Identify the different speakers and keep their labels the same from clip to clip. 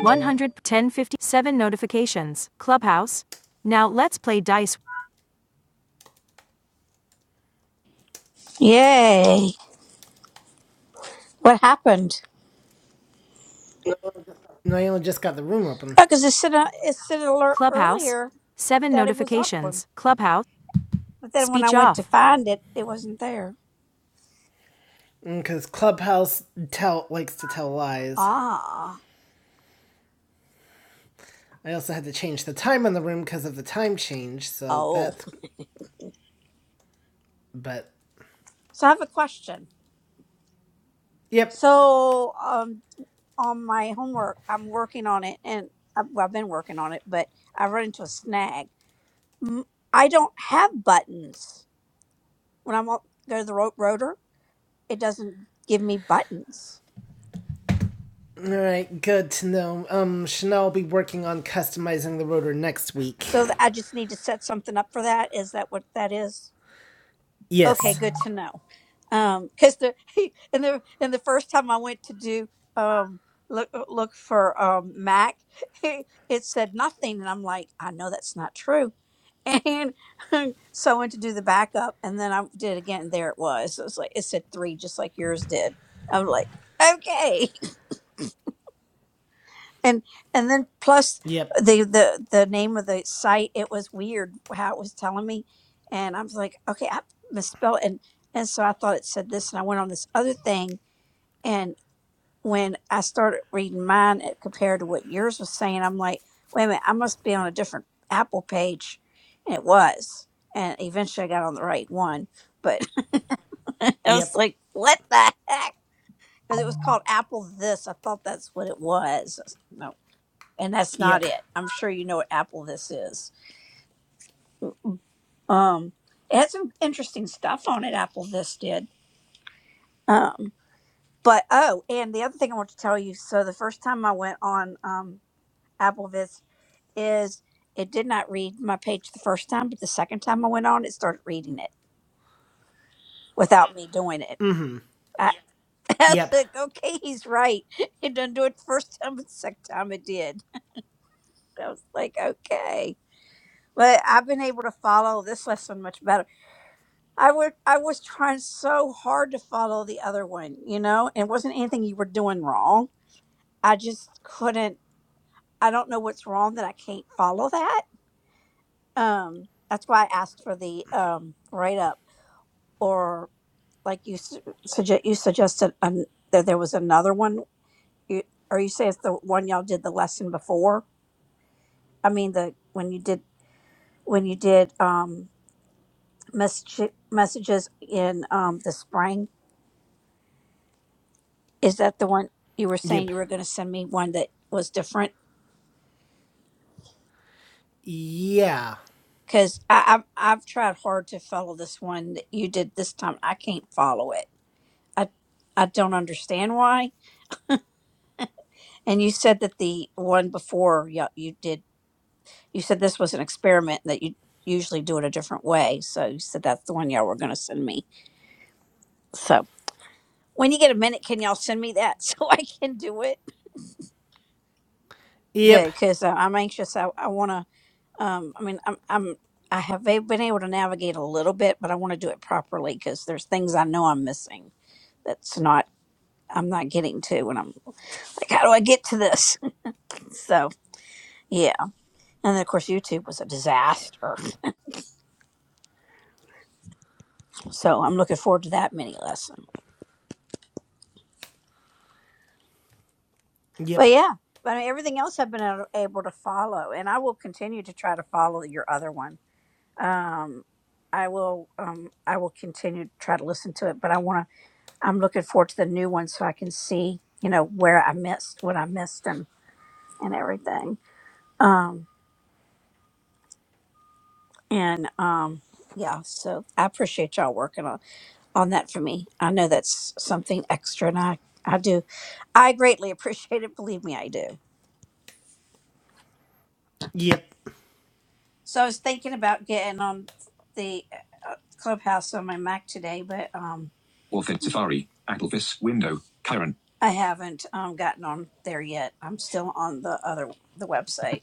Speaker 1: 11057 notifications. Clubhouse. Now let's play dice.
Speaker 2: Yay! What happened?
Speaker 1: No, you only just got the room open.
Speaker 2: Oh, because it said uh, it said alert
Speaker 1: Clubhouse.
Speaker 2: earlier
Speaker 1: 7
Speaker 2: that it was open,
Speaker 1: notifications. Clubhouse.
Speaker 2: but then when I
Speaker 1: Speech
Speaker 2: went to
Speaker 1: off.
Speaker 2: find it, it wasn't there.
Speaker 1: Because Clubhouse tell likes to tell lies.
Speaker 2: Ah,
Speaker 1: I also had to change the time on the room because of the time change, so
Speaker 2: oh.
Speaker 1: that's. But.
Speaker 2: So I have a question.
Speaker 1: Yep.
Speaker 2: So um, on my homework, I'm working on it, and I've, well, I've been working on it, but I run into a snag. M- I don't have buttons when i want. on go to the ro- rotor. It doesn't give me buttons,
Speaker 1: Alright, good to know. Um, Chanel will be working on customizing the rotor next week.
Speaker 2: so th- I just need to set something up for that. Is that what that is?
Speaker 1: Yes.
Speaker 2: Okay, good to know. Um, because the and the and the first time I went to do um look uh, look for um Mac, it said nothing, and I'm like, I know that's not true. And so I went to do the backup, and then I did it again. And there it was. It was like it said three, just like yours did. I'm like, okay. and and then plus
Speaker 1: Yep.
Speaker 2: the the the name of the site it was weird how it was telling me and i was like okay i misspelled and and so i thought it said this and i went on this other thing and when i started reading mine it compared to what yours was saying i'm like wait a minute i must be on a different apple page and it was and eventually i got on the right one but i was
Speaker 1: Yep.
Speaker 2: like what the heck because it was called apple this i thought that's what it was no and that's not
Speaker 1: Yep.
Speaker 2: it. I'm sure you know what Apple this is. Um, it had some interesting stuff on it. Apple this did. Um, but oh, and the other thing I want to tell you. So the first time I went on um, Apple this is it did not read my page the first time, but the second time I went on, it started reading it without me doing it. I, I was
Speaker 1: Yep.
Speaker 2: like, okay, he's right. It didn't do it the first time, but the second time it did. I was like, okay. But I've been able to follow this lesson much better I would I was trying so hard to follow the other one, you know, and it wasn't anything you were doing wrong. I just couldn't I don't know what's wrong that I can't follow that. Um that's why I asked for the um write up or like you su- suggest you suggested an, that there was another one you, or you say it's the one y'all did the lesson before. I mean the when you did when you did um message, messages in um the spring Is that the one you were saying
Speaker 1: Yep.
Speaker 2: you were going to send me one that was different?
Speaker 1: Yeah.
Speaker 2: Because I've I've tried hard to follow this one that you did this time. I can't follow it. I I don't understand why. And you said that the one before you, you did you said this was an experiment that you usually do it a different way. So you said that's the one y'all were going to send me. So when you get a minute, can y'all send me that so I can do it?
Speaker 1: Yep.
Speaker 2: Good, because I'm anxious. I, I want to. Um, I mean, I'm, I'm, I have a- been able to navigate a little bit, but I want to do it properly because there's things I know I'm missing that's not, I'm not getting to when I'm like, how do I get to this? so, yeah. And then, of course, YouTube was a disaster. So I'm looking forward to that mini lesson.
Speaker 1: Yep.
Speaker 2: But yeah, but I mean, everything else I've been a- able to follow, and I will continue to try to follow your other one. Um, I will, um, I will continue to try to listen to it, but I want to I'm looking forward to the new one so I can see, you know, where I missed, what I missed and, and everything. Um, and um, yeah, so I appreciate y'all working on, on that for me. I know that's something extra and I, I do, I greatly appreciate it. Believe me, I do.
Speaker 1: Yep.
Speaker 2: So I was thinking about getting on the uh, clubhouse on my Mac today, but, um, Orphan Safari, Apple, Applevis, Window, Karen. I haven't um, gotten on there yet. I'm still on the other, the website.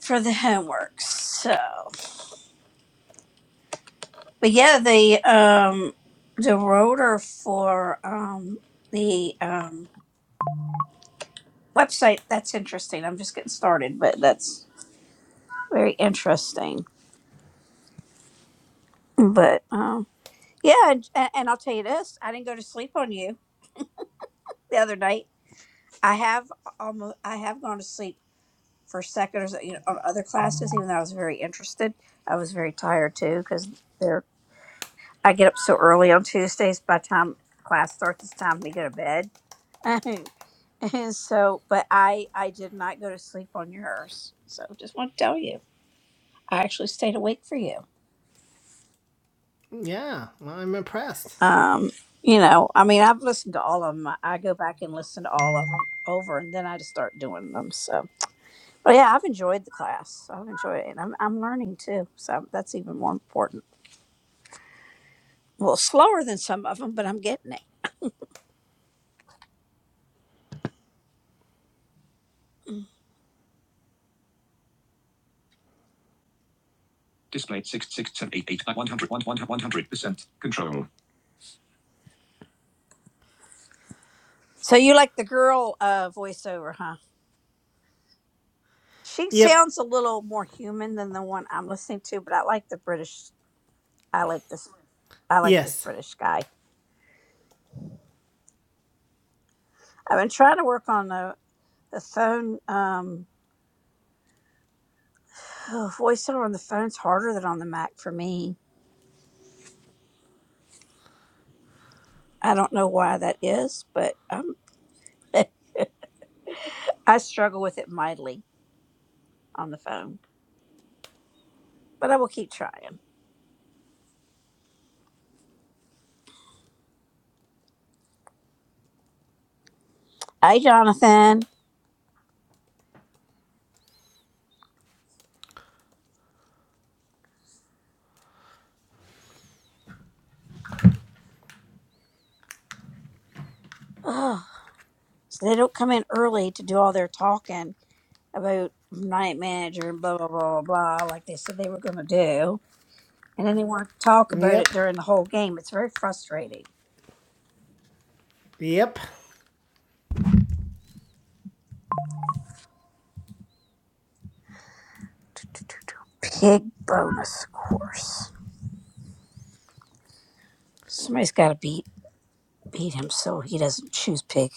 Speaker 2: for the homework. So, but yeah, the um the rotor for um the um website that's interesting. I'm just getting started, but that's very interesting. But um yeah, and, and I'll tell you this: I didn't go to sleep on you the other night. I have almost I have gone to sleep for seconds you know, on other classes, even though I was very interested. I was very tired too because they're I get up so early on Tuesdays. By the time class starts, it's time for me to go to bed and, and so but i i did not go to sleep on yours so just want to tell you i actually stayed awake for you
Speaker 1: Yeah. Well, I'm impressed.
Speaker 2: um you know i mean i've listened to all of them i I go back and listen to all of them over and then i just start doing them so but yeah i've enjoyed the class i've enjoyed it and i'm, I'm learning too so that's even more important well slower than some of them but i'm getting it Displayed 6678 100 percent control. so you like the girl uh voiceover huh? She
Speaker 1: Yep.
Speaker 2: sounds a little more human than the one I'm listening to, but I like the British. I like this. I like this
Speaker 1: Yes.
Speaker 2: British guy. I've been trying to work on the the phone um, oh, voiceover on the phone's harder than on the Mac for me. I don't know why that is, but um, I struggle with it mightily on the phone. But I will keep trying. Hey, Jonathan. Ugh. So they don't come in early to do all their talking about night manager and blah blah blah blah blah like they said they were going to do. And then they want to talk about
Speaker 1: Yep.
Speaker 2: it during the whole game. It's very frustrating.
Speaker 1: Yep.
Speaker 2: Pig bonus, of course. Somebody's got to beat beat him so he doesn't choose pig.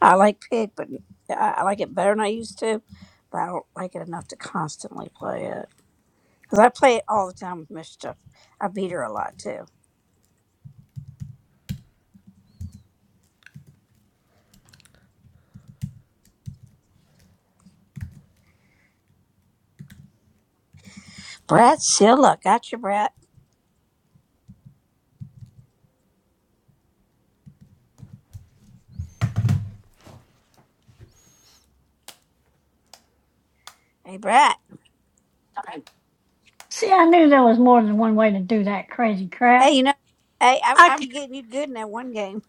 Speaker 2: I like pig, but I, I like it better than I used to. But I don't like it enough to constantly play it because I play it all the time with mischief. I beat her a lot too. Brad Silla, gotcha, Brad. Hey, Brad.
Speaker 3: See, I knew there was more than one way to do that crazy
Speaker 2: Hey,
Speaker 3: crap.
Speaker 2: you know, hey, I,
Speaker 3: I,
Speaker 2: I'm
Speaker 3: c-
Speaker 2: getting you good in that one game.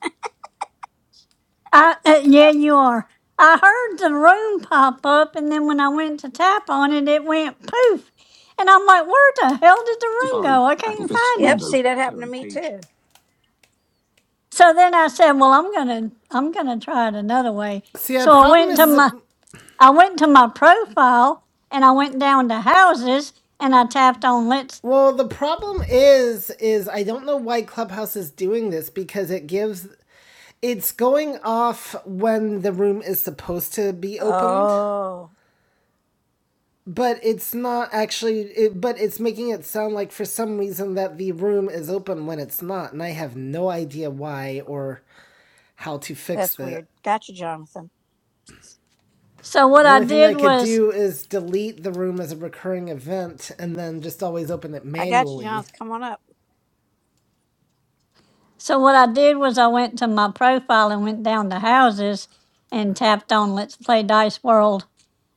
Speaker 3: I- uh, yeah, you are. I heard the room pop up, and then when I went to tap on it, it went poof. And I'm like, where the hell did the room
Speaker 2: Safari,
Speaker 3: go? I can't
Speaker 2: Applevis,
Speaker 3: find
Speaker 2: yep, window,
Speaker 3: it.
Speaker 2: see that happened to me page. too.
Speaker 3: So then I said, well, I'm gonna, I'm gonna try it another way.
Speaker 1: See, the
Speaker 3: So I
Speaker 1: problem
Speaker 3: went
Speaker 1: is,
Speaker 3: to
Speaker 1: is
Speaker 3: my, I went to my profile, and I went down to houses, and I tapped on let's.
Speaker 1: well, the problem is, is I don't know why Clubhouse is doing this because it gives, it's going off when the room is supposed to be opened.
Speaker 2: Oh.
Speaker 1: but it's not actually it, but it's making it sound like for some reason that the room is open when it's not and i have no idea why or how to fix
Speaker 2: That's
Speaker 1: that
Speaker 2: weird. Got you, Jonathan.
Speaker 3: So what
Speaker 1: the
Speaker 3: I
Speaker 1: only thing i
Speaker 3: did
Speaker 1: could
Speaker 3: was.
Speaker 1: do is delete the room as a recurring event and then just always open it
Speaker 2: I got you,
Speaker 1: manually
Speaker 2: Jonathan. Come on up.
Speaker 3: So what I did was I went to my profile and went down to houses and tapped on Let's Play Dice World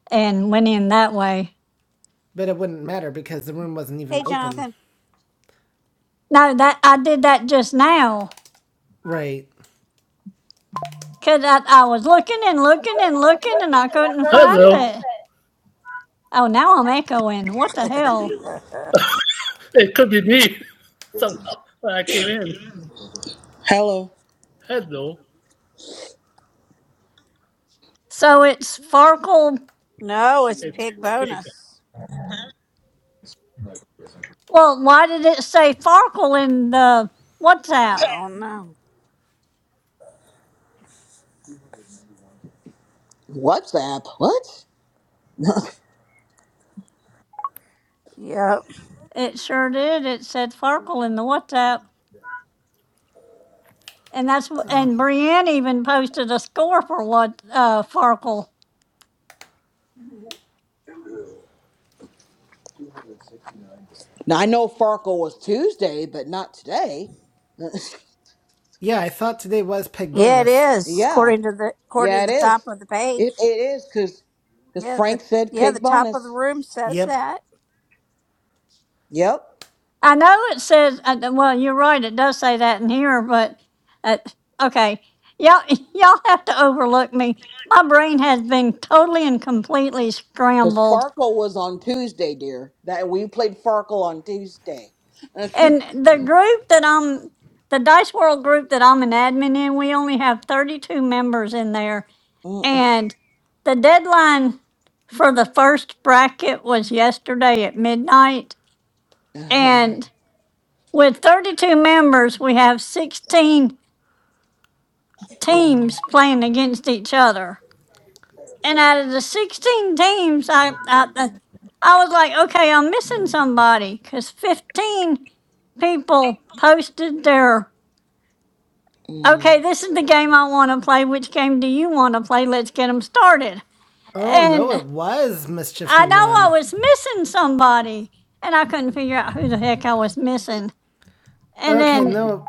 Speaker 3: and went in that way.
Speaker 1: but it wouldn't matter because the room wasn't even
Speaker 2: Hey,
Speaker 1: open
Speaker 2: Jonathan.
Speaker 3: No, that I did that just now
Speaker 1: right
Speaker 3: because I, I was looking and looking and looking and I couldn't find
Speaker 4: Hello.
Speaker 3: it. Oh, now I'm echoing. What the hell?
Speaker 4: It could be me somehow when I came in. Hello.
Speaker 3: So it's Farkle.
Speaker 2: no, it's
Speaker 4: It's
Speaker 2: pig
Speaker 4: pig.
Speaker 2: bonus.
Speaker 3: Well, why did it say Farkle in the WhatsApp?
Speaker 2: I don't know.
Speaker 5: WhatsApp? What?
Speaker 2: Yep.
Speaker 3: It sure did. It said Farkle in the WhatsApp. And that's wh- and Brienne even posted a score for what uh, Farkle.
Speaker 5: Now I know Farkle was Tuesday, but not today.
Speaker 1: yeah i thought today was peg
Speaker 2: Yeah, it
Speaker 1: bonus
Speaker 2: is.
Speaker 5: yeah,
Speaker 2: According to the according
Speaker 5: yeah,
Speaker 2: to
Speaker 5: it
Speaker 2: the top
Speaker 5: is.
Speaker 2: of the
Speaker 5: It it
Speaker 2: page.
Speaker 5: is because because
Speaker 2: Yeah, the
Speaker 5: Frank said
Speaker 2: yeah, the
Speaker 5: pig
Speaker 2: top of the
Speaker 5: bonus.
Speaker 2: room says
Speaker 1: yep
Speaker 2: that.
Speaker 5: Yep,
Speaker 3: I know it says uh, th- well, you're right. It does say that in here, but uh, okay, y'all y'all have to overlook me. My brain has been totally and completely
Speaker 5: because
Speaker 3: scrambled.
Speaker 5: Farkle was on Tuesday, dear. That we played Farkle on Tuesday.
Speaker 3: And the group that I'm, the Dice World group that I'm an admin in, we only have 32 members in there,
Speaker 5: Mm,
Speaker 3: and the deadline for the first bracket was yesterday at midnight, and With 32 members, we have 16
Speaker 5: mm.
Speaker 3: teams playing against each other. And out of the 16 teams, I, I, I I was like, okay, I'm missing somebody because 15 people posted their, okay,
Speaker 5: Mm.
Speaker 3: this is the game I want to play. Which game do you want to play? Let's get them started.
Speaker 1: oh no it
Speaker 3: And
Speaker 1: was mischief who
Speaker 3: I know I
Speaker 1: won
Speaker 3: was missing somebody and I couldn't figure out who the heck I was missing. And
Speaker 1: okay
Speaker 3: then
Speaker 1: no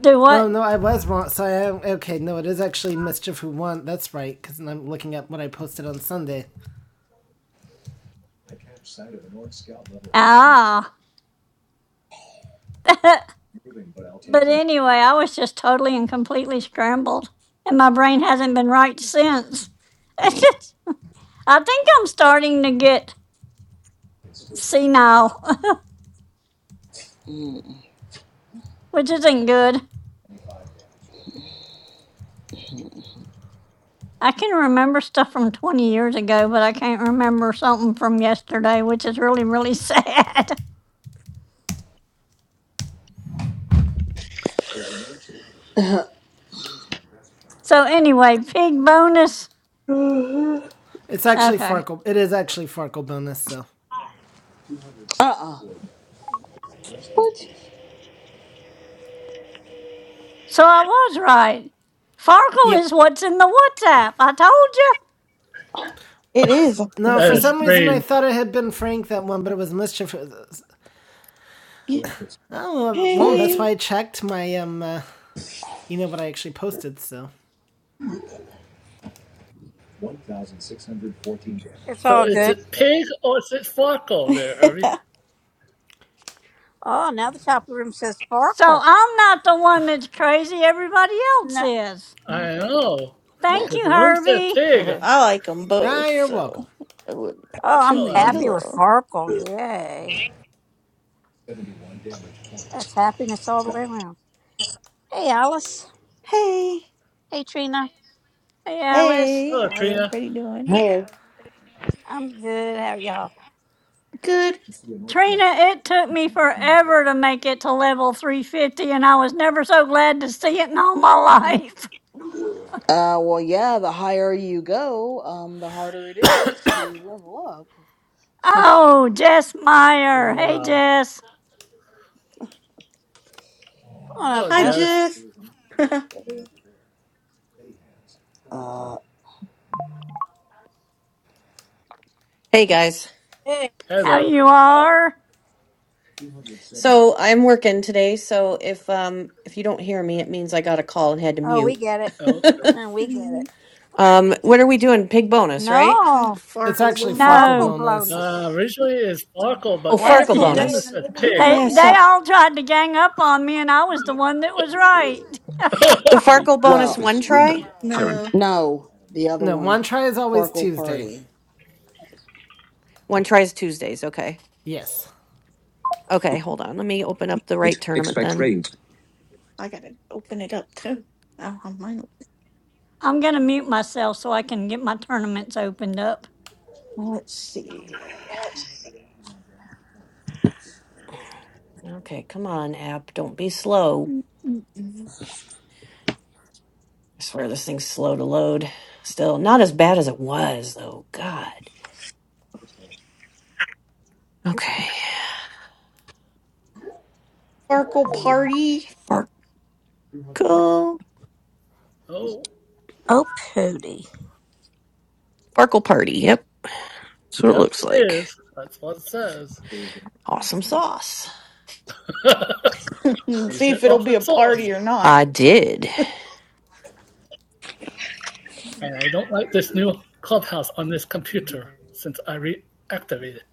Speaker 3: do
Speaker 1: No,
Speaker 3: what?
Speaker 1: no, I was wrong. Sorry. I, okay, no, it is actually mischief who won. That's right, because I'm looking at what I posted on Sunday.
Speaker 3: Ah. But anyway, I was just totally and completely scrambled, and my brain hasn't been right since. It's just- I think I'm starting to get senile, which isn't good. I can remember stuff from 20 years ago, but I can't remember something from yesterday, which is really, really sad. So, anyway, pig bonus.
Speaker 1: It's actually
Speaker 3: Okay.
Speaker 1: Farkle. It is actually Farkle bonus. So,
Speaker 5: Uh-uh. What?
Speaker 3: So, I was right. Farkle
Speaker 1: yep.
Speaker 3: is what's in the WhatsApp. I told you.
Speaker 6: It is. I'm
Speaker 1: No, for
Speaker 4: That is
Speaker 6: confused.
Speaker 1: some reason I
Speaker 4: strange.
Speaker 1: thought it had been Frank that won, but it was mischief. Oh
Speaker 6: Yeah.
Speaker 1: well, well,
Speaker 5: What?
Speaker 1: that's why
Speaker 6: Hey.
Speaker 1: I checked my um. Uh, you know what I actually posted. So,
Speaker 2: It's
Speaker 4: So
Speaker 2: all
Speaker 4: is
Speaker 2: good.
Speaker 4: it pig or is it Farco there, Herbie?
Speaker 2: Oh, now the top of the room says
Speaker 3: So,
Speaker 2: Farkle.
Speaker 3: I'm not the one that's crazy, everybody else
Speaker 2: No.
Speaker 3: is.
Speaker 4: I know.
Speaker 3: Thank
Speaker 4: Because
Speaker 3: you,
Speaker 4: the room said
Speaker 3: Herbie.
Speaker 4: pig.
Speaker 2: oh,
Speaker 6: I like them
Speaker 1: ah,
Speaker 6: both,
Speaker 1: you're welcome.
Speaker 6: so it wouldn't matter to
Speaker 2: I'm
Speaker 4: Hello,
Speaker 6: me.
Speaker 4: Alice.
Speaker 2: happy with
Speaker 6: Hello.
Speaker 2: Farkle. Yay. That's happiness all the way around. Hey, Alice.
Speaker 6: Hey.
Speaker 2: Hey, Trina.
Speaker 3: Hey, Alice.
Speaker 6: Hey.
Speaker 4: Hello,
Speaker 6: How's
Speaker 4: Trina.
Speaker 6: everybody doing?
Speaker 5: Yeah. Uh,
Speaker 2: I'm good. How are y'all?
Speaker 6: Good.
Speaker 3: Trina, it took me forever to make it to level 350, and I was never so glad to see it in all my life.
Speaker 5: well, yeah. The higher you go, um, the harder it is to level up.
Speaker 3: Oh, Jess Meyer. Hey,
Speaker 4: Wow.
Speaker 3: Jess.
Speaker 2: Come on up,
Speaker 4: Hello,
Speaker 6: Hi,
Speaker 2: Jess.
Speaker 4: Jess.
Speaker 6: Jeff.
Speaker 5: Uh,
Speaker 7: Hey guys.
Speaker 2: Hey.
Speaker 3: How
Speaker 4: Hello.
Speaker 3: you are?
Speaker 7: So I'm working today, so if um if you don't hear me, it means I got a call and had to
Speaker 2: Oh, we
Speaker 7: mute.
Speaker 2: get it.
Speaker 4: Okay.
Speaker 2: We get it.
Speaker 6: Mm,
Speaker 7: Um what are we doing? Pig bonus, right?
Speaker 6: I'm a
Speaker 2: No,
Speaker 1: It's
Speaker 6: Fargo
Speaker 1: actually
Speaker 6: woman.
Speaker 1: Farkle
Speaker 2: sparkle
Speaker 3: No.
Speaker 1: bonus.
Speaker 4: Uh,
Speaker 2: blowness. It's
Speaker 4: originally it's Farco,
Speaker 7: Oh,
Speaker 2: a
Speaker 4: but
Speaker 3: Yeah,
Speaker 4: on
Speaker 7: Farkle
Speaker 2: wonderful
Speaker 4: the
Speaker 3: yeah.
Speaker 2: day
Speaker 4: room
Speaker 2: in
Speaker 4: it
Speaker 7: bonus.
Speaker 2: the
Speaker 4: says
Speaker 7: I don't know
Speaker 4: pig.
Speaker 2: neighborhood.
Speaker 7: why
Speaker 3: They,
Speaker 7: I
Speaker 2: Yeah.
Speaker 3: they
Speaker 7: saw
Speaker 3: all tried to gang up on me, and I was the one that was right.
Speaker 7: the
Speaker 2: Safari.
Speaker 7: Farkle
Speaker 2: Apple
Speaker 7: bonus
Speaker 5: well,
Speaker 7: one
Speaker 2: this window.
Speaker 7: try.
Speaker 2: Current.
Speaker 6: No,
Speaker 5: No, the other
Speaker 1: No,
Speaker 5: one.
Speaker 1: one try is always
Speaker 5: Farkle
Speaker 1: Tuesday.
Speaker 5: Party.
Speaker 7: One try is Tuesdays, okay.
Speaker 1: Yes.
Speaker 7: Okay, hold on. Let me open up the right
Speaker 2: Night.
Speaker 7: tournament
Speaker 2: Expect
Speaker 7: then.
Speaker 2: rain.
Speaker 6: I gotta open it up too. I don't have mine open.
Speaker 3: I'm going to mute myself so I can get my tournaments opened up.
Speaker 6: Let's see.
Speaker 7: Okay, come on, app. Don't be slow.
Speaker 6: Mm, mm, mm.
Speaker 7: I swear this thing's slow to load. Still not as bad as it was though. God. Okay.
Speaker 6: Farkle party.
Speaker 7: Farkle.
Speaker 4: oh,
Speaker 2: Oh, Pooty.
Speaker 7: Farkle party, yep. That's what it
Speaker 4: yep,
Speaker 7: looks
Speaker 4: it
Speaker 7: like.
Speaker 4: is. That's what it says.
Speaker 7: Awesome sauce.
Speaker 4: you
Speaker 6: See
Speaker 4: said
Speaker 6: if it'll be a
Speaker 4: offense sauce.
Speaker 6: party or not.
Speaker 7: I did.
Speaker 4: and I don't like this new clubhouse on this computer since I reactivated. it.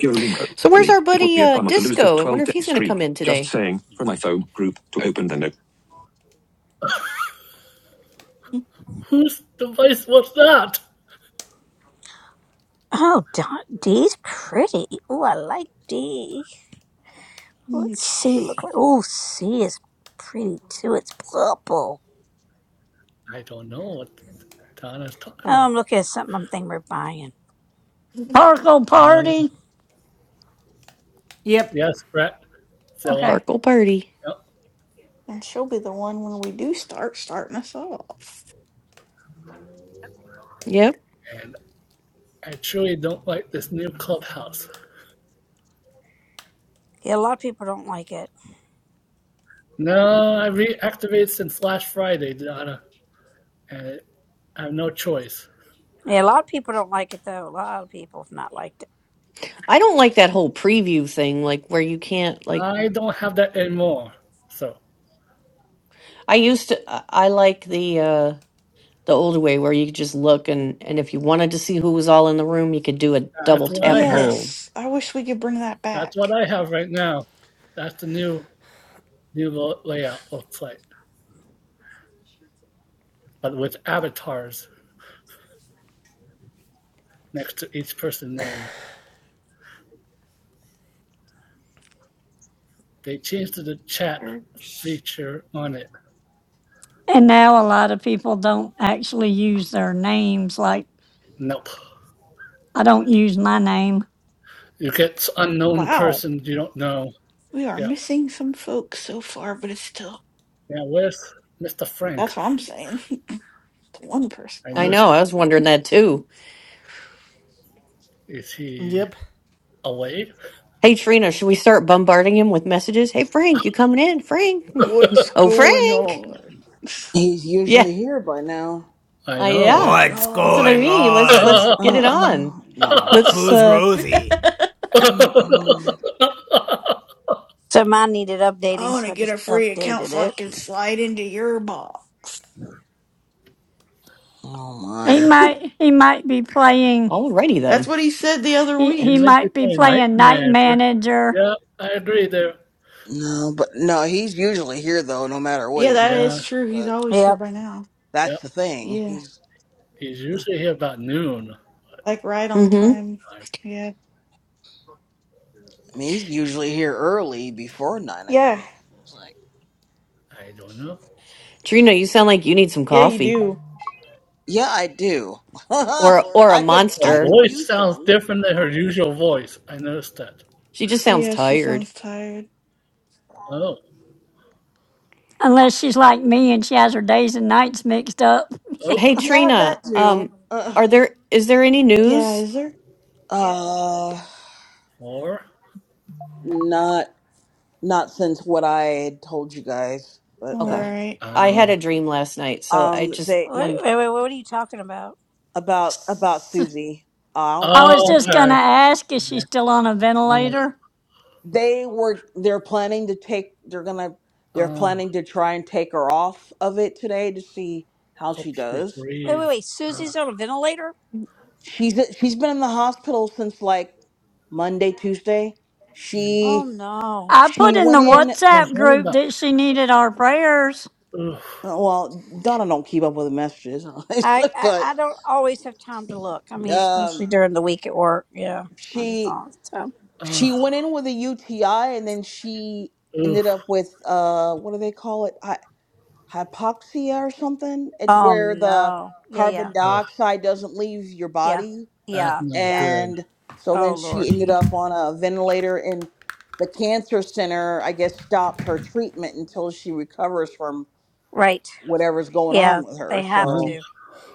Speaker 2: Duolingo.
Speaker 7: So where's
Speaker 2: Lily.
Speaker 7: our
Speaker 2: It would
Speaker 7: buddy
Speaker 2: be a
Speaker 7: uh
Speaker 2: bummer to lose the
Speaker 7: Disco? I wonder
Speaker 2: 12
Speaker 7: if
Speaker 2: day
Speaker 7: he's gonna come
Speaker 2: streak.
Speaker 7: in
Speaker 2: Just
Speaker 7: today.
Speaker 2: saying. For my phone group to open the note.
Speaker 6: Mm,
Speaker 4: Whose device was that?
Speaker 2: Oh, Don- Dee's pretty. Oh, I like Dee.
Speaker 6: mm,
Speaker 2: What's C
Speaker 6: Okay.
Speaker 2: look like? Oh, C is pretty too. It's purple.
Speaker 4: I don't know what Donna's talking
Speaker 2: Oh, I'm
Speaker 4: about.
Speaker 2: looking at something I'm thinking we're buying.
Speaker 3: Parkle
Speaker 4: Um,
Speaker 3: Party.
Speaker 1: Yep.
Speaker 4: yes, Brett, Zilla,
Speaker 3: Okay.
Speaker 7: Farkle party.
Speaker 4: yep.
Speaker 6: And she'll be the one when we do start starting us off.
Speaker 7: Yep.
Speaker 4: and I truly don't like this new clubhouse.
Speaker 2: Yeah, a lot of people don't like it.
Speaker 4: No, I reactivated since last Friday, Donna, and I have no choice.
Speaker 2: Yeah, a lot of people don't like it though. A lot of people have not liked it.
Speaker 7: I don't like that whole preview thing, like where you can't like
Speaker 4: I don't have that anymore. So
Speaker 7: I used to I I like the uh the old way where you could just look and and if you wanted to see who was all in the room, you could do a double
Speaker 4: that's what I
Speaker 7: tap and
Speaker 4: have.
Speaker 7: hold.
Speaker 6: Yes, I wish we could bring that
Speaker 4: That's what
Speaker 6: back.
Speaker 4: I have right now. That's the new new layout looks like. but with avatars next to each person's name. They changed the chat
Speaker 6: Or-
Speaker 4: feature on it.
Speaker 3: And now a lot of people don't actually use their names like
Speaker 4: Nope.
Speaker 3: I don't use my name.
Speaker 4: You get unknown
Speaker 6: Wow,
Speaker 4: person you don't know.
Speaker 6: we are
Speaker 4: Yeah.
Speaker 6: missing some folks so far, but it's still
Speaker 4: Now where's Mr. Frank?
Speaker 6: that's what I'm saying. It's one person.
Speaker 4: I
Speaker 7: I
Speaker 6: Oh,
Speaker 4: noticed.
Speaker 7: know, I was wondering that too.
Speaker 4: that. Is he
Speaker 1: Yep.
Speaker 4: away?
Speaker 7: Hey Trina, should we start bombarding him with messages? Hey Frank, you coming in? Frank.
Speaker 6: What's
Speaker 7: Oh
Speaker 6: going
Speaker 7: Frank.
Speaker 6: on?
Speaker 5: He's
Speaker 7: Yeah.
Speaker 5: usually here by now.
Speaker 4: I
Speaker 7: I
Speaker 4: know.
Speaker 7: yeah.
Speaker 6: Going
Speaker 1: What's
Speaker 7: That's what I
Speaker 6: on?
Speaker 1: going
Speaker 7: mean. Let's
Speaker 1: on?
Speaker 7: let's get
Speaker 5: Uh
Speaker 7: it on.
Speaker 5: uh no.
Speaker 7: Let's
Speaker 1: Who's
Speaker 7: uh
Speaker 1: Rosie?
Speaker 6: I
Speaker 5: Mm-mm.
Speaker 2: So mine needed updating,
Speaker 6: want to
Speaker 2: so I
Speaker 6: get
Speaker 2: just
Speaker 6: a free account
Speaker 2: updated
Speaker 6: so I
Speaker 2: it.
Speaker 6: can slide into your ball.
Speaker 5: Oh
Speaker 3: He
Speaker 5: my.
Speaker 3: might he might be playing
Speaker 7: alrighty
Speaker 6: That's
Speaker 7: then.
Speaker 6: what he said the other
Speaker 3: he,
Speaker 4: he
Speaker 3: he
Speaker 6: week.
Speaker 4: might be
Speaker 3: might be
Speaker 4: playing night
Speaker 3: playing night
Speaker 4: manager.
Speaker 3: manager
Speaker 4: Yeah, I agree there.
Speaker 5: No, but no, he's usually here though, no matter what
Speaker 6: Yeah,
Speaker 5: he's
Speaker 6: that
Speaker 4: Yeah,
Speaker 6: is
Speaker 5: doing.
Speaker 6: true. He's
Speaker 5: But
Speaker 6: always here
Speaker 2: Yep.
Speaker 6: by now.
Speaker 4: yeah.
Speaker 5: that's the thing.
Speaker 6: Yeah,
Speaker 5: He's
Speaker 4: He's usually here about noon.
Speaker 6: like right on
Speaker 7: Mm-hmm.
Speaker 6: time.
Speaker 4: I,
Speaker 6: Yeah.
Speaker 5: I mean, he's usually here early before nine
Speaker 6: Yeah.
Speaker 5: o'clock. I was like,
Speaker 4: I don't know.
Speaker 7: Trina, you sound like you need some
Speaker 6: Yeah, you
Speaker 7: coffee.
Speaker 6: do.
Speaker 5: yeah, I do.
Speaker 7: Or or a
Speaker 5: I could
Speaker 4: Her
Speaker 5: I
Speaker 7: monster.
Speaker 5: could
Speaker 4: voice
Speaker 5: use
Speaker 4: sounds
Speaker 5: some.
Speaker 4: different than her usual voice. I noticed that.
Speaker 7: She just sounds
Speaker 6: Yeah, she
Speaker 7: tired.
Speaker 6: sounds tired.
Speaker 4: Oh,
Speaker 3: unless she's like me and she has her days and nights mixed up.
Speaker 4: oh,
Speaker 7: Hey
Speaker 5: Yeah,
Speaker 7: Trina,
Speaker 5: that too.
Speaker 7: um
Speaker 5: Uh,
Speaker 7: are there is there any
Speaker 6: Yeah,
Speaker 7: news?
Speaker 6: is there?
Speaker 5: uh
Speaker 4: four.
Speaker 5: not. not since what I had told you guys, but
Speaker 6: All
Speaker 7: Okay.
Speaker 5: uh,
Speaker 6: right.
Speaker 7: I
Speaker 2: What are you?
Speaker 7: had
Speaker 4: Um.
Speaker 7: a dream last night, so I
Speaker 5: um,
Speaker 7: just
Speaker 5: they
Speaker 2: Wait,
Speaker 7: wanted
Speaker 2: wait, wait. What are you talking about?
Speaker 5: about about Susie. Uh, I don't
Speaker 3: I
Speaker 5: think
Speaker 3: was
Speaker 5: you
Speaker 4: Oh,
Speaker 3: just
Speaker 5: heard.
Speaker 3: gonna
Speaker 4: okay.
Speaker 3: ask if she's
Speaker 4: okay.
Speaker 3: still on a ventilator.
Speaker 5: They were they're planning to take. They're gonna.
Speaker 4: Uh,
Speaker 5: They're
Speaker 4: uh,
Speaker 5: planning to try and take her off of it today to see how she
Speaker 4: hope she
Speaker 5: does.
Speaker 2: Wait, wait,
Speaker 4: breathes.
Speaker 2: wait.
Speaker 4: Uh,
Speaker 2: Susie's on a ventilator.
Speaker 5: She's she's been in the hospital since like Monday, Tuesday.
Speaker 4: that's
Speaker 2: Oh
Speaker 5: She
Speaker 2: no.
Speaker 3: I
Speaker 5: she
Speaker 3: put in
Speaker 5: went
Speaker 3: the
Speaker 4: what I was-
Speaker 5: in.
Speaker 4: I was
Speaker 3: WhatsApp
Speaker 4: wondering
Speaker 3: group
Speaker 4: about.
Speaker 3: that she needed our prayers.
Speaker 4: Oof.
Speaker 5: Well, Donna don't keep up with the messages,
Speaker 2: I, I,
Speaker 5: but
Speaker 2: I don't always have time to look. I mean, especially
Speaker 5: um,
Speaker 2: during the week at work. Yeah, I just
Speaker 5: she
Speaker 2: thought so.
Speaker 5: She
Speaker 4: Uh,
Speaker 5: went in with a UTI and then she ended
Speaker 4: oof.
Speaker 5: up with uh what do they call it? Hy- hypoxia or something. It's
Speaker 2: Oh
Speaker 5: where the
Speaker 2: no. Yeah, yeah,
Speaker 5: carbon
Speaker 4: Uh,
Speaker 5: dioxide doesn't leave your
Speaker 2: yeah,
Speaker 5: body
Speaker 4: that's
Speaker 2: yeah,
Speaker 4: not
Speaker 2: yeah.
Speaker 4: good.
Speaker 5: and so
Speaker 2: Oh
Speaker 5: then she
Speaker 2: Lord.
Speaker 5: ended up on a ventilator and the cancer center I guess stopped her treatment until she recovers from
Speaker 2: Right.
Speaker 5: whatever's going
Speaker 2: Yeah,
Speaker 5: on with
Speaker 2: they
Speaker 5: her.
Speaker 2: have
Speaker 5: So
Speaker 2: to.
Speaker 4: Uh,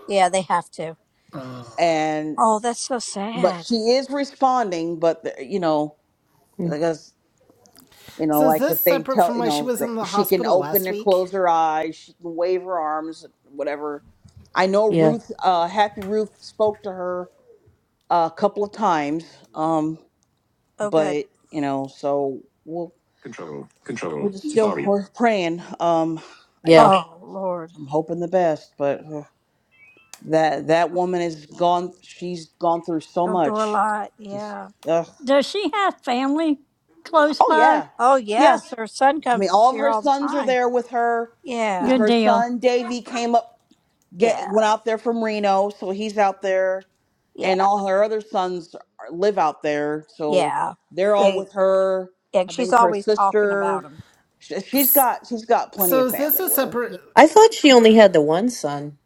Speaker 2: Yeah, they have to.
Speaker 4: uh,
Speaker 5: and
Speaker 2: Oh, that's so
Speaker 5: but
Speaker 2: sad.
Speaker 5: she is responding but the- you know
Speaker 7: Mm,
Speaker 5: I guess. You know,
Speaker 1: So is
Speaker 5: like
Speaker 1: this
Speaker 5: if they
Speaker 1: separate
Speaker 5: tell,
Speaker 1: from
Speaker 5: you
Speaker 1: why she
Speaker 5: know,
Speaker 1: was
Speaker 5: that
Speaker 1: in the
Speaker 5: she can
Speaker 1: hospital
Speaker 5: open
Speaker 1: last
Speaker 5: and
Speaker 1: week?
Speaker 5: close her eyes, she can wave her arms, whatever. I know
Speaker 7: Yeah.
Speaker 5: Ruth, uh, Happy Ruth spoke to her a couple of times, um,
Speaker 2: Oh, good.
Speaker 5: but you know, so we'll,
Speaker 2: Control,
Speaker 5: we're
Speaker 2: control,
Speaker 5: just still
Speaker 2: Safari.
Speaker 5: we're praying. Um, I
Speaker 7: Yeah.
Speaker 5: just
Speaker 2: Oh, Lord.
Speaker 5: I'm hoping the best, but uh, that that woman has gone. She's gone through so
Speaker 2: Going through a
Speaker 5: much.
Speaker 2: lot.
Speaker 5: Just
Speaker 2: Yeah.
Speaker 5: ugh.
Speaker 3: Does she have family close
Speaker 5: oh
Speaker 3: by?
Speaker 5: yeah,
Speaker 2: Oh,
Speaker 5: yeah.
Speaker 2: yes. Her son
Speaker 5: I mean,
Speaker 2: comes to
Speaker 5: all of
Speaker 2: see her
Speaker 5: her
Speaker 2: all the
Speaker 5: sons are
Speaker 2: time.
Speaker 5: there with her because
Speaker 2: Yeah.
Speaker 3: Good
Speaker 5: her
Speaker 3: deal.
Speaker 5: son Davy came up get
Speaker 2: Yeah.
Speaker 5: went out there from Reno, so he's out there,
Speaker 2: Yeah.
Speaker 5: and all her other sons are- live out there, so
Speaker 2: Yeah.
Speaker 5: they're all
Speaker 2: And
Speaker 5: with her.
Speaker 2: yeah,
Speaker 5: I
Speaker 2: she's
Speaker 5: think her
Speaker 2: always talking about
Speaker 5: sister,
Speaker 2: him.
Speaker 5: sh- she's got she's got plenty
Speaker 1: So
Speaker 5: of
Speaker 1: is this
Speaker 5: family
Speaker 1: a
Speaker 5: with her.
Speaker 2: Yeah.
Speaker 1: separate
Speaker 7: I thought she only had the one son.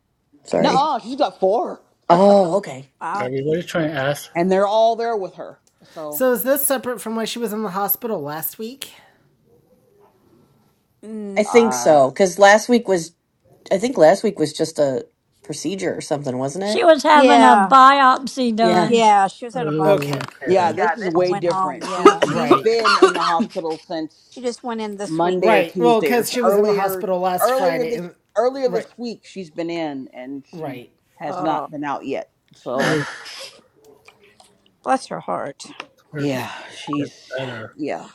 Speaker 7: Sorry.
Speaker 5: No, she's got four,
Speaker 7: Oh, okay.
Speaker 2: Wow.
Speaker 4: everybody's trying to ask.
Speaker 5: and they're all there with her. So,
Speaker 1: So is this separate from why she was in the hospital last week?
Speaker 7: I
Speaker 2: Mm,
Speaker 7: think
Speaker 5: uh,
Speaker 7: so. Cause last week was I think last week was just a procedure or something, wasn't
Speaker 3: She
Speaker 7: it?
Speaker 3: was having a
Speaker 2: yeah.
Speaker 3: biopsy
Speaker 7: Yeah.
Speaker 3: done.
Speaker 2: Yeah. She was at a
Speaker 1: Okay.
Speaker 2: biopsy and
Speaker 5: yeah,
Speaker 2: then
Speaker 4: Okay.
Speaker 5: this
Speaker 2: she
Speaker 5: is way
Speaker 2: went home.
Speaker 5: different. She
Speaker 2: Yeah.
Speaker 5: she's
Speaker 1: Right.
Speaker 5: been in the hospital
Speaker 2: She
Speaker 5: since
Speaker 2: just went in this week.
Speaker 5: Monday or
Speaker 1: Right. Well,
Speaker 5: Tuesday or
Speaker 1: cuz
Speaker 5: s-
Speaker 1: she was in the
Speaker 5: earlier
Speaker 1: hospital last
Speaker 5: earlier
Speaker 1: Friday
Speaker 5: this
Speaker 1: and
Speaker 5: earlier this
Speaker 1: right.
Speaker 5: week. She's been in, and she
Speaker 1: Right.
Speaker 5: has
Speaker 2: Oh,
Speaker 5: not been out yet. So,
Speaker 4: Oh,
Speaker 2: bless her heart.
Speaker 4: hurts.
Speaker 5: Yeah,
Speaker 4: Get
Speaker 5: she's
Speaker 4: better.
Speaker 5: yeah.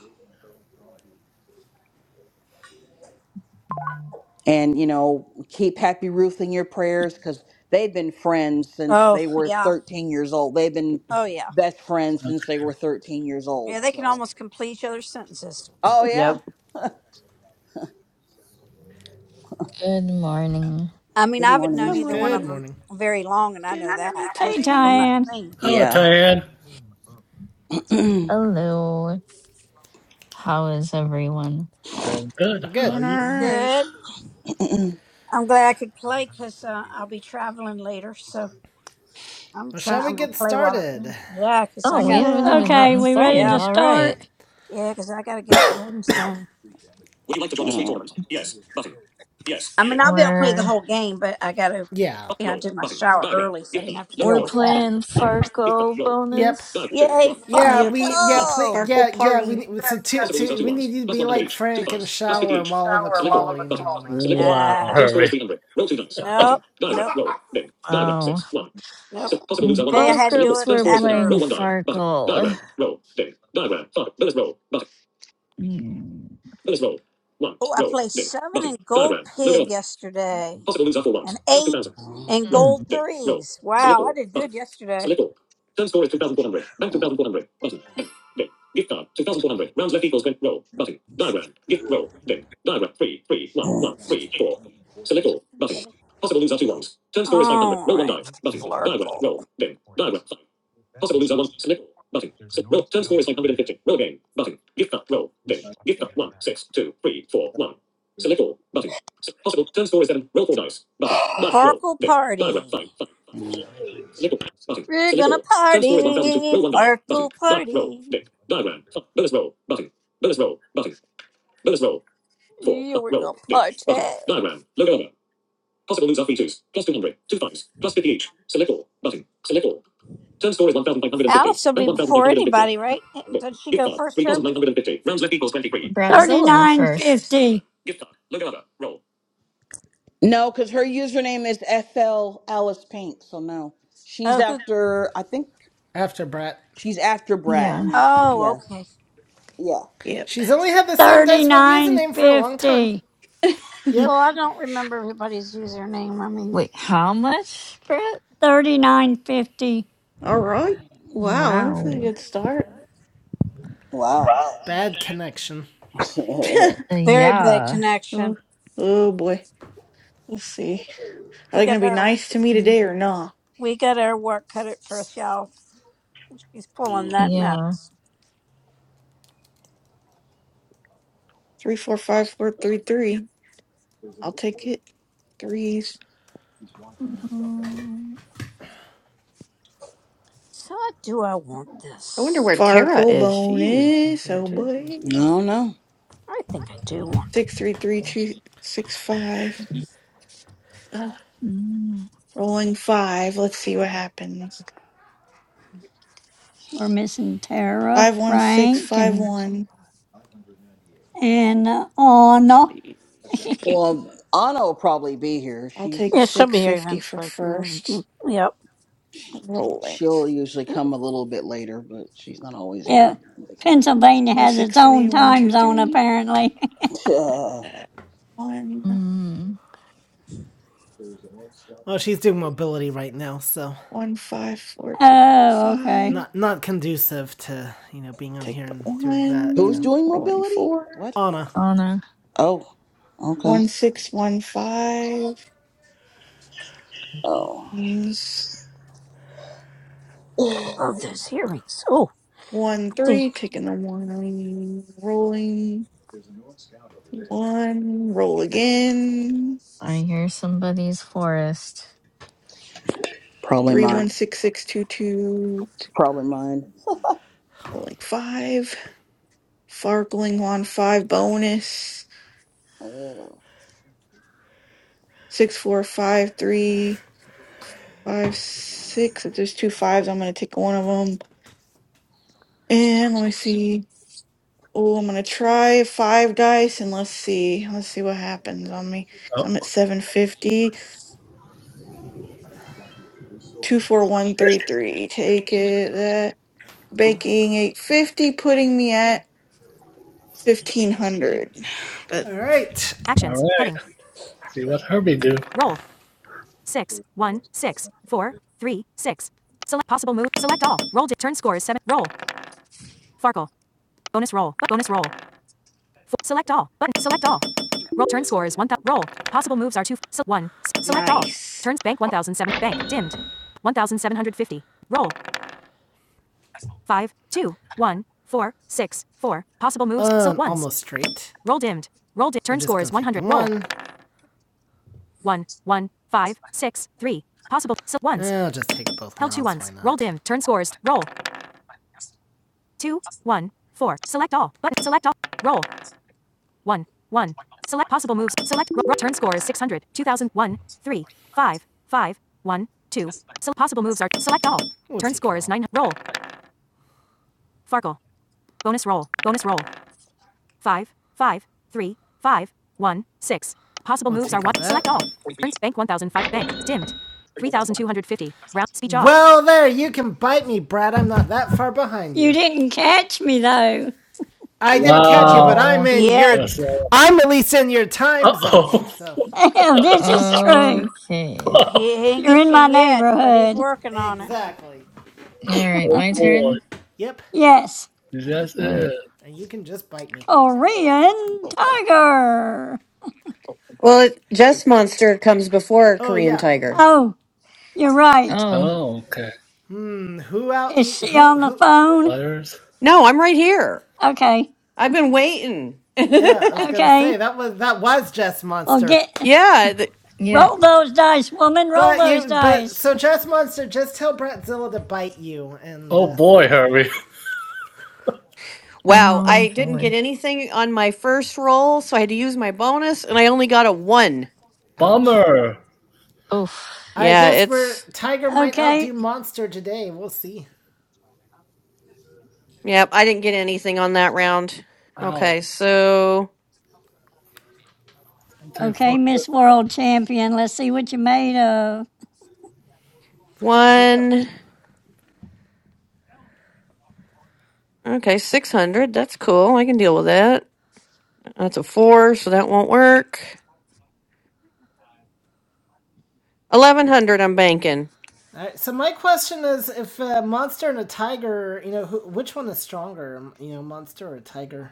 Speaker 5: And you know, keep Happy Ruth in your prayers cuz they've been friends since
Speaker 2: Oh,
Speaker 5: they were
Speaker 2: yeah.
Speaker 5: 13 years old. They've been
Speaker 2: Oh, yeah.
Speaker 5: best friends since they
Speaker 4: Okay.
Speaker 5: were 13 years
Speaker 2: Yeah,
Speaker 5: old.
Speaker 2: they can
Speaker 5: So,
Speaker 2: almost complete each other's sentences.
Speaker 5: oh yeah.
Speaker 7: yep.
Speaker 8: Good morning.
Speaker 2: I mean,
Speaker 5: Good
Speaker 2: I haven't
Speaker 5: morning.
Speaker 2: known
Speaker 7: Good
Speaker 2: either one
Speaker 7: morning.
Speaker 1: Good
Speaker 2: of them
Speaker 1: morning.
Speaker 2: very long, and I
Speaker 6: Good
Speaker 2: know
Speaker 6: morning,
Speaker 2: that
Speaker 3: Hey
Speaker 2: just from
Speaker 6: Tyann.
Speaker 2: what I've
Speaker 3: Diane.
Speaker 2: seen.
Speaker 4: Hello,
Speaker 5: Yeah.
Speaker 4: Diane.
Speaker 5: no,
Speaker 8: Hello. How is everyone?
Speaker 4: Going good. How
Speaker 1: Good.
Speaker 6: Doing
Speaker 4: are you?
Speaker 6: all right.
Speaker 2: Good. I'm glad I could play because uh, I'll be traveling later, so I'm
Speaker 1: Well, shall
Speaker 2: trying.
Speaker 1: we
Speaker 2: I'm gonna
Speaker 1: get
Speaker 2: play while I can.
Speaker 1: started?
Speaker 2: Yeah, because I
Speaker 8: Oh, we
Speaker 2: got. to
Speaker 8: haven't even
Speaker 6: Yeah.
Speaker 3: Okay,
Speaker 8: gotten
Speaker 3: we ready
Speaker 8: started.
Speaker 3: to
Speaker 2: Yeah,
Speaker 8: All right.
Speaker 3: start?
Speaker 2: yeah, because I got to get ready soon. I mean, I'll be able to play the
Speaker 8: We're
Speaker 2: whole game, but I got to.
Speaker 1: Yeah.
Speaker 2: You know, I did my shower early, so I didn't have to deal
Speaker 8: we're
Speaker 2: with that.
Speaker 8: playing Farkle
Speaker 1: Yep.
Speaker 8: bonus.
Speaker 2: Yay,
Speaker 1: Yeah,
Speaker 6: Yep.
Speaker 1: we yeah, play
Speaker 2: Farco!
Speaker 6: Circle
Speaker 1: yeah, yeah, we
Speaker 6: party.
Speaker 1: so to, to we need you to be like Frank and shower while on the call, you know, uh,
Speaker 4: Wow,
Speaker 2: Ah,
Speaker 4: Herbie.
Speaker 2: nope, nope,
Speaker 8: Wow.
Speaker 2: nope. Today I
Speaker 8: Both
Speaker 2: had to do
Speaker 8: groups
Speaker 2: it
Speaker 8: were
Speaker 2: that
Speaker 8: playing
Speaker 2: early.
Speaker 8: Farkle. Mm.
Speaker 2: Oh, I placed seven in gold pig yesterday and eight in gold
Speaker 8: Mm.
Speaker 2: threes. Wow, I did good yesterday. All right, Flurkle. Farkle party. We're gonna party. Farkle party. Yeah, we're gonna party. Alice will be before anybody, right? Did she go first, Herbie?
Speaker 8: Bratzilla
Speaker 3: Thirty-nine
Speaker 8: first.
Speaker 3: fifty,
Speaker 5: cuz her username is FL Alice Pink, so no. She's
Speaker 2: Oh, who?
Speaker 5: after I think
Speaker 1: after Brett.
Speaker 5: she's after Brat and
Speaker 8: Yeah.
Speaker 5: then she
Speaker 2: Oh,
Speaker 5: yeah.
Speaker 2: okay.
Speaker 5: Yeah.
Speaker 6: Yep.
Speaker 1: She's only had the same Dice World
Speaker 3: thirty-nine
Speaker 1: username for a long time.
Speaker 3: fifty,
Speaker 2: Well,
Speaker 1: Yep.
Speaker 2: I don't remember everybody's username. I mean,
Speaker 8: Wait, how much, Brett?
Speaker 3: thirty-nine fifty.
Speaker 6: all right. Wow, that's a
Speaker 8: Wow.
Speaker 6: good start.
Speaker 5: Wow.
Speaker 1: Bad connection.
Speaker 5: I
Speaker 8: Uh,
Speaker 2: very bad
Speaker 8: yeah.
Speaker 2: connection.
Speaker 6: oh, oh boy. Let's see. Are
Speaker 2: We
Speaker 6: they
Speaker 2: got
Speaker 6: gonna be
Speaker 2: our
Speaker 6: nice to me today or not?
Speaker 2: We got our work cut out for us, y'all. She's pulling that mess.
Speaker 8: Yeah.
Speaker 6: Three, four, five, four, three, three. I'll take it. Threes.
Speaker 8: Mm.
Speaker 2: So do I want
Speaker 7: I wonder
Speaker 2: this?
Speaker 7: where Tara
Speaker 6: Farkle
Speaker 7: is. She's
Speaker 6: bonus.
Speaker 7: there
Speaker 6: Oh
Speaker 7: too.
Speaker 6: boy.
Speaker 5: don't know.
Speaker 2: I think I do want this.
Speaker 6: Six, three, three, two, six, five.
Speaker 8: Mm.
Speaker 6: Rolling five. Let's see what happens.
Speaker 3: We're missing Tara,
Speaker 6: Five one six
Speaker 3: Frank,
Speaker 6: five
Speaker 3: and
Speaker 6: one.
Speaker 3: and uh,
Speaker 6: Let's
Speaker 3: Anna.
Speaker 6: see.
Speaker 5: Well, Anna will probably be here.
Speaker 6: I'll take
Speaker 5: She's
Speaker 2: Yeah, she'll be
Speaker 6: six
Speaker 2: here
Speaker 6: fifty for
Speaker 2: eventually. hmm
Speaker 6: first.
Speaker 2: Yep.
Speaker 5: she,
Speaker 6: Rolling
Speaker 5: she'll usually come a little bit later, but she's not always
Speaker 3: yeah,
Speaker 5: here in the beginning.
Speaker 3: Pennsylvania
Speaker 6: five
Speaker 3: has its
Speaker 6: six three
Speaker 3: own
Speaker 6: one
Speaker 3: time
Speaker 6: two
Speaker 3: zone
Speaker 6: three.
Speaker 3: apparently.
Speaker 5: Uh,
Speaker 6: Uh, One
Speaker 8: Mm.
Speaker 1: Well, she's doing mobility right now, so
Speaker 6: one five four three
Speaker 3: oh, okay.
Speaker 6: five.
Speaker 1: not not conducive to, you know, being on
Speaker 6: Take
Speaker 1: here
Speaker 6: the
Speaker 1: and doing that, you
Speaker 5: who's
Speaker 1: know.
Speaker 6: one.
Speaker 5: doing
Speaker 6: Rolling
Speaker 5: mobility?
Speaker 6: four.
Speaker 5: What?
Speaker 1: Anna.
Speaker 8: Anna.
Speaker 5: Oh, okay.
Speaker 6: One six one five.
Speaker 5: Oh,
Speaker 6: Ones.
Speaker 2: Love those earrings. Oh,
Speaker 6: One
Speaker 2: see.
Speaker 6: three. Taking the one. Rolling one. Roll again.
Speaker 8: I hear somebody's forest.
Speaker 5: probably
Speaker 6: Three one
Speaker 5: mine.
Speaker 6: six six two two
Speaker 5: Probably mine.
Speaker 6: rolling five. Fargling on five bonus.
Speaker 5: Oh.
Speaker 6: Six four five three five six. If there's two fives, I'm gonna take one of them. And let me see. Oh, I'm gonna try five dice and let's see. Let's see what happens on me. So I'm at
Speaker 4: Oh,
Speaker 6: 750. Two four one three
Speaker 4: wrist it.
Speaker 6: three. Take it. That baking 850, putting me at 1500. But
Speaker 1: Alright.
Speaker 4: All
Speaker 1: Actions.
Speaker 4: right.
Speaker 1: Heading.
Speaker 4: Let's See what Herbie do.
Speaker 1: Roll. Six. One. Six. Four. Three. Six. Select possible move. Select all. Roll. turn score is seven. Roll. Farkle. Bonus roll. Bonus roll. Select all. Button. Select all. Roll. Turn score is 1,000. Roll. Possible moves are 2. So 1. select all.
Speaker 6: nice.
Speaker 1: Turns bank 1,007. Bank. Dimmed. 1,750. Roll. 5, 2, 1, 4, 6, 4. Possible moves. Um, so Um, 1. almost straight. Roll dimmed. Roll dimmed. Turn score is 100. Roll. one. 1, 5, 6, 3. Possible. So ones. Eh, I'll just take both Held two ones. two why ones. not? Roll dim. Turn scores. Roll. Two, one, four. Select all. Button. Select all. Roll. 1, 1. Select possible moves. Select ro- ro- turn score is six hundred two thousand one three five five one two. 2001, So possible moves are select all. turn score is 9. Roll. Farkle. Bonus roll. Bonus roll. Five five three five one six. Possible moves are 1. Select all. Turns bank 1005. Bank. Dimmed. 3250. Round. Speech off. Well, there, you can bite me, Brad. I'm not that far behind
Speaker 3: You
Speaker 1: you.
Speaker 3: didn't catch me though.
Speaker 1: I didn't catch you, but
Speaker 4: Wow.
Speaker 1: I'm
Speaker 8: Oh,
Speaker 1: in
Speaker 2: Yeah,
Speaker 1: your.
Speaker 4: That's all.
Speaker 1: I'm at least in your time zone,
Speaker 4: Uh-oh.
Speaker 1: so.
Speaker 3: Oh, this is true.
Speaker 8: okay.
Speaker 4: oh,
Speaker 2: He he ain't
Speaker 3: You're
Speaker 2: get
Speaker 3: in
Speaker 2: you
Speaker 3: my
Speaker 2: yet, but he's
Speaker 3: neighborhood.
Speaker 2: working on it.
Speaker 1: Exactly.
Speaker 8: All right, my
Speaker 4: boy.
Speaker 8: turn.
Speaker 1: Yep,
Speaker 3: Yes,
Speaker 4: That's
Speaker 8: All right.
Speaker 4: it.
Speaker 1: and you can just bite me.
Speaker 3: Korean Tiger.
Speaker 7: Well, it, Jess Monster comes before
Speaker 1: Oh
Speaker 7: Korean
Speaker 1: yeah,
Speaker 7: Tiger.
Speaker 3: Oh, you're right.
Speaker 8: Oh,
Speaker 4: Oh, okay.
Speaker 1: who out
Speaker 3: Is
Speaker 1: eat
Speaker 3: she
Speaker 1: who
Speaker 3: on the
Speaker 1: who?
Speaker 4: No
Speaker 3: phone?
Speaker 4: Letters.
Speaker 7: No, I'm right here.
Speaker 3: Okay.
Speaker 7: I've been waiting.
Speaker 1: Yeah, I was gonna say
Speaker 3: Okay.
Speaker 1: that was that was Jess
Speaker 3: Well,
Speaker 1: Monster.
Speaker 3: get
Speaker 7: yeah,
Speaker 8: yeah.
Speaker 3: roll those dice, woman. Roll
Speaker 1: But
Speaker 3: those
Speaker 1: you but
Speaker 3: dice.
Speaker 1: so Jess Monster, just tell Bratzilla to bite you and
Speaker 4: Oh,
Speaker 1: uh,
Speaker 4: boy, Herbie.
Speaker 7: Wow,
Speaker 8: Oh
Speaker 7: I didn't get
Speaker 8: boy.
Speaker 7: anything on my first roll, so I had to use my bonus, and I only got a one.
Speaker 1: ouch.
Speaker 4: Bummer.
Speaker 8: Oof.
Speaker 1: I
Speaker 7: Yeah,
Speaker 1: guess we're
Speaker 7: it's.
Speaker 1: Tiger might outdo
Speaker 3: Okay.
Speaker 1: Monster today. We'll see.
Speaker 7: Yep, I didn't get anything on that round.
Speaker 4: Ow.
Speaker 7: Okay, so
Speaker 4: Sometimes fuck
Speaker 3: Okay,
Speaker 4: with
Speaker 3: Miss
Speaker 4: fuck.
Speaker 3: World Champion. Let's see what you made of.
Speaker 1: She's go.
Speaker 7: one. Okay, 600. That's cool. I can deal with that. That's a four, so that won't work. 1100, I'm banking.
Speaker 1: All right. So my question is, if a monster and a tiger, you know, who, which one is stronger? You know, monster or tiger?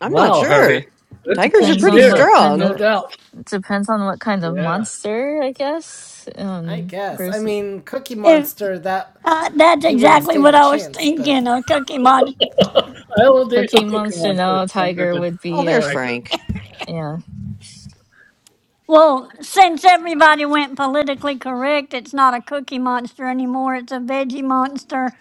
Speaker 7: I'm not
Speaker 4: Wow, Herbie.
Speaker 7: sure.
Speaker 4: Good
Speaker 7: Tigers are
Speaker 8: Depends
Speaker 4: question
Speaker 7: pretty
Speaker 8: on
Speaker 4: there.
Speaker 8: what kind
Speaker 4: No
Speaker 7: strong.
Speaker 8: of
Speaker 4: doubt.
Speaker 8: depends on what kind of
Speaker 4: Yeah.
Speaker 8: monster, I guess.
Speaker 1: I
Speaker 8: Um,
Speaker 1: guess. I
Speaker 8: versus
Speaker 1: mean, Cookie
Speaker 3: If
Speaker 1: Monster that
Speaker 3: uh, that's
Speaker 1: he wouldn't
Speaker 3: exactly
Speaker 1: stand
Speaker 3: what
Speaker 1: a
Speaker 3: I was
Speaker 1: chance. But
Speaker 3: thinking, a cookie monster.
Speaker 4: I will do some
Speaker 8: Cookie
Speaker 4: cooking
Speaker 8: Monster.
Speaker 4: monster
Speaker 8: No,
Speaker 4: stronger
Speaker 8: Tiger
Speaker 4: than
Speaker 8: would
Speaker 7: Oh,
Speaker 4: a
Speaker 8: be
Speaker 7: there's
Speaker 8: a
Speaker 4: tiger.
Speaker 7: Frank.
Speaker 8: yeah.
Speaker 3: Well, since everybody went politically correct, it's not a cookie monster anymore. It's a veggie monster.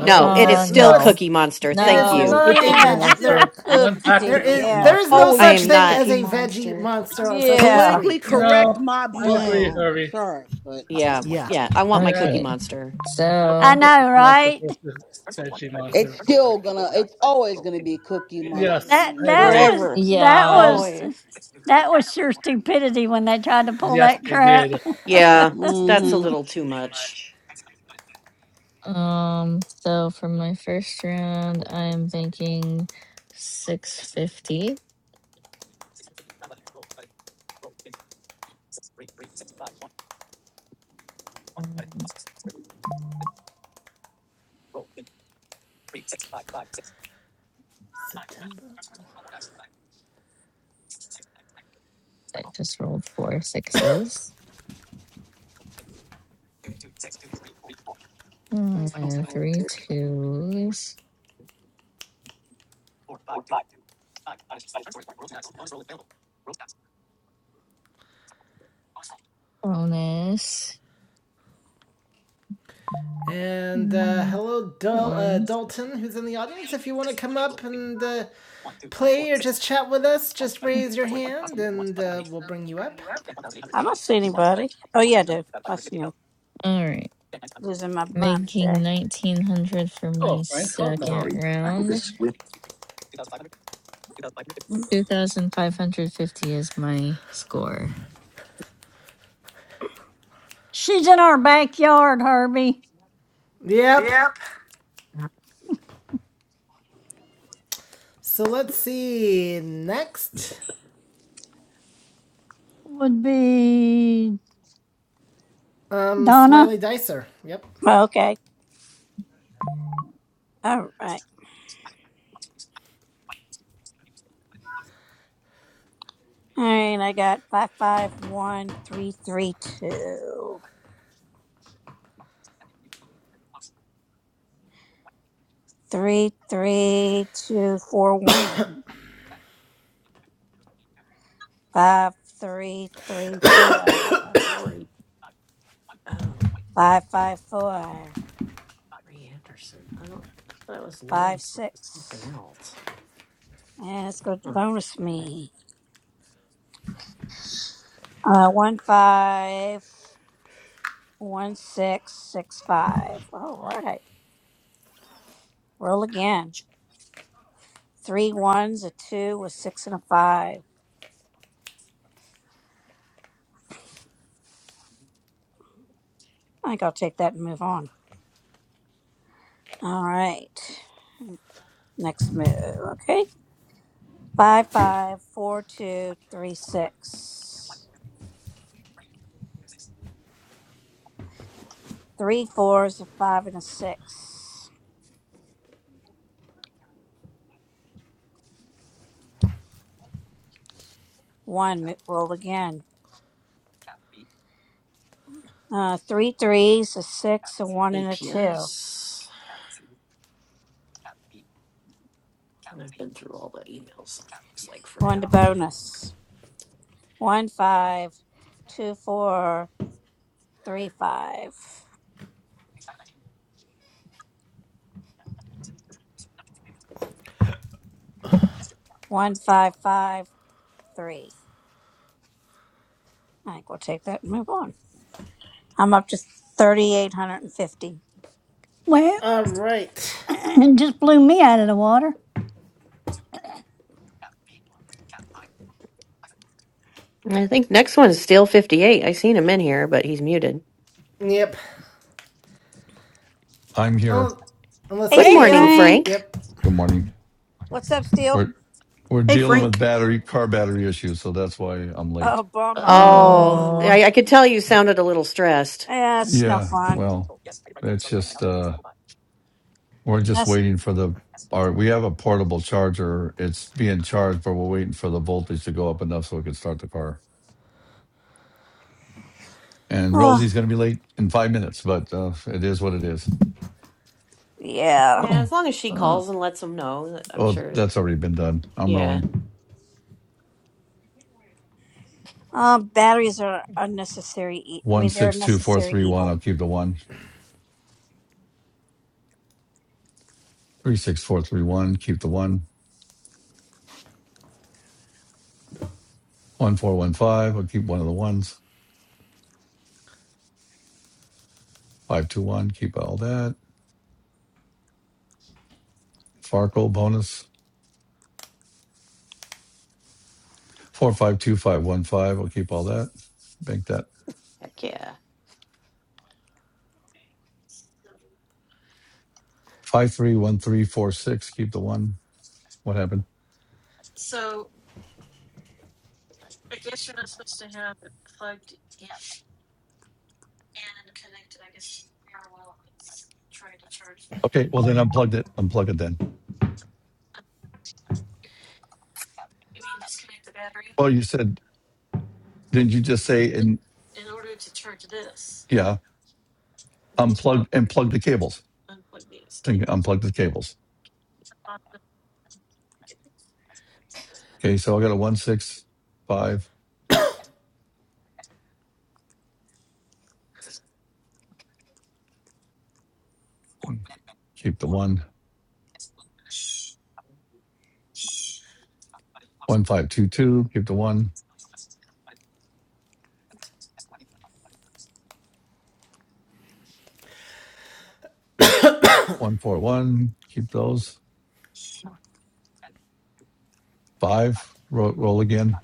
Speaker 7: No,
Speaker 1: is
Speaker 7: it is
Speaker 8: Uh,
Speaker 1: it? No,
Speaker 7: still
Speaker 1: it's
Speaker 8: no,
Speaker 7: Cookie Monster.
Speaker 1: it
Speaker 7: Thank
Speaker 1: is
Speaker 4: it's
Speaker 8: no.
Speaker 7: you.
Speaker 4: still
Speaker 1: not a
Speaker 4: Cookie
Speaker 2: Yeah,
Speaker 1: veggie.
Speaker 2: still
Speaker 4: Monster.
Speaker 1: There,
Speaker 4: We went back
Speaker 1: there
Speaker 2: cooksy.
Speaker 4: to Cookie
Speaker 1: is
Speaker 2: Yeah.
Speaker 1: there is
Speaker 4: Monster.
Speaker 1: no
Speaker 7: I
Speaker 6: always
Speaker 1: such
Speaker 7: am
Speaker 6: be
Speaker 1: thing
Speaker 7: not.
Speaker 1: as
Speaker 6: Cookie
Speaker 1: a veggie
Speaker 6: Monster.
Speaker 1: monster on Sesame
Speaker 2: Yeah.
Speaker 5: Politically
Speaker 1: Street. Uh,
Speaker 5: correct
Speaker 4: No,
Speaker 5: my
Speaker 4: I
Speaker 5: butt.
Speaker 4: agree,
Speaker 6: No,
Speaker 4: Harvey.
Speaker 5: Sorry, but
Speaker 7: Yeah,
Speaker 1: yeah.
Speaker 7: yeah, I want my
Speaker 4: Yeah,
Speaker 7: Cookie
Speaker 8: Okay.
Speaker 7: Monster.
Speaker 4: I
Speaker 3: I
Speaker 8: So
Speaker 4: prefer
Speaker 3: know,
Speaker 4: Cookie Monster
Speaker 3: right?
Speaker 4: versus Veggie
Speaker 5: it's
Speaker 4: Monster.
Speaker 5: still gonna. It's always gonna be cookie monster to
Speaker 4: Yes,
Speaker 3: That
Speaker 5: me.
Speaker 4: I
Speaker 3: that
Speaker 4: agree.
Speaker 3: was
Speaker 6: forever,
Speaker 3: that
Speaker 8: yeah.
Speaker 3: was
Speaker 6: always.
Speaker 3: that was sure stupidity when they tried to pull
Speaker 4: Yes,
Speaker 3: that
Speaker 4: they did.
Speaker 3: crap.
Speaker 7: Yeah, that's a
Speaker 5: Mm-hmm.
Speaker 7: little too much.
Speaker 8: Um, so for my first round, I'm thinking 650. Um,
Speaker 1: September.
Speaker 8: I just rolled four sixes. Mm, and three twos. Bonus.
Speaker 1: And uh,
Speaker 8: Mm,
Speaker 1: hello, Dal- uh,
Speaker 8: one.
Speaker 1: Dalton, who's in the audience. If you want to come up and uh, play or just chat with us, just raise your hand and uh, we'll bring you up.
Speaker 2: I don't see anybody. Oh, yeah, I do. I see him.
Speaker 8: All right.
Speaker 2: Losing my mind
Speaker 8: Making
Speaker 2: today.
Speaker 8: 1900 for
Speaker 4: Hello,
Speaker 8: my
Speaker 4: Frank. Hello,
Speaker 8: second
Speaker 2: Safari,
Speaker 4: Garton.
Speaker 2: I
Speaker 8: round.
Speaker 2: Applevis with
Speaker 8: 2550 is my score.
Speaker 3: She's in our backyard, Herbie.
Speaker 1: Yep. So let's see. Next.
Speaker 3: would be
Speaker 1: Um,
Speaker 3: Donna.
Speaker 1: Smiley Dicer. Yep.
Speaker 2: Well, okay. All right. All right, I got five five one three three two three three two four one five three three four
Speaker 7: Was Lori? Oh,
Speaker 2: five five four
Speaker 7: Lori Anderson. I don't. I thought it was Lori
Speaker 2: five
Speaker 7: some- something
Speaker 2: six.
Speaker 7: else.
Speaker 2: And let's go to
Speaker 7: Huh.
Speaker 2: bonus me. Uh, one five one six six five. All right, roll again. Three ones, a two, a six, and a five. I think I'll take that and move on. All right, next move. Okay. Five five four two three six. Three fours, a five, and a six. One mo- roll again. Uh, three threes, a six, a one, and a two.
Speaker 7: APS. And I've been through all the emails. Looks like for
Speaker 2: Going to
Speaker 7: now.
Speaker 2: bonus. One five two four three five. One five five three. I think we'll take that and move on. I'm up to thirty eight hundred and fifty.
Speaker 3: Well,
Speaker 1: All right.
Speaker 3: it just blew me out of the water.
Speaker 7: I think next one is Steel 58. I seen him in here, but he's muted.
Speaker 1: Yep.
Speaker 9: I'm here.
Speaker 1: Oh, unless
Speaker 2: Hey,
Speaker 7: Good
Speaker 1: he's
Speaker 3: Hey,
Speaker 1: changed
Speaker 7: morning,
Speaker 2: Steele.
Speaker 1: his. e-
Speaker 3: Frank.
Speaker 7: Frank.
Speaker 1: Yep.
Speaker 9: Good morning.
Speaker 2: What's up, Steele?
Speaker 9: We're we're
Speaker 6: Hey,
Speaker 9: dealing with
Speaker 6: Frank.
Speaker 9: battery car battery issues, so that's why I'm
Speaker 2: Oh,
Speaker 9: late.
Speaker 2: bummer.
Speaker 7: Oh,
Speaker 8: Oh.
Speaker 6: Oh,
Speaker 7: I, I could tell you sounded a little stressed.
Speaker 2: Yeah, it's no
Speaker 9: Yeah,
Speaker 2: fun.
Speaker 9: well, it's just uh we're just
Speaker 2: That's
Speaker 9: waiting for the our we have a portable charger. It's being charged, but we're waiting for the voltage to go up enough so we can start the car. And
Speaker 2: oh
Speaker 9: Rosie's gonna be late in five minutes, but uh it is what it is.
Speaker 2: yeah.
Speaker 7: Yeah, as long as she
Speaker 8: Uh,
Speaker 7: calls and lets them know, I'm
Speaker 9: oh,
Speaker 7: sure.
Speaker 9: that's already been done. I'm
Speaker 7: Yeah.
Speaker 9: rolling.
Speaker 2: Uh, batteries are unnecessary. E- I
Speaker 9: One
Speaker 2: mean, they're a
Speaker 9: six two four
Speaker 2: necessary
Speaker 9: three one, I'll
Speaker 2: evil.
Speaker 9: keep the one. Three six four three one, keep the one. One four one five, I'll keep one of the ones. Five two one, keep all that. Farkle bonus four five two five one five. I'll keep all that. Bank that
Speaker 7: Heck yeah.
Speaker 9: five three one three four six. Keep the one. What happened? Okay, well then unplugged it. Unplug it then. Well, you said didn't you just say and yeah, unplug and plug the cables. Think unplug the cables. Okay, so I got a one six five. Keep the one. One five two two. Keep the one. One four one. Keep those. Five. Roll, roll again.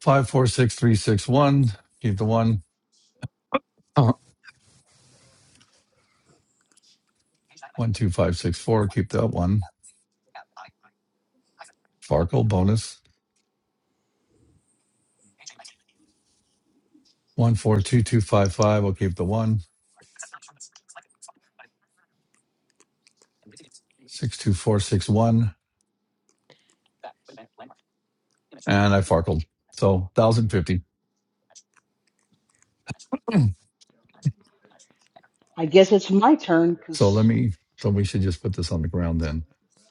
Speaker 9: Five four six three six one. Keep the one. Uh-huh. One two five six four. Keep that one. Farkle bonus. One four two two five five. I'll keep the one. Six two four six one. And I farkled. So one thousand fifty.
Speaker 5: I guess it's my turn,
Speaker 9: so let
Speaker 5: cause
Speaker 9: me. So we should just put this on the ground then,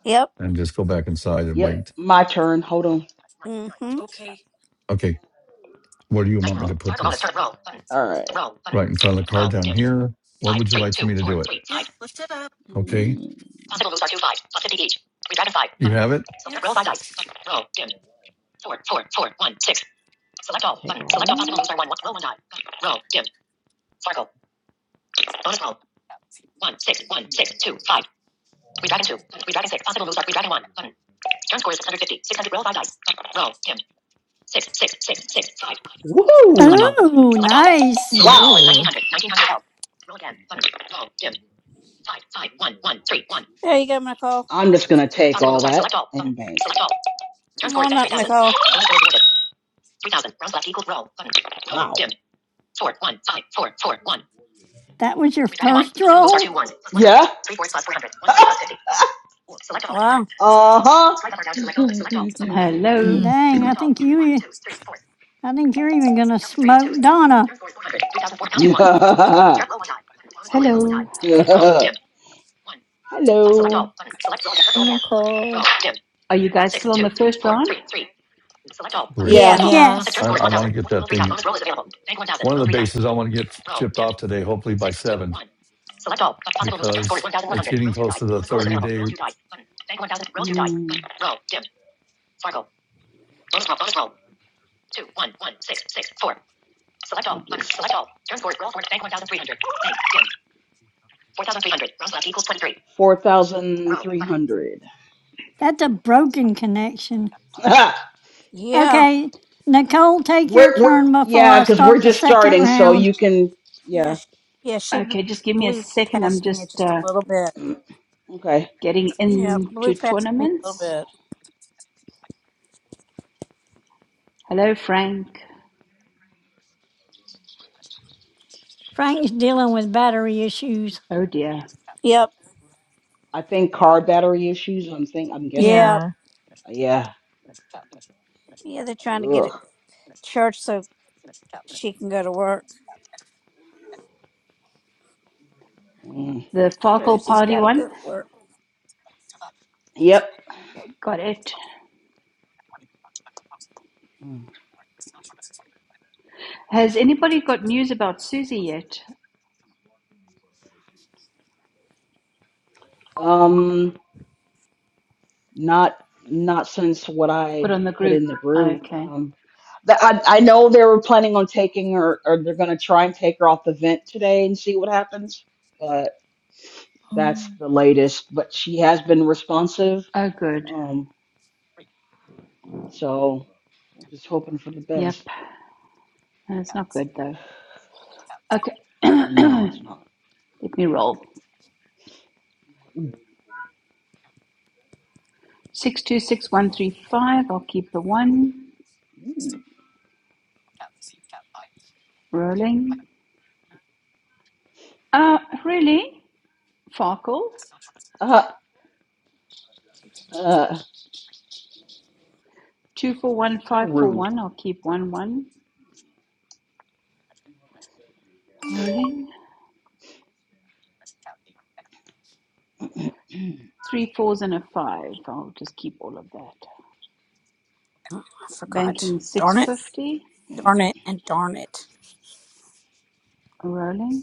Speaker 2: Yep.
Speaker 9: and just go back inside and
Speaker 5: yep,
Speaker 9: wait.
Speaker 5: my turn. Hold on.
Speaker 2: Mm-hmm.
Speaker 9: Okay. Where do you want me to put this?
Speaker 5: All right. Roll. Button.
Speaker 9: Right in front of the car
Speaker 5: Roll.
Speaker 9: down
Speaker 5: Dim.
Speaker 9: here. What
Speaker 5: Five,
Speaker 9: would you
Speaker 5: three,
Speaker 9: like for
Speaker 5: two,
Speaker 9: me to
Speaker 5: four,
Speaker 9: do it?
Speaker 5: three, five.
Speaker 9: Okay.
Speaker 5: Mm. Possible moves are two, five, plus 50 each. Three five.
Speaker 9: You
Speaker 5: Button.
Speaker 9: have it.
Speaker 5: So roll five dice. Roll. Dim. Four, four, four, one, six. Select all. Button. Select all possible moves are one, one. Roll one die. Roll. Dim. Sparkle. Bonus roll. One, six, one, six, two, five. Three dragon two. Button. Three dragon six. Possible moves are three dragon one. Button. Turn score is 650. 600. Roll five dice. Roll. Dim. Six, six, six, six, five. Woohoo! Select all.
Speaker 3: Ooh,
Speaker 5: Select all.
Speaker 3: nice.
Speaker 5: Wow. Roll
Speaker 8: ooh.
Speaker 5: 1900. 1900 Roll again. Button. Roll. Dim. Five, five, one, one, three, one.
Speaker 2: There you go, Nicole.
Speaker 5: I'm just gonna take all that Select all. and Button. Select all. Turn
Speaker 2: Come
Speaker 5: score is
Speaker 2: on
Speaker 5: at
Speaker 2: up,
Speaker 5: 3000.
Speaker 2: Nicole.
Speaker 5: Roll score rewarded. 3000. Rounds left equals roll. Button. Roll. Wow. Dim. Four, one, five, four, four, one.
Speaker 3: That was your
Speaker 5: Redraw one.
Speaker 3: first
Speaker 5: Possible moves are two
Speaker 3: roll.
Speaker 5: ones. Plus one. Yeah. Three fours plus 400. One plus 50. Select all. Button.
Speaker 2: Wow.
Speaker 5: Uh huh. Select all. Select all. Select all. Select all.
Speaker 10: Hello.
Speaker 8: 음.
Speaker 3: Dang, I
Speaker 5: Select all.
Speaker 3: think
Speaker 5: One,
Speaker 3: you.
Speaker 5: two, three, four.
Speaker 3: I think you're even gonna
Speaker 5: Delta three
Speaker 3: smoke
Speaker 5: two one.
Speaker 3: Donna.
Speaker 5: Turn score is 400. 2004. Pound Turn roll one die. Bonus roll it. Roll one die.
Speaker 10: Hello.
Speaker 5: Roll. Dim. One. Hello. Select all. Button. Select roll. Roll
Speaker 8: and
Speaker 5: again. Button.
Speaker 8: Nicole.
Speaker 5: Roll. Dim.
Speaker 10: Are you guys
Speaker 5: Six,
Speaker 10: still on
Speaker 5: two,
Speaker 10: the
Speaker 5: two,
Speaker 10: first
Speaker 5: four,
Speaker 10: round?
Speaker 5: three, three. Select all. Button.
Speaker 9: Great.
Speaker 5: Yeah. Select all.
Speaker 2: Yes.
Speaker 8: Yeah.
Speaker 5: Concept
Speaker 3: Yes,
Speaker 5: turn
Speaker 9: I,
Speaker 5: score is
Speaker 9: I want to
Speaker 5: 1000.
Speaker 9: get
Speaker 5: roll
Speaker 9: that
Speaker 5: three dice.
Speaker 9: thing.
Speaker 5: Bonus roll is available. Bank 1000.
Speaker 9: One of
Speaker 5: Roll
Speaker 9: the
Speaker 5: three dice.
Speaker 9: bases I
Speaker 5: Button.
Speaker 9: want to get
Speaker 5: Roll.
Speaker 9: chipped
Speaker 5: Dim.
Speaker 9: off today, hopefully by
Speaker 5: Six two
Speaker 9: seven,
Speaker 5: one. Select all. possible moves. Turn score is
Speaker 9: because
Speaker 5: 1100.
Speaker 9: it's getting
Speaker 5: Roll two
Speaker 9: close
Speaker 5: dice.
Speaker 9: to the
Speaker 5: Bonus roll is
Speaker 9: 30
Speaker 5: available.
Speaker 9: day.
Speaker 5: Roll two dice. Button. Bank 1000. Roll two dice. Mm. Button. Roll. Dim. Sparkle. Bonus roll. Bonus roll. Two one one six six four. Select all. Look, select all. Turn score. Roll for bank 1,300. Bank. Dim. 4,300. Rounds left equals 23. 4,300.
Speaker 3: that's a broken connection.
Speaker 2: Yeah.
Speaker 3: Okay, Nicole, take
Speaker 5: we're,
Speaker 3: your
Speaker 5: we're,
Speaker 3: turn before
Speaker 5: yeah,
Speaker 3: I
Speaker 5: because we're
Speaker 3: start the
Speaker 5: just
Speaker 3: second
Speaker 5: starting, so
Speaker 3: round.
Speaker 5: you can,
Speaker 2: Yeah.
Speaker 5: yeah.
Speaker 2: She, yeah. She b-
Speaker 10: Okay, just give me a
Speaker 2: blew
Speaker 10: second. I'm
Speaker 2: past me
Speaker 10: just
Speaker 2: just a
Speaker 10: uh,
Speaker 2: little bit.
Speaker 5: mm, Okay.
Speaker 10: getting
Speaker 2: Yeah. Blew
Speaker 10: into
Speaker 2: past me a little
Speaker 10: tournaments.
Speaker 2: bit.
Speaker 10: Hello, Frank.
Speaker 3: Frank's dealing with battery issues.
Speaker 10: Oh dear.
Speaker 2: Yep.
Speaker 5: I think car battery issues, I'm think, I'm guessing.
Speaker 2: Yeah.
Speaker 8: Yeah.
Speaker 5: Yeah.
Speaker 2: Yeah. They're trying to get
Speaker 5: Ugh.
Speaker 2: it church so she can go to work.
Speaker 5: Mm.
Speaker 10: The Farkle
Speaker 2: Rosie's
Speaker 10: party
Speaker 2: got to go
Speaker 10: one.
Speaker 2: to work.
Speaker 5: Yep.
Speaker 10: Okay, got it.
Speaker 5: Mm.
Speaker 10: Has anybody got news about Susie yet?
Speaker 5: Um. Not not since what
Speaker 10: Put
Speaker 5: I
Speaker 10: on the
Speaker 5: put
Speaker 10: group.
Speaker 5: in the group.
Speaker 10: Okay.
Speaker 5: Um, the, I I know they were planning on taking her, or they're gonna try and take her off the vent today and see what happens. But that's
Speaker 8: Oh,
Speaker 5: the latest. But she has been responsive.
Speaker 10: Oh, good.
Speaker 5: Um, so we're just hoping for the
Speaker 10: Yep.
Speaker 5: best. But
Speaker 10: That's not good though. Okay.
Speaker 5: I know it's
Speaker 10: Let
Speaker 5: not.
Speaker 10: me roll. 626135. I'll keep the one
Speaker 5: Mm.
Speaker 10: rolling. Uh, really? Farkle.
Speaker 5: Uh, uh,
Speaker 10: Two four one
Speaker 5: how
Speaker 10: five four
Speaker 5: rude.
Speaker 10: one. I'll keep one one rolling. Three fours and a five. I'll just keep all of that.
Speaker 2: Oh, I forgot.
Speaker 10: Banking six
Speaker 2: Darn it.
Speaker 10: fifty.
Speaker 2: Darn it. And darn it.
Speaker 10: Rolling.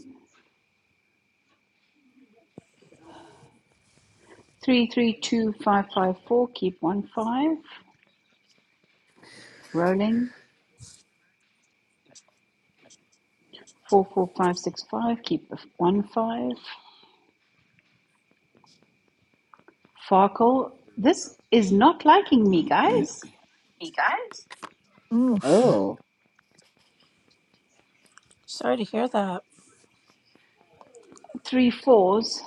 Speaker 10: Three three two five five four. Keep one five. Rolling. Four four five six five. Keep the one five. Farkle. This is not liking me, guys.
Speaker 8: Oof.
Speaker 5: Oh.
Speaker 2: Sorry to hear that.
Speaker 10: Three fours.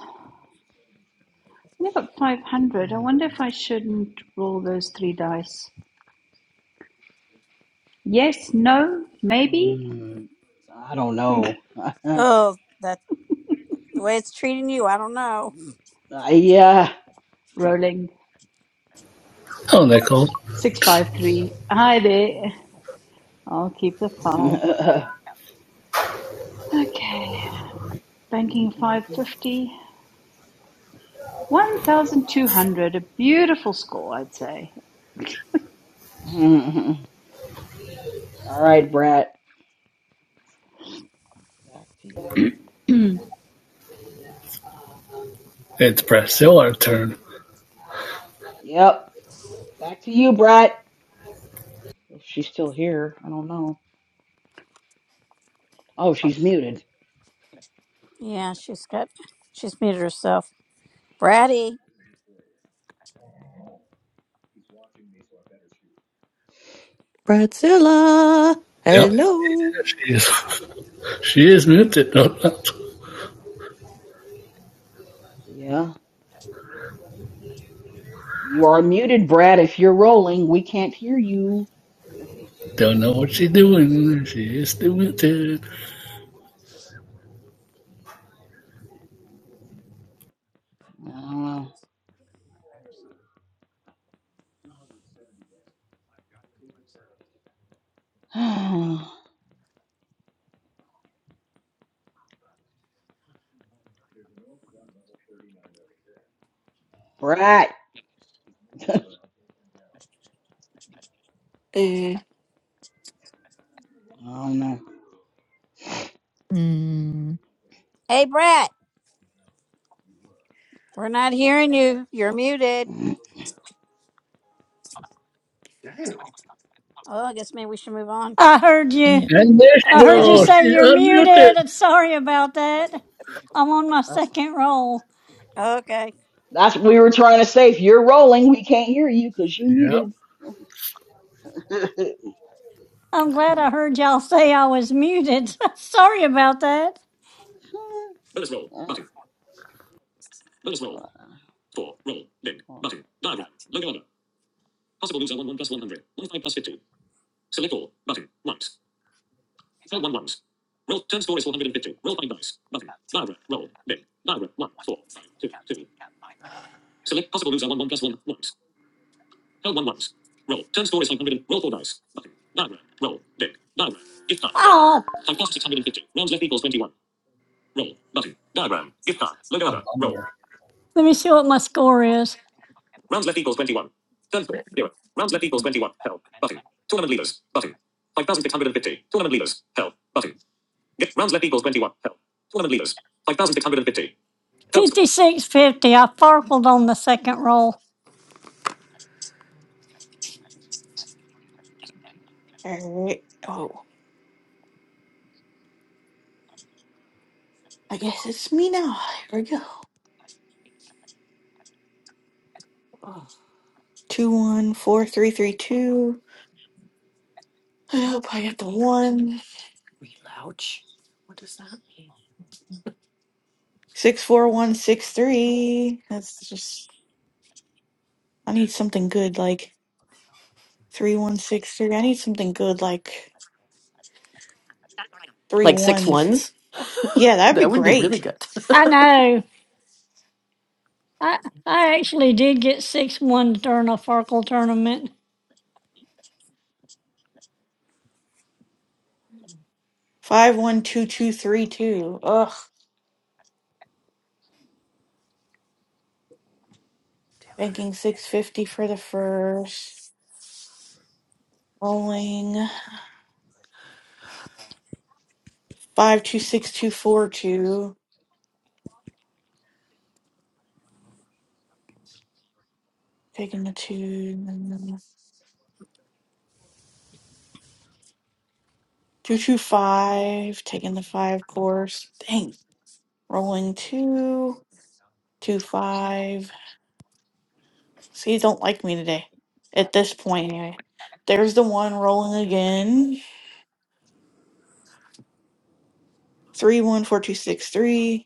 Speaker 10: I got five hundred. I wonder
Speaker 5: Mm,
Speaker 10: if I shouldn't roll those three dice. Yes, no, maybe.
Speaker 5: mm, I don't know.
Speaker 2: Oh. The way it's treating you, I don't know.
Speaker 5: I, yeah.
Speaker 10: Rolling.
Speaker 4: Hello, Nicole.
Speaker 10: Six five three. Hi there. I'll keep the five.
Speaker 5: All
Speaker 10: Okay. Banking five fifty. One thousand two hundred. A beautiful score, I'd say.
Speaker 5: right, Brat. Back to you.
Speaker 4: It's Priscilla's turn.
Speaker 5: Yep. Back to you, Brat. If she's still here, I don't know. Oh, she's muted.
Speaker 2: Yeah, she's got, she's muted herself. Bratty.
Speaker 7: Bradzilla,
Speaker 4: Yep.
Speaker 7: hello.
Speaker 4: She is, she is muted.
Speaker 5: Yeah. You are muted, Brat. If you're rolling, we can't hear you.
Speaker 4: Don't know what she's doing. She is still muted.
Speaker 5: Uh, Brat.
Speaker 6: eh,
Speaker 5: not know.
Speaker 8: Mm.
Speaker 2: Hey, Brat. We're not hearing you. You're muted. Oh, I guess maybe we should move on.
Speaker 3: I heard you.
Speaker 8: yeah.
Speaker 4: And there
Speaker 2: Oh,
Speaker 4: she
Speaker 3: I heard you
Speaker 2: good.
Speaker 4: goes.
Speaker 5: Okay.
Speaker 3: say
Speaker 4: She's
Speaker 3: you're
Speaker 4: unmuted.
Speaker 3: muted. I'm sorry about that. I'm on my
Speaker 5: Uh,
Speaker 3: second roll.
Speaker 2: Okay.
Speaker 5: that's what we were trying to say. If you're rolling, we can't hear you because you
Speaker 4: Yep.
Speaker 5: muted.
Speaker 3: I'm glad I heard y'all say I was muted. sorry about that.
Speaker 5: Uh, uh, uh,
Speaker 3: Roll Roll Roll. four dice. Button. Barbara. Roll. Dick. Barbara. If not. Oh,
Speaker 4: That's a bummer.
Speaker 3: let me see what my score is. 5650. I farkled on the second roll.
Speaker 6: all right. Oh, I guess it's me now. Here we go. Two one four three three two. I hope I get the one.
Speaker 7: Relouch. What does that mean?
Speaker 6: Six, four, one, six, three. That's just. I need something good like three one six three. I need something good like three
Speaker 7: Like six
Speaker 6: ones.
Speaker 7: ones?
Speaker 6: Yeah, that'd be
Speaker 7: That would be really
Speaker 6: great.
Speaker 7: good.
Speaker 3: I know. I, I actually did get 6 1 during a farkle tournament.
Speaker 6: Five one two two three two. Ugh. Banking 650 for the first. Rolling 526242. Taking the two. and then 225. Taking the five course. Dang. Rolling two two five. See, you don't like me today. At this point, anyway. There's the one rolling again. Three one four two six three.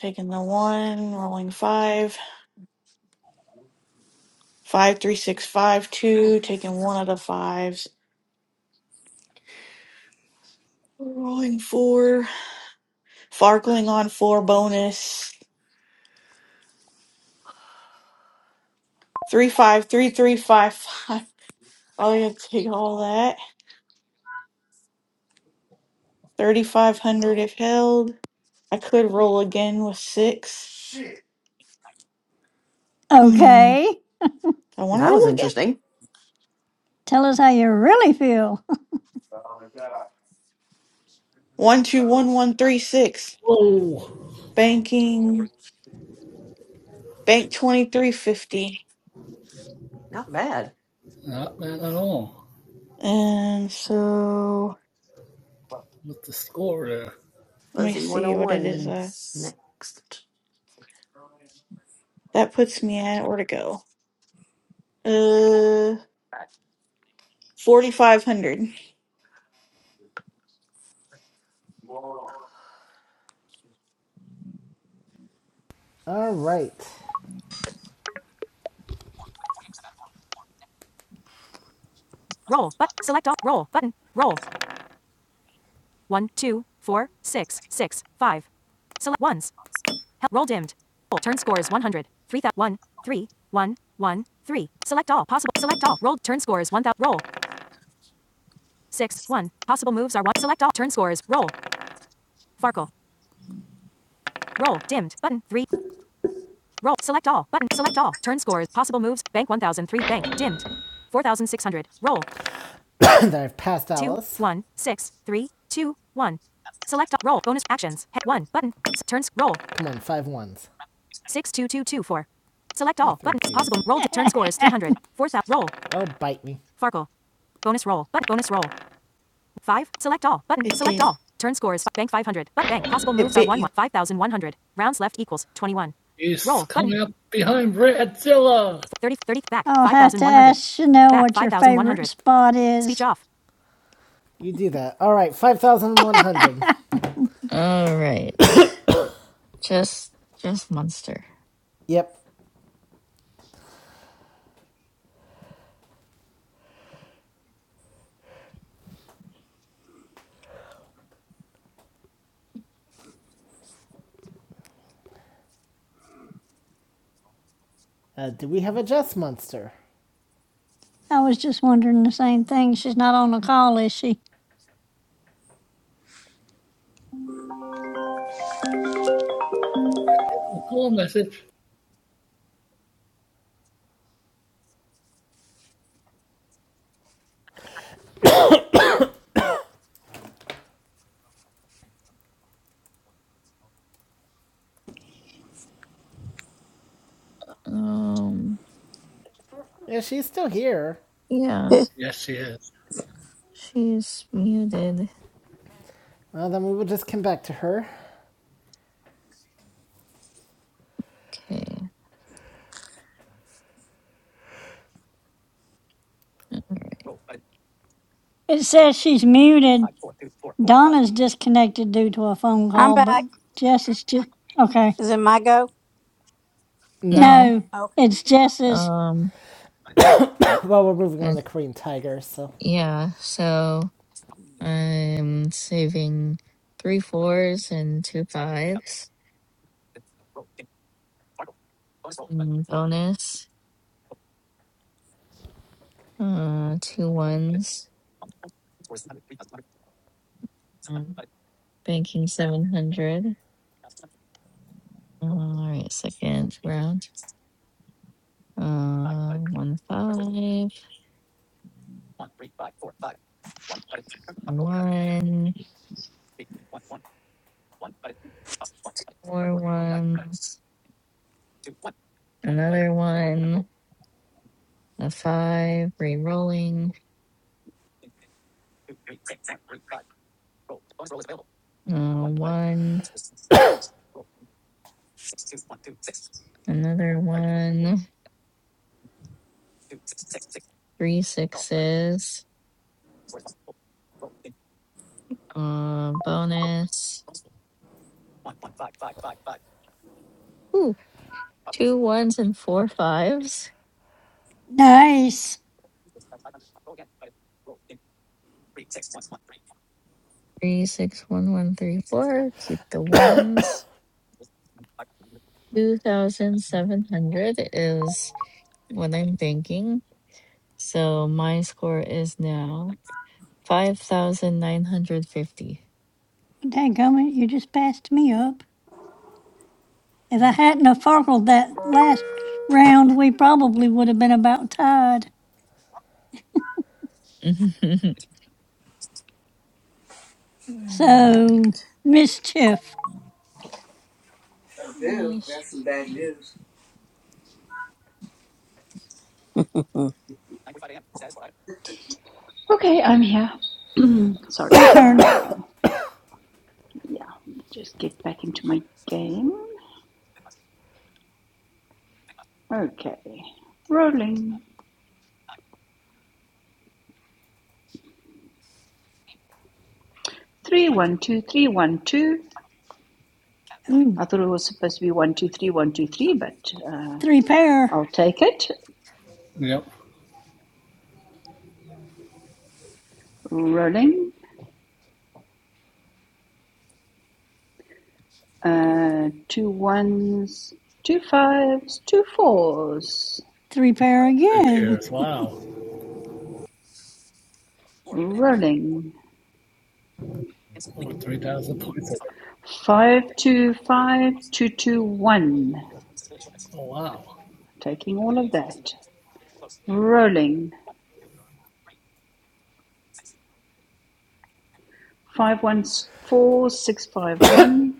Speaker 6: Taking the one. Rolling five. Five three six five two. Taking one out of fives. Rolling four. Farkling on four bonus. Three five three three five five. Probably gonna take all that. Thirty five hundred if held. I could roll again with six. Shit. Hmm.
Speaker 3: Okay.
Speaker 6: I wanna
Speaker 7: that was
Speaker 6: roll again.
Speaker 7: interesting.
Speaker 3: Tell us how you really feel.
Speaker 6: One two one one three six.
Speaker 4: Whoa.
Speaker 6: Banking bank twenty three fifty.
Speaker 7: Not bad.
Speaker 4: Not bad at all.
Speaker 6: And so
Speaker 4: With the score there.
Speaker 6: let me
Speaker 7: Fuzzy one
Speaker 6: see
Speaker 7: oh
Speaker 6: what it is. Uh,
Speaker 7: ones next.
Speaker 6: that puts me at where to go. Uh forty five hundred.
Speaker 1: All right. Roll, but select all. Roll button. Roll. One, two, four, six, six, five. Select ones. Help. Roll dimmed. Roll. Turn score is 100. 3, thou- 1, 3, 1, 1, 3. Select all. Possible. Select all. Roll. Turn score is one thousand. roll. 6, 1. Possible moves are 1. Select all. Turn score is roll. Farkle. Roll. Dimmed. Button. 3, Roll. Select all. Button. Select all. Turn scores. Possible moves. Bank 1003. Bank. Dimmed. 4600. Roll. then I've passed out. Two, Alice. one, six, three, two, one. Select all. Roll. Bonus actions. Hit 1. Button. S- Turns. Roll. Come on, five ones. 62224. Select all. Button. Keys. Possible. Roll. d- Turn scores 300. 4000. Roll. Oh, bite me. Farkle. Bonus roll. Button. Bonus roll. 5. Select all. Button.
Speaker 6: It
Speaker 1: Select
Speaker 6: did.
Speaker 1: all. Turn scores. Bank 500. Button bank. Possible
Speaker 6: It
Speaker 1: moves are
Speaker 6: bit
Speaker 1: 1
Speaker 6: you.
Speaker 1: 1. 5100. Rounds left equals 21.
Speaker 4: She's
Speaker 1: Roll. Button.
Speaker 4: coming up behind Radzilla.
Speaker 1: 30 30 back,
Speaker 3: I'll have to
Speaker 1: 5,100.
Speaker 3: ask Chanel
Speaker 1: Back,
Speaker 3: what your favorite
Speaker 1: 5,100.
Speaker 3: spot
Speaker 1: Speech
Speaker 3: is.
Speaker 1: off. You do that. All right, 5,100.
Speaker 8: All right. Just just monster.
Speaker 1: Yep. Uh, do we have a Jess monster?
Speaker 3: I was just wondering the same thing. She's not on the call, is she?
Speaker 4: Cool message.
Speaker 8: Um
Speaker 1: Yeah, she's still here.
Speaker 8: yeah,
Speaker 4: Yes, she is.
Speaker 8: she's muted.
Speaker 1: Well, then we will just come back to her.
Speaker 8: Okay.
Speaker 3: It says she's muted. Donna's disconnected due to a phone
Speaker 2: I'm
Speaker 3: call, but
Speaker 2: back.
Speaker 3: Jess is just okay.
Speaker 2: Is it my go?
Speaker 1: No.
Speaker 8: No.
Speaker 3: No,
Speaker 2: Okay.
Speaker 3: it's Jess's.
Speaker 8: Um
Speaker 1: well, we're moving on
Speaker 8: but
Speaker 1: to Korean Tiger, so.
Speaker 8: yeah, so I'm saving three fours and two fives. Mm, bonus. Uh two ones. Um, banking seven hundred. All right, second round. Uh, one five, one, four ones, another one, a five, re-rolling, uh, one, another one, three sixes, uh, bonus. Ooh, two ones and four fives.
Speaker 3: Nice.
Speaker 8: Three, six, one, one, three, four. Keep the ones. 2,700 is what I'm thinking. So my score is now 5,950.
Speaker 3: Dadgummit, you just passed me up. If I hadn't have farkled that last round, we probably would have been about tied.
Speaker 8: All
Speaker 3: So,
Speaker 8: right.
Speaker 3: Mischief,
Speaker 2: Boo,
Speaker 8: Yes.
Speaker 2: that's some bad news. Mm.
Speaker 10: okay, I'm here. Sorry.
Speaker 3: your turn.
Speaker 10: Uh, yeah. Let me just get back into my game. Okay. Rolling. Three one two three one two.
Speaker 3: Ooh,
Speaker 10: I thought it was supposed to be one two three one two three, but uh,
Speaker 3: three pair.
Speaker 10: I'll take it.
Speaker 4: Yep.
Speaker 10: Rolling. Uh, two ones, two fives, two fours.
Speaker 3: Three pair
Speaker 4: Three
Speaker 3: again.
Speaker 4: pairs. Wow.
Speaker 10: Rolling.
Speaker 4: Over 3,000 points.
Speaker 10: Five, two, five, two, two, one.
Speaker 4: Oh, wow.
Speaker 10: Taking all of that. Rolling. Five one four six five one,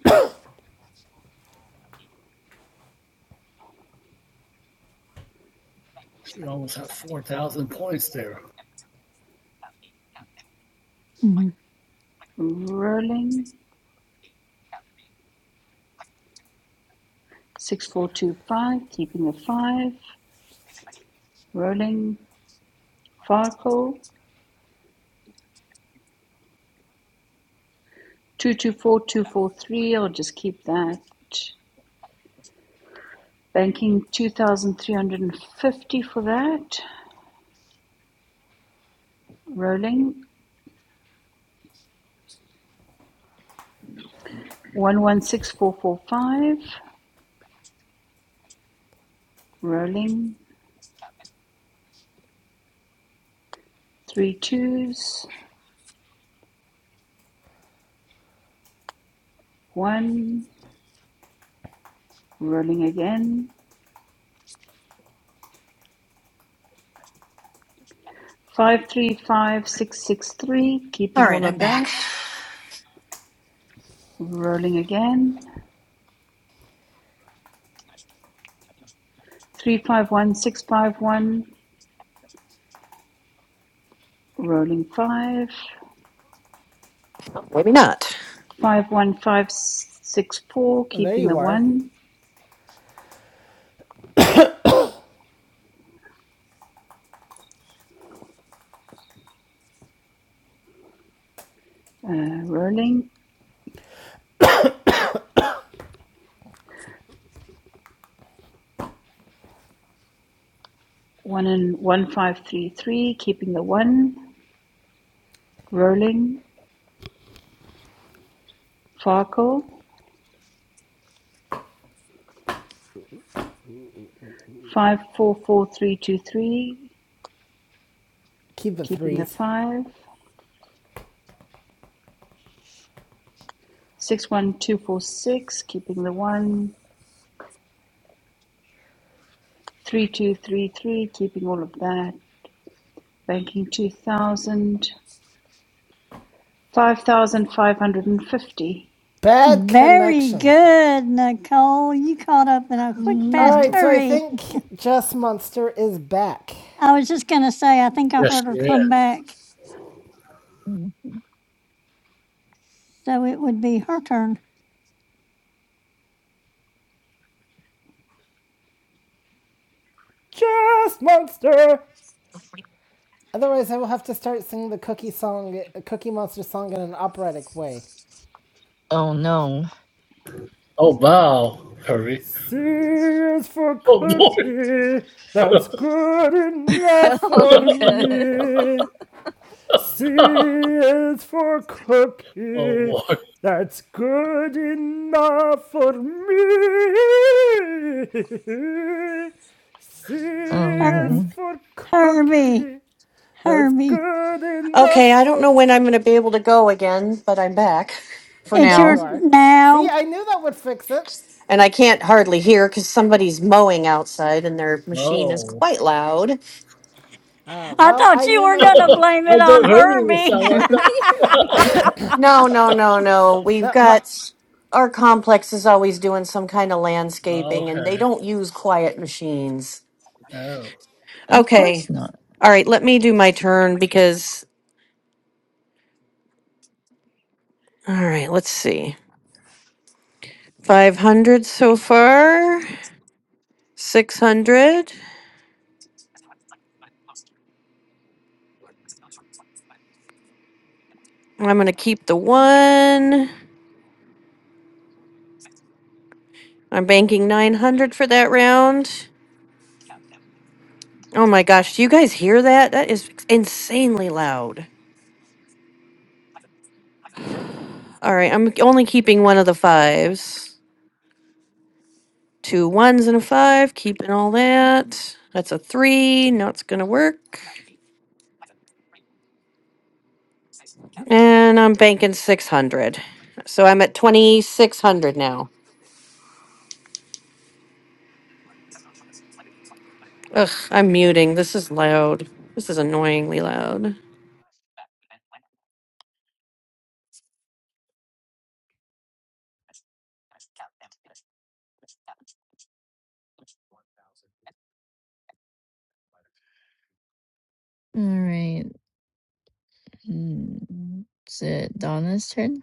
Speaker 4: She almost had 4,000 points there.
Speaker 3: Mhm.
Speaker 10: Rolling. Six, four, two, five. Keeping the five. Rolling. Farkle. Two, two, four, two, four, three. I'll just keep that. Banking 2,350 for that. Rolling. 116445. Rolling. Three twos. One. Rolling again. 535663.
Speaker 7: All
Speaker 10: Keeping
Speaker 7: right,
Speaker 10: all of
Speaker 7: I'm back.
Speaker 10: that. Rolling again. 351651. Rolling five.
Speaker 7: Oh, maybe not.
Speaker 10: 51564.
Speaker 1: Well, there
Speaker 10: Keeping the
Speaker 1: you are.
Speaker 10: one. Uh, rolling. One and 1533. Keeping the one. Rolling. Farkle. five four four three two three,
Speaker 1: Keep the
Speaker 10: keeping the
Speaker 1: threes.
Speaker 10: five. Six one two four six, keeping the one. Three two three three, keeping all of that. Banking two thousand. Five thousand five hundred and fifty.
Speaker 1: Bad
Speaker 3: Very
Speaker 1: connection.
Speaker 3: good, Nicole. You caught up in a quick,
Speaker 1: All
Speaker 3: fast
Speaker 1: right,
Speaker 8: Oh
Speaker 1: so I
Speaker 3: hurry.
Speaker 1: think Jess Monster is back.
Speaker 3: I was just going to say, I think I
Speaker 4: Yes,
Speaker 3: heard
Speaker 4: she
Speaker 3: her
Speaker 4: is.
Speaker 3: come back. So it would be her turn.
Speaker 1: Jess Monster! Otherwise, I will have to start singing the Cookie song, Cookie Monster song, in an operatic way.
Speaker 8: oh, no.
Speaker 4: Oh, wow. Hurry.
Speaker 1: C is for
Speaker 4: Oh, boy.
Speaker 1: cookie, that's good enough for
Speaker 8: Oh, God.
Speaker 1: me. C is for cookie,
Speaker 4: oh, boy.
Speaker 1: that's good enough for me. C is
Speaker 3: Herb,
Speaker 8: Oh.
Speaker 1: for
Speaker 3: Herbie,
Speaker 1: cookie, that's
Speaker 3: Herbie,
Speaker 1: good enough
Speaker 7: Okay, I don't
Speaker 1: for
Speaker 7: know
Speaker 1: me.
Speaker 7: when I'm going to be able to go again, but I'm back for
Speaker 3: it's
Speaker 1: There
Speaker 3: your
Speaker 7: now.
Speaker 1: you are. See,
Speaker 3: now.
Speaker 1: I knew that would fix it.
Speaker 7: And I can't hardly hear because somebody's mowing outside and their machine is
Speaker 4: No.
Speaker 7: quite loud.
Speaker 1: Uh,
Speaker 3: I
Speaker 1: well,
Speaker 3: thought
Speaker 1: I
Speaker 3: you
Speaker 1: knew
Speaker 3: were
Speaker 1: my.
Speaker 3: going to blame it
Speaker 4: I
Speaker 3: on
Speaker 4: don't hurry would
Speaker 3: Herbie.
Speaker 4: sound like that.
Speaker 7: No, no, no, no. We've
Speaker 1: No, my.
Speaker 7: got our complex is always doing some kind of landscaping and they
Speaker 4: okay.
Speaker 7: don't use quiet machines.
Speaker 4: Oh.
Speaker 8: of
Speaker 7: Okay.
Speaker 8: course not.
Speaker 7: All right, let me do my turn because all right, let's see. 500 so far. 600. I'm going to keep the 1. I'm banking 900 for that round. Oh my gosh, do you guys hear that? That is insanely loud. All right, I'm only keeping one of the fives. Two ones and a five, keeping all that. That's a 3. Not it's going to work. And I'm banking 600. So I'm at 2600 now. Ugh, I'm muting. This is loud. This is annoyingly loud.
Speaker 8: All right. Hmm. Is it Donna's turn?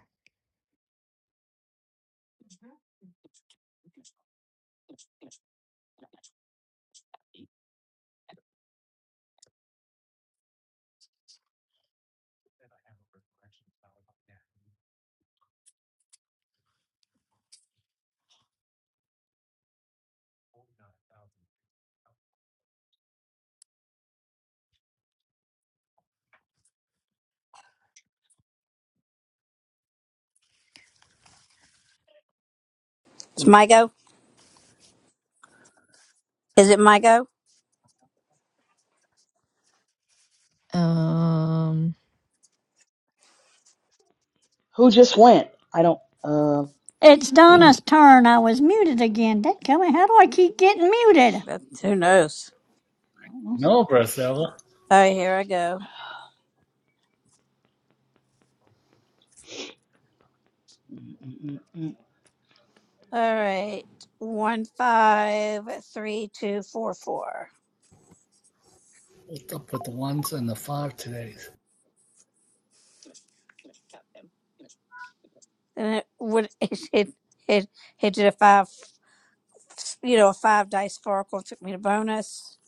Speaker 2: It's my go. Is it my go?
Speaker 8: Um,
Speaker 5: Who just went? I don't. Uh,
Speaker 3: it's Donna's turn. I was muted again. Dadgummit, how do I keep getting muted?
Speaker 2: That, who knows?
Speaker 5: I don't know.
Speaker 4: No, Brasella.
Speaker 2: All right, here I go.
Speaker 5: Mm, mm, mm, mm.
Speaker 2: All right, one five three two four four.
Speaker 4: What's up with the ones and the five today?
Speaker 2: And it would it it it, it did a five. you know, a five dice sparkle took me to bonus.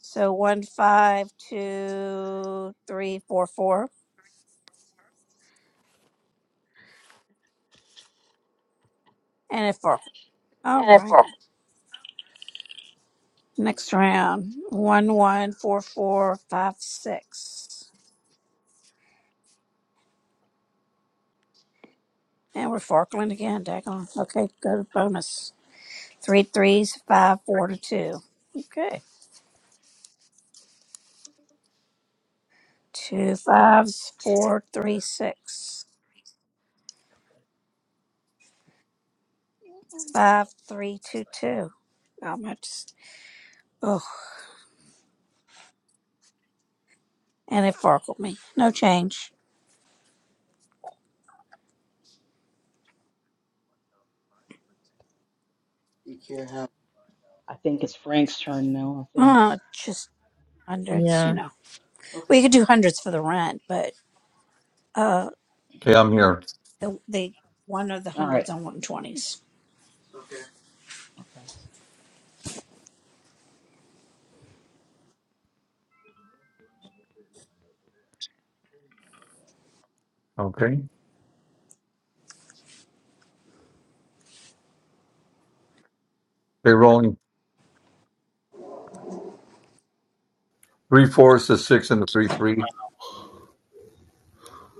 Speaker 2: So one, five, two, three, four, four, and a four. All righty. Next round. One, one, four, four, five, six. And we're farkling again, daggone. Okay, go to bonus. Three threes, five, four to two. Okay. Two fives, four, three, six. Five, three, two, two. How much? Oh, and it farkled me. No change.
Speaker 5: I think it's Frank's turn now. I think.
Speaker 2: Uh, just hundreds, you
Speaker 8: yeah.
Speaker 2: know. We could do hundreds for the rent, but uh,
Speaker 9: Okay, I'm here.
Speaker 2: the the one of the
Speaker 5: All right.
Speaker 2: hundreds on one twenties.
Speaker 5: Okay.
Speaker 9: Okay. They're rolling three fours to six and the three three.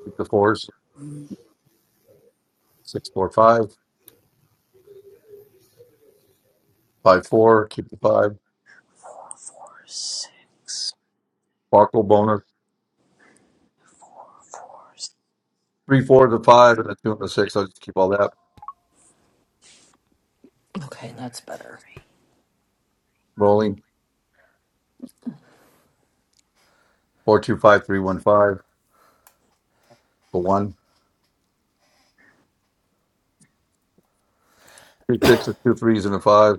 Speaker 9: Keep the fours.
Speaker 2: Mm,
Speaker 9: Six four five. Five four. Keep the five.
Speaker 2: Four, four, six,
Speaker 9: Barkle bonus.
Speaker 2: four, fours,
Speaker 9: Three four to five and a two and a six. I'll just keep all that
Speaker 7: Okay, that's better.
Speaker 9: rolling. Four two five three one five. The one. Two sixes, two threes, and a five.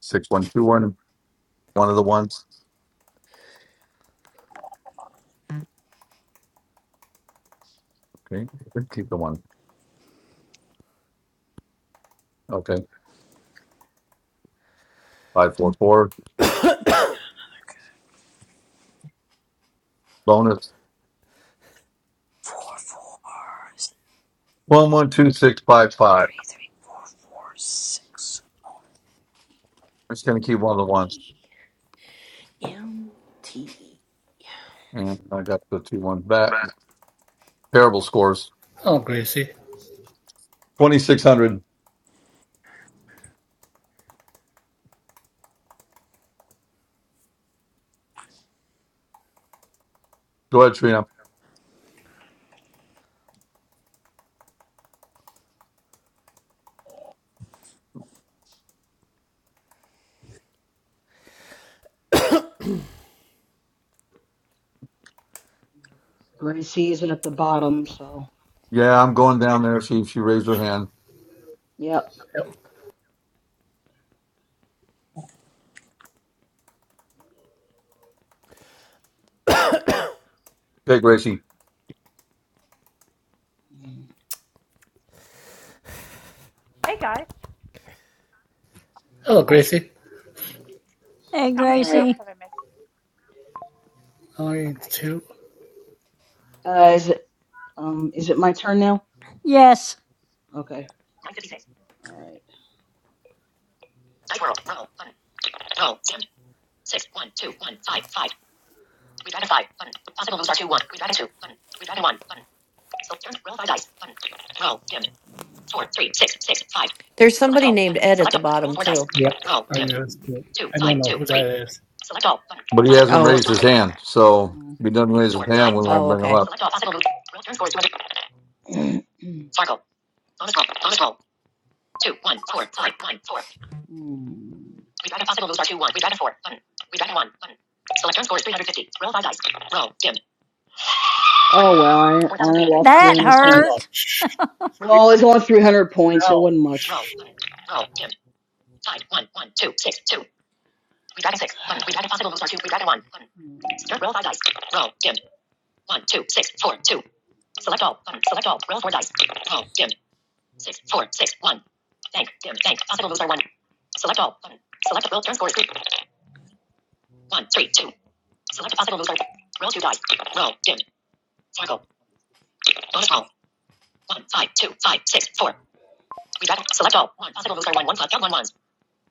Speaker 9: Six one two one. One of the ones. Okay. Keep the one. Okay. Five four four. Bonus
Speaker 2: four, s-
Speaker 9: one one two six five five.
Speaker 2: three, three, four, four, six.
Speaker 9: I'm just gonna keep one of the ones,
Speaker 7: TMT.
Speaker 9: and I got the two ones back. Terrible scores.
Speaker 4: Hello, Gracie.
Speaker 9: Twenty six hundred. Go ahead, Trina.
Speaker 5: Gracie is at the bottom, so
Speaker 9: Yeah, I'm
Speaker 4: Hello,
Speaker 9: going down there.
Speaker 4: Gracie.
Speaker 9: She she raised her hand.
Speaker 5: yep.
Speaker 4: Yep.
Speaker 9: Peg Gracie,
Speaker 5: Mm,
Speaker 4: Hello, Gracie.
Speaker 5: mm.
Speaker 3: Hey,
Speaker 5: All right.
Speaker 3: Gracie.
Speaker 4: Only two?
Speaker 5: Uh, is it um? Is it my turn now?
Speaker 3: Yes,
Speaker 5: Okay. Nine fifty-six. All right. Dice World. Roll. Button. Roll. Dimmed. Six. One. Two. One. Five. Five. Three. Dragon. Five. Button. Possible moves are two. One. Three. Dragon. Two. Button. Three. Dragon. One. Button. Select turn. Roll five dice. Button. Roll. Dim. Four, three, six, six, five.
Speaker 7: There's
Speaker 5: Select
Speaker 7: somebody
Speaker 5: all.
Speaker 7: named
Speaker 5: Button.
Speaker 7: Ed at
Speaker 5: Select
Speaker 7: the
Speaker 5: all. Roll
Speaker 7: bottom
Speaker 5: four dice.
Speaker 7: too.
Speaker 4: Yep.
Speaker 5: Roll.
Speaker 4: I
Speaker 5: Dim.
Speaker 4: noticed it.
Speaker 5: Two,
Speaker 4: I
Speaker 5: five,
Speaker 4: don't know
Speaker 5: two,
Speaker 4: who that
Speaker 5: three.
Speaker 4: is.
Speaker 5: Select all. Button.
Speaker 9: but he
Speaker 5: Pause.
Speaker 9: hasn't
Speaker 5: Turn score
Speaker 7: Oh,
Speaker 5: is
Speaker 9: raised his
Speaker 5: 200.
Speaker 9: hand. So
Speaker 5: Mm.
Speaker 9: if he doesn't raise his
Speaker 5: Four,
Speaker 9: hand,
Speaker 5: five,
Speaker 9: we
Speaker 5: four.
Speaker 9: won't
Speaker 7: Oh,
Speaker 9: bring him
Speaker 7: okay.
Speaker 9: up.
Speaker 5: Select all possible moves. Roll turn score is 200. Sparkle. Bonus roll. Bonus roll. Two, one, four, five, one, four. We Mm. Redragon possible moves are two, one. We Redragon four. Button. Redragon one. Button. Select turn score is 350. Roll five dice. Roll. Dim. Oh well, I I lost
Speaker 3: that
Speaker 5: 300 points.
Speaker 3: hurt.
Speaker 4: Ouch.
Speaker 5: Well, it's only 300 points. It wasn't much. Hmm.
Speaker 4: Ouch.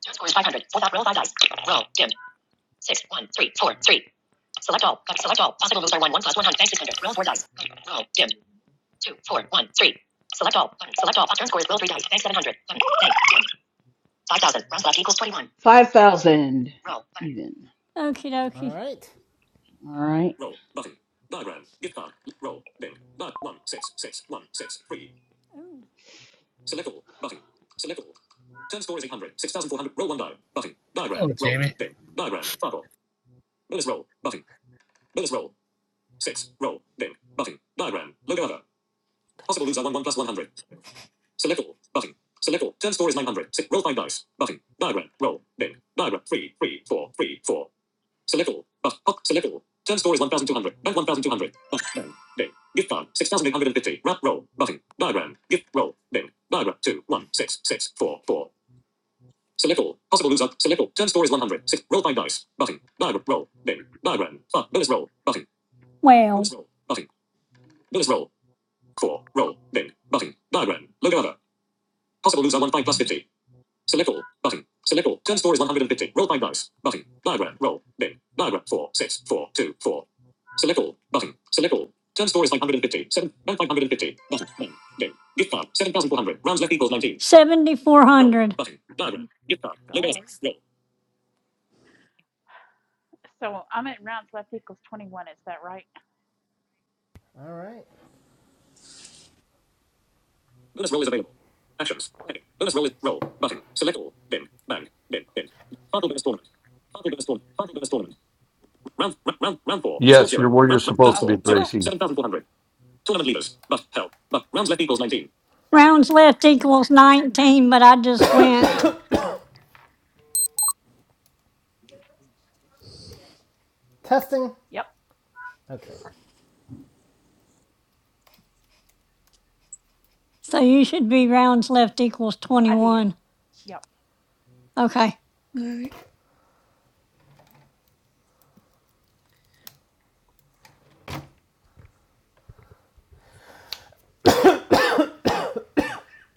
Speaker 5: Score is 500. Fourth up, roll five dice. Roll. Dimmed. Six, one, three, four, three. Select all. Select all. Possible moves are 1, 1 plus 100. Bank 600. Roll 4 dice. Roll. Dimmed. Two, four, one, three. Select all. Select all. Turn score is roll 3 dice. Bank 700. Button. Bank. 5,000. Rounds left equals 21. 5,000. Roll. Even.
Speaker 3: Okie
Speaker 1: All
Speaker 3: dokie.
Speaker 1: right.
Speaker 5: All right.
Speaker 3: Oh.
Speaker 4: Oh, Jamie.
Speaker 3: Well, five hundred fifty. 7,400.
Speaker 1: All right.
Speaker 9: Yes, you're where you're supposed to be, Gracie.
Speaker 3: Rounds left equals 19, but I just went.
Speaker 1: Testing. Okay.
Speaker 3: So you should be rounds left equals 21. Okay.
Speaker 6: Alright.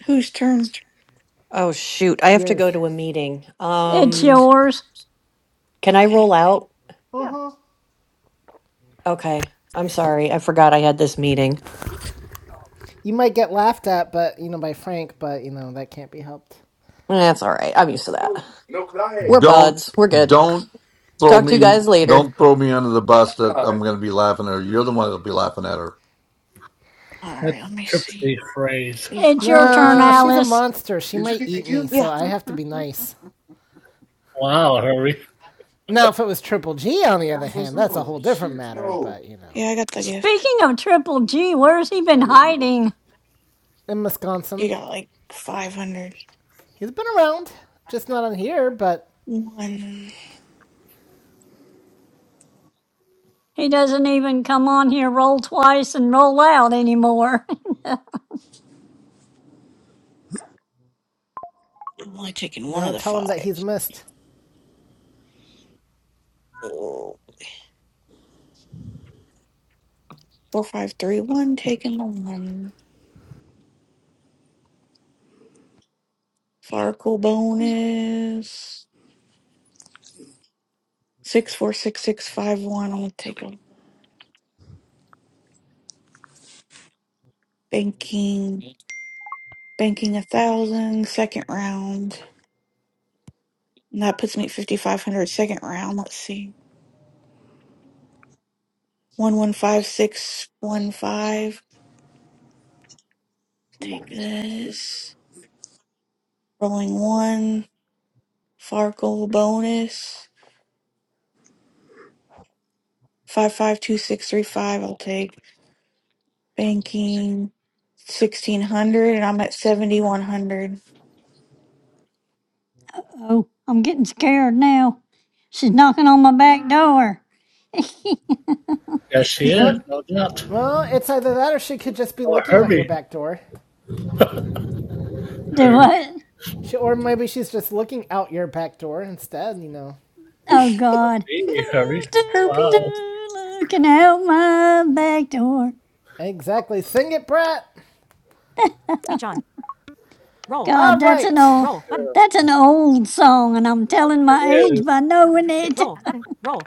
Speaker 6: Whose turn?
Speaker 7: oh shoot. I have to go
Speaker 1: Yours.
Speaker 7: to a meeting.
Speaker 3: It's
Speaker 7: Um,
Speaker 3: yours.
Speaker 7: can I
Speaker 6: Okay.
Speaker 7: roll out? Okay. I'm sorry. I forgot I had this meeting.
Speaker 1: You might get laughed at, but you know, by Frank, but you know, that can't be helped.
Speaker 7: That's all right. I'm used to that. We're
Speaker 9: Don't
Speaker 7: buds. We're good.
Speaker 9: don't throw
Speaker 7: Talk to you guys
Speaker 9: me
Speaker 7: later.
Speaker 9: don't throw me under the bus that I'm gonna be laughing at her. You're the one that'll be laughing at her.
Speaker 6: All right.
Speaker 4: That's
Speaker 6: Let me
Speaker 4: Triple
Speaker 6: see.
Speaker 4: J phrase.
Speaker 6: Did you
Speaker 3: It's
Speaker 6: find
Speaker 3: your
Speaker 6: it?
Speaker 3: turn,
Speaker 1: No, she's a
Speaker 3: Alice.
Speaker 1: monster. She might eat me, so
Speaker 6: Yeah.
Speaker 1: I have to be nice.
Speaker 4: Wow, Herbie.
Speaker 1: Now, if it was Triple G, on the other hand, that's a whole different matter, but you know.
Speaker 6: Yeah, I got the gift.
Speaker 3: Speaking of Triple G, where's he been hiding?
Speaker 1: In
Speaker 6: You
Speaker 1: Wisconsin.
Speaker 6: got like 500.
Speaker 1: He's been around, just not on here, but
Speaker 6: One.
Speaker 3: He doesn't even come on here, roll twice, and roll out anymore.
Speaker 6: I'm only taking
Speaker 1: you
Speaker 6: one
Speaker 1: know,
Speaker 6: of the
Speaker 1: tell him that he's
Speaker 6: fives.
Speaker 1: missed.
Speaker 6: Oh, four, five, three, one. Taking the one. Farkle bonus. Six, four, six, six, five, one. I'll take a banking. Banking a thousand. Second round. And that puts me at 5,500 second round. Let's see. One, one, five, six, one, five. Take this. Rolling one. Farkle bonus. 552635. I'll take banking 1600 and I'm at 7100.
Speaker 3: Oh, I'm getting scared now. She's knocking on my back door.
Speaker 4: Yes, she is.
Speaker 1: Well,
Speaker 4: No doubt.
Speaker 1: well, it's either that or she could just be
Speaker 4: Oh,
Speaker 1: looking out your
Speaker 4: Herbie.
Speaker 1: back door.
Speaker 3: Do
Speaker 4: Herbie.
Speaker 3: what?
Speaker 1: She, or maybe she's just looking out your back door instead, you know.
Speaker 3: Oh God.
Speaker 4: Hey,
Speaker 3: Do
Speaker 4: Herbie.
Speaker 3: do
Speaker 6: Herbie.
Speaker 4: Wow.
Speaker 3: do looking out my back door.
Speaker 1: Exactly. Sing it, Brett! Speech on. Roll.
Speaker 4: Okay,
Speaker 1: All
Speaker 3: God, that's an
Speaker 1: right.
Speaker 3: old
Speaker 1: Roll
Speaker 4: Good
Speaker 1: button.
Speaker 3: that's an old song and I'm
Speaker 4: Yep,
Speaker 3: telling
Speaker 4: it
Speaker 3: my age
Speaker 4: is.
Speaker 3: by knowing it.
Speaker 1: Roll
Speaker 3: It's
Speaker 1: button. Roll.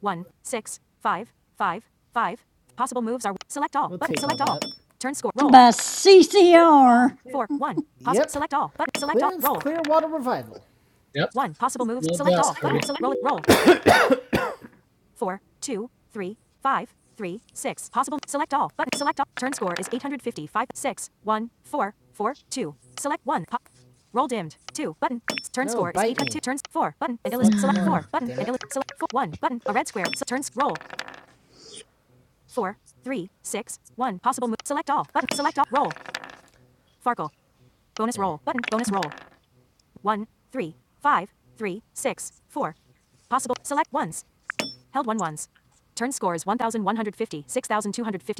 Speaker 1: One, six, five, five, five. Possible moves are select all. We'll button. Select all that. Turn score. Roll.
Speaker 3: by CCR
Speaker 1: Four. One. Possible. Yep. Select all. Button. Select Liz, all. Clearance, Roll. Clearwater Revival.
Speaker 4: Yep.
Speaker 1: One. Possible moves.
Speaker 4: No
Speaker 1: Select
Speaker 4: doubt,
Speaker 1: all. Button.
Speaker 4: Herbie.
Speaker 1: Sel- roll. Roll. four, two, three, five, three, six. Possible. Select all. Button. Select all. Turn score is 855. Six, one, four, four, two. Select one. Pop. Roll dimmed. Two button. Turn No, score is eight hundred two. Turns four button. Select select four button. select four, one button. A red square. So turns roll. Four, three, six, one. Possible move. Select all button. Select all. Roll. Farkle. Bonus roll button. Bonus roll. One, three, five, three, six, four. Possible. Select ones. Held one ones. Turn score is 1,150,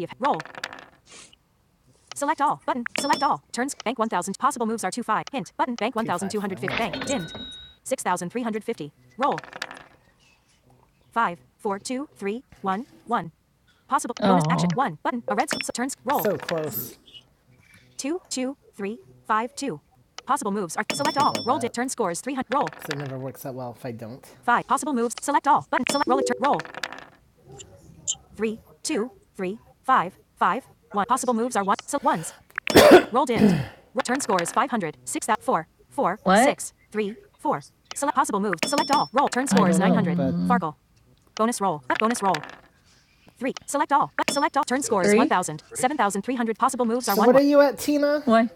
Speaker 1: of roll. Select all button. Select all. Turns bank 1,000. Possible moves are 2 5. Hint button. Bank 1,250. Bank dimmed. 6,350. Roll. Five, four, two, three, one, one. Possible bonus action.
Speaker 8: oh,
Speaker 1: 1 button. A red turns roll. So close. Two, two, three, five, two. Possible moves are select all. Roll it. Turn scores 300. Roll. So it never works out well if I don't. 5. Possible moves. Select all. Button. Select. Roll it. Roll. three, two, three, five, five, one. Possible moves are one. So ones. Rolled in. Turn score is 500. Six four, four,
Speaker 8: what?
Speaker 1: six, three, four. Select possible moves. Select all. Roll. Turn score is do know, 900. but-
Speaker 8: Mm,
Speaker 1: Farkle. Bonus roll. Bonus roll. Three. Select all. Select all. Turn score is
Speaker 8: three?
Speaker 1: 1,000. 7,300. Possible moves are So one. what are you at, Tina?
Speaker 8: Why?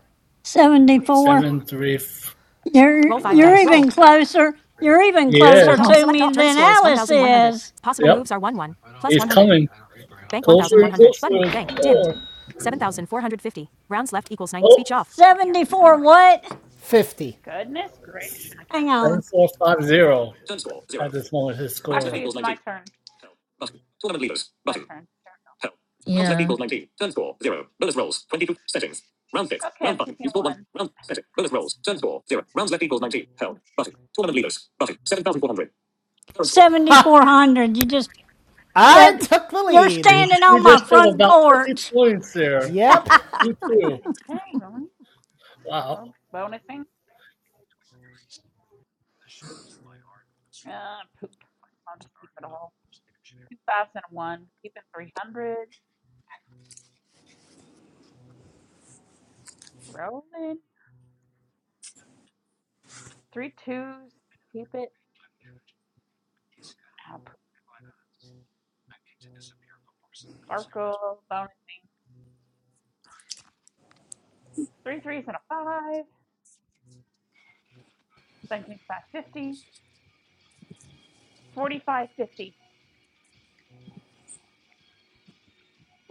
Speaker 3: seventy four.
Speaker 4: Seven, three. F-
Speaker 3: You're
Speaker 1: Roll five uh.
Speaker 3: you're
Speaker 1: die. Roll.
Speaker 3: even closer you're even
Speaker 4: he
Speaker 3: closer
Speaker 4: is.
Speaker 1: Select all.
Speaker 8: Oh,
Speaker 3: to
Speaker 1: Select
Speaker 3: me
Speaker 1: all. Turn
Speaker 3: than
Speaker 1: score is
Speaker 3: Alice
Speaker 1: 1,100.
Speaker 3: is.
Speaker 1: Possible
Speaker 4: Yep.
Speaker 1: moves are 1 1. Plus
Speaker 4: He's
Speaker 1: 100.
Speaker 4: coming
Speaker 1: Bank
Speaker 4: closer and
Speaker 1: 1,100.
Speaker 4: closer
Speaker 1: Button.
Speaker 4: to the
Speaker 1: Bank. Dimmed.
Speaker 4: score.
Speaker 1: 7,450. Rounds left equals 9. Speech
Speaker 4: Oh,
Speaker 1: off.
Speaker 3: Seventy four what?
Speaker 1: 50.
Speaker 3: Hang on.
Speaker 4: seven, four, five, zero. At this moment, his score
Speaker 8: yeah.
Speaker 3: seventy-four hundred, you just,
Speaker 1: I
Speaker 3: yep,
Speaker 1: took the
Speaker 3: you're
Speaker 1: lead.
Speaker 3: standing
Speaker 4: You
Speaker 3: on my
Speaker 4: just have
Speaker 3: front
Speaker 4: about 50
Speaker 3: porch.
Speaker 4: points there
Speaker 1: Yep.
Speaker 4: between you two. Wow.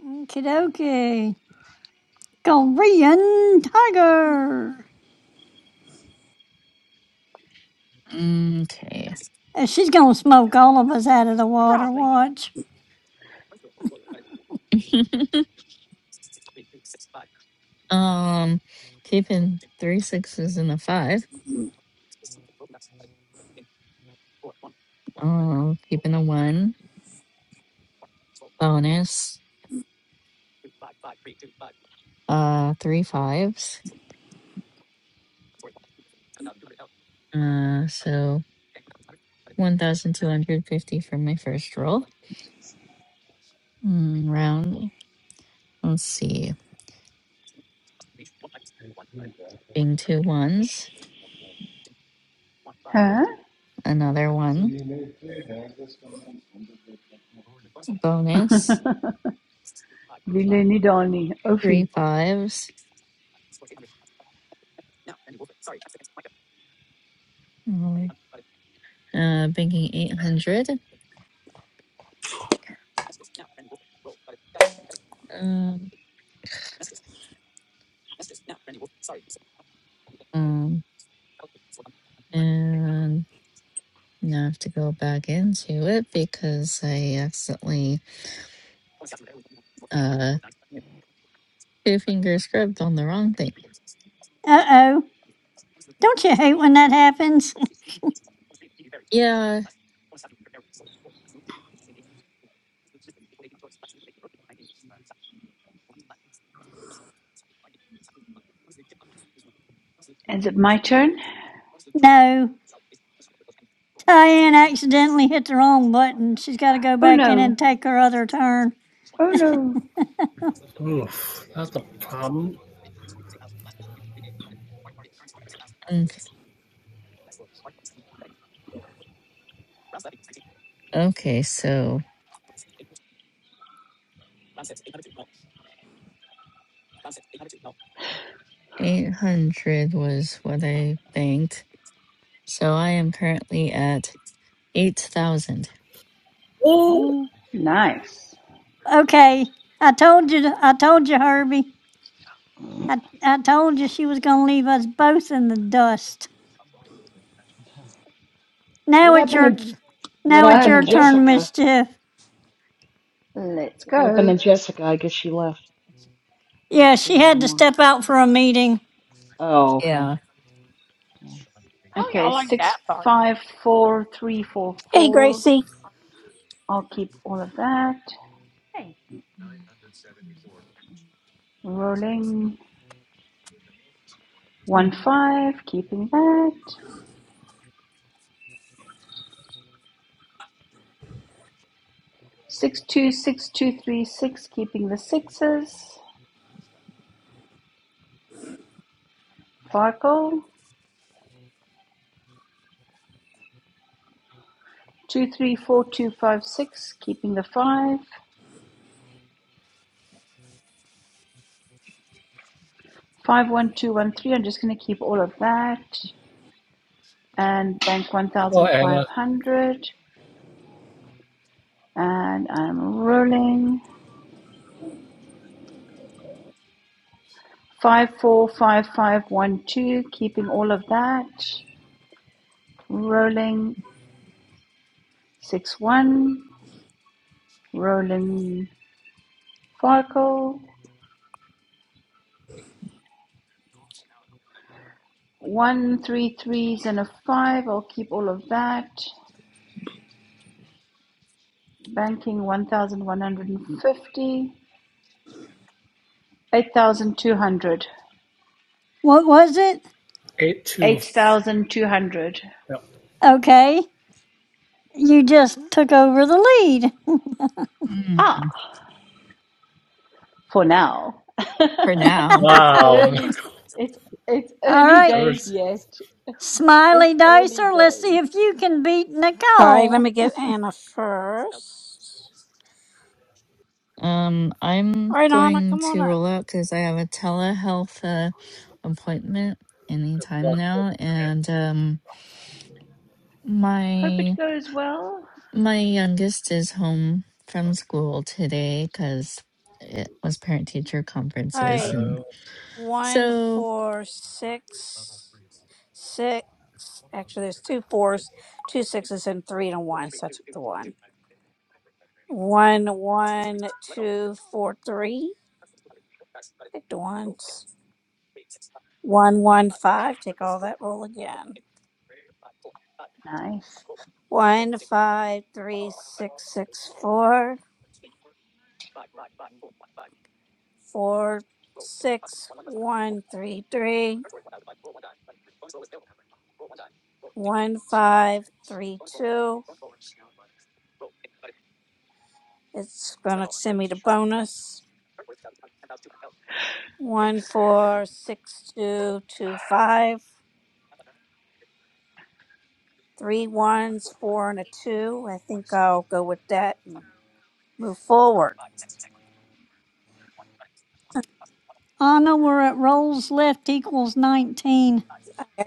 Speaker 3: Okie dokie. Korean Tiger.
Speaker 8: Okay.
Speaker 3: And she's going to smoke all of us out of the water. Watch.
Speaker 8: um, keeping three sixes and a five. Um, keeping a one bonus. Uh, three fives. Uh, so one thousand two hundred fifty for my first roll. Mm, round. Let's see. Being two ones.
Speaker 10: Huh?
Speaker 8: Another one. Bonus.
Speaker 10: Vile Nidani.
Speaker 8: Three
Speaker 10: Ofi.
Speaker 8: fives. Oh, uh, banking 800. Um, um, and now I have to go back into it because I accidentally uh two finger scrubbed on the wrong thing.
Speaker 3: Uh oh. Don't you hate when that happens?
Speaker 8: Yeah.
Speaker 10: Is it my turn?
Speaker 3: no. Diane accidentally hit the wrong button. She's got to go
Speaker 10: Oh
Speaker 3: back in
Speaker 10: no.
Speaker 3: and take her other turn.
Speaker 10: Oh no.
Speaker 4: Oof, that's a problem.
Speaker 8: Okay. Okay. So eight hundred was what I banked. So I am currently at eight thousand.
Speaker 4: Oh,
Speaker 5: Huh.
Speaker 10: Nice.
Speaker 3: Okay. I told you. to- I told you, Herbie. I, I told you she was going to leave us both in the dust. Now
Speaker 5: What
Speaker 3: it's
Speaker 5: happened
Speaker 3: your
Speaker 5: to What
Speaker 3: Now it's
Speaker 5: happened to
Speaker 3: your
Speaker 10: Okay.
Speaker 3: turn, Miss
Speaker 5: Jessica?
Speaker 3: Tiff.
Speaker 10: Let's
Speaker 5: What happened
Speaker 10: go.
Speaker 5: to Jessica? I guess she left. I
Speaker 3: Yeah,
Speaker 5: don't see
Speaker 3: she
Speaker 5: her
Speaker 3: had to
Speaker 5: anymore.
Speaker 3: step out for a meeting.
Speaker 5: Oh, okay.
Speaker 8: Yeah.
Speaker 5: Yeah.
Speaker 10: Okay, six five four three four
Speaker 2: Hey,
Speaker 10: four.
Speaker 2: Gracie.
Speaker 10: I'll keep all of that. Rolling one five, keeping that. Six two six two three six, keeping the sixes. Farkle two three four two five six, keeping the five. Five one two one three. I'm just going to keep all of that and bank one
Speaker 4: oh
Speaker 10: thousand five
Speaker 4: Anna,
Speaker 10: hundred. And I'm rolling five four five five one two, keeping all of that. Rolling six one, rolling Farkle One, three threes and a five. I'll keep all of that. Banking 1,150. 8,200.
Speaker 3: What was it?
Speaker 4: 8 2.
Speaker 10: 8,200.
Speaker 4: Yep.
Speaker 3: Okay, you just took over the lead.
Speaker 10: Ah,
Speaker 8: Mm,
Speaker 10: for now.
Speaker 8: For now.
Speaker 10: it's
Speaker 4: Wow.
Speaker 10: early. It's, it's
Speaker 3: All
Speaker 10: early
Speaker 3: right,
Speaker 10: days
Speaker 3: S-
Speaker 10: yet.
Speaker 3: Smiley
Speaker 10: It's early
Speaker 3: Dicer, let's see
Speaker 10: days.
Speaker 3: if you can beat
Speaker 2: All right, let
Speaker 3: Nicole.
Speaker 2: me get Anna first.
Speaker 8: Um, I'm
Speaker 2: All right, Anna,
Speaker 8: going
Speaker 2: come on
Speaker 8: to
Speaker 2: up.
Speaker 8: roll out because I have a telehealth uh, appointment
Speaker 4: Good
Speaker 8: anytime
Speaker 4: luck.
Speaker 8: now, and um,
Speaker 10: Hope it
Speaker 8: my
Speaker 10: goes well.
Speaker 8: my youngest is home from school today because it was parent teacher
Speaker 2: All right.
Speaker 8: conferences, and
Speaker 4: Oh,
Speaker 2: one
Speaker 8: so
Speaker 2: four six six actually there's two fours two sixes and three and a one so i took the one. One one two four three. take the ones one one five take all that roll again
Speaker 10: Nice.
Speaker 2: one five three six six four four six one three three one five three two it's gonna send me to bonus One, four, six, two, two, five. Three ones, four, and a two. I think I'll go with that and move forward.
Speaker 3: Anna, we're at rolls left equals 19.
Speaker 2: I-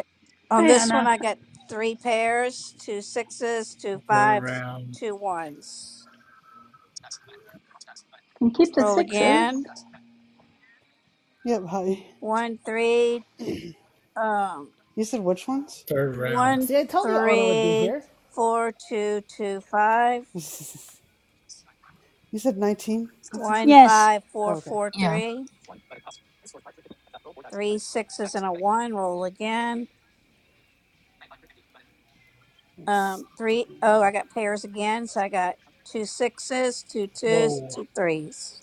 Speaker 2: On
Speaker 10: Hey,
Speaker 2: this one,
Speaker 10: Anna.
Speaker 2: I got three pairs, two sixes, two
Speaker 4: third
Speaker 2: fives,
Speaker 4: round.
Speaker 2: two ones.
Speaker 10: Can keep the
Speaker 2: Roll
Speaker 10: sixes.
Speaker 2: again.
Speaker 11: Yep, hi.
Speaker 2: One, three,
Speaker 11: you
Speaker 2: um,
Speaker 11: said which ones?
Speaker 4: Third round.
Speaker 11: Sorry.
Speaker 2: one,
Speaker 1: See, I told you Anna would be
Speaker 2: three,
Speaker 1: here.
Speaker 2: four, two, two, five.
Speaker 11: you said 19, I think.
Speaker 2: One,
Speaker 3: Yes,
Speaker 2: five,
Speaker 11: Oh,
Speaker 2: four,
Speaker 11: okay.
Speaker 2: four,
Speaker 8: yeah,
Speaker 2: three. Three sixes and a one. Roll again.
Speaker 11: Let's
Speaker 2: Um,
Speaker 11: do...
Speaker 2: three, oh, I got pairs again. So I got two sixes, two twos, and
Speaker 4: Whoa.
Speaker 2: two threes.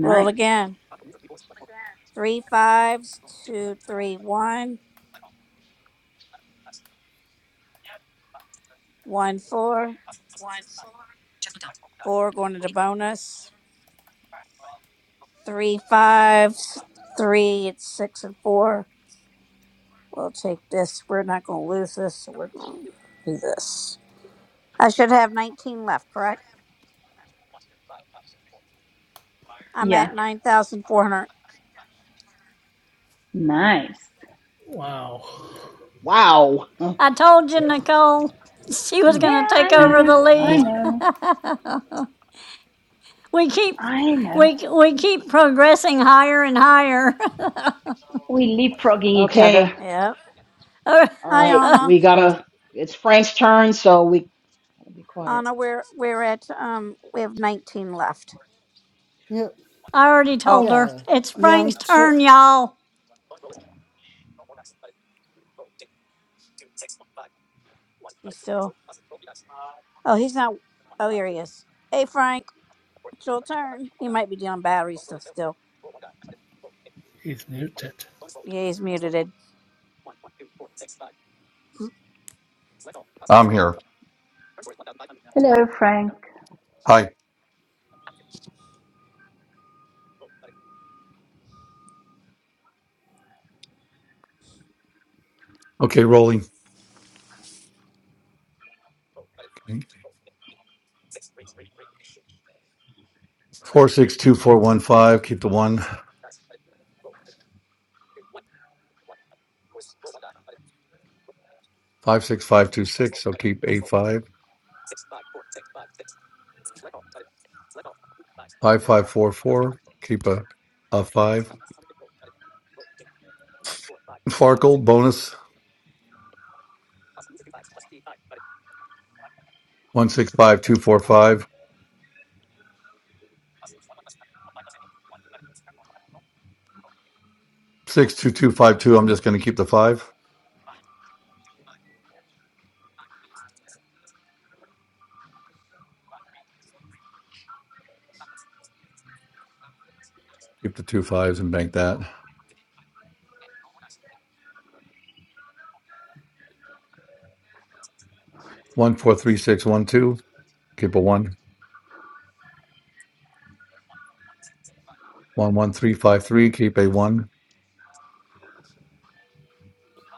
Speaker 2: Roll again. Three fives, two, three, one, one, four, four going to the bonus. Three fives, three, it's six and four. We'll take this. We're not going to lose this. So we're going to do this. I should have 19 left, correct? I'm at
Speaker 10: Yeah.
Speaker 2: 9,400.
Speaker 10: Nice.
Speaker 4: Wow.
Speaker 5: Wow.
Speaker 3: I told you,
Speaker 4: Yes,
Speaker 3: Nicole. She was
Speaker 10: Yeah,
Speaker 3: going to
Speaker 10: I
Speaker 3: take
Speaker 4: one,
Speaker 3: over
Speaker 10: know.
Speaker 3: the
Speaker 4: four,
Speaker 10: I
Speaker 4: five.
Speaker 10: know.
Speaker 3: lead. we keep
Speaker 10: I know.
Speaker 3: we we keep progressing higher and higher.
Speaker 10: We leapfrogging each other.
Speaker 5: Okay.
Speaker 2: Yep.
Speaker 3: All
Speaker 5: All
Speaker 2: Hi,
Speaker 5: right.
Speaker 3: right.
Speaker 2: Anna.
Speaker 5: We gotta. It's Frank's turn, so we gotta be quiet.
Speaker 2: Anna, we're, we're at, um, we have 19 left.
Speaker 11: Yep.
Speaker 3: I already told
Speaker 2: Okay.
Speaker 3: her.
Speaker 1: Yeah.
Speaker 3: It's
Speaker 11: Yeah, I'm
Speaker 3: Frank's
Speaker 11: ch-
Speaker 3: turn, y'all.
Speaker 2: He's still. Oh, he's not. Oh, here he is. Hey, Frank. It's your turn. He might be doing battery stuff still.
Speaker 4: He's muted.
Speaker 2: Yeah, he's muted. it.
Speaker 9: I'm here.
Speaker 10: Hello, Frank.
Speaker 9: Hi. Okay, rolling. Four six two four one five. Keep the one five six five two six. So keep eight five five five four four. Keep a a five. Farkle bonus one six five two four five six two two five two. I'm just going to keep the five. Keep the two fives and bank that one four three six one two. Keep a one one one three five three. Keep a one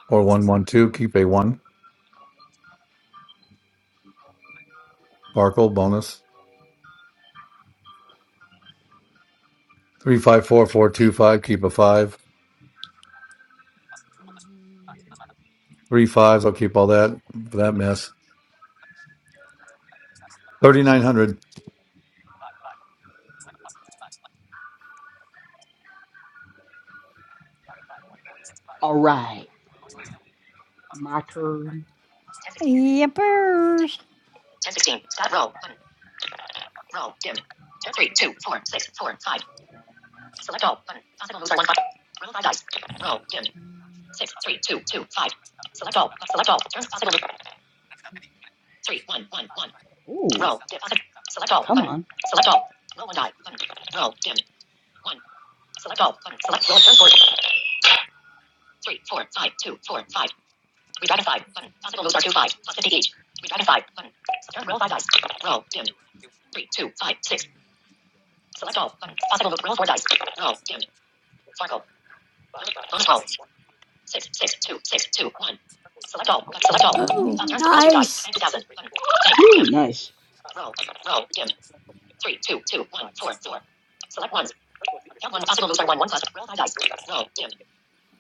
Speaker 9: or one one two. Keep a one. Farkle bonus three five four four two five. Keep a five. Three fives. I'll keep all that for that mess. Thirty nine hundred.
Speaker 5: All right. My turn. Ten, sixteen.
Speaker 3: Yippers.
Speaker 5: Ten, sixteen. Stop roll. Button. Roll. Dimmed. 10 three, two, four, six, four, five. Select all. Button. Possible moves are 1, 5. Roll 5 dice. Roll. Dimmed. 6, three, two, two, five. Select all. Select all. Turns possible move. 3, one, one, one. Ooh. Roll. Dim. Possible. Select all. Come Button. on. Select all. Roll 1 die. Button. Roll. Dimmed. 1. Select all. Button. Select roll. Turn score. 3, four, five, two, four, five. Redragify button. Possible moves are two five plus fifty each. Redragify button. Turn roll five dice. Roll dimmed. Three two five six. Select all button. Possible moves. Roll four dice. Roll dimmed. Farkle. Bonus roll. Six six two six two one. Select all. Button. Select all.
Speaker 3: Oh,
Speaker 5: Uh, turn roll two dice.
Speaker 3: nice.
Speaker 5: Bank two thousand. Button. Ooh, nice. Roll roll dimmed. Three two two one four four. Select ones. Count one. Possible moves are one one plus. Roll five dice. Roll dimmed.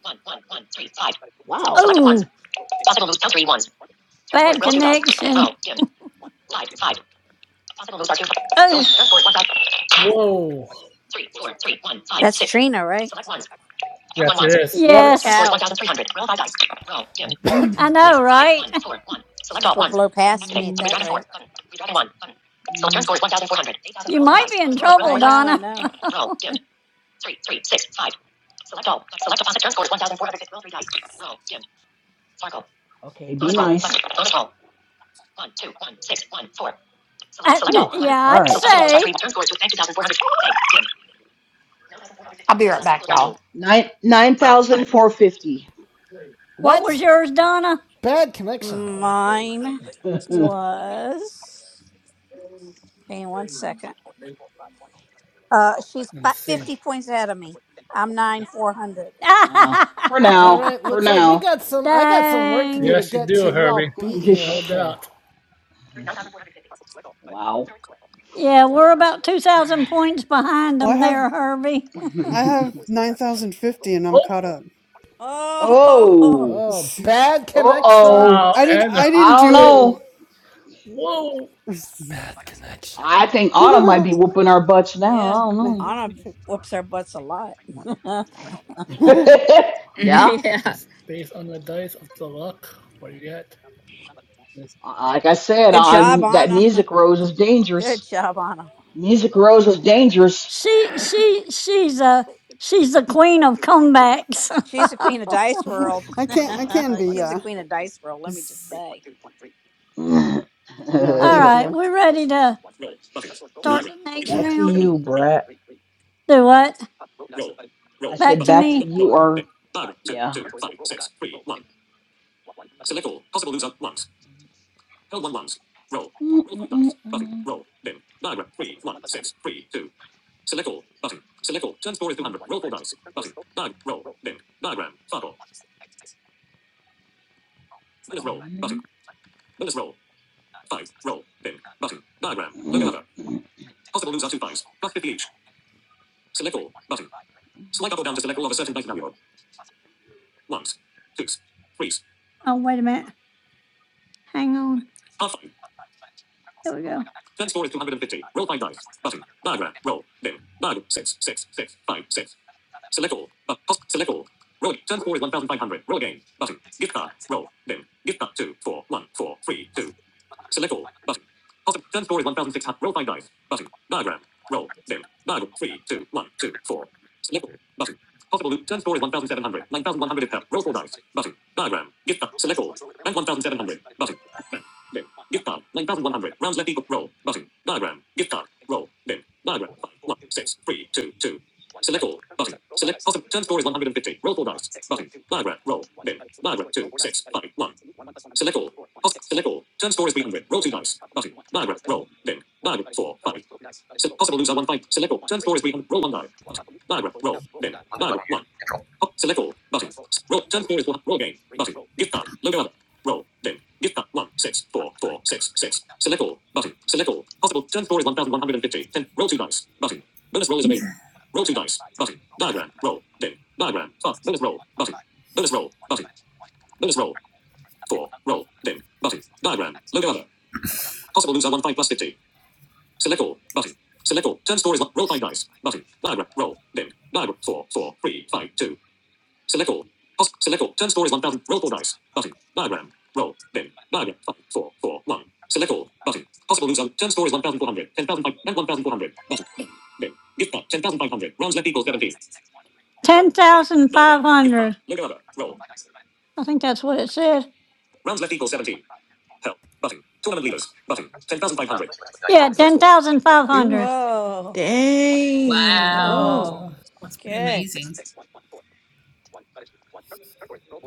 Speaker 5: One one one three five. Wow. Select ones.
Speaker 3: Oh,
Speaker 5: Possible moves. Count three ones. Turn score.
Speaker 3: bad
Speaker 5: Roll two dice. Roll
Speaker 3: connection.
Speaker 5: dimmed. Five five. Possible moves are two. Roll.
Speaker 3: Oh,
Speaker 5: Turn score is 1,000.
Speaker 4: Whoa.
Speaker 5: 3, four, three, one, five,
Speaker 2: That's
Speaker 5: six.
Speaker 2: Trina, right?
Speaker 5: Select ones. Count one
Speaker 4: Yes,
Speaker 5: ones.
Speaker 4: it is.
Speaker 5: Yep.
Speaker 2: Holy
Speaker 5: Turn score
Speaker 3: yes.
Speaker 5: is
Speaker 2: cow.
Speaker 5: 1,300. Roll 5 dice. Roll. Dim. That's me.
Speaker 3: I
Speaker 1: Yep.
Speaker 3: know, right?
Speaker 5: Select
Speaker 2: She's
Speaker 5: all
Speaker 2: going to
Speaker 5: ones.
Speaker 2: blow past
Speaker 5: Activate.
Speaker 2: me at
Speaker 5: Mm.
Speaker 2: that
Speaker 5: Redragon
Speaker 2: rate.
Speaker 5: 4. Button. Redragon 1. Button. Mm. So turn score is 1,400. 8,000.
Speaker 3: You
Speaker 5: Roll 4
Speaker 3: might
Speaker 5: dice.
Speaker 3: be in
Speaker 5: Bonus roll roll
Speaker 3: trouble,
Speaker 5: 4
Speaker 2: I
Speaker 5: dice.
Speaker 2: know, I
Speaker 3: Donna.
Speaker 5: Button.
Speaker 2: know.
Speaker 5: Roll. Dim. 3 3 6 5. Select all. Select opposite. Turn score is 1,450. Roll 3 dice. Roll. Dim. Sparkle. Okay, be Bonus nice. Button. Bonus roll. 1, 2, one, six, one, four. Select,
Speaker 3: Uh,
Speaker 5: select
Speaker 3: th-
Speaker 5: all.
Speaker 3: yeah,
Speaker 5: All
Speaker 3: I'd
Speaker 5: right. So possible moves are
Speaker 3: say.
Speaker 5: three. Turn scores to 9,400. 9,450. Nine- 9,450.
Speaker 3: What was
Speaker 1: What?
Speaker 3: yours, Donna?
Speaker 1: Bad connection.
Speaker 4: Wow.
Speaker 2: Mine was. Hang on one second. Uh, she's fi-
Speaker 4: Insane.
Speaker 2: 50 points ahead of me. I'm
Speaker 4: Yep.
Speaker 2: 9, 400.
Speaker 5: now, for
Speaker 1: All
Speaker 5: now,
Speaker 1: right,
Speaker 5: for
Speaker 1: looks like we
Speaker 5: now.
Speaker 1: got some I got some work to do
Speaker 3: Dang.
Speaker 1: to
Speaker 4: Yes, you
Speaker 1: get to
Speaker 4: do,
Speaker 1: you
Speaker 4: Herbie.
Speaker 1: all beat here.
Speaker 4: No
Speaker 5: 9,450.
Speaker 1: Okay.
Speaker 4: doubt.
Speaker 5: Wow.
Speaker 3: Yeah, we're about 2,000 points behind
Speaker 11: Well, I
Speaker 3: them
Speaker 11: have
Speaker 3: there, Herbie.
Speaker 11: I have 9050 and I'm
Speaker 4: Oh,
Speaker 11: caught up.
Speaker 2: Oh,
Speaker 5: oh.
Speaker 1: Oh, bad
Speaker 5: Uh
Speaker 1: connection.
Speaker 5: oh.
Speaker 4: Wow,
Speaker 11: I didn't
Speaker 4: Anna.
Speaker 11: I
Speaker 5: I
Speaker 11: didn't
Speaker 5: don't
Speaker 11: do
Speaker 4: Whoa,
Speaker 5: know.
Speaker 4: whoa.
Speaker 11: it.
Speaker 1: Bad connection.
Speaker 5: I think Autumn might be whooping our butts now.
Speaker 2: yeah.
Speaker 5: I
Speaker 2: Anna
Speaker 11: 9050.
Speaker 2: whoops our butts a lot.
Speaker 5: don't know. yeah.
Speaker 4: It's
Speaker 8: yeah.
Speaker 4: just based on the dice of the luck. What do you get? This
Speaker 5: Like I said,
Speaker 2: Good job,
Speaker 5: on that
Speaker 2: Anna.
Speaker 5: music rose is
Speaker 2: Good
Speaker 5: dangerous.
Speaker 2: job, Anna.
Speaker 5: Music rose is dangerous.
Speaker 3: She, she, she's a, she's the queen of comebacks.
Speaker 2: She's the queen of dice world.
Speaker 11: I can't I can be,
Speaker 2: She's the
Speaker 11: yeah.
Speaker 2: queen of dice world. Let me just say.
Speaker 5: back
Speaker 11: Yeah,
Speaker 3: All
Speaker 11: thank
Speaker 3: right,
Speaker 11: you.
Speaker 3: we're ready to start the next
Speaker 5: to
Speaker 3: round.
Speaker 5: you,
Speaker 3: Do
Speaker 5: Brett.
Speaker 3: what?
Speaker 5: I
Speaker 3: Back
Speaker 5: said
Speaker 3: to
Speaker 5: back to
Speaker 3: me.
Speaker 5: you, or yeah.
Speaker 3: Oh, wait a minute. Hang on. There we go. 10,500. I think that's what it said. Yeah,
Speaker 6: Ooh.
Speaker 3: 10,500.
Speaker 2: Whoa.
Speaker 6: Dang. Ooh.
Speaker 2: Oh.
Speaker 12: Wow. That's pretty
Speaker 2: Okay.
Speaker 12: amazing.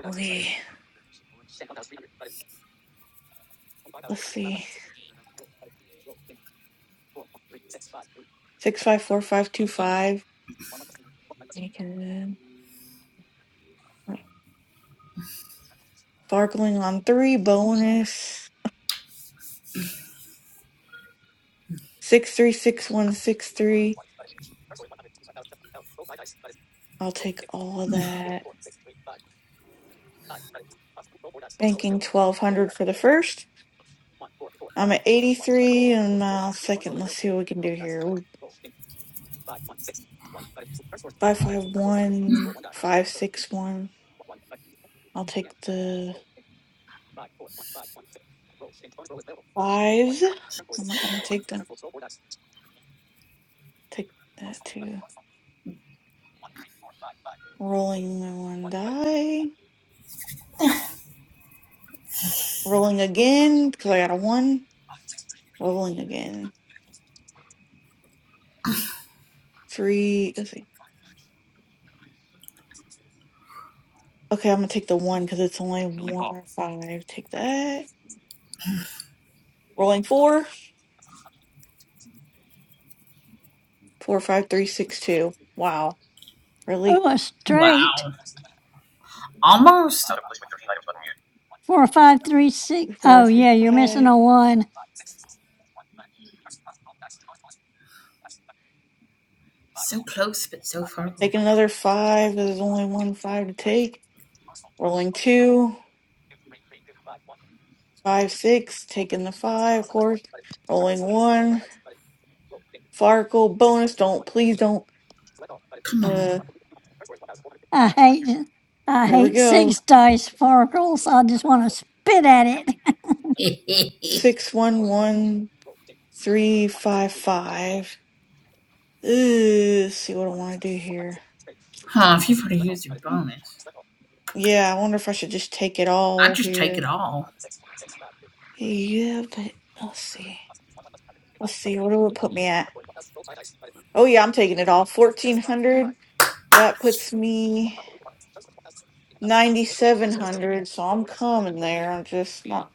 Speaker 6: Okay. Let's see. 654525. Taking it. Farkling on three. Bonus. 636163. I'll take all of that. Banking 1200 for the first. I'm at 83 and my second. Let's see what we can do here. Ooh, 551, I'll take the fives. I'm not going to take them. Take that too. Rolling my one die. Rolling again because I got a one. Rolling again. Three. Let's see. Okay, I'm going to take the one because it's only one or five. Take that. Rolling four. Four, five, three, six, two. Wow. Really?
Speaker 3: Oh, a
Speaker 12: Wow.
Speaker 3: straight.
Speaker 12: Almost.
Speaker 3: Four, five, three, six.
Speaker 6: Two, Four,
Speaker 3: Oh,
Speaker 6: three,
Speaker 3: yeah, you're
Speaker 6: five.
Speaker 3: missing a one.
Speaker 12: So close, but so far
Speaker 6: Take
Speaker 12: away.
Speaker 6: another five. There's only one five to take. Rolling two, five, six. Taking the five, of course. Rolling one. Farkle bonus. Don't please don't.
Speaker 12: Come on.
Speaker 6: Uh,
Speaker 3: I hate it. I
Speaker 6: here we
Speaker 3: hate
Speaker 6: go.
Speaker 3: six dice sparkles. I just want to spit at it.
Speaker 6: Six, one, one, three, five, five. Ooh, let's see what I want to do here.
Speaker 12: huh, if you've already used your bonus,
Speaker 6: Yeah, I wonder if I should just take it
Speaker 12: I'd
Speaker 6: all
Speaker 12: just take it
Speaker 6: here.
Speaker 12: all.
Speaker 6: Yeah, but let's see. Let's see. What do it put me at? Oh yeah, I'm taking it all. Fourteen hundred. That puts me. ninety-seven hundred, so I'm coming there. I'm just not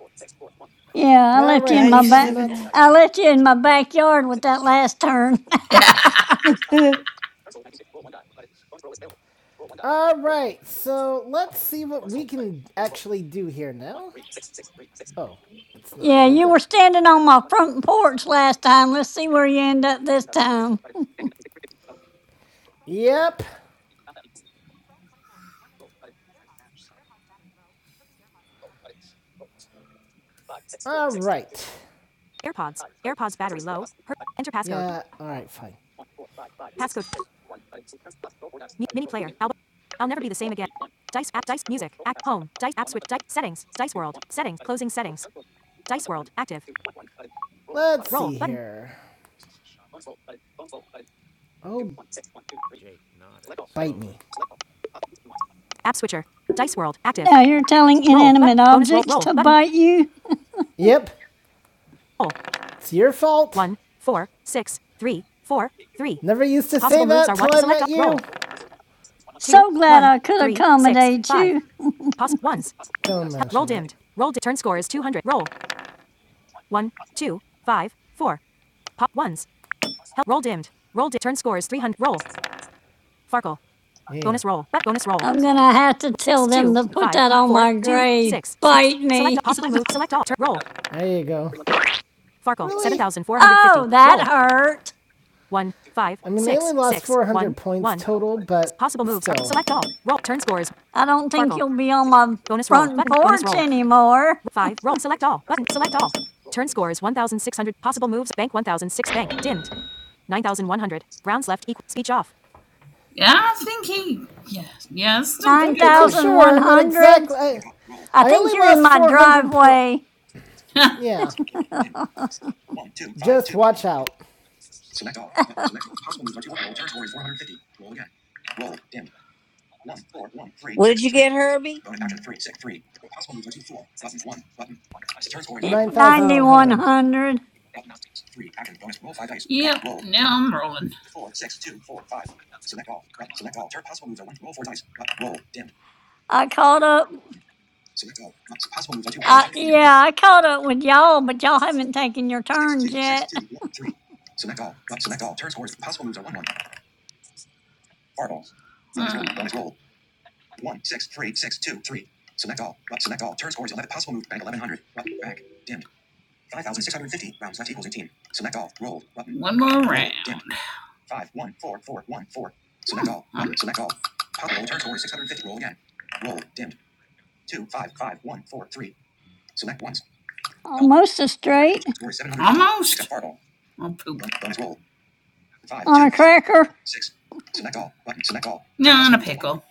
Speaker 3: yeah, I
Speaker 1: All
Speaker 3: left you
Speaker 1: right,
Speaker 3: in my
Speaker 1: this is
Speaker 3: back.
Speaker 1: not
Speaker 6: ninety-seven.
Speaker 3: I left you in my backyard with that last turn.
Speaker 12: Yeah.
Speaker 6: Uh,
Speaker 1: All right. So, let's see what we can actually do here now. Oh, it's not
Speaker 3: Yeah,
Speaker 1: plugged
Speaker 3: you
Speaker 1: in.
Speaker 3: were standing on my front porch last time. Let's see where you end up this time.
Speaker 1: Yep. All right. AirPods. AirPods battery low. Her- Enter passcode. Yeah. All right. Fine. Passcode. Mi- mini player. Al- I'll never be the same again. Dice app. Dice music. Act home. Dice app switch. Dice settings. Dice world. Settings. Closing settings. Dice world active. Let's Roll see button. here. Oh, bite me. App switcher. Dice world active.
Speaker 3: Now you're telling
Speaker 1: Roll
Speaker 3: inanimate
Speaker 1: button. Bonus roll.
Speaker 3: objects
Speaker 1: Roll
Speaker 3: to
Speaker 1: button.
Speaker 3: bite you?
Speaker 1: Yep. Roll. It's your fault. One four six three four three. Never used to say Possible moves that are till one. I Select met you. Roll. two,
Speaker 3: So glad
Speaker 1: one,
Speaker 3: I could
Speaker 1: three, six,
Speaker 3: accommodate
Speaker 1: five.
Speaker 3: you.
Speaker 1: Poss ones. Don't Roll dimmed. Roll di- turn score is 200. Roll. One, two, five, four. Pop ones. Help. Roll dimmed. Roll di- turn score is 300. Roll. Farkle. Yeah. Bonus roll. Back bonus roll.
Speaker 3: I'm gonna have to tell
Speaker 1: Six,
Speaker 3: them
Speaker 1: two,
Speaker 3: to put
Speaker 1: five,
Speaker 3: that on
Speaker 1: four,
Speaker 3: my
Speaker 1: two,
Speaker 3: grave.
Speaker 1: six.
Speaker 3: Bite
Speaker 1: Select a
Speaker 3: me.
Speaker 1: possible move. Select all. Turn. Roll. There you go. Farkle. Really? 7,450.
Speaker 3: Oh, that
Speaker 1: Roll.
Speaker 3: hurt.
Speaker 1: One, five, I mean, six, they only lost six, 400 points one. total, but Possible moves. Still. Select all. Roll. Turn scores.
Speaker 3: I don't think
Speaker 1: Farkle.
Speaker 3: you'll be on my
Speaker 1: Bonus roll.
Speaker 3: front
Speaker 1: Button. Bonus
Speaker 3: porch
Speaker 1: roll.
Speaker 3: anymore.
Speaker 1: Five. Roll. Select all. Button. Select all. Turn score is 1,600. Possible moves. Bank 1,006. Bank. Dimmed. 9,100. Rounds left. Equal. Speech off.
Speaker 12: Yeah, I think he. Yeah. Yeah, it's still a pretty
Speaker 1: Don't be
Speaker 12: good
Speaker 1: too
Speaker 12: roll.
Speaker 1: sure. I'm not
Speaker 3: 9,100?
Speaker 1: exactly. I,
Speaker 3: I
Speaker 1: I
Speaker 3: think
Speaker 1: only
Speaker 3: you're in
Speaker 1: lost
Speaker 3: my
Speaker 1: 400 point.
Speaker 3: driveway.
Speaker 1: Yeah. Just watch out.
Speaker 2: What did you get, Herbie?
Speaker 3: Hit
Speaker 2: Oh, okay.
Speaker 1: 9,100.
Speaker 3: 9,100.
Speaker 12: action Yep. Now I'm rolling.
Speaker 3: I caught up. Uh, yeah, I caught up with y'all, but y'all haven't taken your turns yet.
Speaker 12: Huh. One more round.
Speaker 3: Almost a straight
Speaker 12: Almost. Oh, poop.
Speaker 3: on a cracker.
Speaker 12: No, on a pickle.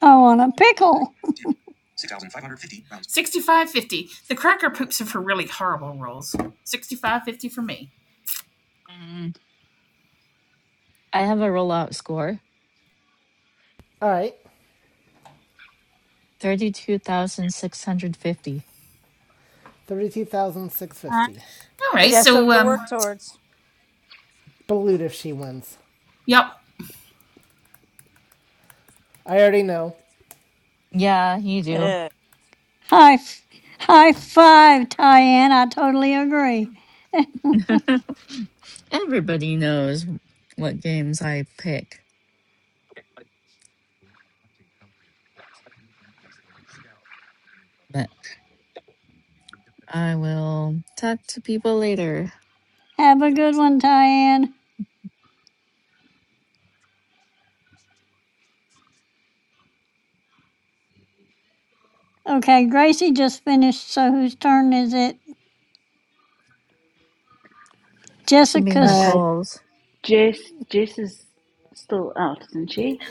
Speaker 3: Oh, on a pickle.
Speaker 12: 65.50. The cracker poops are for really horrible rolls. 65.50 for me.
Speaker 8: Mm, I have a rollout score
Speaker 1: All right.
Speaker 8: thirty two thousand six hundred fifty.
Speaker 2: All right.
Speaker 1: 32,650.
Speaker 12: All
Speaker 2: We
Speaker 12: right,
Speaker 2: got
Speaker 12: so
Speaker 2: something to
Speaker 12: um,
Speaker 2: work towards.
Speaker 1: Balut if she wins.
Speaker 12: yep,
Speaker 1: I already know.
Speaker 8: Yeah, you do.
Speaker 2: Whose
Speaker 3: High, f- high five, Tyann. I totally agree.
Speaker 8: Everybody knows what games I pick, but I will talk to people later.
Speaker 3: Have a good one, Tyann. Okay, Gracie just finished, so whose turn is it?
Speaker 8: Should be
Speaker 3: Jessica's.
Speaker 10: Uh,
Speaker 8: Nicole's.
Speaker 10: Jess, Jess is still out, isn't she?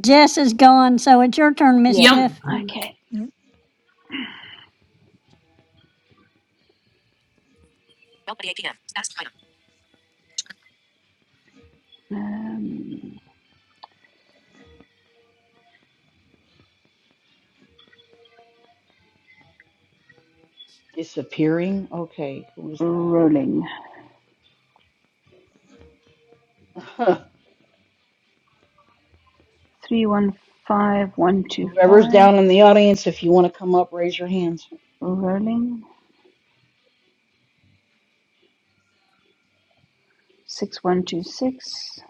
Speaker 3: Jess is gone, so it's your turn, Miss
Speaker 10: Yeah.
Speaker 12: yep.
Speaker 3: Tiff.
Speaker 10: Okay. Um,
Speaker 5: Disappearing? Okay, who is
Speaker 10: rolling.
Speaker 5: that? Whoever's
Speaker 10: 315125.
Speaker 5: down in the audience, if you want to come up, raise your hands.
Speaker 10: Rolling. 6126.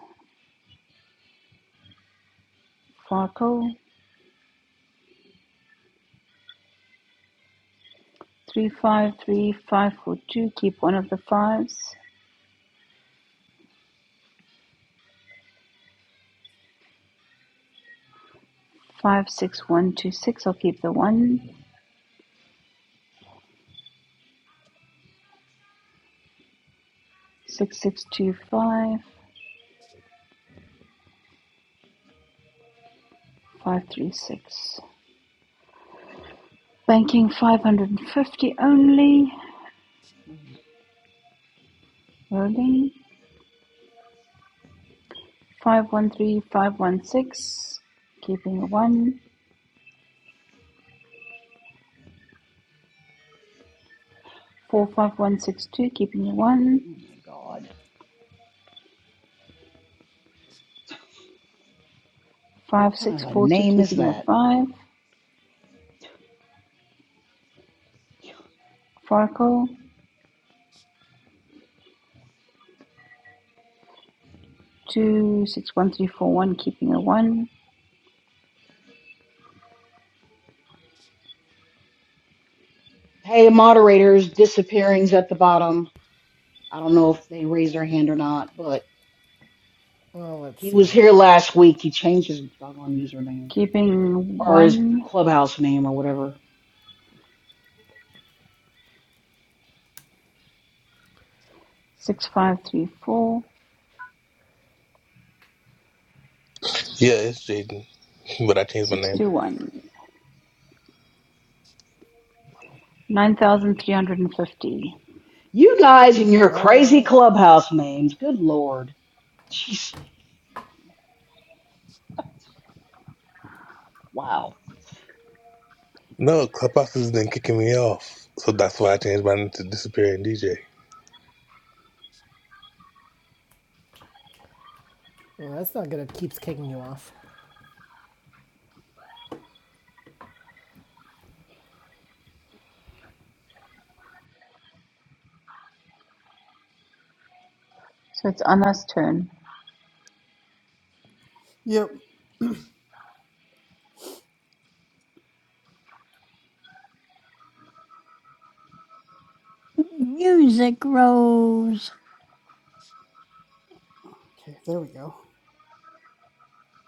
Speaker 10: Farkle. 353542. Keep one of the fives. 56126. I'll keep the one. 6625. 536. Banking five hundred and fifty only.
Speaker 5: Oh
Speaker 10: Rolling. Five one three five one six. Keeping a one. Four five one six two. Keeping a one.
Speaker 5: my god. What
Speaker 10: Five
Speaker 5: kind
Speaker 10: six
Speaker 5: of a
Speaker 10: four two.
Speaker 5: name is
Speaker 10: Keeping a
Speaker 5: that?
Speaker 10: five. Farkle. Two six one three four one. Keeping a one.
Speaker 5: Hey, moderators, disappearing's at the bottom. I don't know if they raised their hand or not, but
Speaker 1: Well, let's
Speaker 5: he
Speaker 1: see
Speaker 5: was
Speaker 1: here.
Speaker 5: here last week. He changed his doggone username.
Speaker 10: Keeping
Speaker 5: or his
Speaker 10: one.
Speaker 5: clubhouse name or whatever.
Speaker 10: six five three four,
Speaker 13: Yeah, it's Jaden, but I changed my
Speaker 10: six
Speaker 13: name.
Speaker 10: two one, nine thousand three hundred and fifty.
Speaker 5: You guys and your
Speaker 1: All
Speaker 5: crazy
Speaker 1: right.
Speaker 5: clubhouse names. Good lord. Jeez. Wow.
Speaker 13: No, Clubhouse has been kicking me off, so that's why I changed my name to Disappearing DJ.
Speaker 1: Well, that's not good. It keeps kicking you off.
Speaker 10: So it's Anna's turn.
Speaker 11: Yep.
Speaker 3: Music rose.
Speaker 11: Okay, there we go.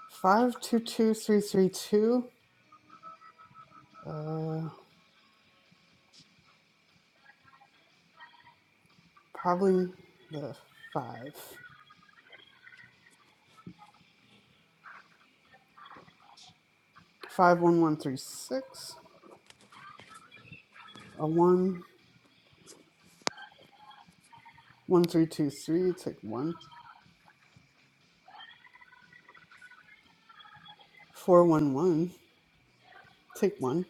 Speaker 11: Five two two three three two. Uh, probably the five. Five one one three six. A one one three two three. Take one. Four one one. Take one.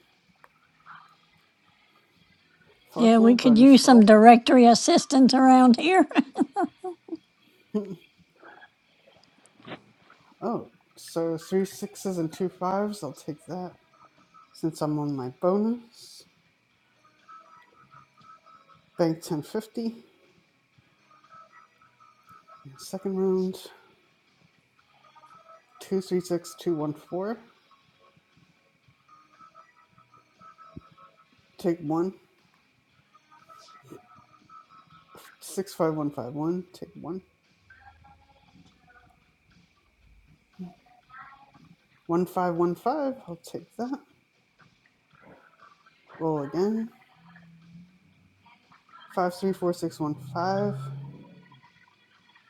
Speaker 3: Yeah, we
Speaker 11: Farkle
Speaker 3: could
Speaker 11: bonus
Speaker 3: use some
Speaker 11: roll.
Speaker 3: directory assistance around here.
Speaker 11: oh, so three sixes and two fives. I'll take that since I'm on my bonus. Bank ten fifty. Second round, two three six two one four. Take one. Six five one five one. Take one. One five one five. I'll take that. Roll again. Five three four six one five.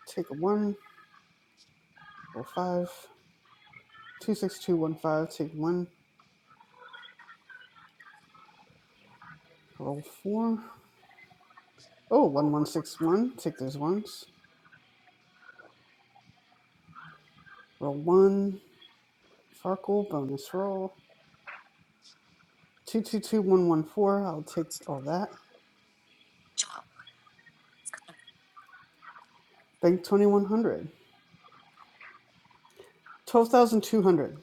Speaker 11: Take a one. Roll five. Two six two one five. Take one. Roll four. Oh, one one six one. Take those ones. Roll one. Farkle bonus roll. Two two two one one four. I'll take all that. Bank twenty one hundred. Twelve thousand two hundred.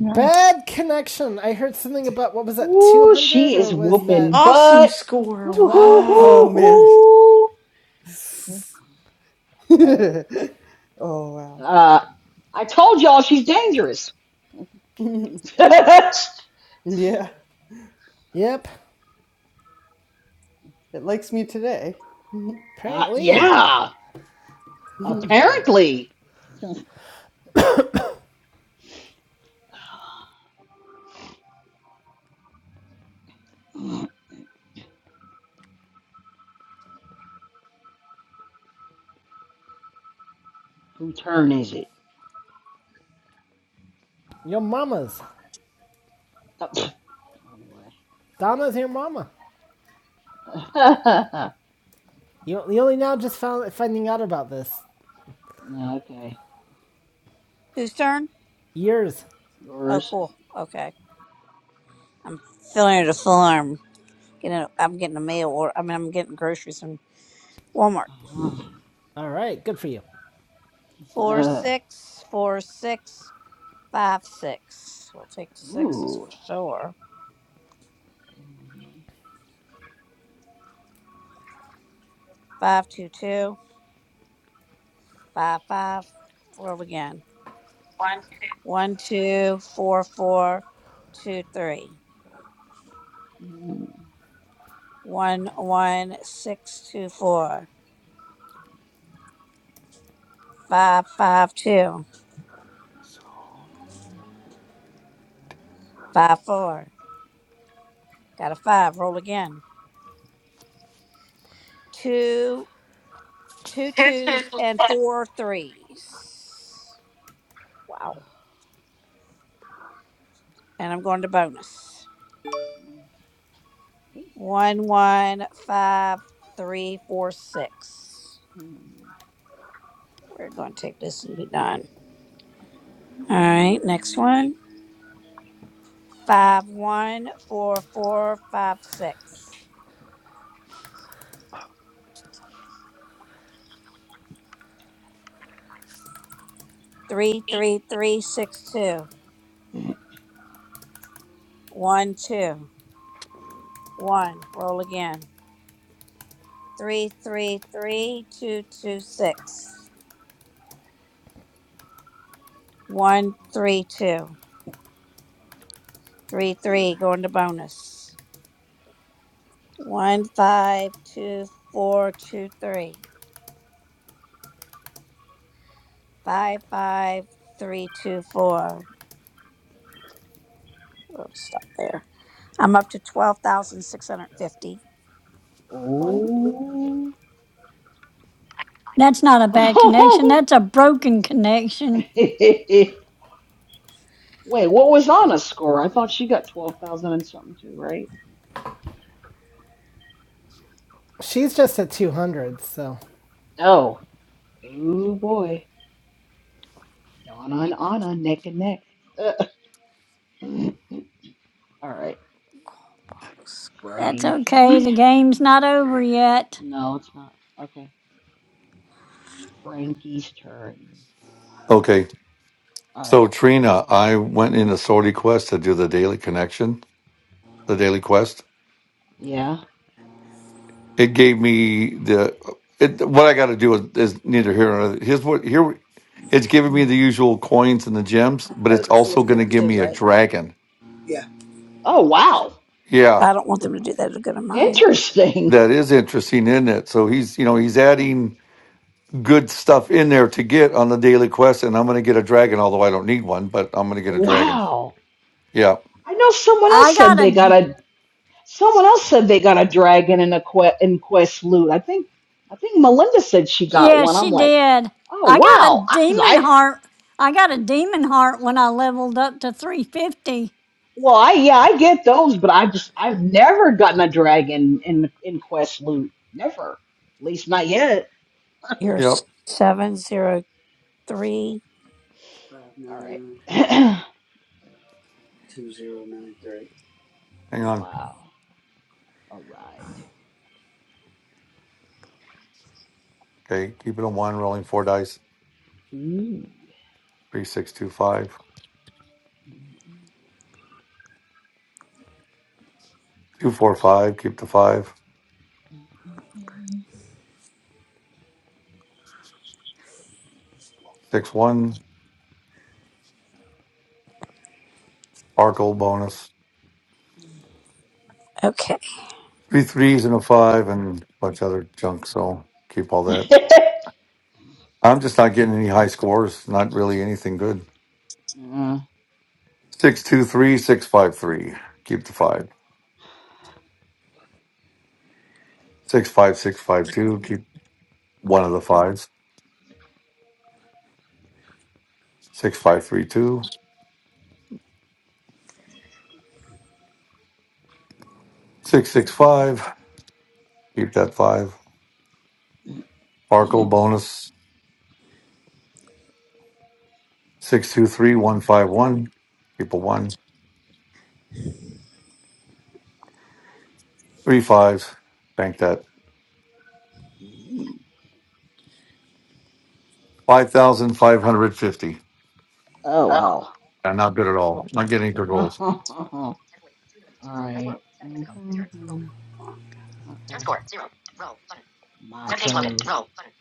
Speaker 10: Nice.
Speaker 1: Bad connection. I heard something about what was that,
Speaker 5: Ooh,
Speaker 1: 200
Speaker 5: she
Speaker 1: or
Speaker 5: is
Speaker 1: was
Speaker 5: whooping
Speaker 1: that
Speaker 6: awesome
Speaker 5: butt.
Speaker 6: score!
Speaker 5: Ooh,
Speaker 1: 12?
Speaker 11: Oh
Speaker 5: ooh,
Speaker 6: Wow.
Speaker 11: man.
Speaker 5: ooh, ooh.
Speaker 11: oh wow.
Speaker 5: Uh, I told y'all she's dangerous. uh,
Speaker 11: yeah,
Speaker 1: Yep,
Speaker 11: it likes me today.
Speaker 1: apparently.
Speaker 5: yeah,
Speaker 11: All
Speaker 5: apparently. Who turn is it?
Speaker 1: Your mama's.
Speaker 5: Uh, pff,
Speaker 1: Donna's your mama.
Speaker 5: anyway.
Speaker 1: You, you only now just found finding out about this.
Speaker 5: no, okay.
Speaker 2: turn?
Speaker 1: Years.
Speaker 2: Oh,
Speaker 5: Yours.
Speaker 2: cool. Okay. I'm filling out a form. Getting. A, I'm getting a mail order. I mean, I'm getting groceries from Walmart.
Speaker 5: Uh-huh.
Speaker 1: All right, good for you.
Speaker 2: Four
Speaker 5: Uh,
Speaker 2: six four six five six. We'll take the sixes
Speaker 5: ooh.
Speaker 2: for sure. Five two two five five. Roll again. One, two, four, four, two, three. One, one, six, two, four. Five, five, two, five, four. Got a five. Roll again. Two, two twos and four threes. Wow. And I'm going to bonus. One, one, five, three, four, six. We're going to take this and be done. All right. Next one. Five, one, four, four, five, six. Three, three, three, six, two. One, two, one. Roll again. Three, three, three, two, two, six. One, three, two. Three, three. Going to bonus. One, five, two, four, two, three. Five, five, three, two, four. We'll stop there. I'm up to twelve thousand six hundred fifty.
Speaker 5: Oh.
Speaker 3: That's not a bad connection. That's a broken connection.
Speaker 5: Wait, what was Anna's score? I thought she got 12,000 and something too, right?
Speaker 1: She's just at 200, so
Speaker 5: Oh. Oh boy. Donna and Anna neck and neck. Uh, All right.
Speaker 3: That's okay. The
Speaker 5: Frankie?
Speaker 3: game's not over yet.
Speaker 5: No, it's not. Okay. It's Frankie's turn.
Speaker 9: Okay.
Speaker 5: All right.
Speaker 9: So Trina, I went into Sorty Quest to do the daily connection, the daily quest.
Speaker 5: Yeah.
Speaker 9: It gave me the it, what I got to do is, is neither here nor there. Here's what here it's giving me the usual coins and the gems, but it's also going to give me a dragon.
Speaker 2: Yeah.
Speaker 5: Oh, wow.
Speaker 9: Yeah,
Speaker 2: I don't want them to do that to good of mine.
Speaker 5: Interesting.
Speaker 9: that is interesting, isn't it? So he's you know he's adding good stuff in there to get on the daily quest, and I'm going to get a dragon. Although I don't need one, but I'm going to get a dragon.
Speaker 5: Wow.
Speaker 9: Yeah,
Speaker 5: I know someone else
Speaker 3: I
Speaker 5: said
Speaker 3: got
Speaker 5: they got
Speaker 3: a
Speaker 5: a Someone else said they got a dragon in a que- in quest loot. I think I think Melinda said she got
Speaker 3: yeah,
Speaker 5: one. I'm
Speaker 3: she
Speaker 5: like,
Speaker 3: did.
Speaker 5: oh
Speaker 3: I got a
Speaker 5: wow, because
Speaker 3: demon
Speaker 5: I, 'cause I-
Speaker 3: heart. I got a demon heart when I leveled up to 350.
Speaker 5: well I yeah I get those, but I just I've never gotten a dragon in in quest loot. Never, at least not yet.
Speaker 2: You're
Speaker 9: yep.
Speaker 2: seven zero three. Five,
Speaker 5: All
Speaker 2: nine,
Speaker 5: right.
Speaker 2: nine. two zero nine three.
Speaker 9: Hang on.
Speaker 5: wow. All right.
Speaker 9: Okay, keep it on one, rolling four dice.
Speaker 5: Ooh.
Speaker 9: Three, six, two, five. Two, four, five. Keep the five. Six, one. Sparkle bonus.
Speaker 2: Okay.
Speaker 9: Three threes and a five, and a bunch of other junk. So keep all that. I'm just not getting any high scores. Not really anything good.
Speaker 5: Mm.
Speaker 9: Six, two, three, six, five, three. Keep the five. Six, five, six, five, two. Keep one of the fives. Six, five, three, two. Six, six, five. Keep that five. Sparkle bonus. Six, two, three, one, five, one. Keep a one. Three fives. Bank that. Five thousand five hundred fifty.
Speaker 5: Oh wow.
Speaker 9: Yeah, not good at all. Not getting good rolls.
Speaker 5: All right. Mm-hmm. Okay. Turn score zero. Roll button. My Turn page loaded. Roll button.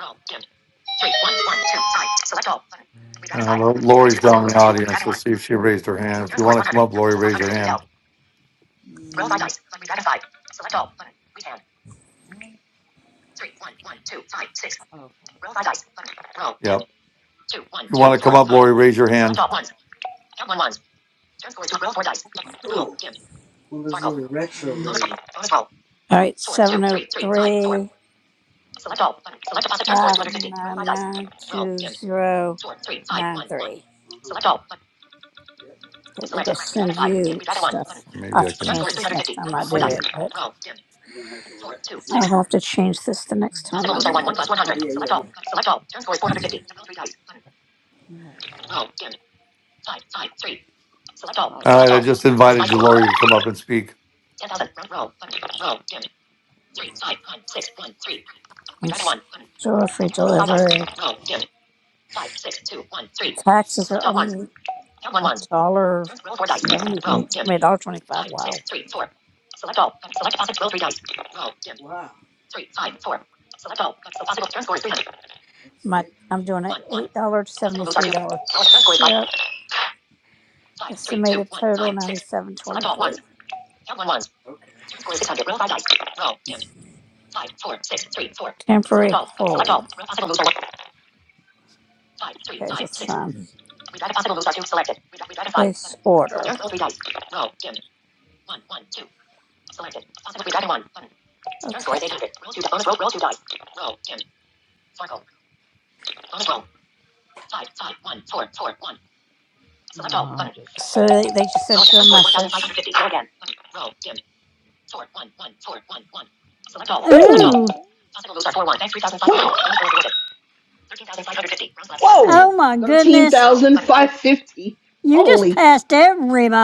Speaker 5: Roll dimmed. Three one one two five. Select all button.
Speaker 9: And
Speaker 5: Redragon
Speaker 9: I don't
Speaker 5: five.
Speaker 9: know.
Speaker 5: Button. Redragon
Speaker 9: Lori's
Speaker 5: two. Possible
Speaker 9: down in
Speaker 5: moves
Speaker 9: the
Speaker 5: are two.
Speaker 9: audience.
Speaker 5: Redragon
Speaker 9: Let's
Speaker 5: one.
Speaker 9: see if
Speaker 5: Button.
Speaker 9: she raised her
Speaker 5: So
Speaker 9: hand. If
Speaker 5: turn
Speaker 9: you
Speaker 5: score is
Speaker 9: want to come
Speaker 5: 100.
Speaker 9: up, Lori, raise your
Speaker 5: 9,550 L.
Speaker 9: hand.
Speaker 5: Mm. Roll five dice. Button. Redragon five. Select all button. Redragon. Three one one two five six. Okay. Roll five dice. Button. Roll dimmed.
Speaker 9: Yep.
Speaker 5: Two one
Speaker 9: If you
Speaker 5: two
Speaker 9: want to come
Speaker 5: four
Speaker 9: up,
Speaker 5: five.
Speaker 9: Lori, raise your
Speaker 5: Select
Speaker 9: hand.
Speaker 5: all ones. Count one ones. Turn score is two. Roll four dice. Roll
Speaker 2: Cool.
Speaker 5: dimmed.
Speaker 2: One of those
Speaker 5: Sparkle.
Speaker 2: little retro
Speaker 5: Bonus,
Speaker 2: radios.
Speaker 5: bonus roll.
Speaker 2: All right.
Speaker 5: Four
Speaker 2: seven
Speaker 5: two
Speaker 2: zero
Speaker 5: three three five four. Select all. Button. Select deposit. Turn score is 250. Roll 5 dice. Roll. Dim. 4, 3, five, one, one.
Speaker 2: Uh-huh.
Speaker 5: Select all. Button.
Speaker 2: Yep. They're going to
Speaker 5: Selected. We got a
Speaker 2: send
Speaker 5: 5. Dim.
Speaker 2: you
Speaker 5: We got a 1.
Speaker 2: stuff.
Speaker 5: Button.
Speaker 2: I'll
Speaker 9: Maybe
Speaker 2: have
Speaker 9: I
Speaker 2: to
Speaker 5: So turn
Speaker 9: can.
Speaker 2: change
Speaker 5: score is
Speaker 2: this next
Speaker 5: 350.
Speaker 2: time I
Speaker 5: roll
Speaker 9: Let's
Speaker 5: 4
Speaker 2: do
Speaker 5: dice.
Speaker 9: see.
Speaker 2: it, but
Speaker 5: Roll. Dim.
Speaker 2: You're gonna have to
Speaker 5: 4,
Speaker 2: what?
Speaker 5: 2, 6.
Speaker 2: I'll have to change this the next time
Speaker 5: Possible
Speaker 2: I
Speaker 5: moves are
Speaker 2: do
Speaker 5: 1, 1
Speaker 2: it.
Speaker 5: plus
Speaker 2: Oh
Speaker 5: 100.
Speaker 2: yeah, yeah,
Speaker 5: Select
Speaker 2: yeah.
Speaker 5: all. Select all. Turn score is 450. roll 3 dice. Button. No. Roll. Dim. 5, 5, 3. Select all. Okay.
Speaker 9: All right.
Speaker 5: Select
Speaker 9: I
Speaker 5: all.
Speaker 9: just
Speaker 5: Turn score is 5.
Speaker 9: invited you, Lori, to come up and speak.
Speaker 5: 10,000. Roll. Roll. Button. Roll. Dim. 3, 5, 1, six, one, three. We
Speaker 2: I'm
Speaker 5: got a 1. Button.
Speaker 2: store free
Speaker 5: Roll 5 dice.
Speaker 2: delivery.
Speaker 5: Roll. Dim. Five, six, two, one, three.
Speaker 2: Taxes are
Speaker 5: Select all ones.
Speaker 2: only
Speaker 5: Count one
Speaker 2: a
Speaker 5: ones.
Speaker 2: dollar
Speaker 5: Turn roll four dice.
Speaker 2: seventy,
Speaker 5: Roll
Speaker 2: I
Speaker 5: dim.
Speaker 2: mean, a dollar twenty-five.
Speaker 5: Five, six,
Speaker 2: Wow.
Speaker 5: three, four. Select all. Select possible. Roll three dice. Roll dim.
Speaker 2: Wow.
Speaker 5: Three, five, four. Select all. So possible. Turn score is 300.
Speaker 2: My I'm doing an
Speaker 5: One, one.
Speaker 2: eight dollar to seventy
Speaker 5: Possible moves are
Speaker 2: three
Speaker 5: two.
Speaker 2: dollar
Speaker 5: Roll turn score is five.
Speaker 2: ship.
Speaker 5: Five, three, two,
Speaker 2: Estimated
Speaker 5: one,
Speaker 2: total
Speaker 5: five,
Speaker 2: ninety
Speaker 5: six.
Speaker 2: seven
Speaker 5: Select
Speaker 2: twenty
Speaker 5: all
Speaker 2: three.
Speaker 5: ones. Count one ones.
Speaker 2: Okay.
Speaker 5: Turn score is 600. Roll five dice. Roll dim. Five, four, six, three, four. Select
Speaker 2: Temporary
Speaker 5: all. Select
Speaker 2: hold.
Speaker 5: all. Roll possible moves are one. Five, three,
Speaker 2: Okay,
Speaker 5: five,
Speaker 2: that's
Speaker 5: six.
Speaker 2: fine.
Speaker 5: Redraft if possible moves are two selected. Redraft redraft five
Speaker 2: Place
Speaker 5: button.
Speaker 2: order.
Speaker 5: Select turn roll three dice. Roll dimmed. One one two. Selected. Possible redraft one button. Turn score
Speaker 2: Okay.
Speaker 5: is 800. Roll two dice. bonus roll roll two dice. Roll dimmed. Circle. Bonus roll. Five five one four four one. Select all button.
Speaker 2: So they, they just
Speaker 5: Roll
Speaker 2: sent
Speaker 5: to
Speaker 2: you a
Speaker 5: turn score
Speaker 2: message.
Speaker 5: 1550. Roll again. Button. Roll dimmed. Four one one four one one. Select all. Select all.
Speaker 3: Ooh.
Speaker 5: Possible moves are four one. Thanks three thousand five hundred. Thirteen thousand five hundred fifty. Round Whoa.
Speaker 3: Oh my
Speaker 5: Thirteen
Speaker 3: goodness.
Speaker 5: thousand five fifty.
Speaker 3: You just
Speaker 5: Holy.
Speaker 3: passed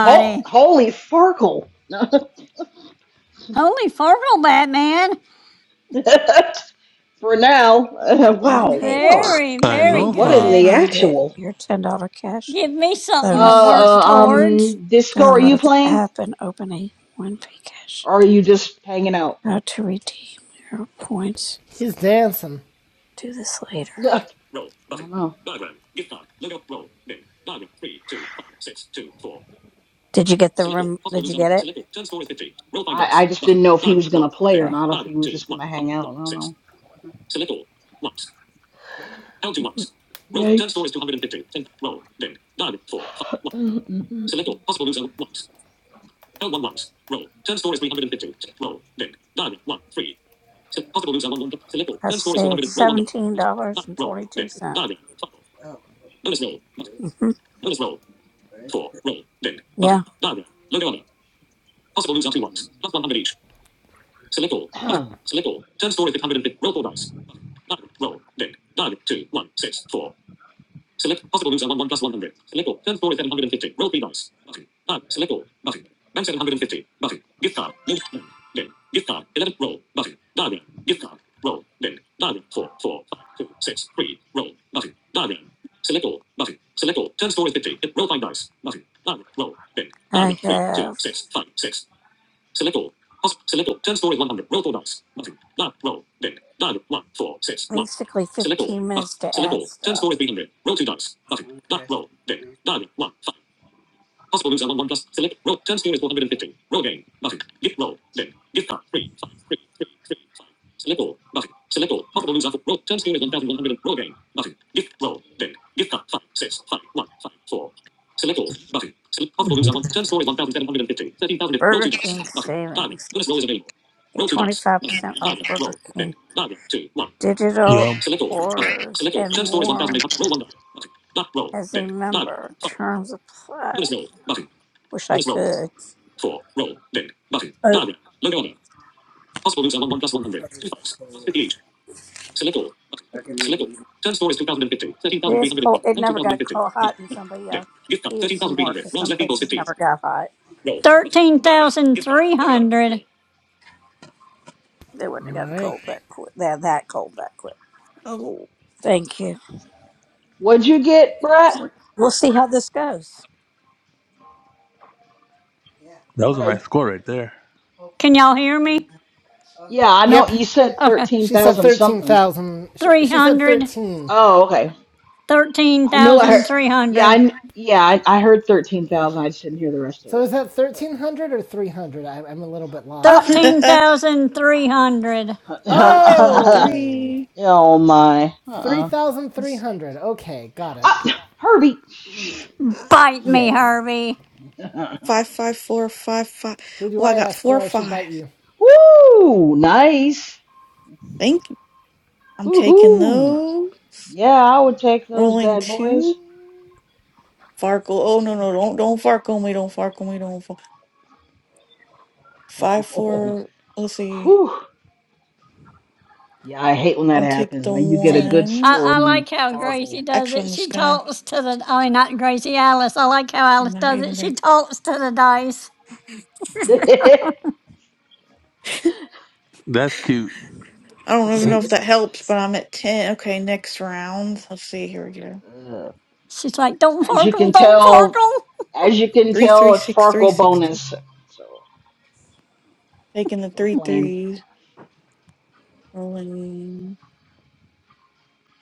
Speaker 5: Ho- holy farkle.
Speaker 3: Holy fartle, Batman.
Speaker 5: for now. Uh,
Speaker 2: One
Speaker 5: wow.
Speaker 2: paywall.
Speaker 5: Whoa.
Speaker 3: Very,
Speaker 13: I
Speaker 3: very
Speaker 2: You
Speaker 13: know,
Speaker 5: What in
Speaker 13: huh?
Speaker 5: the
Speaker 3: good.
Speaker 2: earned it.
Speaker 5: actual?
Speaker 2: Your ten dollar cash
Speaker 3: Give me
Speaker 5: Uh,
Speaker 3: something to
Speaker 2: bonus
Speaker 3: work
Speaker 2: is
Speaker 5: uh,
Speaker 2: ready.
Speaker 3: towards.
Speaker 5: um, Disco, are you
Speaker 2: Download the
Speaker 5: playing?
Speaker 2: app and open a one pay cash.
Speaker 5: Or are you just hanging out?
Speaker 2: How to redeem your points.
Speaker 1: he's dancing.
Speaker 2: Do this
Speaker 5: Ugh,
Speaker 2: later.
Speaker 5: I don't know.
Speaker 2: Did you get the room? Did you get it?
Speaker 5: I, I just didn't know if he was gonna play or
Speaker 2: Okay.
Speaker 5: not, if he was just gonna hang out. I don't know. Yikes. Mm,
Speaker 2: I say it's seventeen dollars and twenty two cents. Oh, okay. Good. hmm Right. Yeah,
Speaker 5: mm, mm.
Speaker 2: I have basically fifteen minutes to add stuff. Okay. Mm. Burger King savings. Get 25% off Burger King. Digital
Speaker 13: Yup,
Speaker 2: orders and more as a member. Terms apply. Wish I could. Oh, Probably got cold. I can reheat. It is cold. It never got cold hot, and somebody uh, heat it some more because some places never got hot.
Speaker 3: 13,300.
Speaker 2: They
Speaker 1: All
Speaker 2: wouldn't have gotten
Speaker 1: right.
Speaker 2: cold that quick. That that cold that quick.
Speaker 6: Oh,
Speaker 2: Thank you.
Speaker 5: What'd you get, Brett?
Speaker 2: So we'll see how this goes.
Speaker 13: that was a nice
Speaker 5: Brett.
Speaker 13: score right there.
Speaker 3: Can y'all hear me?
Speaker 5: Yeah, I know
Speaker 1: Yep.
Speaker 5: you said
Speaker 3: Okay.
Speaker 1: She said
Speaker 5: 13,000 something.
Speaker 1: 13,000. She, she said
Speaker 3: 300,
Speaker 1: 13.
Speaker 5: Oh, okay. I knew I heard.
Speaker 6: this
Speaker 5: Yeah, I,
Speaker 3: 13,300,
Speaker 5: kn- yeah, I, I heard 13,000. I just didn't hear the rest of
Speaker 1: So
Speaker 5: it.
Speaker 1: is that
Speaker 5: But
Speaker 1: 1300 or 300? I, I'm a little bit
Speaker 5: uh,
Speaker 1: lost here.
Speaker 3: 13,300.
Speaker 6: thirteen
Speaker 5: oh
Speaker 1: Oh!
Speaker 6: three.
Speaker 5: my. Uh-uh.
Speaker 6: Let's see.
Speaker 1: 3,300. Okay, got it.
Speaker 5: Ah, Herbie.
Speaker 3: Bite me,
Speaker 1: Yes.
Speaker 3: Harvey.
Speaker 6: Five five four five five.
Speaker 1: Who do
Speaker 6: Well, I
Speaker 1: I
Speaker 6: got
Speaker 1: ask where
Speaker 6: four
Speaker 1: I should bite
Speaker 6: five.
Speaker 1: you?
Speaker 5: Woo! Nice.
Speaker 6: Thank you. I'm taking
Speaker 5: Woohoo!
Speaker 6: those.
Speaker 5: Yeah, I would take those
Speaker 6: Rolling
Speaker 5: bad
Speaker 6: two.
Speaker 5: boys.
Speaker 6: Farkle. Oh no no! Don't don't farkle me! Don't farkle me! Don't farkle. Five
Speaker 5: Oh,
Speaker 6: four. Let's see.
Speaker 5: Whew. Yeah, I hate when that
Speaker 6: I'll take
Speaker 5: happens,
Speaker 6: the
Speaker 5: man. You get a
Speaker 3: See,
Speaker 5: good
Speaker 6: one.
Speaker 3: I,
Speaker 5: score
Speaker 3: I
Speaker 5: and then you
Speaker 3: like how Gracie
Speaker 5: farkle.
Speaker 3: does
Speaker 6: Actually,
Speaker 3: it.
Speaker 6: I'm just
Speaker 3: She
Speaker 6: gonna.
Speaker 3: talks to the, I mean, not Gracie, Alice. I like how
Speaker 6: I'm
Speaker 3: Alice
Speaker 6: not
Speaker 3: does
Speaker 6: even
Speaker 3: it.
Speaker 6: gonna.
Speaker 3: She talks to the dice.
Speaker 13: That's cute.
Speaker 6: I don't even know
Speaker 3: She,
Speaker 6: if that helps, but I'm at 10. Okay, next round. Let's see. Here we go.
Speaker 5: Ugh.
Speaker 3: she's like, don't
Speaker 5: as you
Speaker 3: farkle,
Speaker 5: can
Speaker 3: don't
Speaker 5: tell,
Speaker 3: farkle.
Speaker 5: as you can
Speaker 6: Three, three,
Speaker 5: tell, it's
Speaker 6: six, three,
Speaker 5: Farkle
Speaker 6: six, two.
Speaker 5: bonus. So
Speaker 6: Taking the
Speaker 5: we're
Speaker 6: three
Speaker 5: playing.
Speaker 6: threes. Rolling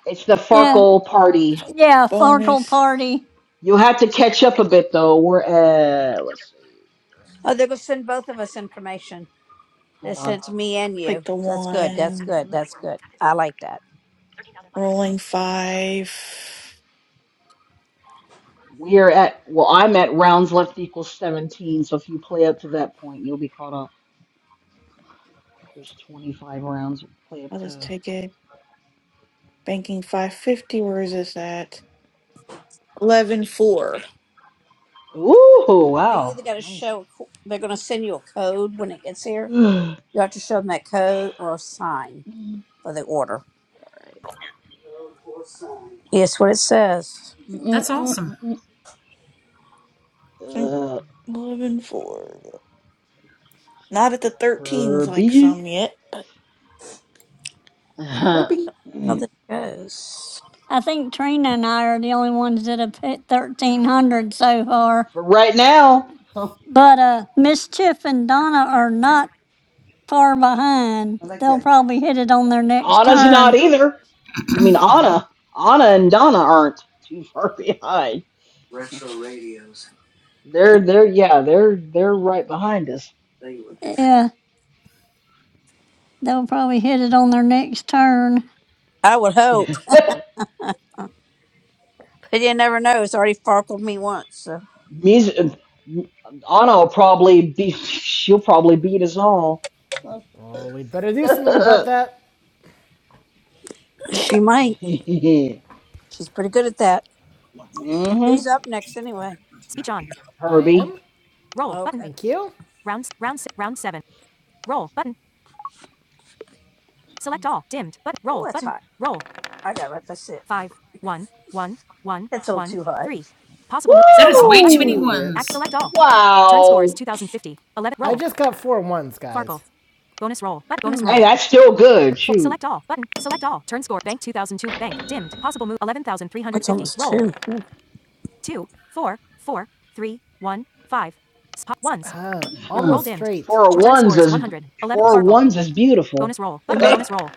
Speaker 5: It's the
Speaker 3: Yeah, f-
Speaker 5: Farkle party.
Speaker 3: yeah, farkle
Speaker 6: bonus.
Speaker 3: party.
Speaker 5: you had to catch up a bit though. We're at let's see.
Speaker 2: Oh, they're gonna send both of us information. They
Speaker 5: Hold on.
Speaker 2: sent me and you.
Speaker 6: Take the
Speaker 2: That's good. That's
Speaker 6: one.
Speaker 2: good.
Speaker 5: Damn it.
Speaker 2: That's good. I like that.
Speaker 6: Rolling five.
Speaker 5: We are at well, I'm at rounds left equals seventeen, so if you play up to that point, you'll be caught up. There's twenty five rounds. Play up
Speaker 6: I'll just
Speaker 5: to
Speaker 6: take it. Banking 550. Where is this at? Eleven four.
Speaker 5: Ooh,
Speaker 2: So you
Speaker 5: wow.
Speaker 2: either got to
Speaker 5: Nice.
Speaker 2: show. a co- They're gonna send you a code when it gets here.
Speaker 5: Alright.
Speaker 2: You have to show them that code or sign for the order. Yes, what it says.
Speaker 5: Mm, mm,
Speaker 12: That's
Speaker 5: mm,
Speaker 12: awesome.
Speaker 5: mm,
Speaker 6: 4.
Speaker 5: mm. Uh,
Speaker 6: 11 four. Not at the 13s like
Speaker 5: Herbie.
Speaker 6: some yet, but Herbie,
Speaker 2: how this goes.
Speaker 3: I think Trina and I are the only ones that have hit 1,300 so far.
Speaker 5: For right now,
Speaker 3: But uh, Mischief and Donna are not far behind.
Speaker 2: I like
Speaker 3: They'll
Speaker 2: that
Speaker 3: probably hit it on their next
Speaker 5: Anna's
Speaker 3: turn.
Speaker 5: not either. You mean
Speaker 12: nope.
Speaker 5: Anna? Anna and Donna aren't too far behind.
Speaker 2: retro radios.
Speaker 5: They're they're yeah they're they're right behind us.
Speaker 2: They were different.
Speaker 3: Yeah, they'll probably hit it on their next turn.
Speaker 2: I would hope. But you never know. It's already farkled me once, so
Speaker 5: Music, Anna will probably be she'll probably beat us all.
Speaker 1: Oh, we'd better do something about that.
Speaker 2: she might.
Speaker 5: hmm
Speaker 2: She's pretty good at that. Who's up next anyway?
Speaker 1: Speech on. I
Speaker 5: Herbie.
Speaker 1: am. Roll button.
Speaker 2: Okay.
Speaker 1: Thank you. Rounds. Round. Round seven. Roll button. Select all. Dimmed. But
Speaker 2: Oh,
Speaker 1: roll
Speaker 2: that's
Speaker 1: button.
Speaker 2: hot.
Speaker 1: Roll.
Speaker 2: I got it. That's it.
Speaker 1: Five. One. One. One.
Speaker 2: That's a little
Speaker 1: One.
Speaker 2: too hot.
Speaker 1: Three. Possible move.
Speaker 12: That
Speaker 1: Select
Speaker 12: is
Speaker 1: all.
Speaker 12: way too
Speaker 1: Button.
Speaker 2: A
Speaker 12: many
Speaker 2: little
Speaker 5: Woo!
Speaker 2: bit.
Speaker 1: Act.
Speaker 12: ones.
Speaker 1: Select all. Turn score is
Speaker 5: Wow.
Speaker 1: 2050. 11. Roll. I just got four ones, guys. Farkle. Bonus roll. But bonus
Speaker 2: Mm,
Speaker 1: roll.
Speaker 5: Hey, that's still good. Shoot.
Speaker 1: select all button. Select all. Turn score. Bank 2002. Bank dimmed. Possible move
Speaker 2: it's
Speaker 1: 11,350.
Speaker 2: almost
Speaker 1: Roll.
Speaker 2: two. Mm.
Speaker 1: Two, four, four, three, one, five. Spot ones. Ah, Roll
Speaker 5: Hmm.
Speaker 1: almost dimmed. straight.
Speaker 5: Four of
Speaker 1: score
Speaker 5: ones
Speaker 1: is
Speaker 5: is
Speaker 1: 100. 11.
Speaker 5: four of
Speaker 1: Farkle.
Speaker 5: ones is beautiful.
Speaker 1: Bonus roll.
Speaker 2: Too
Speaker 1: Button.
Speaker 2: bad your
Speaker 1: Bonus roll.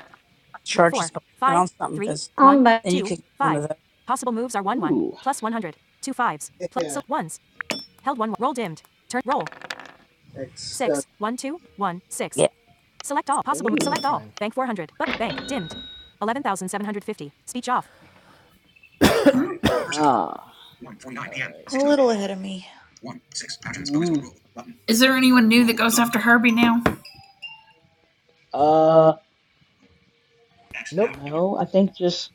Speaker 2: charge is
Speaker 1: Four,
Speaker 2: and
Speaker 1: five,
Speaker 2: on something
Speaker 1: three,
Speaker 2: because
Speaker 1: one,
Speaker 2: then you
Speaker 1: two,
Speaker 2: could get one of
Speaker 1: five.
Speaker 2: those.
Speaker 1: Possible moves are 1 1.
Speaker 5: Ooh.
Speaker 1: Plus 100. Two fives. Plus so
Speaker 2: Yeah,
Speaker 1: ones. Held 1. Roll dimmed. Turn. Roll.
Speaker 2: that's stuff.
Speaker 1: six one two one six.
Speaker 2: Yeah.
Speaker 1: Select all possible. mo-
Speaker 5: Ooh.
Speaker 1: Select fine. all. Bank 400. But bank dimmed. 11,750. Speech off.
Speaker 5: Ah. All right.
Speaker 6: a little ahead of me.
Speaker 5: Mm.
Speaker 12: Is there anyone new that goes after Herbie now?
Speaker 5: Uh.
Speaker 1: Nope.
Speaker 5: No, I think just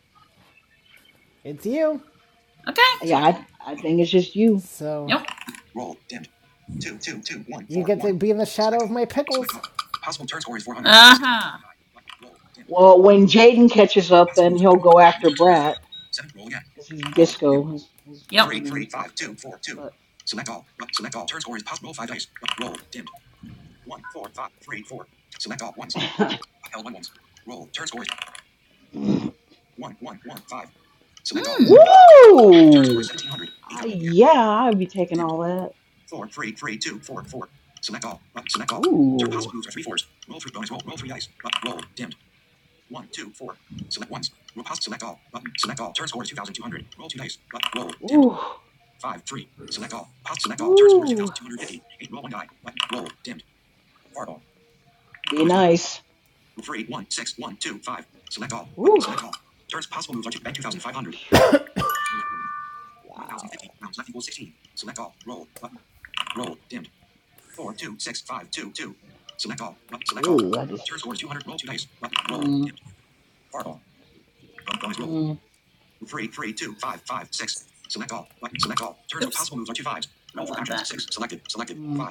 Speaker 1: It's you.
Speaker 12: Okay.
Speaker 5: yeah. I I think it's just you.
Speaker 1: So
Speaker 12: Yep.
Speaker 1: you get to be in the shadow of my pickles.
Speaker 12: Uh huh.
Speaker 5: Well, when Jaden catches up, then he'll go after Brat because he's Disco. His his
Speaker 12: Yep.
Speaker 5: username is Disco. But
Speaker 12: Hmm.
Speaker 5: woo! Uh, yeah, I'd be taking all that. Ooh. Ooh. Ooh. Be nice. Ooh. Wow. Ooh, I just. Mm, mm,
Speaker 12: Oops. I want
Speaker 5: mm,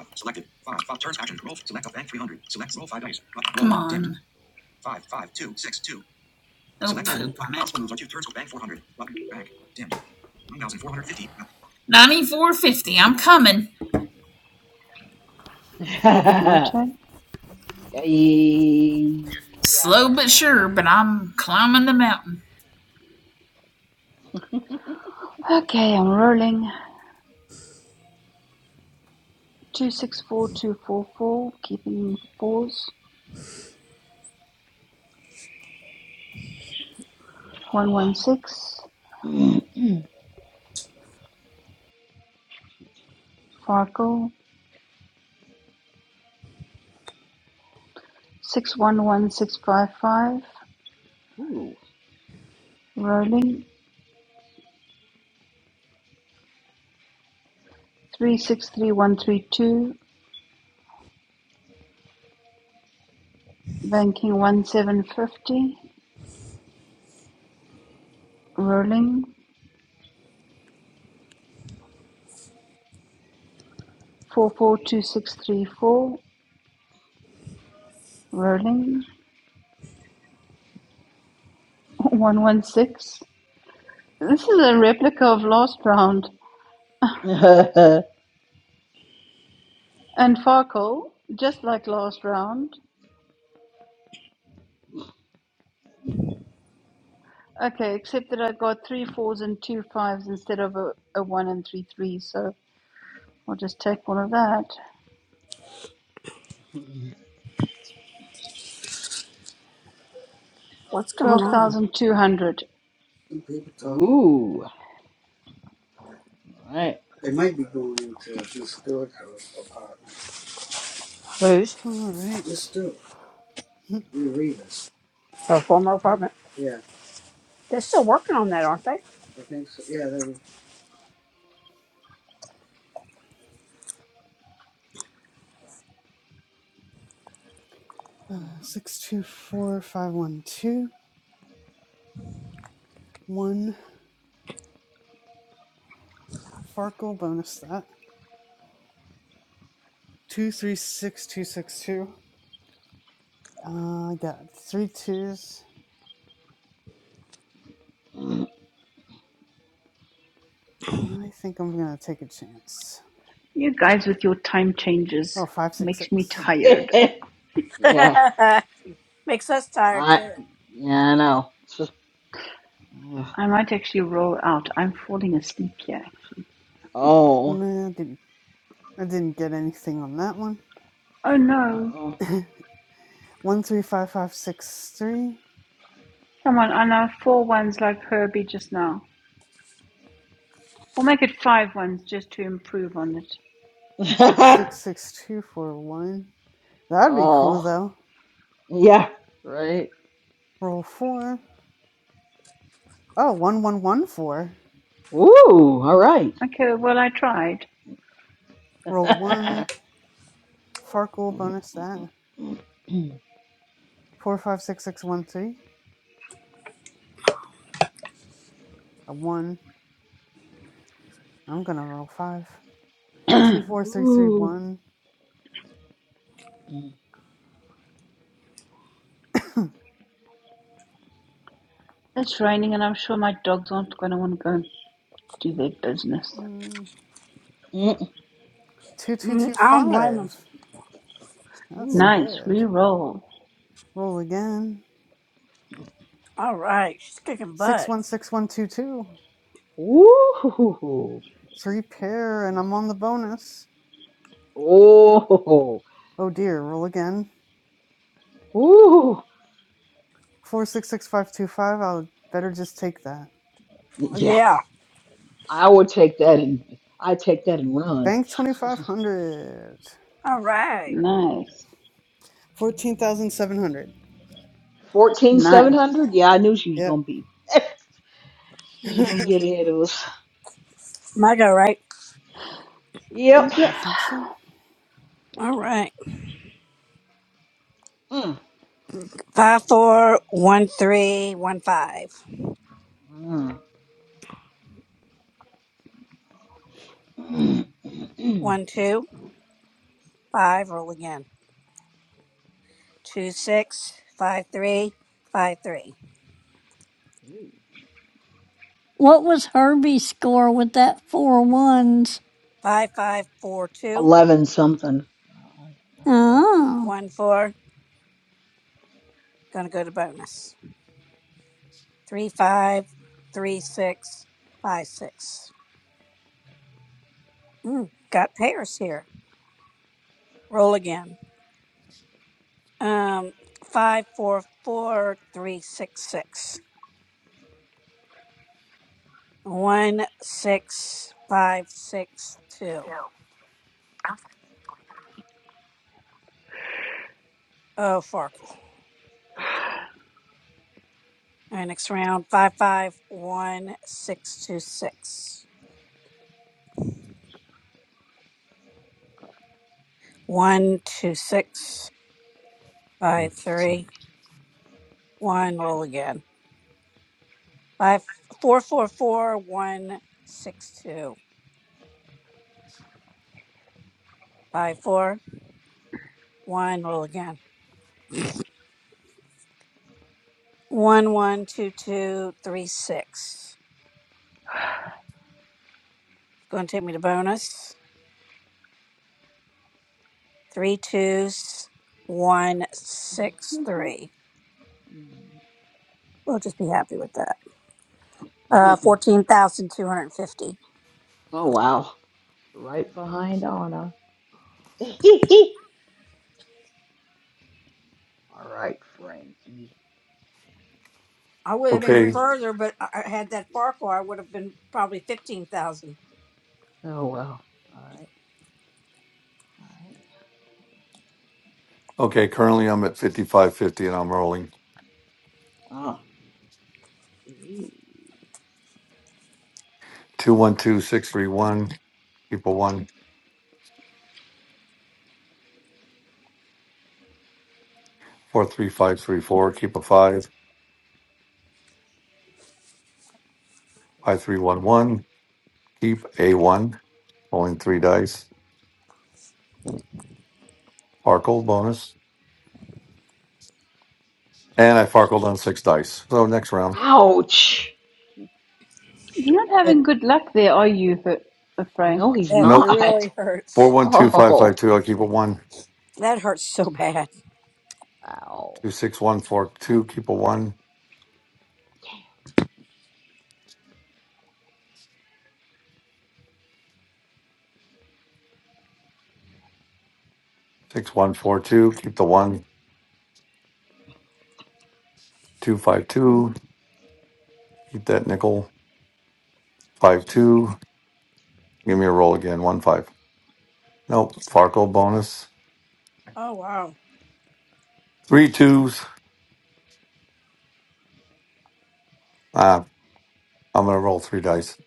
Speaker 12: Come on. Dimmed. Don't
Speaker 5: ooh.
Speaker 12: poop on it. of 9450. I'm coming.
Speaker 10: Okay, is it my turn?
Speaker 5: Eh, yeah, I
Speaker 12: Slow
Speaker 5: think
Speaker 12: but
Speaker 5: so. Yeah.
Speaker 12: sure, but I'm climbing the mountain.
Speaker 10: Okay, I'm rolling. two six four two four four, keeping fours, one
Speaker 5: Oh.
Speaker 10: one six,
Speaker 5: ooh.
Speaker 10: Farkle, six one one six five five, rolling, three six three one three two, banking one seven fifty, rolling, four four two six three four, rolling, one one six. This is a replica of last round, and Farkle, just like last round, Okay, except that I got three fours and two fives instead of a, a one and three threes, so I'll just take all of that.
Speaker 2: What's going on?
Speaker 10: 12,200.
Speaker 2: Some people talking.
Speaker 5: ooh. All right.
Speaker 2: They might be going into a historical apartment. Who's? Let's
Speaker 11: right.
Speaker 2: do it. We read this. Her former apartment. Yeah, They're still working on that, aren't they? I think so. Yeah, they
Speaker 11: Uh, six two four five one two one Farkle bonus that two three six two six two. Uh, I got three twos. Uh, I think I'm gonna take a chance.
Speaker 10: You guys with your time changes
Speaker 11: Oh, five six
Speaker 10: makes me
Speaker 11: six.
Speaker 10: tired.
Speaker 5: yeah.
Speaker 2: were. Makes us tired
Speaker 5: I.
Speaker 2: too.
Speaker 5: Yeah, I know. It's just- Ugh.
Speaker 10: I might actually roll out. I'm falling asleep here, actually.
Speaker 5: oh.
Speaker 11: Nah, didn't I didn't get anything on that one.
Speaker 10: Oh
Speaker 5: Uh
Speaker 10: no.
Speaker 11: one three five five six three
Speaker 10: Come on, I know four ones like Herbie just now. We'll make it five ones just to improve on it.
Speaker 11: six
Speaker 5: oh.
Speaker 11: six two four one. That'd be cool
Speaker 5: oh.
Speaker 11: though.
Speaker 5: Yeah. Right.
Speaker 11: Roll four. Oh, one one one four.
Speaker 5: Ooh. All right.
Speaker 10: Okay, well, I tried.
Speaker 11: Roll one. Farkle
Speaker 5: Ooh.
Speaker 11: bonus that.
Speaker 5: Ooh.
Speaker 11: Four five six six one three. A one. I'm gonna roll five. Two four three three one.
Speaker 10: It's raining, and I'm sure my dogs aren't going to want to go and do their business.
Speaker 11: Mm,
Speaker 5: Ooh.
Speaker 11: two two
Speaker 2: Mm,
Speaker 11: two
Speaker 2: I don't blame
Speaker 11: five.
Speaker 2: them.
Speaker 11: That's
Speaker 10: Nice,
Speaker 11: good.
Speaker 10: re roll.
Speaker 11: Roll again.
Speaker 2: All right, she's kicking
Speaker 11: Six
Speaker 2: butt.
Speaker 11: one six one two two. Three pair, and I'm on the bonus.
Speaker 5: oh,
Speaker 11: Oh dear. Roll again.
Speaker 5: Ooh.
Speaker 11: Four six six five two five. I'll better just take that.
Speaker 5: Yeah,
Speaker 2: Yeah.
Speaker 5: I would take that and I take that and run.
Speaker 11: Bank twenty five hundred.
Speaker 2: All right,
Speaker 10: Nice.
Speaker 11: Fourteen thousand seven hundred.
Speaker 5: Fourteen seven
Speaker 10: Nice.
Speaker 5: hundred. Yeah, I knew she was gonna
Speaker 11: Yep.
Speaker 5: be. she was gonna get
Speaker 11: I
Speaker 5: ahead of us.
Speaker 2: my go right.
Speaker 5: Yep.
Speaker 10: Yep.
Speaker 11: think so.
Speaker 2: All right,
Speaker 5: Mm.
Speaker 2: five four one three one five
Speaker 5: Mm. Mm. Mm. Mm.
Speaker 2: one two five. Roll again. Two six five three five three
Speaker 3: What was Herbie's score with that four ones?
Speaker 2: five five four two
Speaker 5: Eleven something. I I forget.
Speaker 3: Oh,
Speaker 2: one four. Gonna go to bonus. Three five three six five six. Mm, got pairs here. Roll again. Um, five four four three six six. One six five six two. Oh, Farkle. All right, next round. Five five one six two six. One two six five three one. Roll again. Five four four four one six two. Five four one. Roll again. One one two two three six. It's going to take me to bonus. Three twos, one six three.
Speaker 5: Mm.
Speaker 2: We'll just be happy with that. Uh,
Speaker 5: Mm.
Speaker 2: fourteen thousand two hundred fifty.
Speaker 5: Oh wow! Right behind Anna. All right, Frankie.
Speaker 2: I would have been
Speaker 9: Okay.
Speaker 2: further, but I I had that Farquhar. I would have been probably fifteen thousand.
Speaker 5: Oh well. All right.
Speaker 9: Okay. Currently, I'm at 5550 and I'm rolling
Speaker 5: All right. Oh.
Speaker 9: 212 631. Keep a one 43534. Keep a 5. 5311. Keep a 1. Rolling three dice. Sparkle bonus. And I farkled on six dice. So next round.
Speaker 5: Ouch.
Speaker 10: You're not having good luck there, are you, uh,
Speaker 5: No,
Speaker 10: Frank?
Speaker 5: he's
Speaker 2: That
Speaker 9: Nope.
Speaker 5: not.
Speaker 2: really
Speaker 9: Four
Speaker 2: hurts.
Speaker 9: one two five five
Speaker 5: Oh.
Speaker 9: two. I'll keep a one.
Speaker 2: That hurts so bad.
Speaker 5: Ow.
Speaker 9: Two six one four two. Keep a one. Six one four two. Keep the one. Two five two. Keep that nickel. Five two. Give me a roll again. One five. Nope. Farkle bonus.
Speaker 2: Oh wow,
Speaker 9: Three twos. Ah, I'm gonna roll three dice.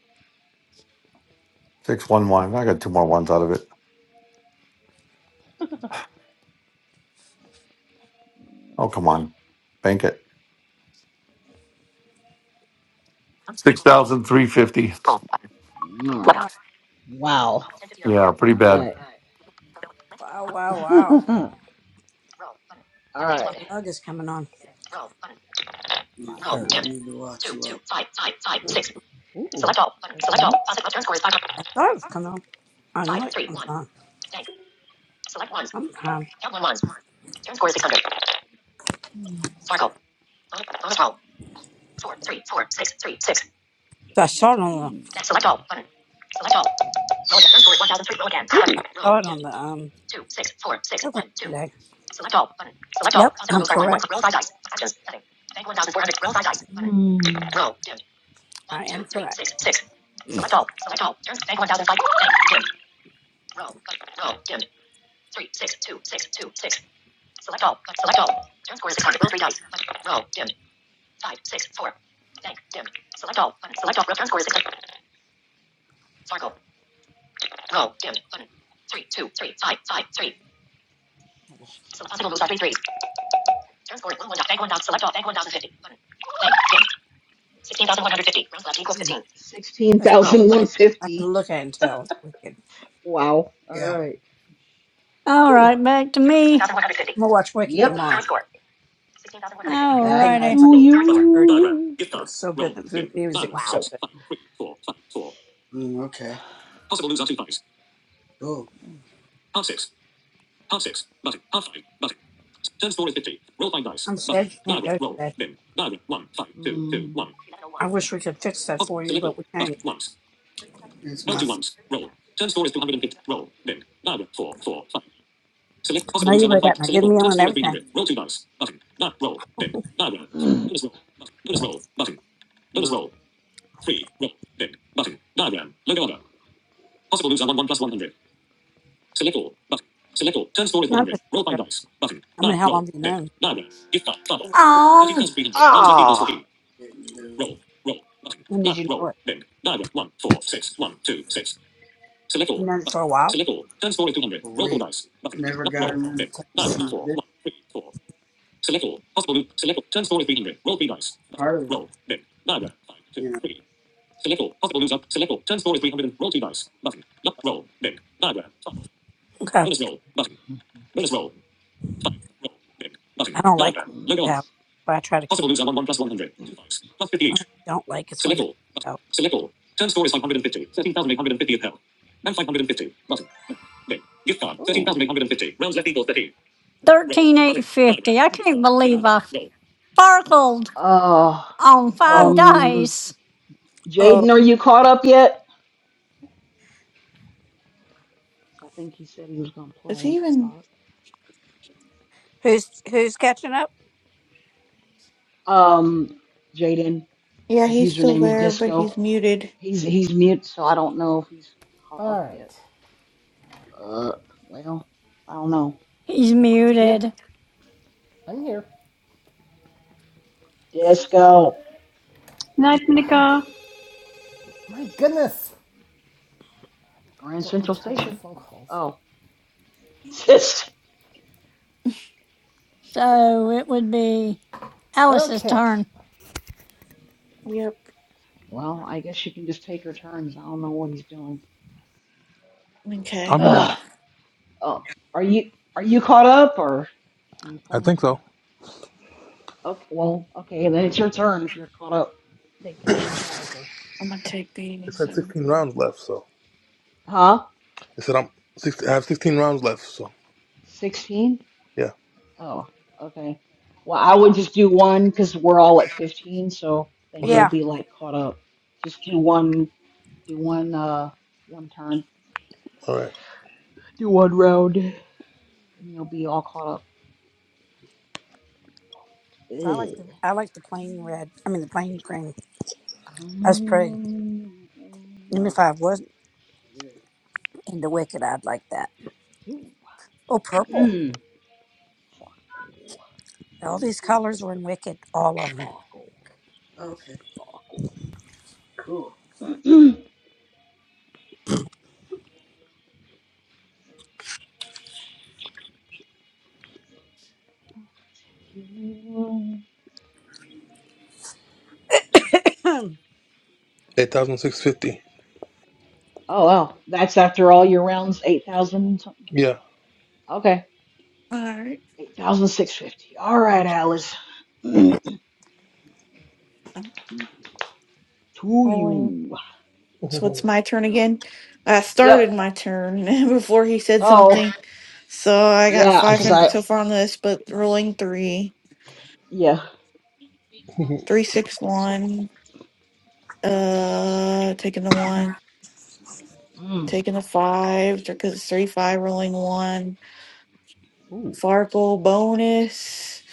Speaker 9: Six one one. I got two more ones out of it. Oh come on. Bank it. Six thousand three fifty.
Speaker 5: Damn. All
Speaker 2: wow,
Speaker 5: right. Wow. All
Speaker 9: Yeah, pretty bad.
Speaker 5: right.
Speaker 2: wow, wow, wow.
Speaker 5: All right.
Speaker 2: The lug is coming on.
Speaker 5: My
Speaker 2: You
Speaker 5: turn.
Speaker 2: don't need to watch
Speaker 5: Two,
Speaker 2: lug.
Speaker 5: two, five, five, five, six. Ooh. Select all. Select all. Turn score is five.
Speaker 2: I thought it was coming on. I know
Speaker 5: Five,
Speaker 2: it
Speaker 5: three,
Speaker 2: comes
Speaker 5: one.
Speaker 2: on
Speaker 5: Dang. Select ones.
Speaker 2: sometime.
Speaker 5: Count one ones. Turn score is six hundred. Sparkle. Bonus roll. Four, three, four, six, three, six.
Speaker 2: So I saw it on the
Speaker 5: Hmm. Select all button. Select all. Roll again. First bullet, 1003. Roll again. Button. Roll.
Speaker 2: saw it
Speaker 5: Dim.
Speaker 2: on the um
Speaker 5: Two, six, four, six,
Speaker 2: program
Speaker 5: one, two.
Speaker 2: today.
Speaker 5: Select all button. Select
Speaker 2: Yep,
Speaker 5: all. Possible
Speaker 2: I'm
Speaker 5: moves are one. One.
Speaker 2: correct.
Speaker 5: Roll five dice. Actions. Setting. Bank 1400. Roll five dice. Button. Hmm. Roll. Dim. One,
Speaker 2: I am
Speaker 5: two, three,
Speaker 2: correct.
Speaker 5: six, six. Select all. Select all. Turn. Bank 1005. Dim. Roll. Roll. Dim. Three, six, two, six, two, six. Select all. select all. Turn score is 600. Roll three dice. Roll. Dim. Five, six, four. Bank. Dim. Select all. Button. Select all. Roll. Turn score is 600. Circle. Go. Dim. Button. Three, two, three, five, five, three. Oh, this is- So possible moves are three threes. Turn score is one one. dot- Bank one dot. Select all. Bank one thousand fifty. Button. Bank. Dim. Sixteen thousand one hundred fifty. Rounds left equals
Speaker 2: Mm.
Speaker 5: fifteen. Sixteen
Speaker 2: It's been
Speaker 5: thousand one
Speaker 2: wicked. I can
Speaker 5: fifty.
Speaker 2: look at it and tell it's wicked.
Speaker 5: Wow. All
Speaker 2: Yeah.
Speaker 5: right.
Speaker 3: all
Speaker 5: Whew.
Speaker 3: right, back to
Speaker 5: Sixteen
Speaker 3: me.
Speaker 5: thousand one hundred fifty.
Speaker 2: I'm gonna watch Wicked
Speaker 5: Yep.
Speaker 2: tomorrow.
Speaker 5: Current score. Sixteen thousand one hundred fifty.
Speaker 3: All
Speaker 2: That thing
Speaker 5: Back to
Speaker 2: last
Speaker 3: righty.
Speaker 2: night
Speaker 5: Current score.
Speaker 2: heard
Speaker 5: you.
Speaker 2: it was so good. The mu- music was so
Speaker 5: Wow.
Speaker 2: good. Mm, okay. Cool. I'm sad you can't go today.
Speaker 5: Mm. Eleven oh one.
Speaker 2: I wish we could fix that for you, but we can't.
Speaker 5: Thirteen thousand one hundred.
Speaker 2: It's my fault.
Speaker 5: Thirteen thousand. Help. Round left equals fifteen. Help. Round left equals
Speaker 2: I know you read that my good meal and everything.
Speaker 5: fifteen.
Speaker 2: My Not just sure. I mean how long have you known?
Speaker 3: Oh,
Speaker 5: Ah.
Speaker 2: Didn't know. When did you know it? You known it for a while? for Never got him in the This part of the, you know, Okay. I don't like when that out. But I try to keep it. One I don't like is when that out.
Speaker 5: Oh.
Speaker 3: 13850. I can't believe I sparkled
Speaker 5: Uh,
Speaker 3: on five
Speaker 2: Oh,
Speaker 5: um,
Speaker 3: dice.
Speaker 2: oh.
Speaker 5: Jaden, are you caught up yet? So I think he said he was gonna
Speaker 6: Is he
Speaker 5: play. I
Speaker 6: even.
Speaker 5: thought.
Speaker 2: Who's who's catching up?
Speaker 5: Um, Jaden,
Speaker 6: Yeah,
Speaker 5: his
Speaker 6: he's still
Speaker 5: username is
Speaker 6: there, but
Speaker 5: Disco.
Speaker 6: he's muted.
Speaker 5: He's he's mute, so I don't know if he's caught
Speaker 1: All
Speaker 5: up yet.
Speaker 1: right.
Speaker 5: Uh, well, I don't know.
Speaker 3: He's
Speaker 1: Yep.
Speaker 3: muted.
Speaker 1: I'm here.
Speaker 5: Disco,
Speaker 10: Night, Monica.
Speaker 1: My goodness.
Speaker 5: Grand
Speaker 1: Don't have
Speaker 5: Central
Speaker 1: time for
Speaker 5: Station.
Speaker 1: phone calls.
Speaker 5: Oh, sis.
Speaker 3: So it would be Alice's
Speaker 1: Okay.
Speaker 3: turn.
Speaker 6: Yep.
Speaker 5: well, I guess she can just take her turns. I don't know what he's doing.
Speaker 6: Okay,
Speaker 13: I'm here.
Speaker 5: Ugh. Oh, are you are you caught up or are you
Speaker 13: I
Speaker 5: playing?
Speaker 13: think so.
Speaker 5: Okay, well, okay, then it's your turn if you're caught up. Take your turn.
Speaker 6: I'm gonna take
Speaker 13: It
Speaker 6: these.
Speaker 13: said
Speaker 6: uh,
Speaker 13: 16 rounds left, so
Speaker 5: Huh?
Speaker 13: it said I'm six. I have 16 rounds left, so
Speaker 5: 16?
Speaker 13: yeah.
Speaker 5: Oh, okay. Well, I
Speaker 6: All
Speaker 5: would just do one because we're all at 15, so then
Speaker 13: Okay,
Speaker 5: you'll
Speaker 2: Yeah.
Speaker 5: be like caught up. Just do one, do one, uh, one turn.
Speaker 13: all right.
Speaker 5: Do one round. And you'll be all caught up.
Speaker 2: So I like
Speaker 5: Ugh.
Speaker 2: the I like the plain red. I mean the plain green. That's pretty.
Speaker 5: Mm.
Speaker 2: Even no, if I wasn't yeah. into Wicked, I'd like that. Oh,
Speaker 5: Ooh.
Speaker 2: purple.
Speaker 5: Farkle,
Speaker 2: All these colors were in Wicked, all of them.
Speaker 5: farkle,
Speaker 2: Okay, cool.
Speaker 5: farkle. You
Speaker 2: them.
Speaker 13: Eight thousand six fifty.
Speaker 5: Oh wow, that's after all your rounds, eight thousand something.
Speaker 13: Yeah.
Speaker 5: Okay,
Speaker 6: right.
Speaker 5: eight thousand six fifty. All right, Alice. to
Speaker 6: I'm Rolling.
Speaker 5: you.
Speaker 6: So it's my turn again. I started
Speaker 5: Yep.
Speaker 6: my turn before he said
Speaker 5: Oh
Speaker 6: something, so I got
Speaker 5: yeah, cause
Speaker 6: 500
Speaker 5: I
Speaker 6: so far on this, but rolling three,
Speaker 5: yeah.
Speaker 6: three, six, one. Uh, taking the one,
Speaker 5: Mm.
Speaker 6: taking the five because it's three five. Rolling one.
Speaker 5: Ooh.
Speaker 6: Farkle bonus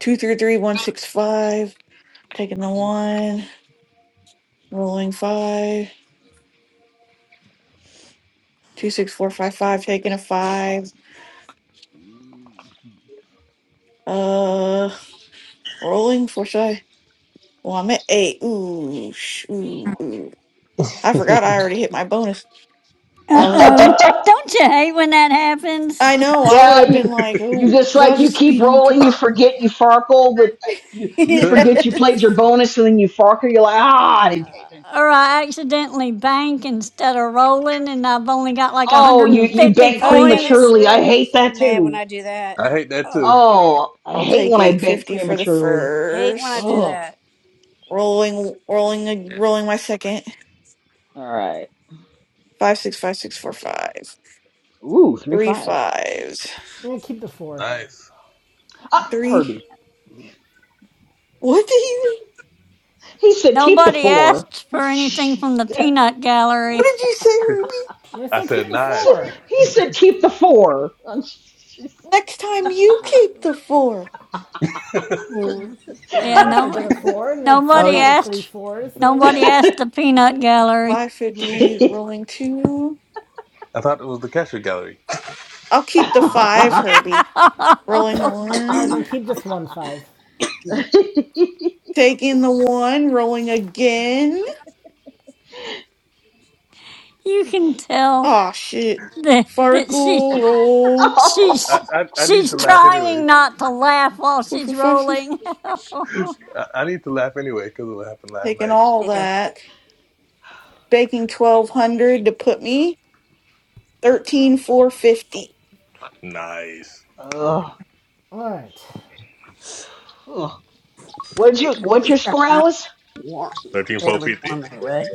Speaker 6: two three three one six five. Taking the
Speaker 5: Oof.
Speaker 6: one. Rolling five two six four five five. Taking a five
Speaker 5: Mm.
Speaker 6: Uh, rolling for shy. Well, I'm at eight. Ooh, sh- ooh, ooh. I forgot I already hit my bonus.
Speaker 3: Uh
Speaker 6: Well, a good thing.
Speaker 3: oh. Don't you hate when that happens?
Speaker 6: I know. I would
Speaker 5: yeah,
Speaker 6: have
Speaker 5: you
Speaker 6: been like,
Speaker 5: you
Speaker 6: oh,
Speaker 5: just
Speaker 6: because I
Speaker 5: like
Speaker 6: was
Speaker 5: you
Speaker 6: just
Speaker 5: keep
Speaker 6: speeding through.
Speaker 5: rolling, you forget you farkle, but you you
Speaker 13: Good.
Speaker 5: forget you played your
Speaker 6: yes.
Speaker 5: bonus and then you farkle. You're like ah, I didn't pay attention.
Speaker 3: Or I accidentally bank instead of rolling, and I've only got like
Speaker 5: Oh, you you
Speaker 3: 150
Speaker 5: bank
Speaker 2: oh yeah, that
Speaker 3: points.
Speaker 5: prematurely. I
Speaker 2: really
Speaker 5: hate
Speaker 2: makes me
Speaker 5: that
Speaker 2: mad when
Speaker 5: too.
Speaker 2: I do that.
Speaker 13: I hate that
Speaker 2: Oh,
Speaker 13: too.
Speaker 5: Oh, I
Speaker 6: I'll
Speaker 5: hate
Speaker 6: take
Speaker 5: when I
Speaker 6: eight
Speaker 5: bank
Speaker 6: fifty for the
Speaker 5: prematurely.
Speaker 2: hate when I
Speaker 6: first.
Speaker 2: do
Speaker 5: Oh,
Speaker 2: that.
Speaker 6: Rolling, rolling, a- rolling. My second.
Speaker 5: all right.
Speaker 6: Five, six, five, six, four, five.
Speaker 5: Ooh, three
Speaker 6: Three
Speaker 5: fives.
Speaker 6: fives.
Speaker 1: I'm gonna keep the four.
Speaker 13: Nice.
Speaker 5: Ah,
Speaker 6: Three.
Speaker 5: Herbie.
Speaker 6: What did you?
Speaker 5: He said keep the
Speaker 3: Nobody
Speaker 5: four.
Speaker 3: asked
Speaker 5: he
Speaker 3: for anything from the peanut
Speaker 6: What
Speaker 3: gallery.
Speaker 6: did you say, Herbie?
Speaker 1: And I
Speaker 13: I
Speaker 1: said keep
Speaker 13: said
Speaker 1: the
Speaker 13: nice.
Speaker 5: said
Speaker 1: four.
Speaker 5: he said keep the four.
Speaker 6: Next
Speaker 2: Oh
Speaker 6: time
Speaker 2: you know
Speaker 6: you
Speaker 2: her.
Speaker 6: keep the four.
Speaker 2: Mm. Herbie
Speaker 3: Yeah,
Speaker 1: Well, If
Speaker 2: likes
Speaker 1: I
Speaker 2: to
Speaker 3: no,
Speaker 1: get a
Speaker 2: get
Speaker 1: four
Speaker 2: that.
Speaker 1: and it's a
Speaker 2: Oh
Speaker 3: nobody
Speaker 1: part of
Speaker 2: yeah.
Speaker 1: three
Speaker 3: asked.
Speaker 1: fours, then I
Speaker 3: Nobody
Speaker 1: will.
Speaker 3: asked the peanut gallery.
Speaker 6: Five fifty. Rolling two.
Speaker 13: I thought it was the Kesher Gallery.
Speaker 6: I'll keep the five, Herbie. Rolling
Speaker 1: All right. Then
Speaker 6: one.
Speaker 1: keep just one five.
Speaker 6: Taking the one. Rolling again.
Speaker 3: you can tell
Speaker 6: Aw, shit.
Speaker 3: that that she
Speaker 6: Farkle, roll.
Speaker 13: I,
Speaker 3: she's
Speaker 13: I, I need
Speaker 3: she's
Speaker 13: to laugh
Speaker 3: trying
Speaker 13: anyways.
Speaker 3: not to laugh while
Speaker 6: Four
Speaker 3: she's
Speaker 6: for five. Six.
Speaker 3: rolling.
Speaker 13: I, I need to laugh anyway because of what happened last
Speaker 6: Taking
Speaker 13: night.
Speaker 6: all
Speaker 2: yeah.
Speaker 6: that. Baking 1200 to put me. 13450.
Speaker 13: Nice.
Speaker 5: Ugh.
Speaker 1: All right.
Speaker 5: Ugh. What did you?
Speaker 2: At
Speaker 5: What's your
Speaker 2: least I
Speaker 5: score,
Speaker 2: found
Speaker 5: Alice?
Speaker 2: it warm, fairly
Speaker 13: 13450.
Speaker 2: warm anyway.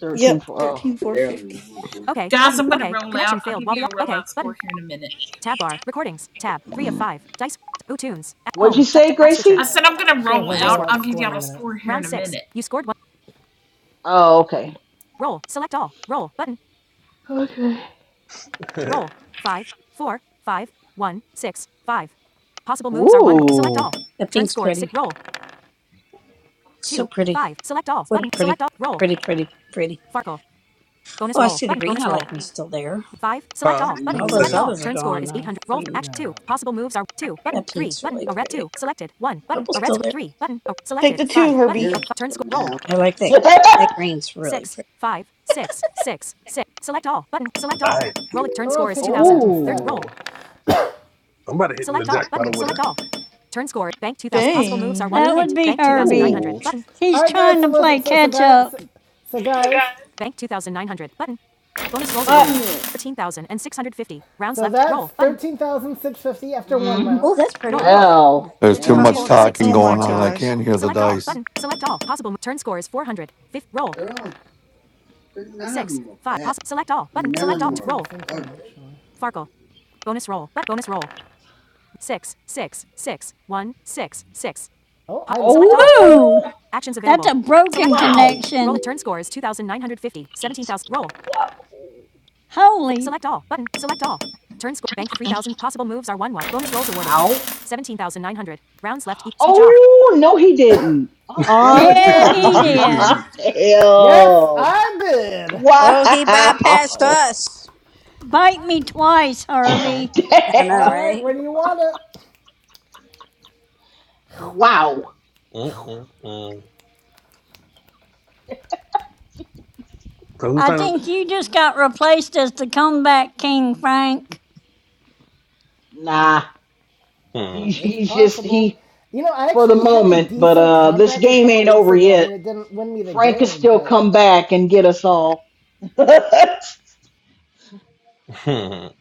Speaker 5: Thirteen
Speaker 6: Yep,
Speaker 5: four. Oh.
Speaker 2: Barely
Speaker 6: 13450.
Speaker 2: warm. Huh?
Speaker 1: Okay.
Speaker 12: Guys,
Speaker 1: Button.
Speaker 12: I'm going to
Speaker 1: Okay.
Speaker 12: roll out.
Speaker 1: Connection
Speaker 12: I'll
Speaker 1: failed
Speaker 12: give
Speaker 1: while the.
Speaker 12: you a
Speaker 1: Okay.
Speaker 12: rollout score
Speaker 1: Button.
Speaker 12: here in a minute.
Speaker 1: Tab bar. Recordings. Tab. Three of five. Dice. Ooh, tunes.
Speaker 5: What'd you
Speaker 1: home. Di-
Speaker 5: say,
Speaker 1: di- app switcher.
Speaker 12: I
Speaker 5: Gracie?
Speaker 12: said I'm going to
Speaker 1: She'll have
Speaker 12: roll
Speaker 1: a Dice
Speaker 12: out. I'll
Speaker 1: rollout
Speaker 12: give
Speaker 1: score in a
Speaker 12: y'all a
Speaker 1: minute.
Speaker 12: score here in
Speaker 1: Round
Speaker 12: a
Speaker 1: six.
Speaker 12: minute.
Speaker 1: You scored one.
Speaker 5: Oh, okay.
Speaker 1: Roll. Select all. Roll. Button.
Speaker 5: Okay.
Speaker 1: Roll. Five. Four. Five. One. Six. Five. Possible moves are one. one. Select
Speaker 5: Ooh.
Speaker 1: all.
Speaker 2: The
Speaker 1: Turn
Speaker 2: pink's
Speaker 1: score is six.
Speaker 2: pretty,
Speaker 1: Roll.
Speaker 2: so
Speaker 1: Two.
Speaker 2: pretty.
Speaker 1: Five. Select all.
Speaker 2: What a
Speaker 1: Button.
Speaker 2: pretty,
Speaker 1: Select all. Roll.
Speaker 2: pretty, pretty, pretty.
Speaker 1: Farkle. Bonus
Speaker 2: Oh, I
Speaker 1: roll.
Speaker 2: see the
Speaker 1: Button.
Speaker 2: green.
Speaker 1: Bonus
Speaker 2: I
Speaker 1: roll.
Speaker 2: like me still there.
Speaker 1: Five. Select
Speaker 13: huh?
Speaker 2: All
Speaker 1: all. Button.
Speaker 13: I'm
Speaker 2: hmm those
Speaker 1: Select
Speaker 13: saying,
Speaker 1: all.
Speaker 2: others are
Speaker 1: Turn score
Speaker 2: gone
Speaker 1: is
Speaker 2: now,
Speaker 1: 800. Roll.
Speaker 2: pretty
Speaker 1: Action Yeah. two. Possible moves are two. Button.
Speaker 2: That
Speaker 1: Three.
Speaker 2: pink's
Speaker 1: Button.
Speaker 2: really
Speaker 1: A red
Speaker 2: pretty.
Speaker 1: two. Selected. One. Button.
Speaker 2: Purple's
Speaker 1: A red
Speaker 2: still
Speaker 1: square.
Speaker 2: there.
Speaker 1: Three. Button. A
Speaker 6: Take
Speaker 1: selected.
Speaker 6: the two,
Speaker 1: Five. Button.
Speaker 6: Herbie.
Speaker 1: A
Speaker 2: Yeah,
Speaker 1: turn
Speaker 2: for
Speaker 1: score. Roll.
Speaker 2: now. I like that. That green's really
Speaker 1: Six.
Speaker 2: pretty.
Speaker 1: Five. Six. Six. Six. Select all. Button. Select all.
Speaker 13: nice.
Speaker 1: Roll Turn score is click 2000. Third. Roll.
Speaker 5: Oh,
Speaker 13: I'm about to hit in the
Speaker 1: Select all. Button.
Speaker 13: jackpot over there.
Speaker 1: Select all. Turn score. Bank 2000. Possible moves
Speaker 6: Dang,
Speaker 1: are 1.
Speaker 3: That would
Speaker 1: Hint.
Speaker 6: Herbie.
Speaker 3: be
Speaker 1: Bank
Speaker 3: Herbie.
Speaker 1: 2900.
Speaker 5: oh,
Speaker 1: Button. All
Speaker 3: He's
Speaker 1: right, guys.
Speaker 3: trying
Speaker 1: So
Speaker 3: to
Speaker 1: listen.
Speaker 3: play
Speaker 1: So, so
Speaker 3: catch
Speaker 1: guys. So,
Speaker 3: up.
Speaker 1: so guys. Bank 2900. Button. Bonus rolls awarded.
Speaker 5: uh,
Speaker 1: 13,650. Rounds So left. that's Roll. Button. thirteen thousand six hundred fifty after one
Speaker 5: mm,
Speaker 2: Oh,
Speaker 1: round.
Speaker 2: that's pretty.
Speaker 1: Roll.
Speaker 2: Look,
Speaker 5: well,
Speaker 9: There's
Speaker 2: it's
Speaker 9: too
Speaker 5: damn.
Speaker 9: much
Speaker 2: purple. It's like
Speaker 9: talking
Speaker 6: Oh
Speaker 2: up
Speaker 6: my
Speaker 9: going on.
Speaker 1: 226242.
Speaker 2: close.
Speaker 9: I
Speaker 6: gosh.
Speaker 9: can't hear the
Speaker 1: Select all.
Speaker 2: Uh-huh.
Speaker 9: dice.
Speaker 1: Button. Select all. Possible turn score is 400. Fifth. Roll.
Speaker 2: They're all, they're, none of
Speaker 1: 6.
Speaker 2: them are
Speaker 1: 5.
Speaker 2: bad.
Speaker 1: Possible. select all.
Speaker 2: I
Speaker 1: Button.
Speaker 2: mean, none of
Speaker 1: Select all.
Speaker 2: them are
Speaker 1: roll. the
Speaker 2: ugly.
Speaker 1: Farkle. Bonus roll. But bonus roll six six six one six six. Oh, I Select all button.
Speaker 3: Oh,
Speaker 5: Oh,
Speaker 1: Actions
Speaker 3: that's
Speaker 1: available.
Speaker 3: a
Speaker 1: Select
Speaker 3: broken
Speaker 1: all.
Speaker 5: wow,
Speaker 1: Roll
Speaker 3: connection.
Speaker 1: it. Turn score is 2,950. 17,000. Roll. F-
Speaker 5: wow,
Speaker 3: Holy.
Speaker 1: Select all button. Select all. Turn score. Bank 3,000. Possible moves are 1 1. Bonus rolls awarded.
Speaker 5: wow.
Speaker 1: 17,900. Rounds left. E- speech off.
Speaker 5: Oh, no, he didn't.
Speaker 1: yes,
Speaker 5: Uh-uh.
Speaker 1: I
Speaker 3: Yeah,
Speaker 1: did.
Speaker 3: he did.
Speaker 1: Yes,
Speaker 5: damn.
Speaker 1: I did.
Speaker 2: Oh, he bypassed
Speaker 5: Wow.
Speaker 2: us.
Speaker 3: Bite me twice, Herbie.
Speaker 2: I know,
Speaker 1: All
Speaker 5: damn.
Speaker 1: right,
Speaker 2: right?
Speaker 1: when you want it,
Speaker 5: Wow.
Speaker 13: Mm, mm, mm. so who's
Speaker 3: I
Speaker 13: time?
Speaker 3: think you just got replaced as the comeback king, Frank.
Speaker 5: Nah.
Speaker 13: Mm,
Speaker 5: He,
Speaker 1: it's
Speaker 5: he's just,
Speaker 1: possible.
Speaker 5: he,
Speaker 1: You know, I
Speaker 5: for the
Speaker 1: actually had a
Speaker 5: moment, but
Speaker 1: decent
Speaker 5: uh, this
Speaker 1: comeback a
Speaker 5: game
Speaker 1: couple
Speaker 5: ain't
Speaker 1: weeks
Speaker 5: over
Speaker 1: ago. I
Speaker 5: yet.
Speaker 1: mean, it didn't win me the
Speaker 5: Frank can
Speaker 1: game,
Speaker 5: still
Speaker 1: but
Speaker 5: come back and get us all.
Speaker 13: mm,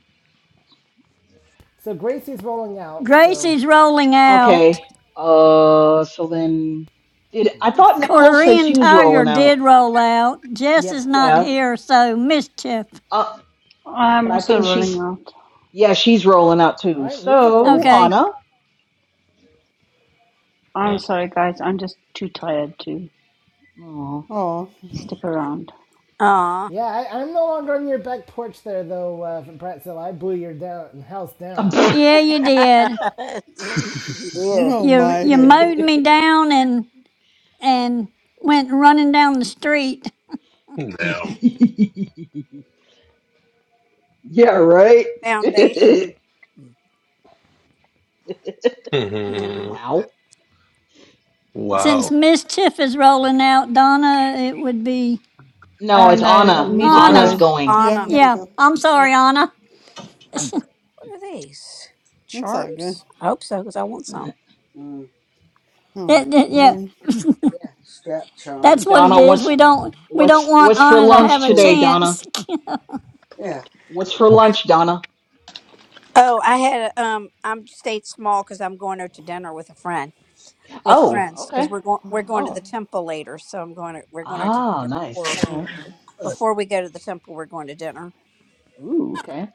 Speaker 1: So Gracie's rolling out. So
Speaker 3: Gracie's rolling out.
Speaker 5: Okay. Uh, so then, did
Speaker 1: I'm
Speaker 5: I
Speaker 1: gonna
Speaker 5: thought
Speaker 1: see.
Speaker 5: Nicole said
Speaker 3: Korean
Speaker 5: she was
Speaker 3: Tiger
Speaker 5: rolling
Speaker 3: did
Speaker 5: out?
Speaker 3: roll out. Jess
Speaker 1: Yep.
Speaker 3: is not
Speaker 5: Yeah.
Speaker 3: here, so mischief.
Speaker 5: Uh,
Speaker 10: I'm
Speaker 5: but I
Speaker 10: also
Speaker 5: think
Speaker 10: rolling
Speaker 5: she's
Speaker 10: out.
Speaker 5: yeah, she's rolling out
Speaker 1: All
Speaker 5: too.
Speaker 1: right, music rose
Speaker 5: So
Speaker 1: them.
Speaker 3: Okay.
Speaker 5: Anna.
Speaker 10: I'm
Speaker 13: mm.
Speaker 10: sorry, guys. I'm just too tired to
Speaker 5: Oh.
Speaker 11: Oh,
Speaker 10: stick around.
Speaker 2: Aw.
Speaker 1: Yeah, I, I'm no longer on your back porch there though, uh, Bratzilla. I blew your down house down.
Speaker 3: Yeah, you did.
Speaker 2: he did.
Speaker 11: oh
Speaker 3: You
Speaker 11: my
Speaker 3: you
Speaker 11: hair.
Speaker 3: mowed me down and and went running down the street.
Speaker 13: Damn.
Speaker 5: yeah. Right.
Speaker 2: Foundation. Hmm.
Speaker 13: Mm,
Speaker 5: wow.
Speaker 13: Wow.
Speaker 3: Since Mischief is rolling out, Donna, it would be
Speaker 5: No,
Speaker 10: Uh,
Speaker 5: it's
Speaker 10: no,
Speaker 1: No
Speaker 5: Anna.
Speaker 1: music
Speaker 10: music
Speaker 5: Anna's
Speaker 1: rose.
Speaker 3: Anna.
Speaker 10: rose.
Speaker 5: going.
Speaker 11: Yeah, I'm
Speaker 2: Anna.
Speaker 11: gonna
Speaker 3: Yeah,
Speaker 11: go.
Speaker 3: I'm
Speaker 2: Yeah.
Speaker 3: sorry, Anna.
Speaker 2: What are these?
Speaker 11: It's all good.
Speaker 2: Charms? I hope so, because I want some.
Speaker 11: All right,
Speaker 3: It, it- yeah,
Speaker 11: rolling.
Speaker 2: Yeah, strap
Speaker 3: that's
Speaker 2: charms,
Speaker 3: what it
Speaker 5: Donna,
Speaker 2: or
Speaker 3: is.
Speaker 5: what's
Speaker 3: We don't we don't
Speaker 5: what's
Speaker 3: want
Speaker 5: what's for
Speaker 3: Anna to have
Speaker 5: lunch
Speaker 3: a
Speaker 5: today,
Speaker 2: puller.
Speaker 5: Donna?
Speaker 3: chance.
Speaker 2: Yeah.
Speaker 5: What's for lunch, Donna?
Speaker 2: Oh, I had a- um. I'm stayed small because I'm going out to dinner with a friend with
Speaker 5: Oh.
Speaker 2: friends
Speaker 5: Okay.
Speaker 2: because we're going
Speaker 11: Five
Speaker 2: we're going to the
Speaker 5: Oh.
Speaker 2: temple later. So I'm going to we're going out to
Speaker 5: Ah,
Speaker 2: dinner
Speaker 5: nice.
Speaker 2: before
Speaker 5: All right.
Speaker 11: roll.
Speaker 2: before we go to the temple. We're going to dinner.
Speaker 5: Ooh, okay.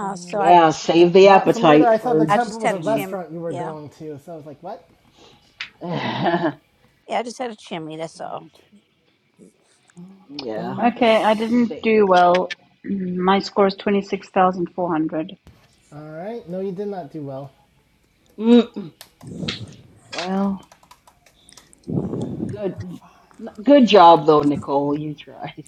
Speaker 11: Five
Speaker 2: So
Speaker 11: roll
Speaker 2: I
Speaker 5: Yeah,
Speaker 2: just
Speaker 5: save the
Speaker 1: Ma- For a minute there,
Speaker 5: appetite
Speaker 1: I thought the
Speaker 5: for
Speaker 2: I
Speaker 1: temple
Speaker 2: just
Speaker 1: was
Speaker 2: had
Speaker 1: a
Speaker 2: a
Speaker 5: dinner.
Speaker 2: chimney.
Speaker 1: restaurant you were
Speaker 2: Yeah.
Speaker 1: going to. So I was like, what?
Speaker 2: Yeah. I just had a chimney. That's all.
Speaker 11: two. Um,
Speaker 5: Yeah.
Speaker 10: Okay, I
Speaker 11: bonus.
Speaker 5: Sa-
Speaker 10: didn't do well. My score is 26,400.
Speaker 1: All right. No, you did not do well.
Speaker 5: Mm, Well, good.
Speaker 11: Roll five.
Speaker 5: n- Good job though, Nicole. You tried.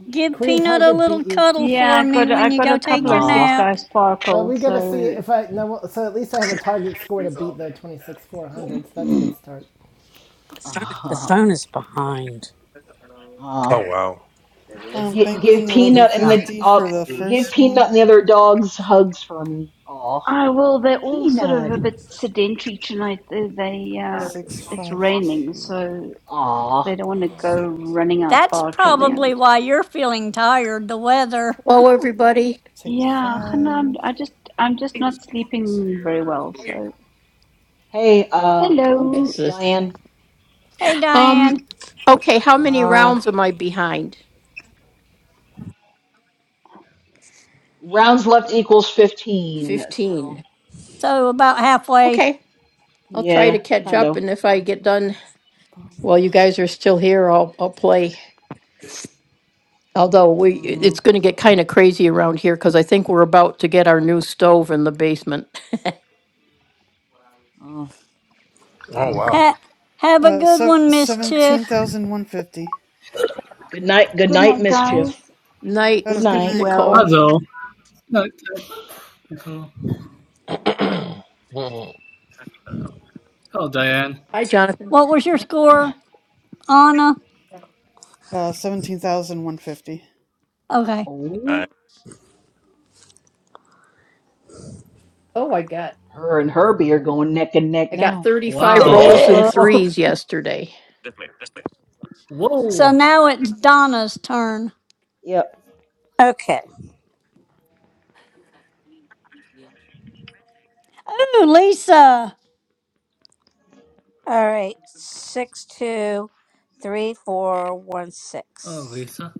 Speaker 11: Okay.
Speaker 3: Give
Speaker 1: Korean
Speaker 3: Peanut a
Speaker 1: Tiger beat
Speaker 3: little
Speaker 1: you.
Speaker 3: cuddle
Speaker 10: Yeah,
Speaker 3: for
Speaker 10: I
Speaker 3: me
Speaker 10: got, I
Speaker 3: when you
Speaker 10: got a
Speaker 3: go
Speaker 10: couple
Speaker 3: take your
Speaker 10: of six
Speaker 5: Ah.
Speaker 3: nap.
Speaker 10: dice
Speaker 1: But we
Speaker 10: sparkles,
Speaker 1: gotta see
Speaker 10: so
Speaker 1: if I no. So at least I have a target score to beat though, 26 400. So that's a good start.
Speaker 2: The
Speaker 5: Ah,
Speaker 2: phone is behind.
Speaker 13: Oh
Speaker 5: Ah.
Speaker 13: wow.
Speaker 2: It is.
Speaker 11: I'm
Speaker 5: give, give
Speaker 11: banking eleven
Speaker 5: Peanut and
Speaker 2: Oh.
Speaker 5: the
Speaker 11: fifty
Speaker 5: uh,
Speaker 11: for the
Speaker 2: Mm.
Speaker 5: give
Speaker 11: first
Speaker 5: Peanut
Speaker 11: one.
Speaker 5: and the other dogs hugs for me. Aw,
Speaker 10: Oh, well, they're all sort of a
Speaker 5: peanut.
Speaker 10: bit sedentary tonight. They, they uh,
Speaker 11: Six
Speaker 10: it's
Speaker 11: five
Speaker 10: raining,
Speaker 11: two
Speaker 10: so
Speaker 5: aw.
Speaker 10: they don't want to
Speaker 11: five.
Speaker 10: go running out
Speaker 3: That's
Speaker 10: barking.
Speaker 5: They,
Speaker 3: probably
Speaker 10: And
Speaker 3: why you're feeling tired. The weather.
Speaker 14: Hello, everybody.
Speaker 11: Take
Speaker 10: yeah, and I'm,
Speaker 11: five.
Speaker 10: I just, I'm just not
Speaker 11: Five
Speaker 10: sleeping very well. So
Speaker 5: hey, uh,
Speaker 14: What
Speaker 11: one.
Speaker 10: hello,
Speaker 14: is this?
Speaker 5: Diane.
Speaker 3: Hey,
Speaker 14: Um,
Speaker 3: Diane.
Speaker 14: okay, how many
Speaker 5: Uh,
Speaker 14: rounds am I behind?
Speaker 5: rounds left equals fifteen. So.
Speaker 14: 15.
Speaker 3: So about halfway.
Speaker 14: Okay, I'll
Speaker 11: Mm,
Speaker 14: try to
Speaker 5: Yeah,
Speaker 14: catch
Speaker 5: kind
Speaker 11: One
Speaker 14: up,
Speaker 5: of.
Speaker 14: and if I
Speaker 5: Well,
Speaker 14: get done while you
Speaker 11: bonus.
Speaker 14: guys are still here, I'll, I'll play. Although we,
Speaker 5: hmm
Speaker 14: it's going to get kind of crazy around here because I think we're about to get our new stove in the basement.
Speaker 5: mm,
Speaker 13: Oh
Speaker 5: mm.
Speaker 13: wow.
Speaker 3: Ha- have a
Speaker 11: Uh,
Speaker 3: good
Speaker 11: se-
Speaker 3: one,
Speaker 11: seventeen
Speaker 3: Mischief.
Speaker 11: thousand one fifty.
Speaker 5: Good night, good
Speaker 10: good
Speaker 5: night,
Speaker 10: night, guys.
Speaker 5: mischief.
Speaker 14: Night,
Speaker 11: Oh,
Speaker 5: Good
Speaker 11: good
Speaker 10: Sleep
Speaker 5: night.
Speaker 11: night.
Speaker 14: Nicole.
Speaker 10: well.
Speaker 4: puzzle. Not technical.
Speaker 13: mm. Mm,
Speaker 4: Oh, Diane.
Speaker 14: Hi, Jonathan.
Speaker 3: What was your score, Anna?
Speaker 11: Uh, seventeen thousand one fifty.
Speaker 3: Okay.
Speaker 13: nice.
Speaker 5: Oh,
Speaker 14: Oh, I got,
Speaker 5: her and Herbie are going neck and neck
Speaker 14: I got
Speaker 5: now.
Speaker 14: 35
Speaker 13: Mm,
Speaker 4: Wow.
Speaker 13: mm,
Speaker 14: rolls and
Speaker 4: Uh-oh.
Speaker 14: threes yesterday.
Speaker 3: So
Speaker 4: Whoa.
Speaker 3: now it's Donna's turn.
Speaker 5: Yep.
Speaker 2: Okay.
Speaker 3: Oh, Lisa.
Speaker 2: All right. Six two three four one
Speaker 4: Oh,
Speaker 2: six.
Speaker 4: Lisa.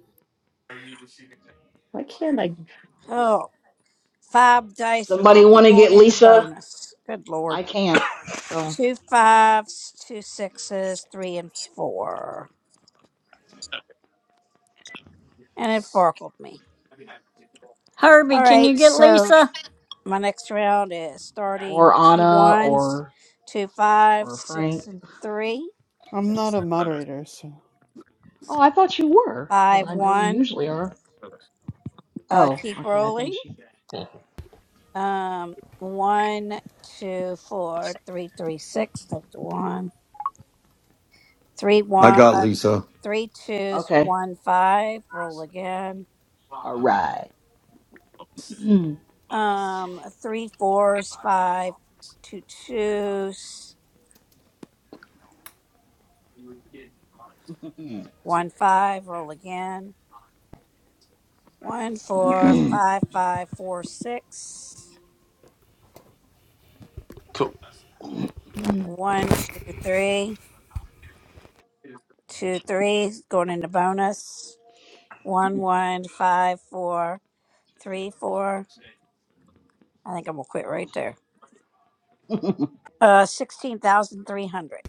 Speaker 2: Oh. Five dice,
Speaker 5: Somebody
Speaker 2: Oracle
Speaker 5: want to get
Speaker 2: going into
Speaker 5: Lisa?
Speaker 2: bonus. Good
Speaker 5: I
Speaker 2: lord.
Speaker 5: can't. So,
Speaker 2: Two fives, two sixes, three and four. And it forkled me.
Speaker 3: Herbie,
Speaker 2: All
Speaker 3: can you
Speaker 2: right,
Speaker 3: get
Speaker 2: so
Speaker 3: Lisa?
Speaker 2: my next round is
Speaker 5: or
Speaker 2: starting two
Speaker 5: Anna,
Speaker 2: ones,
Speaker 5: or
Speaker 2: two fives,
Speaker 5: or Frank.
Speaker 2: six and three,
Speaker 11: I'm not a moderator, so
Speaker 5: Oh, I thought you were because
Speaker 2: five
Speaker 5: I know you
Speaker 2: one.
Speaker 5: usually are.
Speaker 2: Uh,
Speaker 5: Oh,
Speaker 2: keep
Speaker 5: okay. I think
Speaker 2: rolling.
Speaker 5: she's
Speaker 13: mm.
Speaker 2: Um, one, two, four, three, three, six. Take the one. Three
Speaker 9: I
Speaker 2: one.
Speaker 9: got
Speaker 2: Uh,
Speaker 9: Lisa.
Speaker 2: three twos,
Speaker 5: okay.
Speaker 2: one five. Roll again
Speaker 5: All right.
Speaker 2: Um, three fours, five, two twos, one five. Roll again. One four five five four six.
Speaker 13: So
Speaker 2: One two three two three. Going into bonus. One one five four three four. I think I'm gonna quit right there.
Speaker 5: All
Speaker 2: Uh, sixteen thousand three hundred.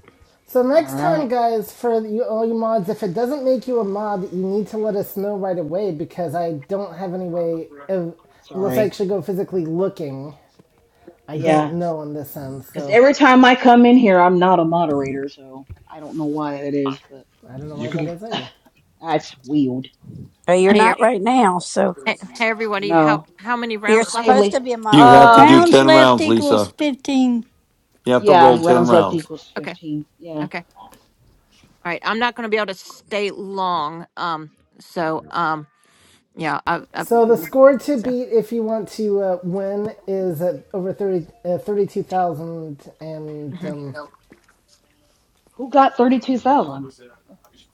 Speaker 1: So next time,
Speaker 5: right.
Speaker 1: guys, for you, all you mods, if it doesn't make you a mod, you need to let us know right away because I don't have any way of, unless I
Speaker 5: Sorry.
Speaker 1: actually go physically looking. I
Speaker 5: Yeah,
Speaker 1: don't know in this end,
Speaker 5: because
Speaker 1: so
Speaker 5: every time I come in here, I'm not a moderator, so I don't know why that is, but
Speaker 1: I don't know
Speaker 13: you
Speaker 1: why that
Speaker 13: can.
Speaker 1: is either.
Speaker 5: that's weird.
Speaker 2: Uh, you're
Speaker 15: Hey, er-
Speaker 2: not right now, so
Speaker 15: hey, hey, everybody. How
Speaker 5: No.
Speaker 15: how many
Speaker 2: you're
Speaker 15: rounds left?
Speaker 2: supposed to
Speaker 5: Haley.
Speaker 2: be a
Speaker 9: You have
Speaker 2: moderator,
Speaker 9: to
Speaker 5: Uh,
Speaker 9: do
Speaker 2: right?
Speaker 3: Rounds
Speaker 9: 10
Speaker 3: left
Speaker 9: rounds,
Speaker 3: equals
Speaker 9: Lisa.
Speaker 3: 15.
Speaker 9: You have to
Speaker 5: yeah,
Speaker 9: roll 10
Speaker 5: rounds left
Speaker 9: rounds.
Speaker 5: equals
Speaker 15: Okay,
Speaker 5: 15. Yeah.
Speaker 15: okay. All right. I'm not going to be able to stay long. Um. So. Um. Yeah. I've. I've
Speaker 1: So the
Speaker 5: Mm-mm.
Speaker 1: score to
Speaker 15: so.
Speaker 1: beat if you want to uh, win is at over 30, uh, 32,000 and
Speaker 15: mhm.
Speaker 1: um,
Speaker 5: Who got 32,000?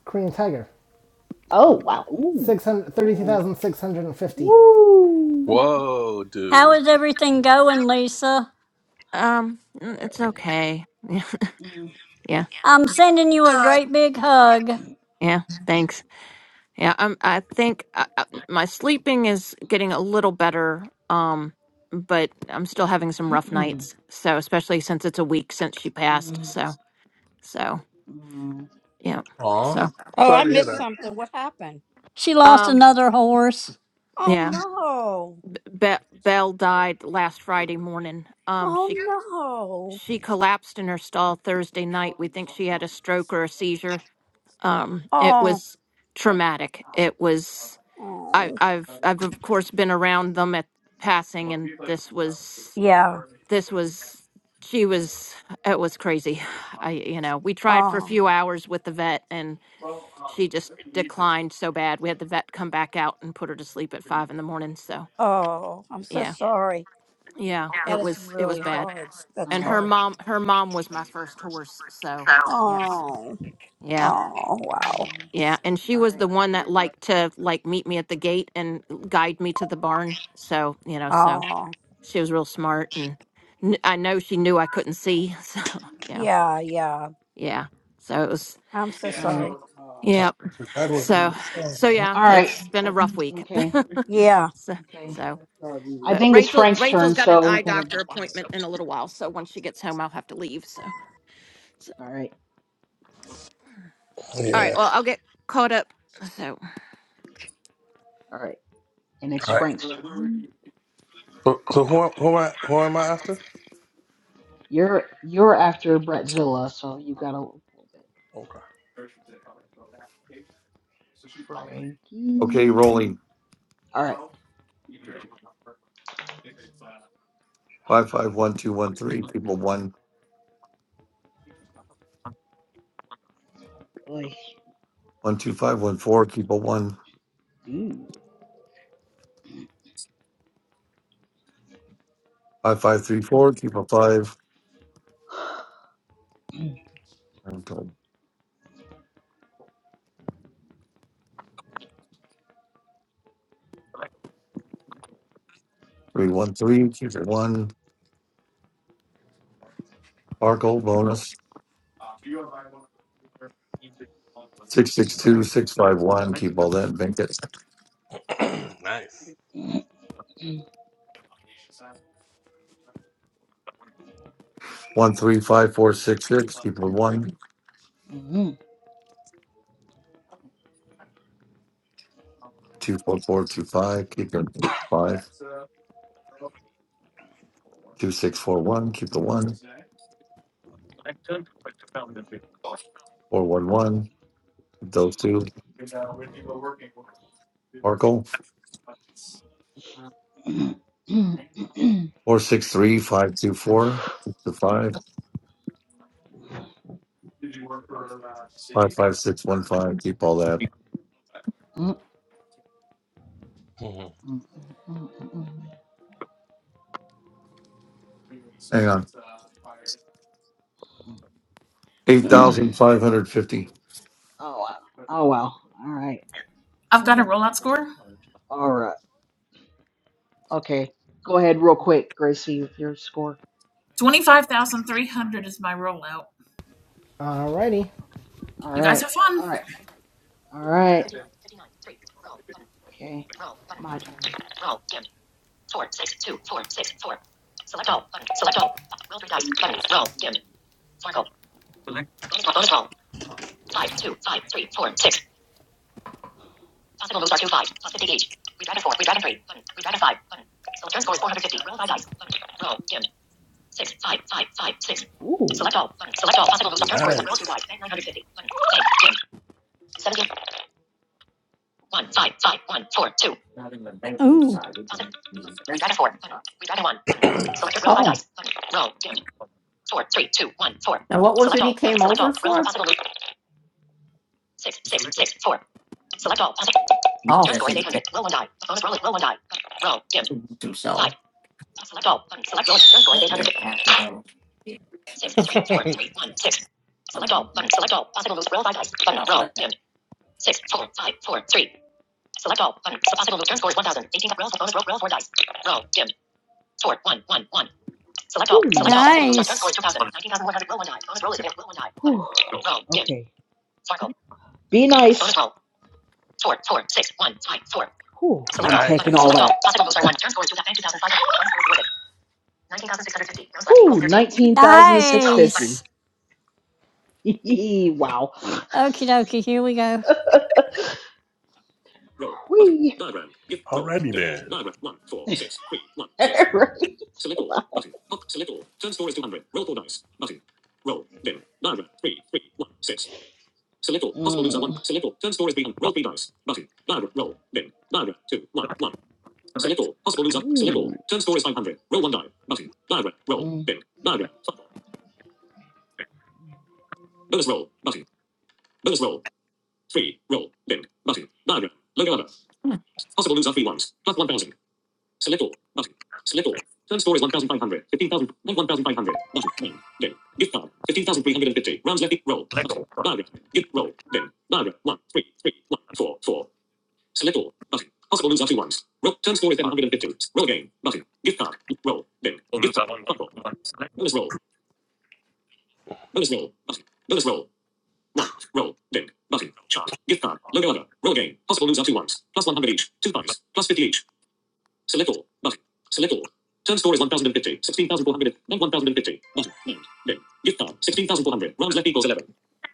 Speaker 1: Korean Tiger.
Speaker 5: Oh, wow. Ooh.
Speaker 1: 600
Speaker 5: Oh.
Speaker 1: 32,650.
Speaker 5: Woo.
Speaker 13: Whoa,
Speaker 3: How
Speaker 13: dude.
Speaker 3: is everything going, Lisa?
Speaker 15: Um. mm, It's okay. Yeah.
Speaker 5: Mm,
Speaker 15: Yeah.
Speaker 3: I'm sending you a great big hug.
Speaker 15: Yeah. Thanks. Yeah. I'm. I think I, I, my sleeping is getting a little better. Um. But I'm still having some rough
Speaker 5: mm,
Speaker 15: nights. So especially since it's a week since she passed.
Speaker 5: mm,
Speaker 15: So. So.
Speaker 5: mm.
Speaker 15: Yeah.
Speaker 13: Aw.
Speaker 15: So.
Speaker 2: Oh,
Speaker 13: Sorry
Speaker 2: I
Speaker 13: to
Speaker 2: missed
Speaker 13: hear
Speaker 2: something. What happened?
Speaker 3: She lost
Speaker 15: Um.
Speaker 3: another horse.
Speaker 2: Oh
Speaker 15: yeah.
Speaker 2: no.
Speaker 15: B- Be- Belle died last Friday morning. Um, she
Speaker 2: Oh no.
Speaker 15: she collapsed in her stall Thursday night. We think she had a stroke or a seizure. Um, it
Speaker 2: Oh,
Speaker 15: was traumatic. It was. I,
Speaker 2: oh.
Speaker 15: I've I've of course been around them at passing, and this was
Speaker 2: Yeah.
Speaker 15: this was she was it was crazy. I you know we tried for a
Speaker 2: Oh.
Speaker 15: few hours with the vet, and she just declined so bad. We had the vet come back out and put her to sleep at five in the morning. So
Speaker 2: Oh. I'm so
Speaker 15: yeah.
Speaker 2: sorry.
Speaker 15: Yeah,
Speaker 2: That
Speaker 15: it
Speaker 2: is
Speaker 15: was it was
Speaker 2: really
Speaker 15: bad.
Speaker 2: hard. That's
Speaker 5: All
Speaker 15: And
Speaker 5: right.
Speaker 15: her
Speaker 2: hard.
Speaker 15: mom her mom was my first horse, so yes.
Speaker 2: Oh.
Speaker 15: Yeah.
Speaker 2: Oh wow.
Speaker 5: Mm,
Speaker 15: Yeah, and she
Speaker 5: All
Speaker 15: was
Speaker 5: right.
Speaker 15: the one that liked to like meet me at the gate and guide me to the barn. So, you know, so
Speaker 2: Oh.
Speaker 15: she was real smart and kn- I know she knew I couldn't see. So, yeah.
Speaker 2: Yeah, yeah.
Speaker 15: Yeah. So it was
Speaker 2: I'm so
Speaker 5: All right.
Speaker 2: sorry. Oh,
Speaker 15: yeah.
Speaker 2: wow.
Speaker 13: God works through
Speaker 15: So
Speaker 13: your son.
Speaker 15: so yeah,
Speaker 5: All right.
Speaker 15: it's been a
Speaker 5: Uh,
Speaker 15: rough week.
Speaker 5: Okay.
Speaker 2: Yeah.
Speaker 15: so
Speaker 5: Okay.
Speaker 15: so
Speaker 2: Sorry we
Speaker 5: I
Speaker 2: were
Speaker 15: but
Speaker 5: think it's
Speaker 15: Rachel
Speaker 5: Frank's turn,
Speaker 15: Rachel's got an
Speaker 5: so we
Speaker 15: eye
Speaker 5: gotta
Speaker 15: doctor
Speaker 5: be quiet.
Speaker 15: appointment in a little while, so once she gets home I'll have to leave. So so
Speaker 5: All right.
Speaker 15: All right.
Speaker 13: Yeah.
Speaker 15: Well, I'll get caught up. So,
Speaker 5: All right, and it's
Speaker 13: All right.
Speaker 5: Frank's turn.
Speaker 13: So, so who, am- who, am I, who am I after?
Speaker 5: You're you're after Bratzilla, so you gotta hold it.
Speaker 13: Okay.
Speaker 9: Okay,
Speaker 5: Frankie.
Speaker 9: rolling.
Speaker 5: All right.
Speaker 9: Five, five, one, two, one, three. Keep a one
Speaker 5: I
Speaker 9: one two five one four. Keep a one
Speaker 5: do.
Speaker 9: five five three four. Keep a five three one three. Keep a one. Sparkle bonus. Six, six, two, six, five, one. Keep all that. and Bank it.
Speaker 13: nice.
Speaker 9: One, three, five, four, six, six. Keep a one two four four two five. Keep a five two six four one. Keep the one four one one. Keep those two. Sparkle. Four six three five two four six two five five five six one five. Keep all that.
Speaker 13: Mhm.
Speaker 9: Hang on. Eight thousand five hundred fifty.
Speaker 5: oh wow. Oh wow. All right.
Speaker 12: I've got a rollout score.
Speaker 5: All right. Okay. Go ahead, real quick, Gracie, with your score.
Speaker 12: 25,300 is my rollout.
Speaker 1: Alrighty.
Speaker 5: Okay. All
Speaker 12: You guys
Speaker 5: right.
Speaker 12: have fun.
Speaker 5: All right. All right. Okay. My turn. Roll. Roll Roll. Roll. Roll Roll. Roll. four, six, four. Select Select all. button. Select all. three three. dice. dice. Four Bonus roll. Bonus roll. Five, two, five, three, four, six. Possible moves are two five plus fifty each. We dragon four. We dragon three button. We dragon five. button. So turn score is four hundred fifty. Roll five, dice button. Roll dim. six. five five five six. Ooh. Select all button. Select all. Possible moves are turn score is roll
Speaker 13: Nice.
Speaker 5: two dice. Bank nine hundred fifty button. Bank dim. Seventeen. One, five, five, one, four, two.
Speaker 3: Ooh,
Speaker 5: Positive. We got a four. We got a one. Select your roll by
Speaker 14: Oh,
Speaker 5: dice. Roll. Dim. Four, three, two, one, four.
Speaker 14: now what was
Speaker 5: Select
Speaker 14: it he
Speaker 5: all.
Speaker 14: came
Speaker 5: Select
Speaker 14: over
Speaker 5: all. Roll for
Speaker 14: for?
Speaker 5: possible loop. Six, six, six, four. Select all. Possible. Turn score is 800. Roll one die. Bonus roll. Roll one die. Roll. Dim. Five. Select all. Select roll. Turn score is 800. Six, three, four, three, one, six. Select all. Select all. Possible moves. Roll by dice. Roll. Dim. Six, four, five, four, three. Select all. Button. So possible move. Turn score is 1000. 18. Roll for bonus roll. Roll four dice. Roll. Dim. Score one one one. Select all. Ooh. Select all. Possible moves are turn score
Speaker 3: nice.
Speaker 5: is 2,000. 19,100. Roll one die. Bonus roll is available. Roll one die. Roll. Dim. Okay. Sparkle. Be nice. Bonus roll. Four four six one five four. Whew. I'm all.
Speaker 13: nice.
Speaker 5: taking all Select all. that. Possible moves are one. Turn score is 2,500. Bonus 19,650. Ooh, 13.
Speaker 3: Nice.
Speaker 5: 19,650. Hee-hee, wow.
Speaker 3: Okie dokie, here we go.
Speaker 5: Whee.
Speaker 13: Alrighty then.
Speaker 5: Right. Wow. Mm. Ooh. Mm.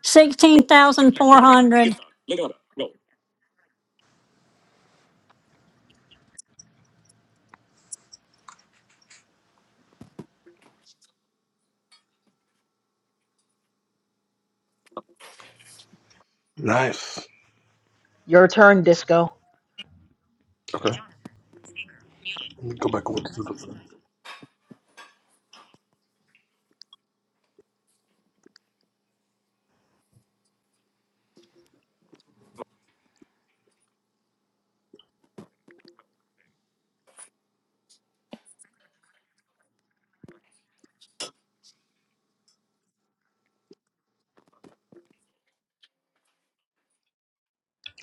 Speaker 3: 16,400.
Speaker 13: Nice.
Speaker 5: Your turn, Disco.
Speaker 13: Okay. Let me go back over to the.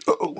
Speaker 13: Oh,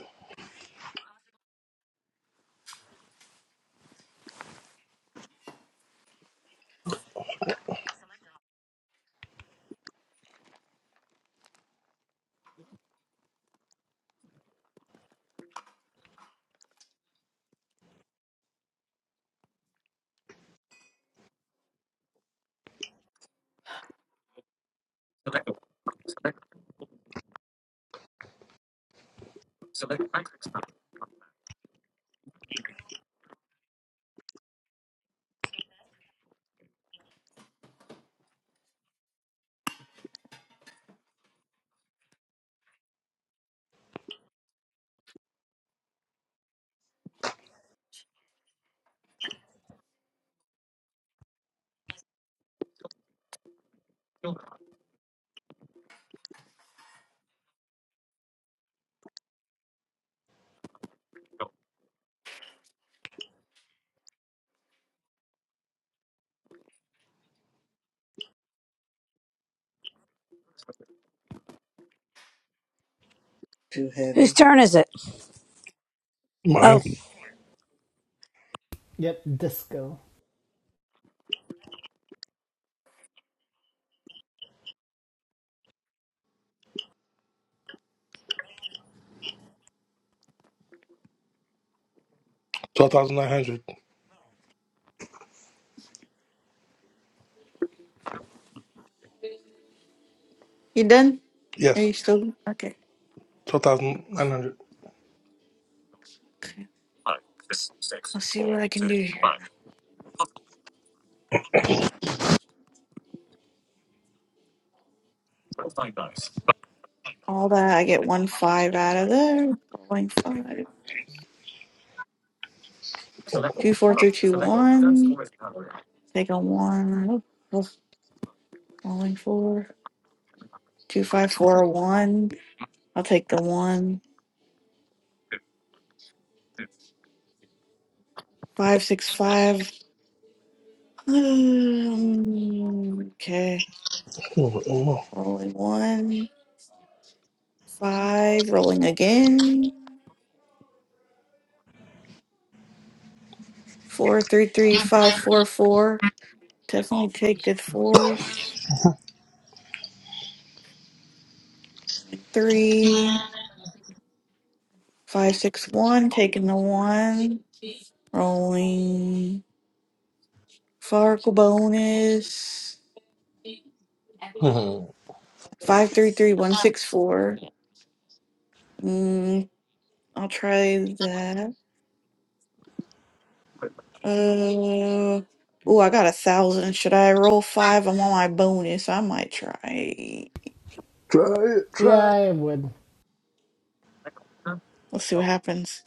Speaker 2: too heavy. Whose turn is it? Oh,
Speaker 13: mine.
Speaker 1: Yep, disco.
Speaker 13: 12,900.
Speaker 6: You done? Are
Speaker 13: Yes.
Speaker 6: you still? Okay.
Speaker 13: 12,900.
Speaker 6: Okay. Let's see what I can do here. All that. I get one five out of there. Rolling five. Two, four, three, two, one. Take a one. Rolling four. Two, five, four, one. I'll take the one. Five, six, five. Um, okay.
Speaker 13: Mm-hmm.
Speaker 6: Rolling one. Five. Rolling again. Four, three, three, five, four, four. Definitely take the fours. Three, five, six, one. Taking the one. Rolling. Farkle bonus. 533164. Mm, I'll try that. Uh, oh, I got a thousand. Should I roll five? I'm on my bonus. I might try.
Speaker 13: Try it.
Speaker 1: Yeah,
Speaker 13: Try it.
Speaker 1: I would.
Speaker 6: Let's see what happens.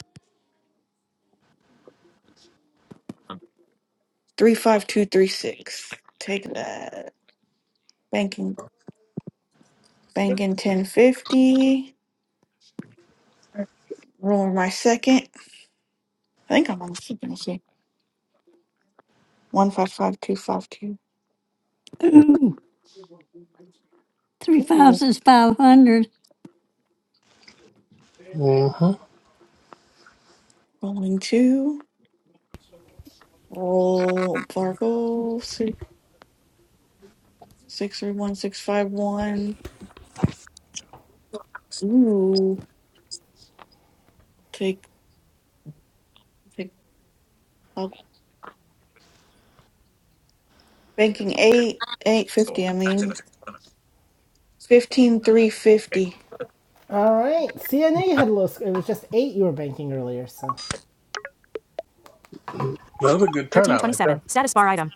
Speaker 6: 35236. Take that. Banking, banking 1050. Rolling my second. I think I'm on the second. Let's see. 155252.
Speaker 3: Ooh, three
Speaker 6: Ooh,
Speaker 3: fives is 500.
Speaker 13: Mm-hmm.
Speaker 6: rolling two. Roll Fargo. Six three one six five one. Ooh, take take. I'll, banking eight eight fifty. I mean fifteen three fifty.
Speaker 1: All right. See, I know you had a little. score. It was just eight you were banking earlier, so.
Speaker 13: That was a good turnout right there.
Speaker 1: 1327. Status bar item.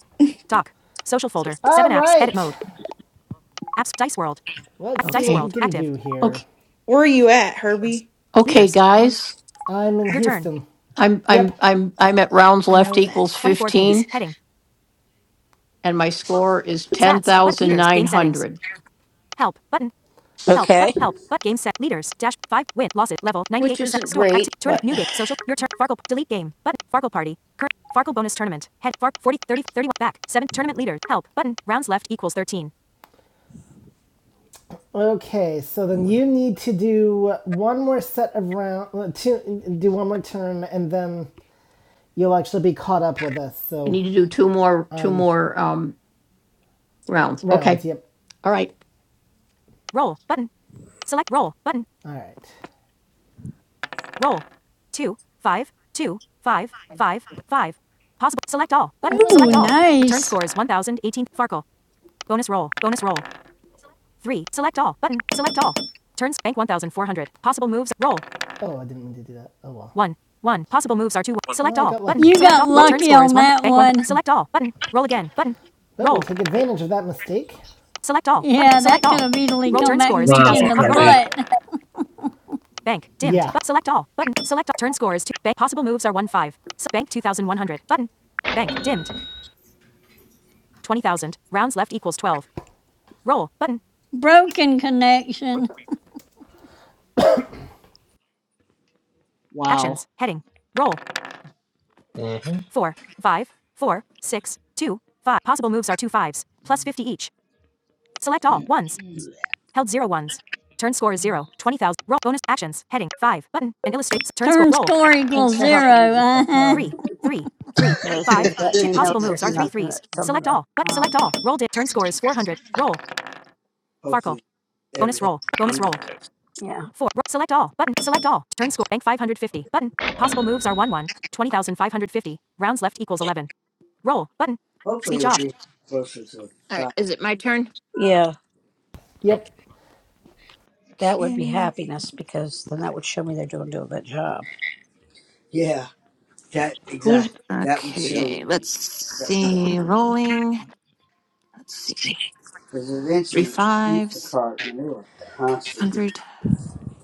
Speaker 1: Doc. Social folder. All 7 right. apps. Edit right. mode. Apps. Dice World. Let's see Dice see what
Speaker 14: Okay.
Speaker 1: we World. We can Active. do here.
Speaker 14: Okay.
Speaker 6: Where are you at, Herbie?
Speaker 14: Okay,
Speaker 1: Leaders.
Speaker 6: Where's
Speaker 14: guys.
Speaker 1: I'm in Your Houston. turn.
Speaker 14: I'm I'm
Speaker 1: Yep.
Speaker 14: I'm I'm at rounds
Speaker 6: I
Speaker 14: left
Speaker 6: know that
Speaker 14: equals
Speaker 1: 24 games.
Speaker 14: 15
Speaker 1: Heading.
Speaker 14: and my score is
Speaker 1: Stats. But leaders. Game settings.
Speaker 14: 10,900,
Speaker 1: Help button. Help
Speaker 2: okay.
Speaker 1: button. help but game set leaders dash five win losses level
Speaker 14: which
Speaker 1: 98%
Speaker 14: isn't
Speaker 1: store active
Speaker 14: great,
Speaker 1: turn up
Speaker 14: but
Speaker 1: new game social
Speaker 14: I
Speaker 1: your turn Farkle delete game button Farkle party current Farkle bonus tournament head Fark 40 30 31 back 7 tournament leader help button rounds left equals 13 Okay, so then you need to do one more set of round, two, do one more turn, and then you'll actually be caught up with us. So
Speaker 14: need to do two more two more um rounds.
Speaker 1: rounds,
Speaker 14: Okay.
Speaker 1: yep.
Speaker 14: All right.
Speaker 1: roll button select roll button All right. Roll. Two, five, two, five, five, five. Possible. Select all. Button. like
Speaker 3: Ooh,
Speaker 1: Select all. that. all. Return
Speaker 3: nice.
Speaker 1: score is 1018. Farkle. Bonus roll. Bonus roll. Three. Select all. Button. Select all. Turns. Bank 1400. Possible moves. Roll. Oh, I didn't mean to do that. Oh well. One. One. Possible moves are two. Select Oh, all. Button.
Speaker 3: You
Speaker 1: Select
Speaker 3: got
Speaker 1: all. Roll. Turn
Speaker 3: lucky
Speaker 1: score is
Speaker 3: on
Speaker 1: one.
Speaker 3: that
Speaker 1: Bank one.
Speaker 3: one.
Speaker 1: Select all. Button. Roll again. Button. Roll. take advantage of that mistake. Select all. Button.
Speaker 3: Yeah,
Speaker 1: Select
Speaker 3: that
Speaker 1: all.
Speaker 3: could have easily
Speaker 1: Roll.
Speaker 3: come
Speaker 1: Turn
Speaker 3: back
Speaker 1: score
Speaker 3: and
Speaker 1: is
Speaker 3: bit
Speaker 4: Wow,
Speaker 3: you in
Speaker 1: 2000.
Speaker 3: the
Speaker 1: roll.
Speaker 4: Harvey.
Speaker 3: butt.
Speaker 1: Bank. Dimmed. Yeah. Bu- select all. Button. Select all. Turn score is 2. Bank. Possible moves are 1 5. S- bank 2100. Button. Bank. Dimmed. 20,000. Rounds left equals 12. Roll. Button.
Speaker 3: Broken connection.
Speaker 1: Actions.
Speaker 5: Wow.
Speaker 1: Heading. Roll.
Speaker 13: Mm-hmm.
Speaker 1: 4 5 4 6 2 5. Possible moves are 2 fives Plus
Speaker 5: Mm.
Speaker 1: 50 each. Select all. 1s. Held zero ones. Turn score is 0. 20,000. Roll. Bonus. Actions. Heading. 5. Button. And illustrates. Turn score.
Speaker 3: Turn
Speaker 1: Roll.
Speaker 3: score
Speaker 2: Thanks
Speaker 3: equals
Speaker 2: for helping me
Speaker 3: zero.
Speaker 2: with
Speaker 3: Uh
Speaker 2: that.
Speaker 3: huh.
Speaker 1: 3
Speaker 2: Um
Speaker 1: 3 3
Speaker 2: Darcy,
Speaker 1: 5
Speaker 2: let
Speaker 1: 2.
Speaker 2: me know
Speaker 1: Possible
Speaker 2: if
Speaker 1: moves
Speaker 2: there's
Speaker 1: are 3
Speaker 2: nothing
Speaker 1: threes.
Speaker 2: that something
Speaker 1: Select
Speaker 2: that's
Speaker 1: all. But
Speaker 2: not.
Speaker 1: select all. Roll. Di- turn score is 400. Roll. Farkle.
Speaker 2: Hopefully
Speaker 1: Bonus
Speaker 2: everything
Speaker 1: roll. Bonus roll.
Speaker 2: Yeah.
Speaker 1: Four. select all. Button. Select all. Turn score. Bank 550. Button. Possible moves are 1 1. 20,550. Rounds left equals 11. Roll. Button.
Speaker 2: Hopefully,
Speaker 1: Speech
Speaker 2: it'll
Speaker 1: off.
Speaker 2: be closer to
Speaker 15: all right.
Speaker 2: five.
Speaker 15: Is it my turn?
Speaker 2: Yeah,
Speaker 1: Yep.
Speaker 2: that would be
Speaker 15: Okay.
Speaker 2: happiness because then that would show me they're doing doing that job. Yeah, that
Speaker 5: Who's
Speaker 2: exactly. That would show
Speaker 5: Oh,
Speaker 15: Okay.
Speaker 5: okay?
Speaker 15: Let's
Speaker 2: you.
Speaker 5: Yeah.
Speaker 2: Yep.
Speaker 15: see. Rolling. Let's see.
Speaker 2: Because it's
Speaker 5: Mm.
Speaker 15: Three
Speaker 2: instant
Speaker 15: fives.
Speaker 2: Instacart manure
Speaker 15: Five
Speaker 2: constantly.
Speaker 15: hundred.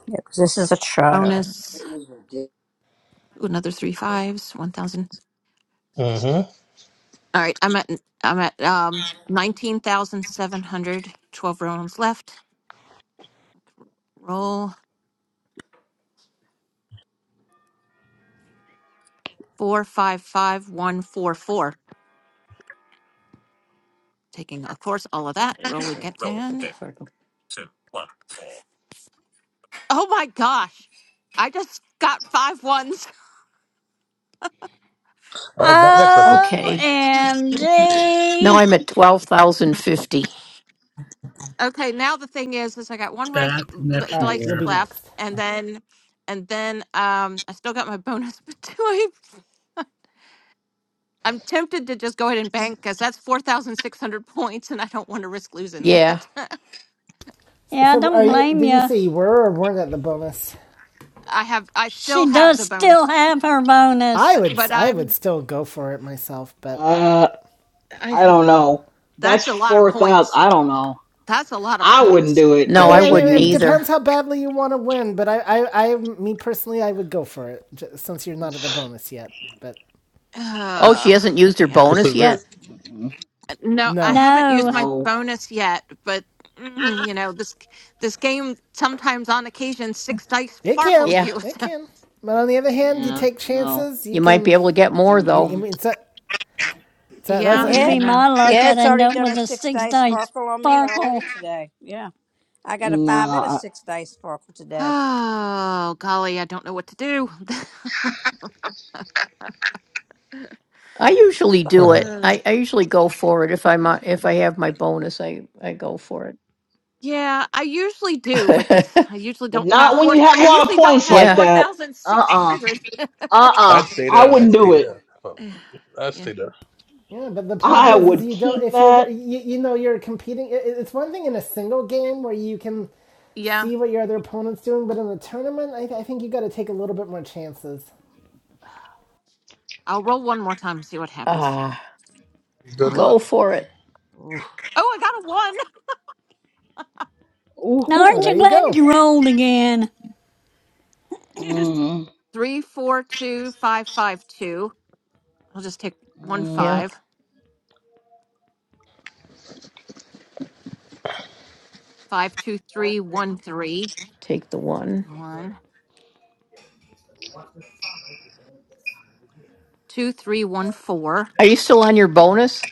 Speaker 2: Yeah, 'cause this is a child.
Speaker 15: Bonus.
Speaker 2: It was ridiculous.
Speaker 15: Ooh, another three fives. One thousand.
Speaker 13: Mm-hmm.
Speaker 15: All right. I'm at. I'm at. Um. Nineteen thousand seven hundred. Twelve rounds left. Roll four five five one four four. Taking of course all of that. Roll again. Oh my gosh! I just got five ones.
Speaker 13: Uh, back that sucker.
Speaker 14: Okay.
Speaker 3: OMG.
Speaker 14: Now I'm at 12,050.
Speaker 15: Okay, now the thing is, is I got one race
Speaker 4: Bad
Speaker 15: l-
Speaker 1: All
Speaker 4: connection
Speaker 1: right,
Speaker 15: race
Speaker 1: you'll be
Speaker 4: there.
Speaker 15: left,
Speaker 1: next.
Speaker 15: and then, and then, um, I still got my bonus, but do I? I'm tempted to just go ahead and bank because that's four thousand six hundred points, and I don't want to risk losing
Speaker 14: Yeah.
Speaker 15: that.
Speaker 1: So,
Speaker 3: Yeah, I
Speaker 1: so are
Speaker 3: don't
Speaker 14: I
Speaker 1: you?
Speaker 3: blame
Speaker 1: Did you
Speaker 3: you.
Speaker 1: say you were or weren't at the bonus?
Speaker 15: I have, I still
Speaker 3: She
Speaker 15: have
Speaker 3: does
Speaker 15: the
Speaker 3: still
Speaker 15: bonus,
Speaker 3: have her
Speaker 1: I
Speaker 3: bonus.
Speaker 15: but
Speaker 1: would.
Speaker 15: but
Speaker 1: I would
Speaker 15: I'm,
Speaker 1: still go for it myself, but
Speaker 5: Uh,
Speaker 15: I
Speaker 5: I
Speaker 15: had-
Speaker 5: don't know.
Speaker 15: that's
Speaker 5: That's
Speaker 15: a lot of
Speaker 5: four thousand.
Speaker 15: points.
Speaker 5: I don't know.
Speaker 15: That's a lot of
Speaker 5: I wouldn't
Speaker 15: points.
Speaker 5: do it,
Speaker 1: I
Speaker 5: but
Speaker 14: No,
Speaker 1: mean,
Speaker 14: I
Speaker 5: that's
Speaker 1: I
Speaker 5: just
Speaker 1: mean
Speaker 14: wouldn't
Speaker 1: it
Speaker 5: me.
Speaker 14: either.
Speaker 1: depends how badly you want to win. But I, I, I, me personally, I would go for it j- since you're not at the bonus yet. But
Speaker 14: Oh, she
Speaker 15: Uh,
Speaker 14: hasn't used her
Speaker 15: yeah,
Speaker 13: It's a
Speaker 14: bonus yet?
Speaker 13: risk.
Speaker 5: Mm-mm.
Speaker 15: No, I
Speaker 1: no,
Speaker 15: haven't used
Speaker 3: No,
Speaker 15: my
Speaker 5: No.
Speaker 15: bonus yet, but mm, you know this this game sometimes, on occasion, six dice
Speaker 1: It can.
Speaker 15: sparkles
Speaker 14: Yeah.
Speaker 15: you.
Speaker 1: It can. But on the other hand, you
Speaker 5: Yeah.
Speaker 1: take
Speaker 5: No.
Speaker 1: chances. You
Speaker 14: You might be
Speaker 1: can.
Speaker 14: able to get more
Speaker 1: You,
Speaker 14: though.
Speaker 1: I
Speaker 5: Mm-mm.
Speaker 1: mean, so,
Speaker 15: So,
Speaker 1: so that's
Speaker 3: it
Speaker 15: yeah,
Speaker 3: would
Speaker 15: I
Speaker 3: be
Speaker 2: It,
Speaker 1: a,
Speaker 15: know.
Speaker 3: my luck
Speaker 2: yeah,
Speaker 3: I'd
Speaker 2: it's
Speaker 3: end
Speaker 2: already
Speaker 3: up
Speaker 2: done a
Speaker 3: with a
Speaker 2: six
Speaker 3: six
Speaker 2: dice
Speaker 3: dice
Speaker 2: sparkle on me already
Speaker 3: sparkle.
Speaker 2: today. Yeah, I got a five and a
Speaker 5: Nah.
Speaker 2: six dice sparkle today.
Speaker 15: Oh golly, I don't know what to do.
Speaker 14: I usually do it.
Speaker 15: uh,
Speaker 14: I, I usually go for it if I'm uh, if I have my bonus. I I go for
Speaker 15: yeah, I usually do, but this
Speaker 14: it.
Speaker 15: I usually
Speaker 5: But
Speaker 15: don't have
Speaker 5: not when
Speaker 15: four.
Speaker 5: you
Speaker 15: thou-
Speaker 5: have a
Speaker 15: I
Speaker 5: lot of
Speaker 15: usually don't
Speaker 5: points
Speaker 15: have
Speaker 5: like
Speaker 14: yeah.
Speaker 15: four
Speaker 5: that.
Speaker 15: thousand six
Speaker 5: Uh-uh.
Speaker 15: hundred.
Speaker 13: I'd
Speaker 5: Uh-uh.
Speaker 13: stay
Speaker 5: I
Speaker 13: there. I'd
Speaker 5: wouldn't
Speaker 13: stay
Speaker 5: do it.
Speaker 13: there. Fuck, I'd
Speaker 15: yeah,
Speaker 13: stay there.
Speaker 1: yeah. But the
Speaker 15: Uh,
Speaker 1: problem
Speaker 5: I
Speaker 1: is, is
Speaker 5: would
Speaker 1: you don't.
Speaker 5: keep
Speaker 1: If you're,
Speaker 5: that.
Speaker 1: you, you know, you're competing. It, it's one thing in a single game where you can
Speaker 15: yeah.
Speaker 1: see what your other opponent's doing, but in a tournament, I, I think you got to take a little bit more chances.
Speaker 15: I'll roll one more time and see what happens.
Speaker 14: Ah,
Speaker 15: Come
Speaker 13: Good
Speaker 15: on.
Speaker 13: luck.
Speaker 14: go for it.
Speaker 5: Oof.
Speaker 15: Oh, I got a one.
Speaker 3: Now,
Speaker 1: No, oh,
Speaker 3: aren't
Speaker 1: there
Speaker 3: you
Speaker 5: Ooh.
Speaker 1: you
Speaker 3: glad
Speaker 1: go.
Speaker 3: you rolled again?
Speaker 5: Mm.
Speaker 15: Three, four, two, five, five, two. I'll just take one
Speaker 5: Mm.
Speaker 14: Yeah.
Speaker 15: five. Five, two, three, one, three.
Speaker 14: Take the
Speaker 15: Take the
Speaker 14: one.
Speaker 15: one. Two, three, one, four.
Speaker 14: Are you still on your bonus?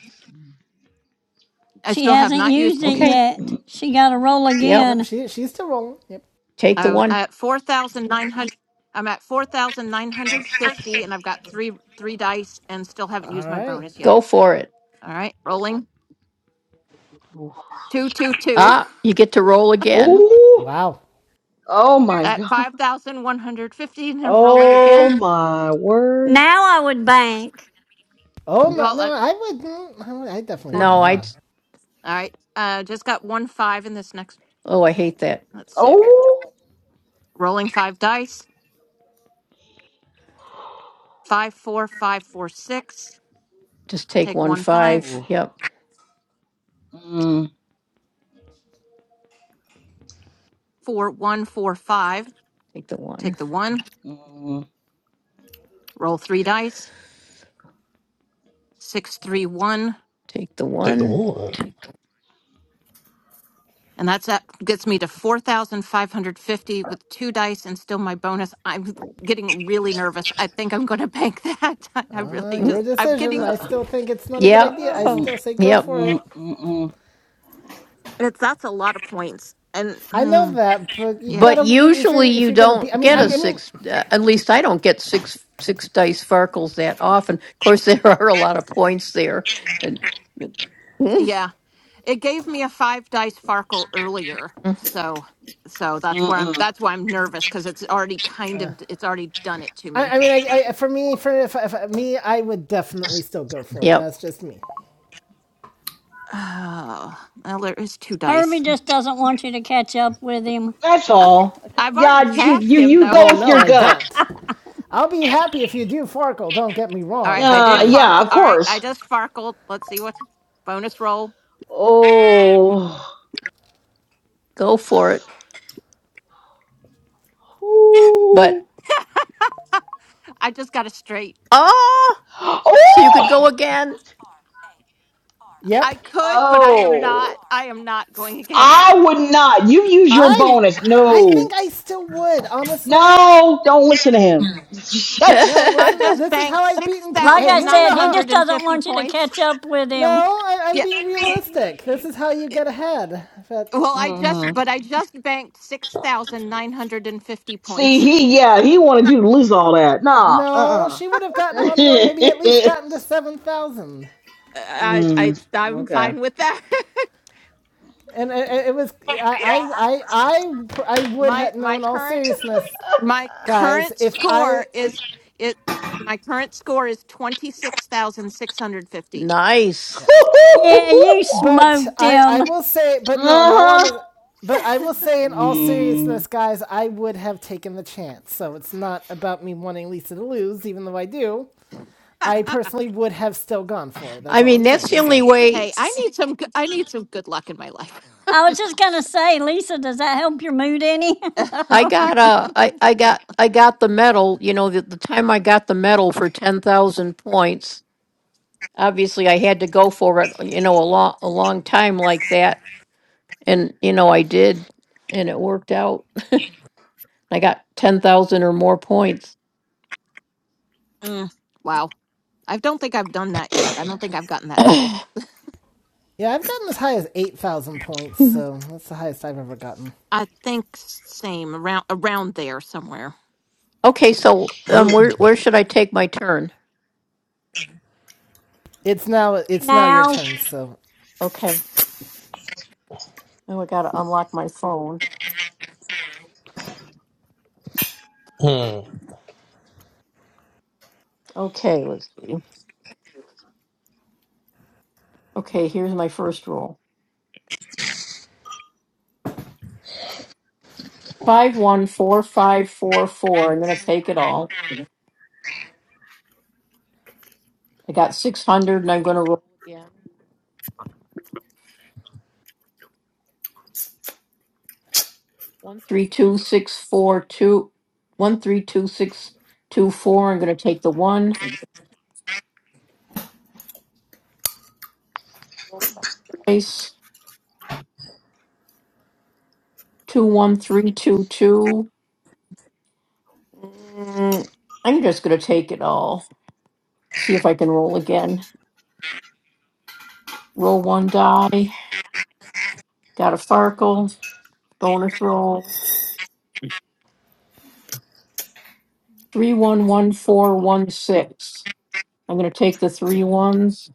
Speaker 15: I
Speaker 3: She
Speaker 15: still have
Speaker 3: hasn't
Speaker 15: not used,
Speaker 3: used it
Speaker 5: Mm.
Speaker 14: Okay.
Speaker 3: yet.
Speaker 5: Mm.
Speaker 3: She got to roll
Speaker 14: Yep.
Speaker 1: Yep,
Speaker 3: again.
Speaker 1: she she's still rolling. Yep.
Speaker 14: Take the
Speaker 15: uh,
Speaker 14: one.
Speaker 15: at 4,900, I'm at 4,950 and I've got three, three dice and still haven't
Speaker 1: All
Speaker 15: used my
Speaker 1: right.
Speaker 15: bonus yet.
Speaker 14: Go for it.
Speaker 15: All right, rolling.
Speaker 5: Oof.
Speaker 15: Two, two, two
Speaker 14: Ah, you get to roll again.
Speaker 5: Ooh.
Speaker 1: Wow.
Speaker 5: Oh my
Speaker 15: at
Speaker 5: God.
Speaker 15: 5,150 and then rolling
Speaker 5: Oh
Speaker 15: again.
Speaker 5: my word.
Speaker 3: Now I would bank.
Speaker 1: Oh no,
Speaker 15: Well,
Speaker 1: no,
Speaker 15: uh,
Speaker 1: I wouldn't. I I definitely
Speaker 15: hold.
Speaker 1: would
Speaker 14: No, I.
Speaker 1: not.
Speaker 15: All right. Uh, just got one five in this next,
Speaker 14: Oh, I hate that.
Speaker 15: let's see.
Speaker 5: Oh.
Speaker 15: Rolling five dice. Five, four, five, four, six
Speaker 14: Just take
Speaker 15: Take
Speaker 14: one
Speaker 15: one five
Speaker 14: five.
Speaker 5: Oh,
Speaker 14: Yep.
Speaker 5: Mm,
Speaker 15: four one four five.
Speaker 14: Take the one.
Speaker 15: Take the one.
Speaker 5: mm,
Speaker 15: Roll three dice. Six three one,
Speaker 14: Take the
Speaker 13: Take the
Speaker 14: one.
Speaker 13: one.
Speaker 15: and that's that gets me to four thousand five hundred fifty with two dice and still my bonus. I'm getting really nervous. I think I'm going to bank that. I
Speaker 1: Uh,
Speaker 15: really
Speaker 14: Mm,
Speaker 1: your
Speaker 15: just I'm
Speaker 1: decision.
Speaker 15: getting.
Speaker 1: I
Speaker 5: uh,
Speaker 1: still think it's not a good
Speaker 14: Yep.
Speaker 1: idea. I
Speaker 15: Oh,
Speaker 1: still
Speaker 5: mm, mm,
Speaker 1: say go
Speaker 14: Yep.
Speaker 1: for
Speaker 5: mm,
Speaker 1: it.
Speaker 5: mm, mm.
Speaker 15: it's that's a lot of points. And
Speaker 1: I know
Speaker 15: hmm,
Speaker 1: that, but you
Speaker 15: yeah,
Speaker 14: But
Speaker 1: gotta you, if
Speaker 14: usually
Speaker 1: you're if
Speaker 14: you
Speaker 1: you're gonna be. I
Speaker 14: don't
Speaker 1: mean,
Speaker 14: get
Speaker 1: I,
Speaker 14: a
Speaker 1: I mean,
Speaker 14: six. Uh, at least I don't get six six dice farkles that often. Of course, there are a lot of points there, and Mm,
Speaker 15: yeah. It gave me a five dice Farkle earlier,
Speaker 14: mm,
Speaker 15: so so that's where I'm.
Speaker 5: mm.
Speaker 15: That's why I'm nervous because it's already kind of it's already done it to me.
Speaker 1: I, I mean, I, I for me for if, if, me, I would definitely still go for it.
Speaker 14: yep,
Speaker 1: That's just me.
Speaker 15: Oh, well, there is two
Speaker 3: Herbie
Speaker 15: dice.
Speaker 3: just doesn't want you to catch up with him.
Speaker 5: That's
Speaker 15: I,
Speaker 5: all.
Speaker 15: I've already
Speaker 5: Yeah, you
Speaker 15: passed
Speaker 5: you
Speaker 15: him, though.
Speaker 5: you
Speaker 15: All
Speaker 5: go
Speaker 1: Well,
Speaker 5: with
Speaker 1: no,
Speaker 5: your
Speaker 1: I
Speaker 5: gut.
Speaker 1: don't. I'll be happy if you do Farkle. Don't get me
Speaker 15: right,
Speaker 1: wrong,
Speaker 15: I
Speaker 1: but uh,
Speaker 15: did
Speaker 5: Uh,
Speaker 1: Enter
Speaker 5: yeah,
Speaker 15: farkle.
Speaker 5: of
Speaker 15: All right, I
Speaker 5: course.
Speaker 15: just farkled. Let's see what's bonus roll.
Speaker 5: Oh.
Speaker 14: go for it. But
Speaker 5: Ooh.
Speaker 15: I just got a straight.
Speaker 14: ah, so you could go
Speaker 5: Oh.
Speaker 14: again.
Speaker 1: past R A R
Speaker 15: I
Speaker 1: yep,
Speaker 15: could,
Speaker 1: R
Speaker 15: but I am not.
Speaker 5: Oh.
Speaker 1: R
Speaker 15: I am
Speaker 1: A.
Speaker 15: not going again.
Speaker 5: I would not. You use your
Speaker 1: I
Speaker 5: bonus.
Speaker 1: I think
Speaker 5: No.
Speaker 1: I still would honestly.
Speaker 5: No, don't listen to
Speaker 1: Telegram.
Speaker 5: him.
Speaker 1: Phoenix Radio 1000. No,
Speaker 5: mm-hmm.
Speaker 15: I
Speaker 1: listen,
Speaker 15: just
Speaker 1: this is
Speaker 15: banked
Speaker 1: how I've beaten Pete.
Speaker 3: Like
Speaker 1: Hey,
Speaker 3: I
Speaker 1: you wanna
Speaker 3: said,
Speaker 1: know
Speaker 3: he
Speaker 1: how?
Speaker 3: just doesn't
Speaker 15: 6,950
Speaker 3: want you to
Speaker 15: points.
Speaker 3: catch up with
Speaker 1: No,
Speaker 3: him.
Speaker 1: I, I'm
Speaker 15: Yeah.
Speaker 1: being realistic. This is how you
Speaker 15: it-
Speaker 1: get ahead. But
Speaker 15: Well, I just, but I just banked 6,950
Speaker 5: See,
Speaker 15: points.
Speaker 5: he yeah, he wanted you to lose all that. Nah.
Speaker 1: no, she would have gotten one more, maybe at least
Speaker 5: Uh-uh.
Speaker 1: gotten to 7,000.
Speaker 15: I, I,
Speaker 5: Mm,
Speaker 15: I'm
Speaker 5: okay.
Speaker 15: fine with that.
Speaker 1: And it, it was, I, I, I, I, I would
Speaker 15: my,
Speaker 1: have, no,
Speaker 15: my
Speaker 1: in all
Speaker 15: current
Speaker 1: seriousness,
Speaker 15: My
Speaker 5: Uh,
Speaker 1: guys,
Speaker 15: current
Speaker 1: if
Speaker 5: Right.
Speaker 1: I,
Speaker 15: score
Speaker 1: it,
Speaker 15: is it. My current score is twenty six thousand six hundred fifty.
Speaker 14: nice.
Speaker 1: yeah.
Speaker 3: Yeah, you
Speaker 1: But
Speaker 3: smoked
Speaker 1: I, I
Speaker 3: him.
Speaker 1: will say, but no, in all
Speaker 5: uh-huh.
Speaker 1: honest, but I will say, in all seriousness,
Speaker 5: Mm,
Speaker 1: guys, I would have taken the chance. So it's not about me wanting Lisa to lose, even though I do. I personally would have still gone for it. That's
Speaker 14: I
Speaker 1: all
Speaker 14: mean,
Speaker 1: I'm
Speaker 14: that's
Speaker 1: saying.
Speaker 14: the
Speaker 15: Yeah.
Speaker 14: only
Speaker 1: So
Speaker 14: way.
Speaker 15: Hey, I
Speaker 3: S-
Speaker 15: need some. g- I need some good luck in my life.
Speaker 3: I
Speaker 15: You
Speaker 3: was just
Speaker 15: know?
Speaker 3: gonna
Speaker 15: so,
Speaker 3: say, Lisa, does that help your mood any?
Speaker 14: I got uh, I, I got I got the medal. You know, the, the time I got the medal for ten thousand points, obviously I had to go for it. You know, a long a long time like that, and you know I did, and it worked out. I got ten thousand or more points.
Speaker 15: Mm, wow. I don't think I've done that yet. I don't think I've gotten that medal.
Speaker 1: Yeah, I've gotten as high as eight thousand points, so that's the highest I've ever gotten.
Speaker 15: I think s- same around around there somewhere.
Speaker 14: okay, so um, where where
Speaker 13: Already.
Speaker 14: should I take my turn?
Speaker 1: It's now it's now your
Speaker 3: now,
Speaker 1: turn, so
Speaker 14: Okay, oh, I gotta unlock my phone.
Speaker 13: Hmm.
Speaker 14: Okay, let's see. Okay, here's my first roll: five one four five four four. I'm gonna take it all. I got six hundred and I'm gonna roll again. One, three, two, six, four, two, one, three, two, six, two, four. I'm gonna take the one. Nice. Two, one, three, two, two. Mm, I'm just gonna take it all. See if I can roll again. Roll one die. Got a Farkle. Bonus roll. Three, one, one, four, one, six. I'm gonna take the three ones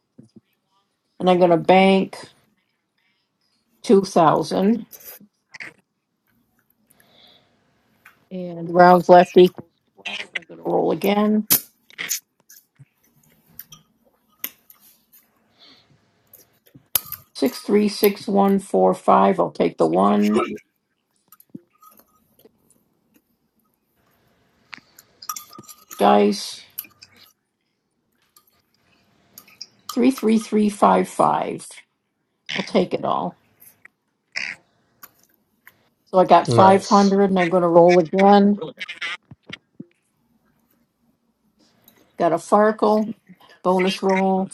Speaker 14: and I'm gonna bank two thousand. And rounds left equals twelve, I'm gonna roll again. Six, three, six, one, four, five, I'll take the one dice. Three, three, three, five, five, I'll take it all. So I got five
Speaker 13: Nice.
Speaker 14: hundred and I'm gonna roll again. Got a Farkle, bonus roll,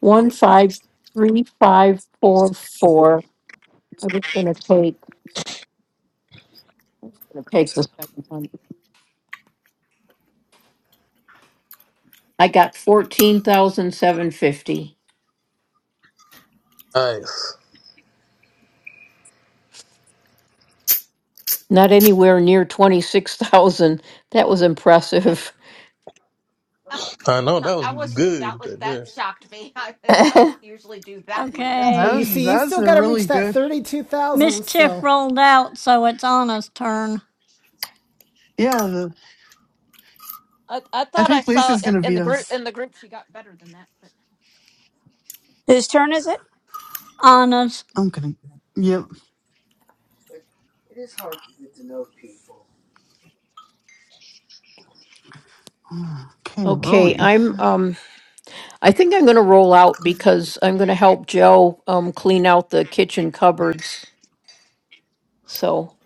Speaker 14: one, five, three, five, four, four. I was gonna take, gonna take the seven hundred. I got fourteen thousand seven fifty.
Speaker 13: Nice.
Speaker 14: Not anywhere near twenty-six thousand. That was impressive.
Speaker 13: I know that was
Speaker 15: I was that
Speaker 13: good
Speaker 15: would
Speaker 13: right
Speaker 15: that
Speaker 13: there.
Speaker 15: shocked me. I, don't usually do that well.
Speaker 11: yeah,
Speaker 1: but
Speaker 11: that
Speaker 3: okay.
Speaker 1: you
Speaker 11: was
Speaker 1: see, you've
Speaker 11: that's
Speaker 1: still
Speaker 11: a
Speaker 1: got to reach
Speaker 11: really
Speaker 1: that
Speaker 11: good.
Speaker 1: thirty-two thousand.
Speaker 3: Mischief
Speaker 1: So
Speaker 3: rolled out, so it's Anna's turn.
Speaker 11: Yeah, the,
Speaker 15: I, I
Speaker 11: I
Speaker 15: thought I
Speaker 11: think
Speaker 15: saw
Speaker 11: Lisa's
Speaker 15: in,
Speaker 11: gonna
Speaker 15: in
Speaker 11: beat
Speaker 15: the group
Speaker 11: us.
Speaker 15: in the group she got better than that, but
Speaker 2: Whose turn is it?
Speaker 3: Anna's.
Speaker 11: I'm gonna. Yep.
Speaker 2: But it is hard to get to know people.
Speaker 11: Okay,
Speaker 14: Okay,
Speaker 11: rolling.
Speaker 14: I'm um I think I'm going to roll out because I'm going to help Joe um clean out the kitchen cupboards. So,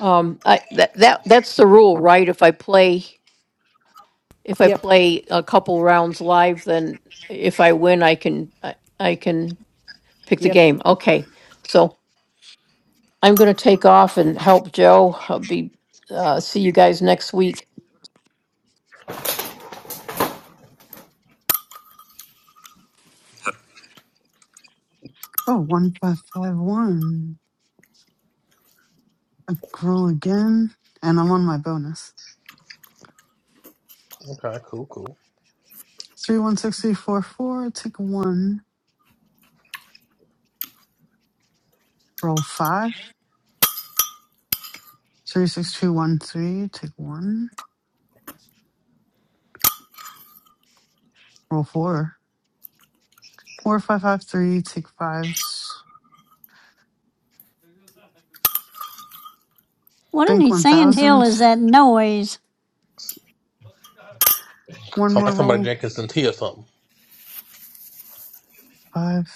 Speaker 14: um I that that that's the rule, right? If I play if I
Speaker 1: yep,
Speaker 14: play a couple rounds live, then if I win, I can I, I can pick the
Speaker 1: yep,
Speaker 14: game. Okay. So, I'm going to take off and help Joe. I'll be uh see you guys next week.
Speaker 11: Oh, one five five one. I roll again, and I'm on my bonus.
Speaker 13: Okay. Cool. Cool.
Speaker 11: Three one six three four four. Take one. Roll five. Three six two one three. Take one. Roll four. Four five five three. Take five.
Speaker 3: What in
Speaker 11: Think
Speaker 3: the sand hill
Speaker 11: 1000.
Speaker 3: is that noise?
Speaker 11: One
Speaker 13: Sound
Speaker 11: more
Speaker 13: like somebody
Speaker 11: roll.
Speaker 13: drinking some tea or something.
Speaker 11: Five.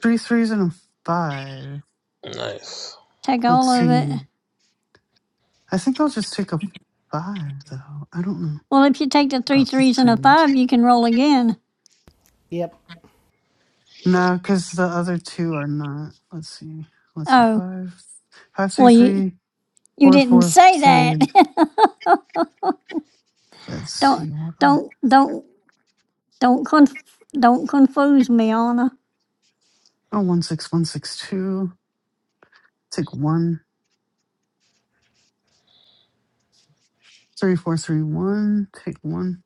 Speaker 11: Three threes and a five.
Speaker 13: Nice.
Speaker 3: Take
Speaker 11: Let's
Speaker 3: all of
Speaker 11: see.
Speaker 3: it.
Speaker 11: I think I'll just take a five, though. I don't know
Speaker 3: Well, if you take the three
Speaker 11: about the
Speaker 3: threes and a
Speaker 11: threes.
Speaker 3: five, you can roll again.
Speaker 1: yep,
Speaker 11: No, because the other two are not. Let's see. Let's see.
Speaker 3: Oh,
Speaker 11: Five. Five, three,
Speaker 3: well, you
Speaker 11: three,
Speaker 3: you
Speaker 11: four,
Speaker 3: didn't
Speaker 11: four,
Speaker 3: say
Speaker 11: three.
Speaker 3: that.
Speaker 11: Let's see.
Speaker 3: Don't
Speaker 11: What do I?
Speaker 3: don't don't don't conf- don't confuse me, Anna.
Speaker 11: Oh, one, six, one, six, two. Take one. Three, four, three, one. Take one.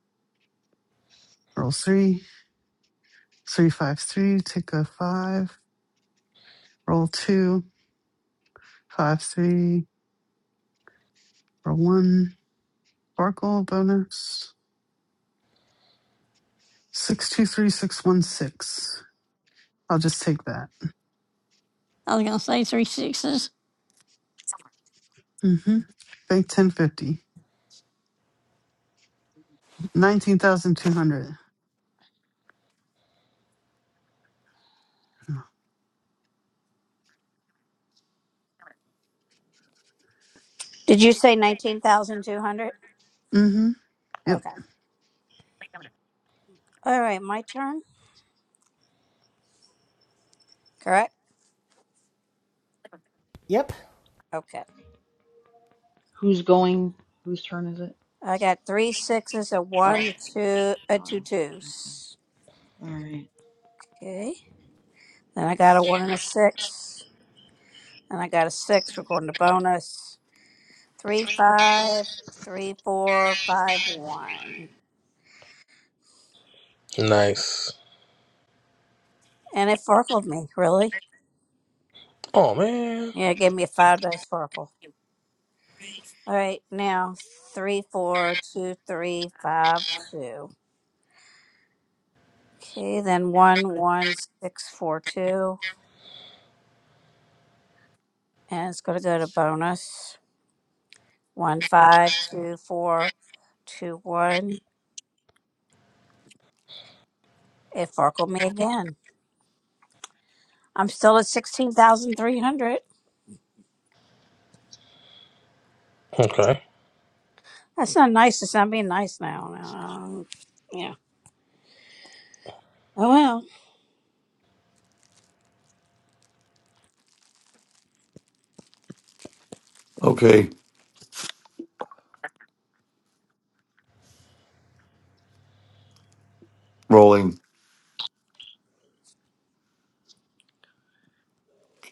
Speaker 11: Roll three. Three, five, three. Take a five. Roll two Five three for one sparkle bonus. Six two three six one six. I'll just take that.
Speaker 3: I was gonna say three sixes.
Speaker 11: Mm-hmm. Bank ten fifty. Nineteen thousand two hundred.
Speaker 2: Did you say nineteen thousand two hundred?
Speaker 11: Mm-hmm. Yep.
Speaker 2: Okay. All right, my turn. Correct.
Speaker 1: yep.
Speaker 2: Okay.
Speaker 5: Who's going? Whose turn is it?
Speaker 2: I got three sixes, a one,
Speaker 5: oh,
Speaker 2: a two, a two
Speaker 5: Donna's. Okay.
Speaker 2: twos.
Speaker 5: All right.
Speaker 2: Okay. Then I got a
Speaker 15: that's-
Speaker 2: one and a six, and I got a six. We're going to bonus. Three five, three four, five one,
Speaker 13: Nice.
Speaker 2: and it forkled me really.
Speaker 13: Oh man.
Speaker 2: Yeah, it gave me a five dice forkle. All right, now three four two three five two. Okay, then one one six four two, and it's going to go to bonus. One five two four two one. It farkled me again. I'm still at sixteen thousand three hundred.
Speaker 13: Okay.
Speaker 2: That's not nice. It's not being nice now. Um, yeah. Oh well.
Speaker 9: Okay, rolling.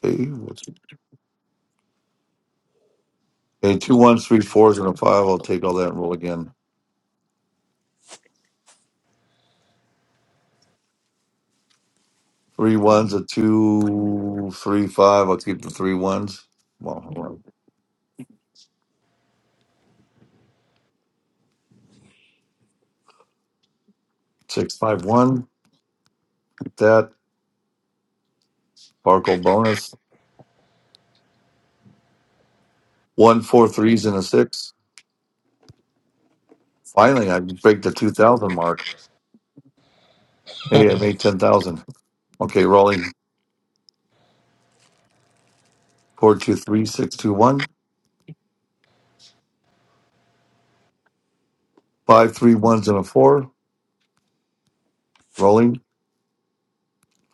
Speaker 9: Okay, what's okay? Two ones, three fours, and a five. I'll take all that and roll again. Three ones, a two, three, five. I'll keep the three ones. Well, hold on. six, five, one. Keep that. Sparkle bonus. One, four threes and a six. Finally, I break the two thousand mark. Hey, I made 10,000. Okay, rolling. 423, 5, 3 ones, and a 4. Rolling.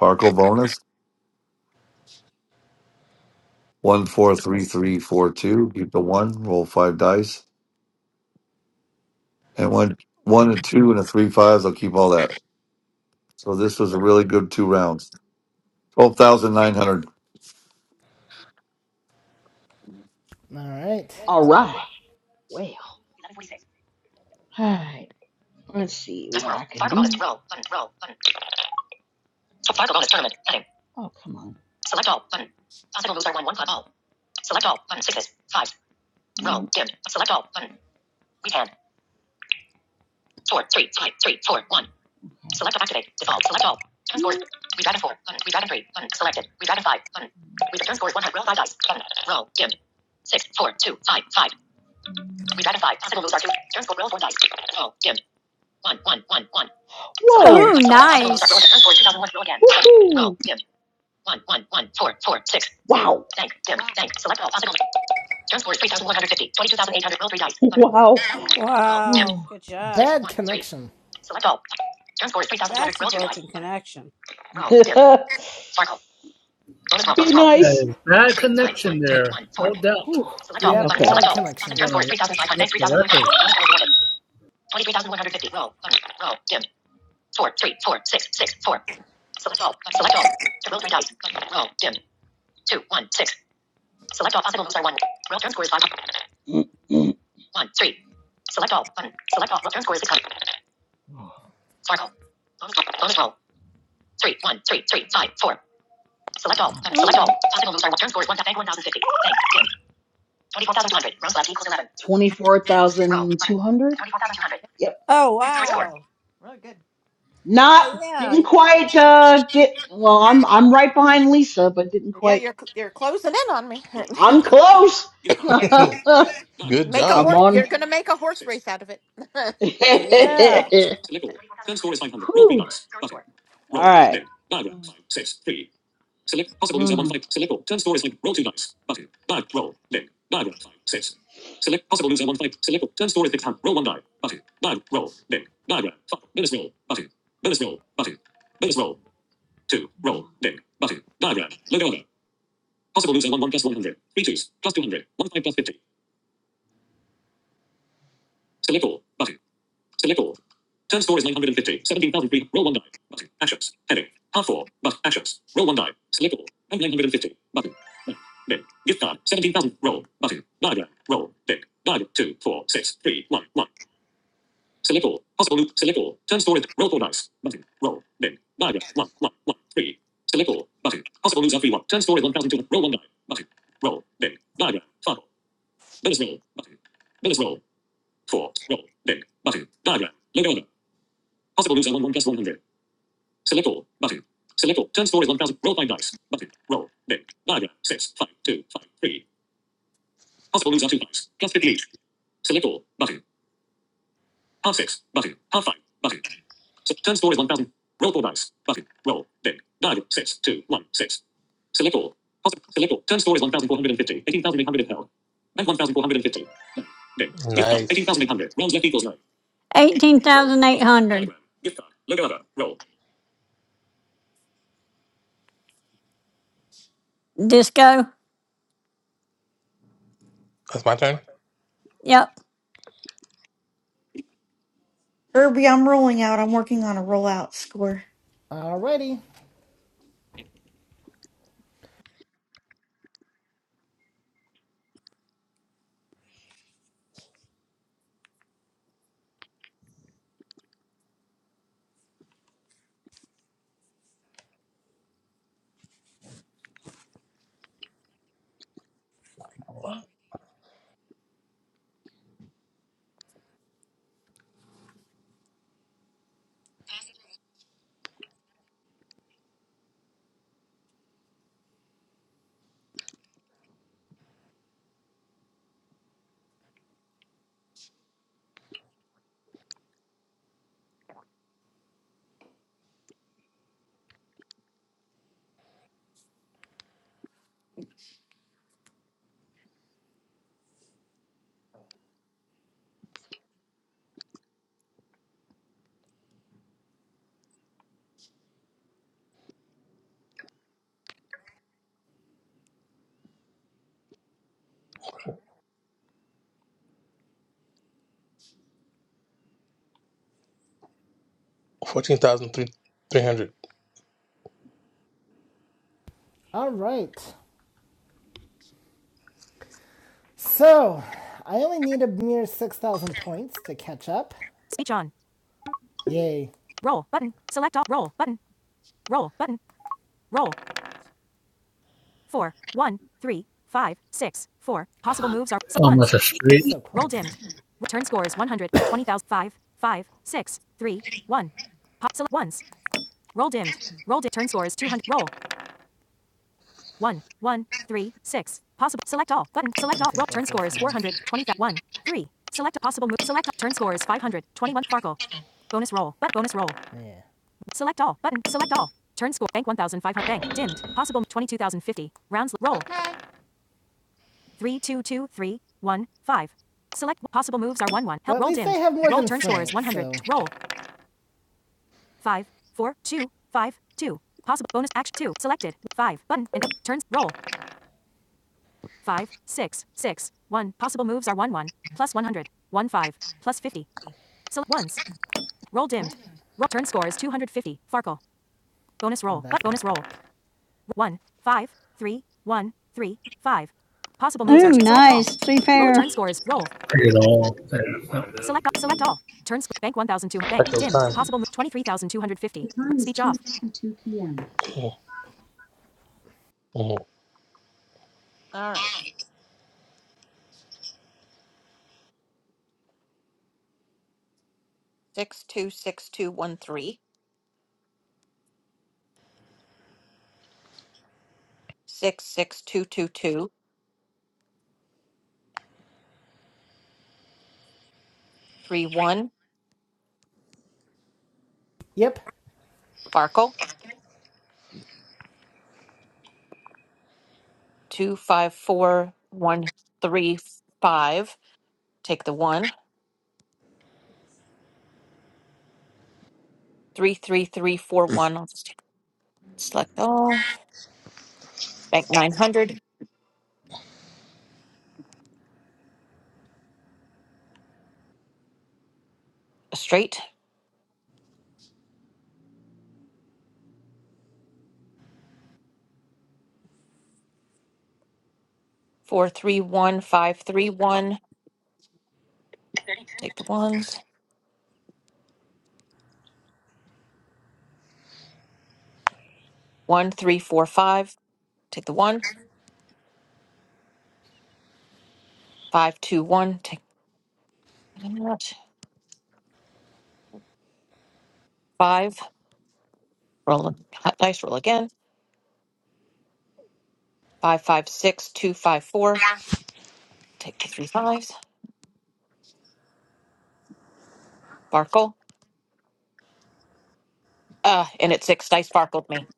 Speaker 9: Farkle bonus. 143342. Keep the 1. Roll 5 dice. And one, 1 and 2 and a 3, fives. I'll keep all that. So this was a really good two rounds. 12,900.
Speaker 1: All right,
Speaker 5: all right. Well. eleven forty-six. All right. Let's see what I can do. Bonus. Roll. Button. Roll. Button. Fargo bonus tournament. Heading. Oh, come on. Select all. Button. Possible moves are one. One. Club all. Select all. Button. Sixes. Fives. Dimmed. Select all. Button. Weak hand. Four, three, five, three, four, one. Select activate. Default. Select all. Turn scores. Redragon four. Button. Redragon three. Button. Selected. Redragon five. Button. Redragon turn scores one hundred. Roll five dice. Button. Roll. Dim. Six, four, two, five, five. Redragon five. Possible moves are two. Turn score. Roll four dice. Roll. Dim. One, one, one, one. Select all. Whoa.
Speaker 3: Ooh,
Speaker 5: Select all. Possible moves are roll.
Speaker 3: nice.
Speaker 5: Turn score two thousand
Speaker 15: wow,
Speaker 5: one. Roll again. Roll. Dim. One, one, one, four, four, six. Wow. Thank. Dim.
Speaker 15: wow,
Speaker 5: Thank. Select all. Possible. John scores 3,150. 22,800. Roll three dice. Wow. Roll. Dim.
Speaker 2: Wow. Good job.
Speaker 5: Six.
Speaker 1: bad
Speaker 5: One. Three.
Speaker 1: connection.
Speaker 5: Select all. John scores
Speaker 2: That's
Speaker 5: 3,200.
Speaker 2: a
Speaker 5: Roll two dice.
Speaker 2: broken connection.
Speaker 5: Roll. Dim. Sparkle. Bonus roll. Be Bonus roll. nice.
Speaker 1: Yeah,
Speaker 4: That
Speaker 5: Roll.
Speaker 4: is bad
Speaker 5: Three. Five.
Speaker 4: connection
Speaker 5: One. Three.
Speaker 4: there.
Speaker 5: One. Four.
Speaker 4: No doubt.
Speaker 5: Whew. Select all.
Speaker 4: Trina's
Speaker 1: yep,
Speaker 5: Okay. Select
Speaker 1: bad
Speaker 5: all. Positive
Speaker 1: connection.
Speaker 5: turn
Speaker 4: going
Speaker 5: scores
Speaker 4: to
Speaker 5: 3,500.
Speaker 4: rip
Speaker 5: Thanks.
Speaker 4: the
Speaker 5: 3,500.
Speaker 4: record.
Speaker 5: 23,150. Roll. Roll. Dim. Four. Three. Four. Six. Six. Four. Select all. Select all. Roll three dice. Roll. Dim. Two. One. Six. Select all possible moves are one. Roll turn score is five. One, three. Select all button. Select all. Roll turn score is six hundred. Sparkle. Bonus roll. Bonus roll. Three, one, three, three, five, four. Select all. Select all.
Speaker 3: Ooh.
Speaker 5: Possible moves are one. Turn score is one. Bank one thousand fifty. Bank dim. Twenty-four thousand two hundred. Rounds left equals eleven. Twenty-four thousand two hundred. Twenty-four thousand two hundred. Yep.
Speaker 2: Oh
Speaker 5: Current score.
Speaker 15: good,
Speaker 2: wow.
Speaker 15: really good.
Speaker 5: Not
Speaker 2: Oh yeah.
Speaker 5: didn't quite uh get well I'm I'm right behind Lisa but didn't
Speaker 15: Yeah,
Speaker 5: quite
Speaker 15: you're cl- you're closing in on me.
Speaker 5: I'm close I'm
Speaker 13: good
Speaker 15: Make a
Speaker 13: job.
Speaker 15: horse.
Speaker 5: on
Speaker 15: You're going to make a horse race out of it. okay.
Speaker 5: Whew.
Speaker 2: Yeah.
Speaker 5: All right. Mm.
Speaker 13: Nice.
Speaker 3: Eighteen thousand eight hundred. Disco.
Speaker 13: That's my turn.
Speaker 3: Yep.
Speaker 6: Herbie. I'm rolling out. I'm working on a rollout score.
Speaker 1: Alrighty,
Speaker 13: Fourteen thousand three three hundred.
Speaker 1: all right. So I only need a mere six thousand points to catch up. Speech on. Yay. Roll button. Select all. Roll button. Roll button. Roll. four, one, three, five, six, four. Possible moves are
Speaker 4: Almost
Speaker 1: ones.
Speaker 4: a straight
Speaker 1: So close. Roll dimmed. Return score is 100, 20,000, 5, 5, six, three, one. Possible ones. Roll dimmed. Roll di- Turn score is 200. Roll. one, one, 3, 6. Possible. Select all. Button. Select all. Roll. Turn score is 400, 1, 3. Select a possible move. Select all. Turn score is 500, 21. Farkle. Bonus roll. But bonus roll. Yeah. Select all. Button. Select all. Turn score. Bank 1,500. Bank. Dimmed. Possible. 22,050. Rounds. Roll. three two two three one five. Select possible moves are one one. Help Well, roll least dimmed. roll than turn friends, score is one hundred. so- Roll five four two five two. Possible bonus action two selected five button and turns roll five six six one. Possible moves are one one plus one hundred one five plus fifty. Select ones. Roll dimmed. Roll turn score is two hundred fifty. Farkle. Bonus roll. That- Bonus roll. One five three one three five. Possible moves oh. are
Speaker 3: Ooh,
Speaker 1: t- select all.
Speaker 3: nice. Three
Speaker 1: Roll
Speaker 3: pair.
Speaker 1: turn scores. Roll
Speaker 4: at all. No,
Speaker 1: Select all. Select all. Turn sc- bank 1,200.
Speaker 13: Like
Speaker 1: Bank
Speaker 13: those
Speaker 1: dimmed.
Speaker 13: time.
Speaker 1: Possible move 23,250.
Speaker 13: The time is
Speaker 1: Speech
Speaker 13: two
Speaker 1: off.
Speaker 13: fifty two p.m. Oh.
Speaker 15: All right. Six two six two one three six six two two two three one.
Speaker 1: Yep.
Speaker 15: Farkle two five four one three five. Take the one three three three four one. I'll just take, select all. Bank nine hundred. A straight four three one five three one. Take the ones one three four five. Take the one five two one. Take that. Five. Roll a dice. Roll again. Five, five, six, two, five, four. Take the three fives. Farkle. Uh, and it six dice farkled me.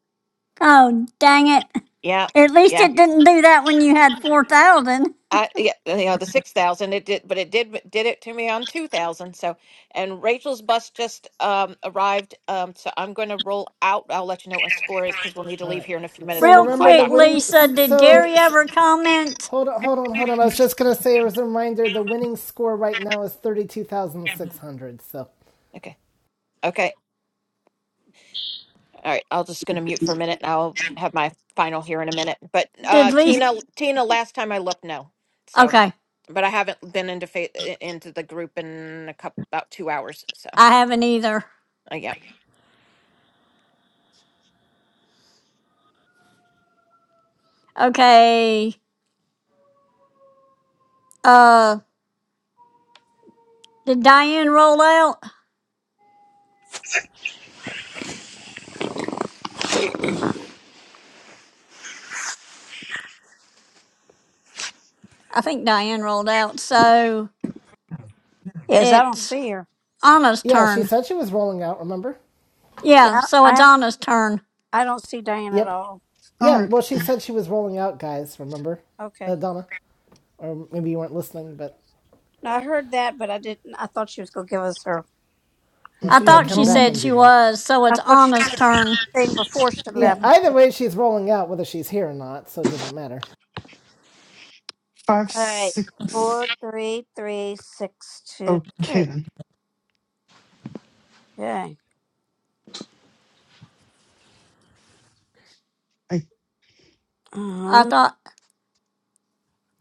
Speaker 3: Oh, dang it.
Speaker 15: Yeah,
Speaker 3: At least
Speaker 15: yeah.
Speaker 3: it didn't do that when you had 4,000.
Speaker 15: I yeah. You know the six thousand. It did, but it did did it to me on two thousand. So, and Rachel's bus just um arrived. Um, so I'm going to roll out. I'll let you know what my score is because we'll need to
Speaker 1: All
Speaker 15: leave
Speaker 1: right.
Speaker 15: here in a few minutes
Speaker 1: So
Speaker 15: for
Speaker 3: Real
Speaker 15: her
Speaker 1: remember
Speaker 15: eye
Speaker 1: the
Speaker 3: quick,
Speaker 15: doctor.
Speaker 1: winning.
Speaker 3: Lisa,
Speaker 1: s-
Speaker 3: did
Speaker 1: So
Speaker 3: Gary ever comment?
Speaker 1: hold on, hold on, hold on. I was just gonna say as a reminder, the winning score right now is thirty-two thousand six hundred. So
Speaker 15: Okay. Okay. All right, I'll just going to mute for a minute and I'll have my final here in a minute. But uh
Speaker 3: Did Lisa?
Speaker 15: Tina Tina last time I looked no. So
Speaker 3: Okay,
Speaker 15: but I haven't been into fa- into the group in a couple about 2 hours. So,
Speaker 3: I haven't either.
Speaker 15: uh, yeah.
Speaker 3: Okay, uh, did Diane roll out? I think Diane rolled out. So
Speaker 2: Yes, I don't
Speaker 3: it's
Speaker 2: see her.
Speaker 3: Anna's
Speaker 1: yeah, she
Speaker 3: turn.
Speaker 1: said she was rolling out. Remember?
Speaker 3: Yeah,
Speaker 2: Yeah,
Speaker 3: so
Speaker 2: I
Speaker 3: it's
Speaker 2: haven't.
Speaker 3: Anna's turn.
Speaker 2: I don't see Diane at
Speaker 1: Yep.
Speaker 2: all.
Speaker 11: All
Speaker 1: Yeah.
Speaker 11: right.
Speaker 1: Well, she said she was rolling out, guys. Remember,
Speaker 2: Okay.
Speaker 1: uh, Donna, or maybe you weren't listening, but
Speaker 2: No, I heard that, but I didn't. I thought she was gonna give us her.
Speaker 1: well,
Speaker 3: I
Speaker 1: she might
Speaker 11: Okay.
Speaker 3: thought she
Speaker 1: come back
Speaker 3: said
Speaker 1: and
Speaker 11: Rolling.
Speaker 1: do
Speaker 3: she
Speaker 1: that.
Speaker 3: was, so
Speaker 2: I
Speaker 3: it's
Speaker 2: thought she'd
Speaker 3: Anna's
Speaker 2: give
Speaker 3: turn.
Speaker 2: a thing before she
Speaker 11: Oh,
Speaker 1: Yeah.
Speaker 2: left.
Speaker 11: no.
Speaker 1: Either way, she's rolling out whether she's here or not, so it doesn't matter.
Speaker 11: Five
Speaker 2: All right.
Speaker 11: six.
Speaker 2: Four, three, three, six, two,
Speaker 11: Okay
Speaker 2: three.
Speaker 11: then.
Speaker 2: Okay.
Speaker 11: I
Speaker 3: I
Speaker 2: Um.
Speaker 3: thought,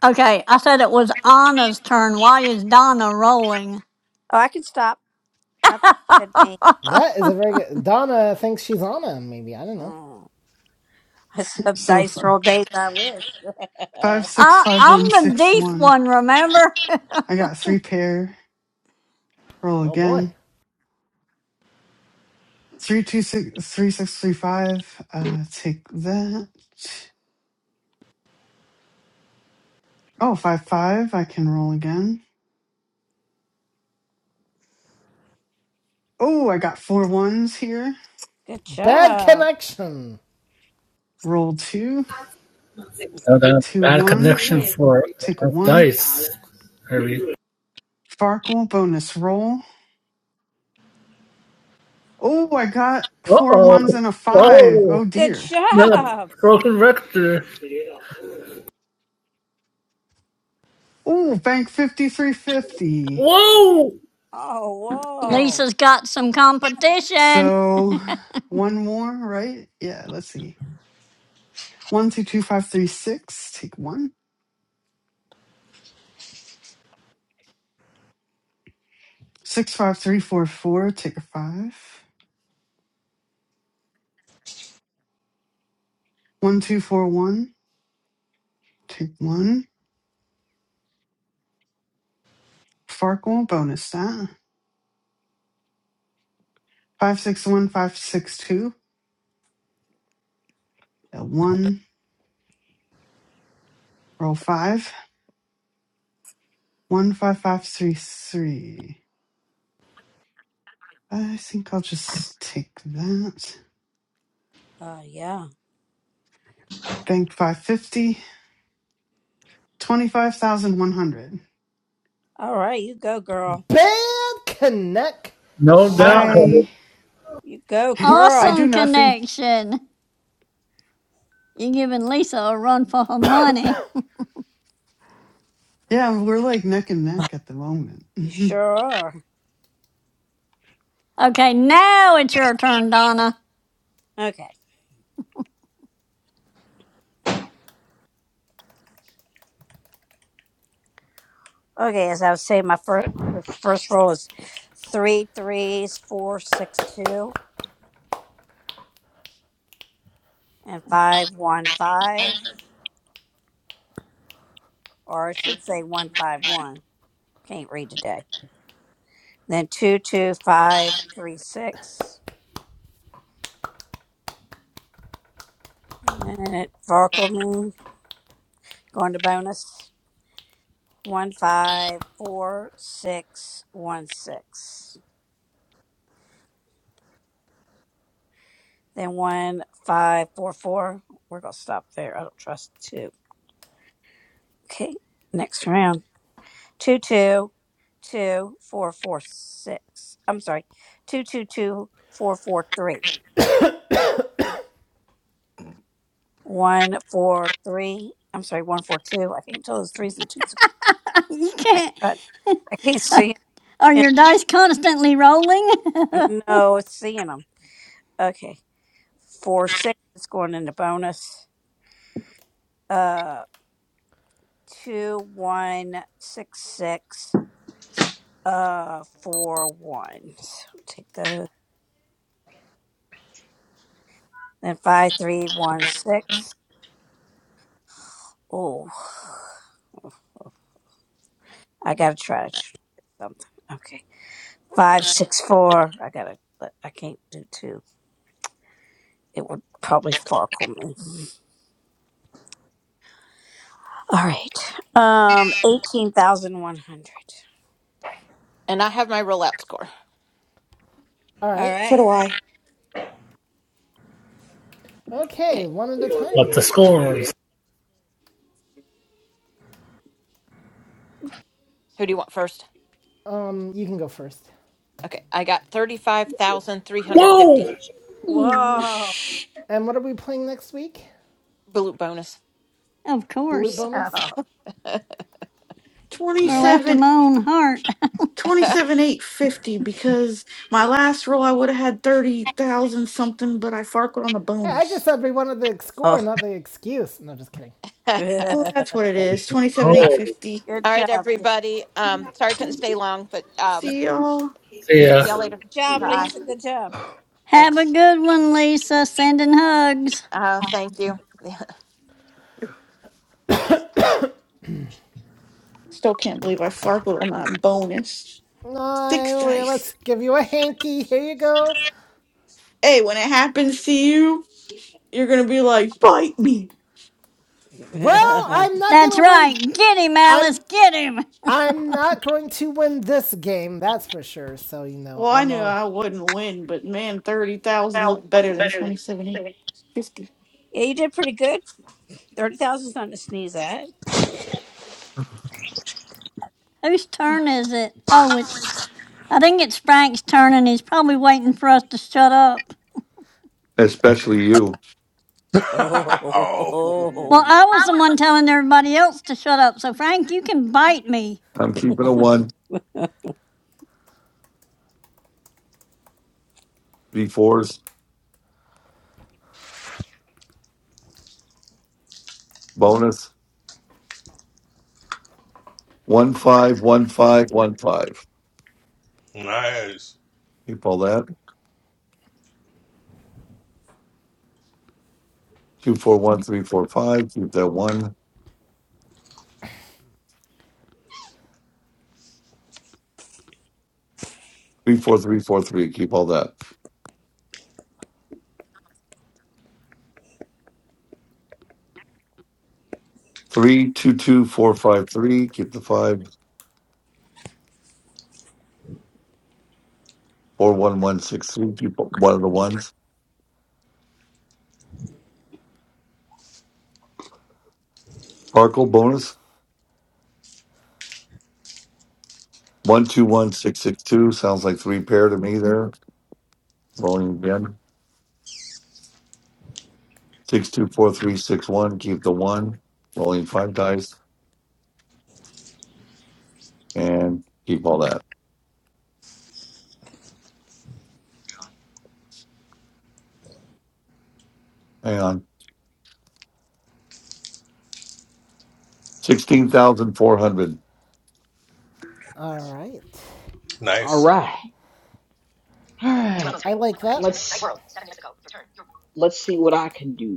Speaker 3: okay, I said it was Anna's turn. Why is Donna rolling?
Speaker 2: Oh, I can stop. I thought you said me.
Speaker 1: That is a very good. Donna thinks she's Anna. maybe. I don't know.
Speaker 2: Oh, I said
Speaker 11: so f-
Speaker 2: dice roll days. I wish.
Speaker 11: five six
Speaker 3: I,
Speaker 11: five one
Speaker 3: I'm the
Speaker 11: six
Speaker 3: deep
Speaker 11: one.
Speaker 3: one, remember?
Speaker 11: I got three pair. Roll
Speaker 1: Oh boy.
Speaker 11: again. Three two six three six three five. Uh, take that. Oh, five five. I can roll again. Oh, I got four ones here.
Speaker 2: Good
Speaker 1: Bad
Speaker 2: job.
Speaker 1: connection.
Speaker 11: Roll two,
Speaker 4: no,
Speaker 11: two
Speaker 4: Bad
Speaker 11: one.
Speaker 4: connection for
Speaker 11: Take a
Speaker 4: uh,
Speaker 11: one.
Speaker 4: dice, Harvey.
Speaker 11: Farkle bonus roll. Oh, I got
Speaker 4: Uh
Speaker 11: four ones
Speaker 4: oh.
Speaker 11: and a five. Oh
Speaker 4: Whoa.
Speaker 2: Good
Speaker 11: dear.
Speaker 4: The
Speaker 2: job.
Speaker 4: broken record.
Speaker 11: Oh, bank fifty three fifty.
Speaker 4: Whoa.
Speaker 2: Oh, whoa.
Speaker 3: Lisa's got some competition.
Speaker 11: So one more, right? Yeah. Let's see. One two two five three six. Take one. Six five three four four. Take a five. One two four one. Take one. Farkle bonus that. Five six one five six two. One roll five one five five three three. I think I'll just take that.
Speaker 2: Oh, yeah.
Speaker 11: Bank five fifty twenty five thousand one hundred.
Speaker 2: All right. You go, girl.
Speaker 1: Bad
Speaker 4: No doubt
Speaker 1: connection.
Speaker 4: what
Speaker 2: You go,
Speaker 11: I I
Speaker 2: girl.
Speaker 11: do
Speaker 3: Awesome
Speaker 11: nothing.
Speaker 3: connection. You're giving Lisa a run for her money.
Speaker 11: Yeah, we're like neck and neck at the moment.
Speaker 2: You
Speaker 11: Mhm.
Speaker 2: sure are.
Speaker 3: Okay, now it's your turn, Donna.
Speaker 2: Okay. Okay. As I was saying, my first first roll is three threes, four, six, two. and 515, or I should say 151. Can't read today. Then 22536. And it vocal me going to bonus 154616. Then 1544. We're going to stop there. I don't trust two. Okay, next round. two two two four four six. I'm sorry, 222443. one, four, three. I'm sorry, one, four, two. I can't tell those threes and twos.
Speaker 3: you
Speaker 2: My
Speaker 3: can't.
Speaker 2: God, I can't see
Speaker 3: Are
Speaker 2: them.
Speaker 3: your dice constantly rolling?
Speaker 2: No, it's seeing them. Okay, four, six. It's going into bonus. Uh, two, one, six, six. Uh, four, one. So take those. Then five, three, one, six. Oh, I gotta try to tr- something. Okay, five, six, four. I gotta. I can't do two. it would probably farkle me. All right. Um, eighteen thousand one hundred.
Speaker 15: And I have my roulette score.
Speaker 1: All
Speaker 2: All
Speaker 1: right.
Speaker 6: So
Speaker 2: right.
Speaker 6: do I.
Speaker 15: Okay.
Speaker 1: Okay, one at a time.
Speaker 4: the score is.
Speaker 15: Who do you want first?
Speaker 1: Um, you can go first.
Speaker 15: Okay, I got 35,350
Speaker 4: Whoa.
Speaker 6: Twenty
Speaker 2: Whoa.
Speaker 1: And what are we playing next week?
Speaker 15: blue bonus.
Speaker 3: Of
Speaker 1: Balut
Speaker 3: course.
Speaker 1: bonus?
Speaker 2: Yeah.
Speaker 1: All
Speaker 3: Girl after
Speaker 1: righty.
Speaker 6: seven.
Speaker 3: my own heart.
Speaker 6: twenty seven twenty 850 because my last roll I would have had 30,000 something but I farkled on the
Speaker 1: Hey, I just
Speaker 6: bonus.
Speaker 1: said we wanted the score,
Speaker 2: Oh.
Speaker 1: not the excuse. No, just kidding.
Speaker 6: Well,
Speaker 2: good
Speaker 6: that's what it is. 27
Speaker 4: Oh,
Speaker 6: 850.
Speaker 15: All right,
Speaker 2: job. Good
Speaker 15: everybody. Um, sorry I couldn't stay long, but um,
Speaker 6: See y'all.
Speaker 4: yeah.
Speaker 15: see y'all later.
Speaker 2: job,
Speaker 6: See
Speaker 15: Bye.
Speaker 2: Lisa.
Speaker 6: y'all.
Speaker 2: Good job.
Speaker 3: Have a
Speaker 15: Thanks.
Speaker 3: good one, Lisa. Sending hugs.
Speaker 15: Uh, thank you.
Speaker 6: Still can't believe I farkled on that bonus. Six
Speaker 1: No, let's
Speaker 6: dice.
Speaker 1: give you a hanky. Here you go.
Speaker 6: Hey, when it happens to you, you're gonna be like, bite me.
Speaker 1: Well,
Speaker 2: yeah,
Speaker 1: I'm not
Speaker 3: That's
Speaker 1: gonna
Speaker 3: right.
Speaker 1: win.
Speaker 3: Get him,
Speaker 1: I'm
Speaker 3: Alice. Get him.
Speaker 1: I'm not going to win this game, that's for sure. So you know,
Speaker 6: Well, I
Speaker 1: I'm
Speaker 6: knew
Speaker 1: all
Speaker 6: I wouldn't win, but man, 30,000 looked better than 27,850.
Speaker 2: you did pretty good. Thirty thousand is nothing to sneeze at.
Speaker 3: Whose turn is it? Oh, it's. I think it's Frank's turn, and he's probably waiting for us to shut up.
Speaker 9: Especially you.
Speaker 13: oh.
Speaker 2: Oh.
Speaker 3: Well, I was the one telling everybody else to shut up, so Frank, you can bite me.
Speaker 9: I'm keeping a 1. 3 4s. Bonus. one, five, one, five, one, five.
Speaker 13: Nice.
Speaker 9: Keep all that. Two, four, one, three, four, five. Keep that 1. Three four three four three. Keep all that. Three two two four five three. Keep the five. Four one one six three. Keep one of the ones. Sparkle bonus. One two one six six two. Sounds like three pair to me there. Rolling again. Six two four three six one. Keep the one. Rolling five dice and keep all that. Hang on. Sixteen thousand four hundred.
Speaker 1: all right.
Speaker 5: All
Speaker 13: Nice.
Speaker 5: right. All right.
Speaker 1: I like that.
Speaker 5: Let's, let's see what I can do.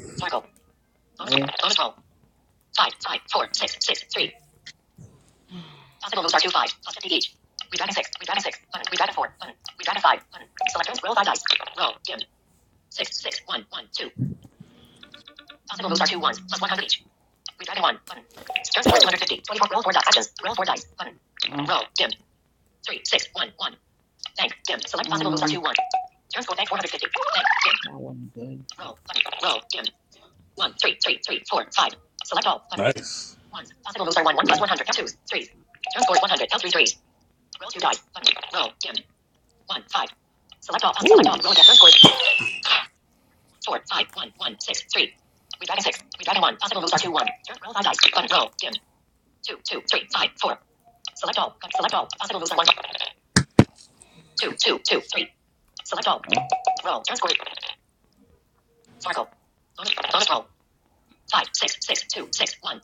Speaker 5: Okay. Six, six, one, one, two. Possible moves are two ones, plus 100 each. Redragon one, button. Turn score is 250. 24, roll four dice. Actions, roll four dice, button. Mm. Roll, dimmed. Three, six, one, one. Bank, dimmed. Select possible mm. moves are two, one. Turn score, bank 450. Bank, dimmed. That wasn't good. Roll, button. Roll, dimmed. One, three, three, three, four, five. Select all, button.
Speaker 13: Nice.
Speaker 5: Ones. Possible moves are one, one plus 100. Twos, threes. Turn score is 100. L three threes. Roll two dice, button. Roll, dimmed. One, five. Select all, possible select all. Roll, turn score is Four, five, one, one, six, three. We dragon six. We dragon one. Possible moves are two, one. Turn roll five dice. Button roll. Dim. Two, two, three, five, four. Select all. Select all. Possible moves are one. Two, two, two, three. Select all. Roll. Turn score. Sparkle. Bonus, bonus roll. Five, six, six, two, six, one.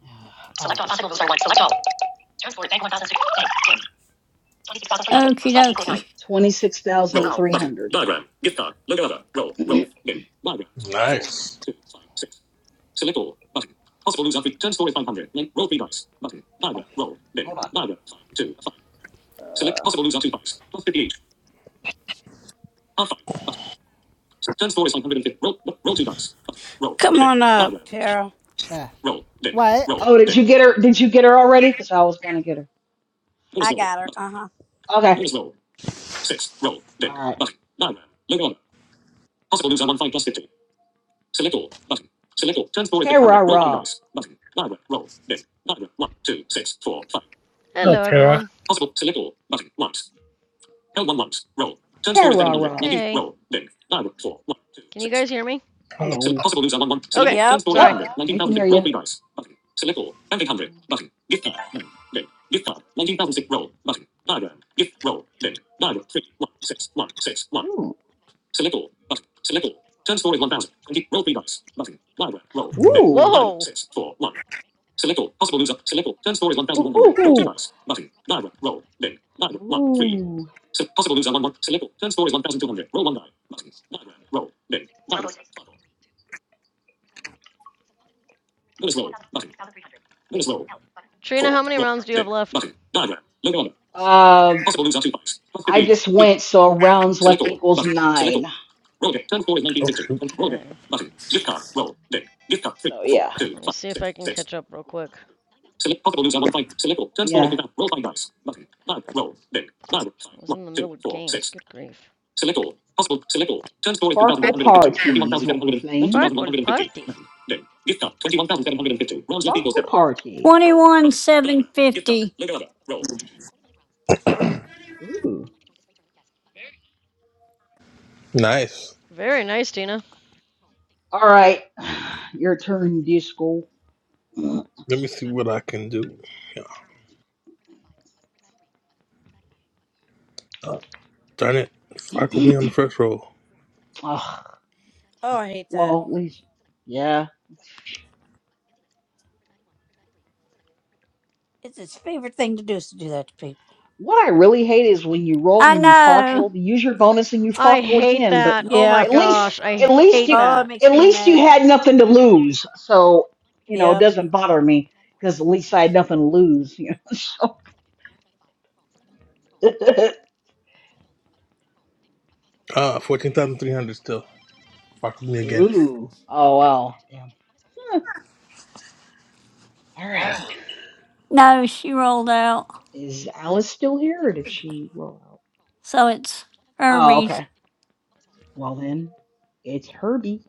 Speaker 5: Select all. Possible moves are one. Select all. Turn score. Bank one thousand six. Bank. Dim. Twenty-six thousand three hundred. Roll
Speaker 3: Okie
Speaker 5: left equals nine.
Speaker 3: dokie.
Speaker 5: Twenty-six thousand three hundred.
Speaker 13: Nice.
Speaker 5: Oh, hold on. Uh,
Speaker 2: Come on up, Tara.
Speaker 1: Uh, what?
Speaker 5: oh, did you get her? Did you get her already? Because I was gonna get her.
Speaker 2: I got her. Uh huh.
Speaker 5: Okay. All right. Terra.
Speaker 4: Oh,
Speaker 16: Hello,
Speaker 4: Tara.
Speaker 16: everyone.
Speaker 5: Terra.
Speaker 16: Hey, can you guys hear me?
Speaker 13: Oh,
Speaker 5: Hello.
Speaker 16: Okay,
Speaker 2: Yep.
Speaker 5: Yep,
Speaker 16: sorry.
Speaker 5: we can hear you. Ooh.
Speaker 13: no.
Speaker 5: Ooh.
Speaker 16: Whoa!
Speaker 5: Ooh. Ooh. ooh.
Speaker 16: Trina, how many rounds do you have left?
Speaker 5: Uh, I just went, so rounds left equals nine.
Speaker 13: Oh, shoot.
Speaker 16: Okay,
Speaker 5: So yeah,
Speaker 16: let me see if I can catch up real quick.
Speaker 5: yeah.
Speaker 16: I was in the middle of games, good grief.
Speaker 5: Farkle parties, what we're playing.
Speaker 16: Farkle party.
Speaker 5: Farkle party.
Speaker 3: 21 750. roll.
Speaker 13: Nice.
Speaker 16: Very nice, Tina.
Speaker 5: All right, your turn, Disco.
Speaker 13: Let me see what I can do. Yeah. Uh, darn it. Fuck with me on the first roll.
Speaker 5: Ugh.
Speaker 2: Oh, I hate that.
Speaker 5: Well, at least, yeah.
Speaker 2: It's his favorite thing to do is to do that to people.
Speaker 5: What I really hate is when you roll
Speaker 3: I
Speaker 5: and you
Speaker 3: know.
Speaker 5: farkle, you use your bonus and you
Speaker 16: I
Speaker 5: farkle
Speaker 16: hate
Speaker 5: again, but
Speaker 16: that. Oh my
Speaker 2: Yeah.
Speaker 5: at least
Speaker 16: gosh, I
Speaker 5: at least
Speaker 16: hate
Speaker 5: you
Speaker 2: Oh, it
Speaker 16: that.
Speaker 5: at
Speaker 2: makes me
Speaker 5: least you
Speaker 2: mad.
Speaker 5: had nothing to lose. So, you know, it
Speaker 2: Yep.
Speaker 5: doesn't bother me because at least I had nothing to lose, you know. So
Speaker 13: Ah, 14,300 still. Fuck with me again.
Speaker 5: Ooh. Oh well. Damn. Huh. All right.
Speaker 3: No, she rolled out.
Speaker 5: Is Alice still here or did she roll out?
Speaker 3: So it's her
Speaker 5: Oh, okay. Well then, it's Herbie.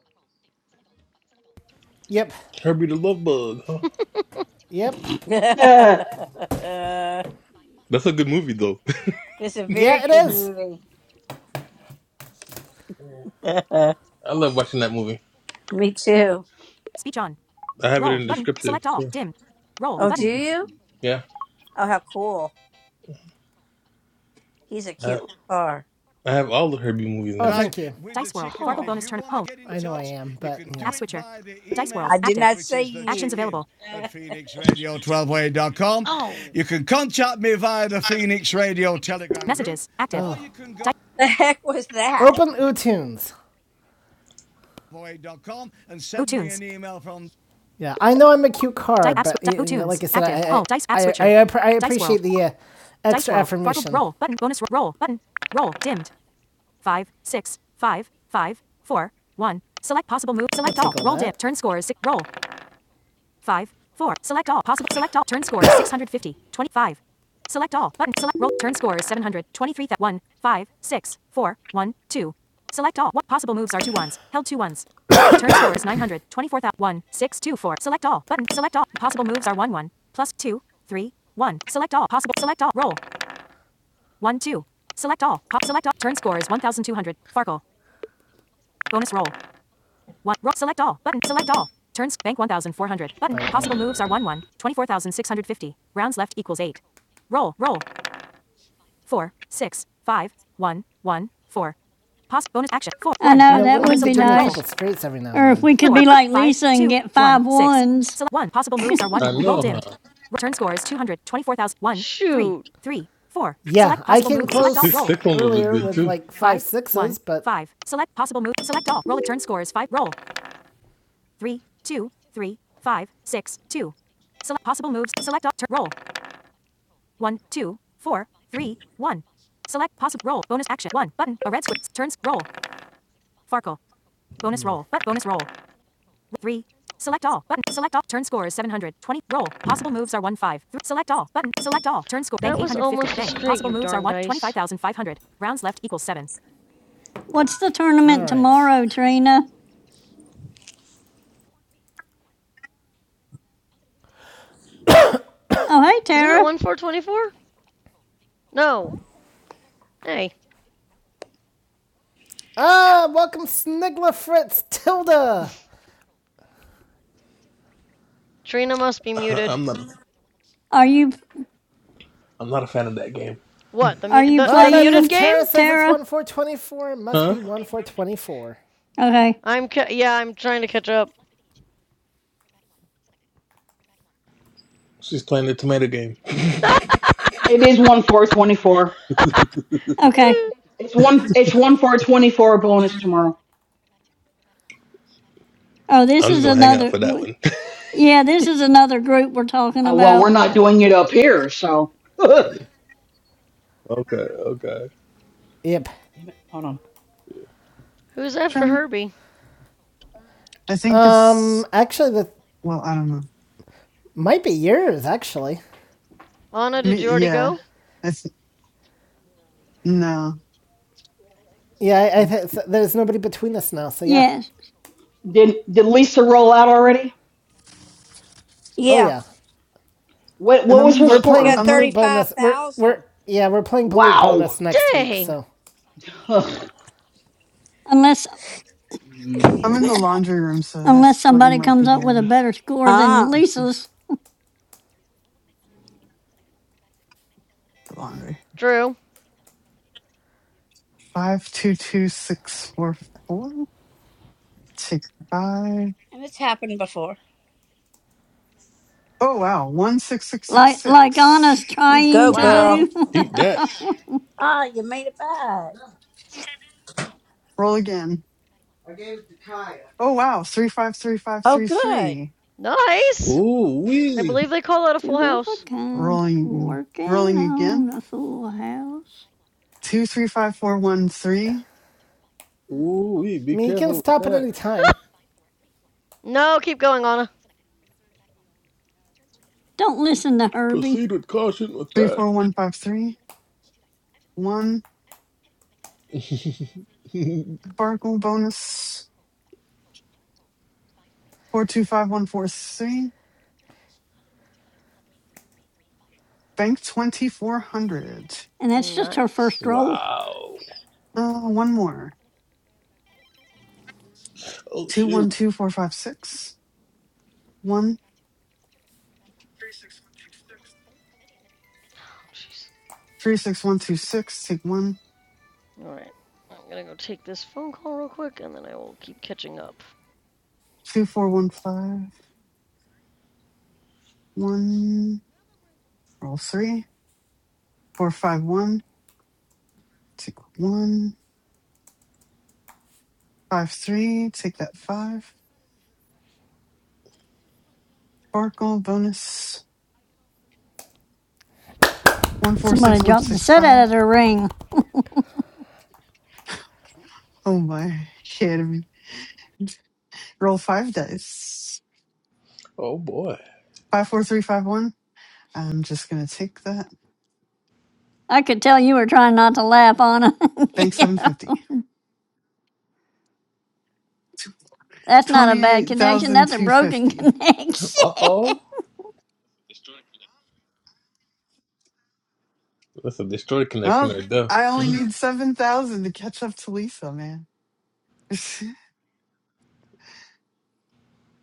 Speaker 1: Yep.
Speaker 13: Herbie the Love Bug, huh?
Speaker 1: Yep.
Speaker 5: it
Speaker 2: it's
Speaker 13: That's a good movie, though.
Speaker 2: a very
Speaker 1: Yeah, it
Speaker 2: good
Speaker 1: is.
Speaker 2: movie.
Speaker 13: I love watching that movie.
Speaker 2: me too.
Speaker 1: Speech on.
Speaker 13: I have it
Speaker 1: Roll
Speaker 13: in
Speaker 1: button.
Speaker 13: descriptive.
Speaker 1: Select all.
Speaker 13: So.
Speaker 1: Dim. Roll
Speaker 2: Oh, do
Speaker 1: button.
Speaker 2: you?
Speaker 13: Yeah.
Speaker 2: Oh, how cool. He's a
Speaker 13: I,
Speaker 2: cute car.
Speaker 13: I have all the Herbie movies
Speaker 1: Oh, and
Speaker 13: in the
Speaker 1: thank I,
Speaker 13: descriptive.
Speaker 1: you. Dice World, Fargo
Speaker 16: Oh.
Speaker 1: bonus turn up home. I know I am, but, you App switcher. Dice
Speaker 2: I
Speaker 1: World,
Speaker 2: did
Speaker 1: active.
Speaker 2: not say
Speaker 1: Actions
Speaker 2: you.
Speaker 1: available. At phoenixradio12way.com.
Speaker 16: Oh.
Speaker 1: You can contact me via the Phoenix Radio Telegram. Messages. Active. or you can go
Speaker 2: the heck was that?
Speaker 1: void.com and send Utunes. me an email from Yeah, I know I'm a cute card, Dice- but you know, like I said, active. I, I, Oh, I, I, I appreciate the uh, extra affirmation. Roll, button. Bonus roll button. Roll dimmed. Five six five five four one. Select possible move. Select all. Roll that. dip. Turn score is six. Roll. 5, 4. Select all. Possible. Select all. Turn score is 650. 25. Select all. Button. Select roll. Turn score is 700. 23. Th- 1, 2. Select all. What possible moves are two ones? Held two ones. Turn score is 900. 24. Th- Select all. Button. Select all. Possible moves are 1, 1. Plus plus two, three, one. Select all. Possible. Select all. Roll. 1, 2. Select all. Pop. Select all. Turn score is 1200. Farkle. Bonus roll. One. select all. Button. Select all. Turns. Bank 1,400. Button. Possible moves are 1 1. 24,650. Rounds left equals 8. Roll. Roll. 4. 6. 5. 1. 1. 4. Poss- bonus action. 4.
Speaker 3: I
Speaker 1: 1. You
Speaker 3: know,
Speaker 1: know, Button. what
Speaker 3: that
Speaker 1: Uh, has
Speaker 3: would
Speaker 1: so
Speaker 3: be
Speaker 1: give turn. me a Roll.
Speaker 3: nice.
Speaker 1: couple straights every now and
Speaker 3: Or if
Speaker 1: then?
Speaker 3: we could be
Speaker 1: Four.
Speaker 3: like
Speaker 1: Five.
Speaker 3: Lisa and
Speaker 1: Two.
Speaker 3: get
Speaker 1: One.
Speaker 3: five
Speaker 1: Six.
Speaker 3: ones.
Speaker 1: Select 1. Possible moves are 1.
Speaker 13: I
Speaker 1: Roll
Speaker 13: know,
Speaker 1: dimmed.
Speaker 13: huh?
Speaker 1: Return score is 200. 24,000. 1. 3.
Speaker 16: Shoot.
Speaker 1: 3. 4. Yeah, I can
Speaker 13: The
Speaker 1: close
Speaker 13: Six, six ones was
Speaker 1: earlier
Speaker 13: good, too.
Speaker 1: with like five sixes, but five. Select possible move. Select all. Roll. Return score is five. Roll three, two, three, five, six, two. Select possible moves. Select all. Turn. Roll. One, two, four, three, one. Select possible roll. Bonus action. One button. A red switch. Turns. Roll. Farkle. Bonus roll. But bonus roll. Three. Select all. Button. Select all. Turn score is 720. Roll. Possible moves are 1 5. Th- select all. Button. Select all. Turn score. Bank
Speaker 16: That was
Speaker 1: 850.
Speaker 16: almost a
Speaker 1: Bank.
Speaker 16: straight,
Speaker 1: Possible
Speaker 16: you
Speaker 1: moves are
Speaker 16: darn
Speaker 1: 1.
Speaker 16: dice.
Speaker 1: 25,500. Rounds left equals 7.
Speaker 3: What's the
Speaker 1: All
Speaker 3: tournament
Speaker 1: right.
Speaker 3: tomorrow, Trina? Oh, hey,
Speaker 16: Isn't it
Speaker 3: Tara.
Speaker 16: one four twenty four? No. Hey.
Speaker 1: Ah, welcome Snigler Fritz Tilda.
Speaker 16: Trina must be muted.
Speaker 13: I'm not,
Speaker 3: Are you
Speaker 13: I'm not a fan of that game.
Speaker 16: What? The
Speaker 3: are
Speaker 16: mu-
Speaker 3: you
Speaker 16: the,
Speaker 1: Well,
Speaker 16: the
Speaker 1: then, if
Speaker 16: muted
Speaker 3: playing,
Speaker 16: game?
Speaker 1: Tara says it's
Speaker 3: Tara?
Speaker 1: 1 4 twenty-four, it must
Speaker 13: Huh?
Speaker 1: be 1 4 twenty-four.
Speaker 3: Okay.
Speaker 16: I'm ca- yeah, I'm trying to catch up.
Speaker 13: She's playing the tomato game.
Speaker 5: is one four twenty four.
Speaker 3: Okay.
Speaker 5: It's one it's one four twenty four bonus tomorrow.
Speaker 3: Oh, this
Speaker 13: I'm just
Speaker 3: is
Speaker 13: going to hang out
Speaker 3: another.
Speaker 13: for that
Speaker 3: w-
Speaker 13: one.
Speaker 3: Yeah, this is another group we're talking
Speaker 5: Uh, well, we're
Speaker 3: about.
Speaker 5: not doing it up here, so. Damn
Speaker 13: Okay, okay.
Speaker 1: Yep.
Speaker 5: it, Hold on.
Speaker 16: Who's after
Speaker 11: Trying-
Speaker 16: Herbie?
Speaker 11: I think
Speaker 1: Um,
Speaker 11: it's
Speaker 1: actually, that
Speaker 11: well, I don't know.
Speaker 1: might be yours, actually.
Speaker 16: Anna, did
Speaker 11: Me,
Speaker 16: you already
Speaker 11: yeah,
Speaker 16: go?
Speaker 11: I th- no,
Speaker 1: Yeah, I, I
Speaker 11: and
Speaker 1: th- there's nobody between us now, so yeah.
Speaker 3: Yes,
Speaker 5: Did did Lisa roll out already?
Speaker 1: Oh,
Speaker 2: Yeah,
Speaker 1: yeah.
Speaker 5: What what
Speaker 11: I'm
Speaker 5: was
Speaker 11: in
Speaker 5: her
Speaker 1: We're
Speaker 11: the
Speaker 2: she
Speaker 5: score?
Speaker 1: playing
Speaker 2: got
Speaker 11: I'm the,
Speaker 1: Balut Bonus. We're, we're,
Speaker 2: 35,000.
Speaker 1: yeah, we're playing Balut
Speaker 5: Wow.
Speaker 1: Bonus next week,
Speaker 16: Dang.
Speaker 1: so.
Speaker 5: Ugh.
Speaker 3: unless
Speaker 5: Mm,
Speaker 11: I'm in the laundry room, so
Speaker 3: unless
Speaker 11: that's what you
Speaker 3: somebody
Speaker 11: might
Speaker 3: comes
Speaker 11: be
Speaker 3: up with a
Speaker 11: hearing.
Speaker 3: better score than
Speaker 2: Ah,
Speaker 11: Let's see,
Speaker 3: Lisa's,
Speaker 11: the laundry.
Speaker 16: Drew.
Speaker 11: Five two two six four four. Take five.
Speaker 2: and it's happened before.
Speaker 11: Oh wow. One six six six
Speaker 3: like like Anna's
Speaker 11: six.
Speaker 2: You
Speaker 3: trying
Speaker 2: go,
Speaker 3: to
Speaker 13: Nah,
Speaker 16: Wow.
Speaker 2: girl.
Speaker 3: do.
Speaker 13: Keep that.
Speaker 2: Ah, you made it back.
Speaker 11: Roll again. Oh wow. Three five three five
Speaker 2: Oh,
Speaker 11: three
Speaker 2: good.
Speaker 11: three.
Speaker 16: Nice.
Speaker 13: Ooh
Speaker 16: I
Speaker 13: wee.
Speaker 16: believe they call that a full
Speaker 3: Two of a
Speaker 16: house.
Speaker 3: kind,
Speaker 11: Rolling
Speaker 3: working
Speaker 11: rolling
Speaker 3: on
Speaker 11: again.
Speaker 3: a full house.
Speaker 11: Two three five four one three.
Speaker 13: Ooh wee.
Speaker 1: I
Speaker 13: Be
Speaker 1: mean, you can
Speaker 13: careful with
Speaker 1: stop at
Speaker 13: that.
Speaker 1: any time.
Speaker 16: No, keep going, Anna.
Speaker 3: Don't listen to Herbie.
Speaker 13: Proceed with caution with
Speaker 11: Three
Speaker 13: that.
Speaker 11: four one five three. One sparkle bonus. Four two five one four three. Bank twenty four hundred.
Speaker 3: And that's just her first
Speaker 16: Nice.
Speaker 3: roll.
Speaker 13: wow.
Speaker 11: Uh one more.
Speaker 13: Oh
Speaker 11: Two
Speaker 13: shoot.
Speaker 11: one two four five six. One
Speaker 16: Oh, jeez.
Speaker 11: three six one two six. Take one.
Speaker 16: Alright. I'm gonna go take this phone call real quick and then I will keep catching up.
Speaker 11: two four one five one roll three four five one take one five three take that five sparkle bonus One, four,
Speaker 3: Somebody
Speaker 11: six, one,
Speaker 3: dropped the
Speaker 11: six,
Speaker 3: set out
Speaker 11: five.
Speaker 3: of their ring.
Speaker 11: Oh my shit roll five dice
Speaker 13: Oh boy.
Speaker 11: five four three five one i'm just gonna take that
Speaker 3: I could tell you were trying not to laugh, Anna.
Speaker 11: bank
Speaker 3: yeah,
Speaker 11: 750
Speaker 3: that's not a bad connection.
Speaker 11: thousand
Speaker 3: That's a
Speaker 11: two
Speaker 3: broken
Speaker 11: fifty.
Speaker 3: connection.
Speaker 13: Uh oh. That's a destroyed connection
Speaker 11: oh
Speaker 13: right there.
Speaker 11: i only need 7000 to catch up to lisa man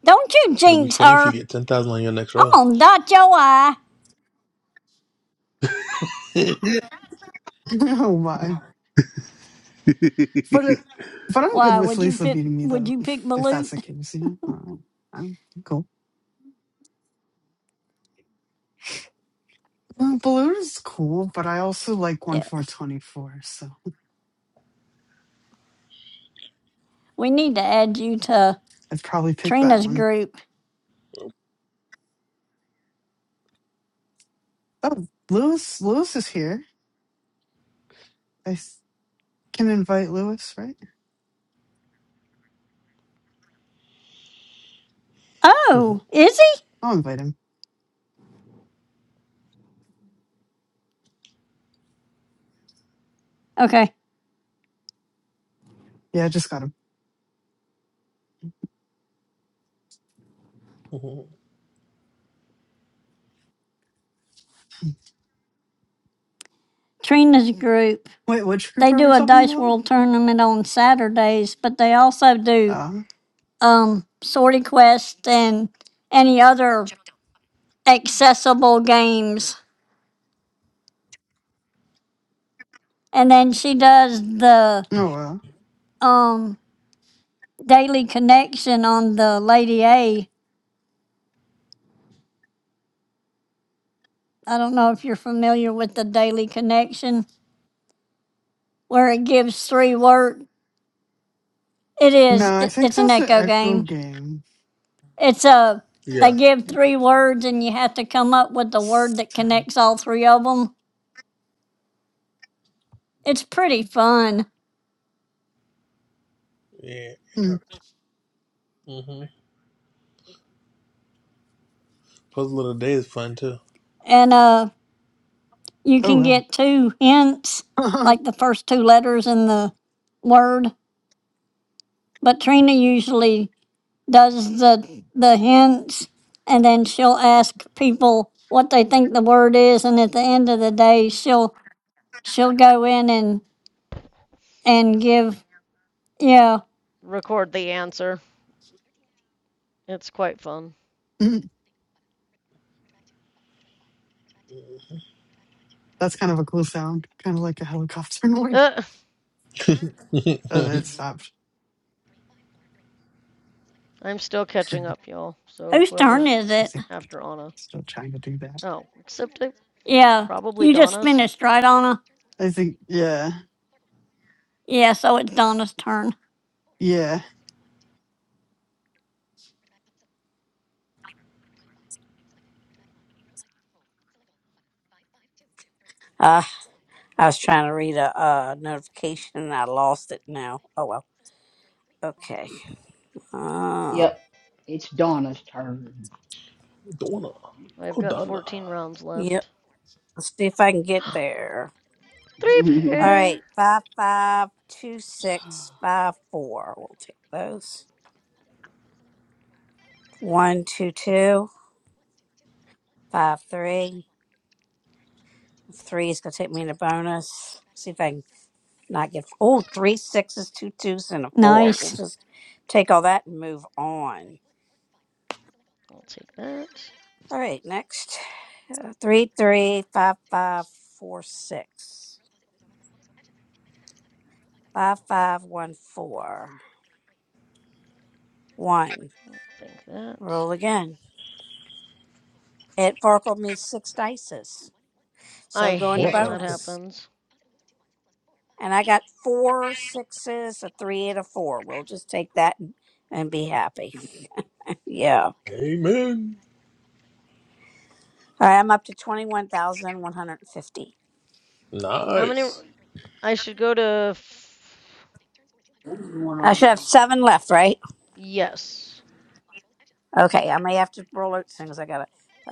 Speaker 3: Don't you
Speaker 13: It'll be
Speaker 3: jinx
Speaker 13: funny if you
Speaker 3: her.
Speaker 13: get ten thousand on your next
Speaker 3: I'm
Speaker 13: roll.
Speaker 3: gonna dot your i.
Speaker 13: yeah.
Speaker 11: oh my But it, but I'm good
Speaker 3: Why
Speaker 11: with
Speaker 3: would you
Speaker 11: Lisa
Speaker 3: pick?
Speaker 11: beating me
Speaker 3: Would
Speaker 11: though,
Speaker 3: you pick
Speaker 11: if if that's the
Speaker 3: Balut?
Speaker 11: case, you know. Uh, I'm I'm cool. Well, Balloon is cool, but I also like one
Speaker 3: Yeah,
Speaker 11: four twenty four, so
Speaker 3: we need to add you to
Speaker 11: I'd probably pick that
Speaker 3: Trina's
Speaker 11: one.
Speaker 3: group.
Speaker 11: Oh, Lewis, Lewis is here. I s- can invite Lewis, right?
Speaker 3: Oh, is he?
Speaker 11: I'll invite him.
Speaker 3: Okay,
Speaker 11: Yeah, I just got him.
Speaker 3: Trina's group.
Speaker 11: Wait, which group
Speaker 3: They
Speaker 11: are
Speaker 3: do
Speaker 11: we
Speaker 3: a
Speaker 11: talking
Speaker 3: dice
Speaker 11: about?
Speaker 3: world tournament on Saturdays, but they also do
Speaker 11: Uh,
Speaker 3: um, Sorting Quest and any other accessible games. And then she does the
Speaker 11: oh well.
Speaker 3: um, Daily Connection on the Lady A. I don't know if you're familiar with the Daily Connection, where it gives three word. It is.
Speaker 11: No, I
Speaker 3: It,
Speaker 11: think
Speaker 3: it's an
Speaker 11: that's an
Speaker 3: echo
Speaker 11: Echo
Speaker 3: game.
Speaker 11: game.
Speaker 3: It's a. They give
Speaker 11: Yeah.
Speaker 3: three words, and you have to come up with the word that
Speaker 11: So,
Speaker 3: connects all three of them. It's pretty fun,
Speaker 13: Yeah.
Speaker 11: hmm.
Speaker 13: hmm Puzzle of the day is fun too.
Speaker 3: and uh, you
Speaker 11: Oh
Speaker 3: can
Speaker 11: well.
Speaker 3: get two hints, like the first two letters in the word. But Trina usually does the the hints, and then she'll ask people what they think the word is, and at the end of the day, she'll she'll go in and and give yeah.
Speaker 16: Record the answer. It's quite fun.
Speaker 11: Mm, That's kind of a cool sound, kind of like a helicopter noise.
Speaker 16: Uh,
Speaker 11: Oh, that stopped.
Speaker 16: I'm still catching
Speaker 11: I
Speaker 16: up, y'all. So
Speaker 3: Whose turn
Speaker 16: whoever's
Speaker 3: is it?
Speaker 11: think
Speaker 16: after Anna.
Speaker 11: still trying to do that.
Speaker 16: Oh, except I
Speaker 3: Yeah,
Speaker 16: probably
Speaker 3: you just
Speaker 16: Donna's.
Speaker 3: finished, right, Donna?
Speaker 11: I think, yeah,
Speaker 3: Yeah, so it's Donna's turn.
Speaker 11: yeah.
Speaker 2: Uh, I was trying to read a uh, notification and I lost it now. Oh, well. Okay. Uh,
Speaker 5: yep. It's Donna's turn.
Speaker 13: Donna.
Speaker 16: I've
Speaker 13: Oh
Speaker 16: got
Speaker 13: Donna.
Speaker 16: 14 rounds
Speaker 2: yep.
Speaker 16: left.
Speaker 2: Let's see if I can get there.
Speaker 16: Three
Speaker 2: All
Speaker 16: pair!
Speaker 2: right. Five, five, two, six, five, four. We'll take those. One, two, two, five, three. Three is going to take me in a bonus. See if I can Not get oh three sixes, two twos, and a four. We'll
Speaker 3: Nice.
Speaker 2: just take all that and move on.
Speaker 16: I'll take that.
Speaker 2: All right, next uh, three three five five four six five five one four one.
Speaker 16: I'll bank that.
Speaker 2: Roll again. It forkled me six dices, so
Speaker 16: I
Speaker 2: going to
Speaker 16: hate when that
Speaker 2: bonus.
Speaker 16: happens.
Speaker 2: And I got four sixes, a three, and a four. We'll just take that and, and be happy. yeah. All
Speaker 13: Amen.
Speaker 2: right, I'm up to twenty one thousand one hundred fifty.
Speaker 16: How many? I
Speaker 13: Nice.
Speaker 16: should go to. F-
Speaker 2: I should have seven left, right?
Speaker 16: yes.
Speaker 2: Okay, I may have to roll out soon as I got to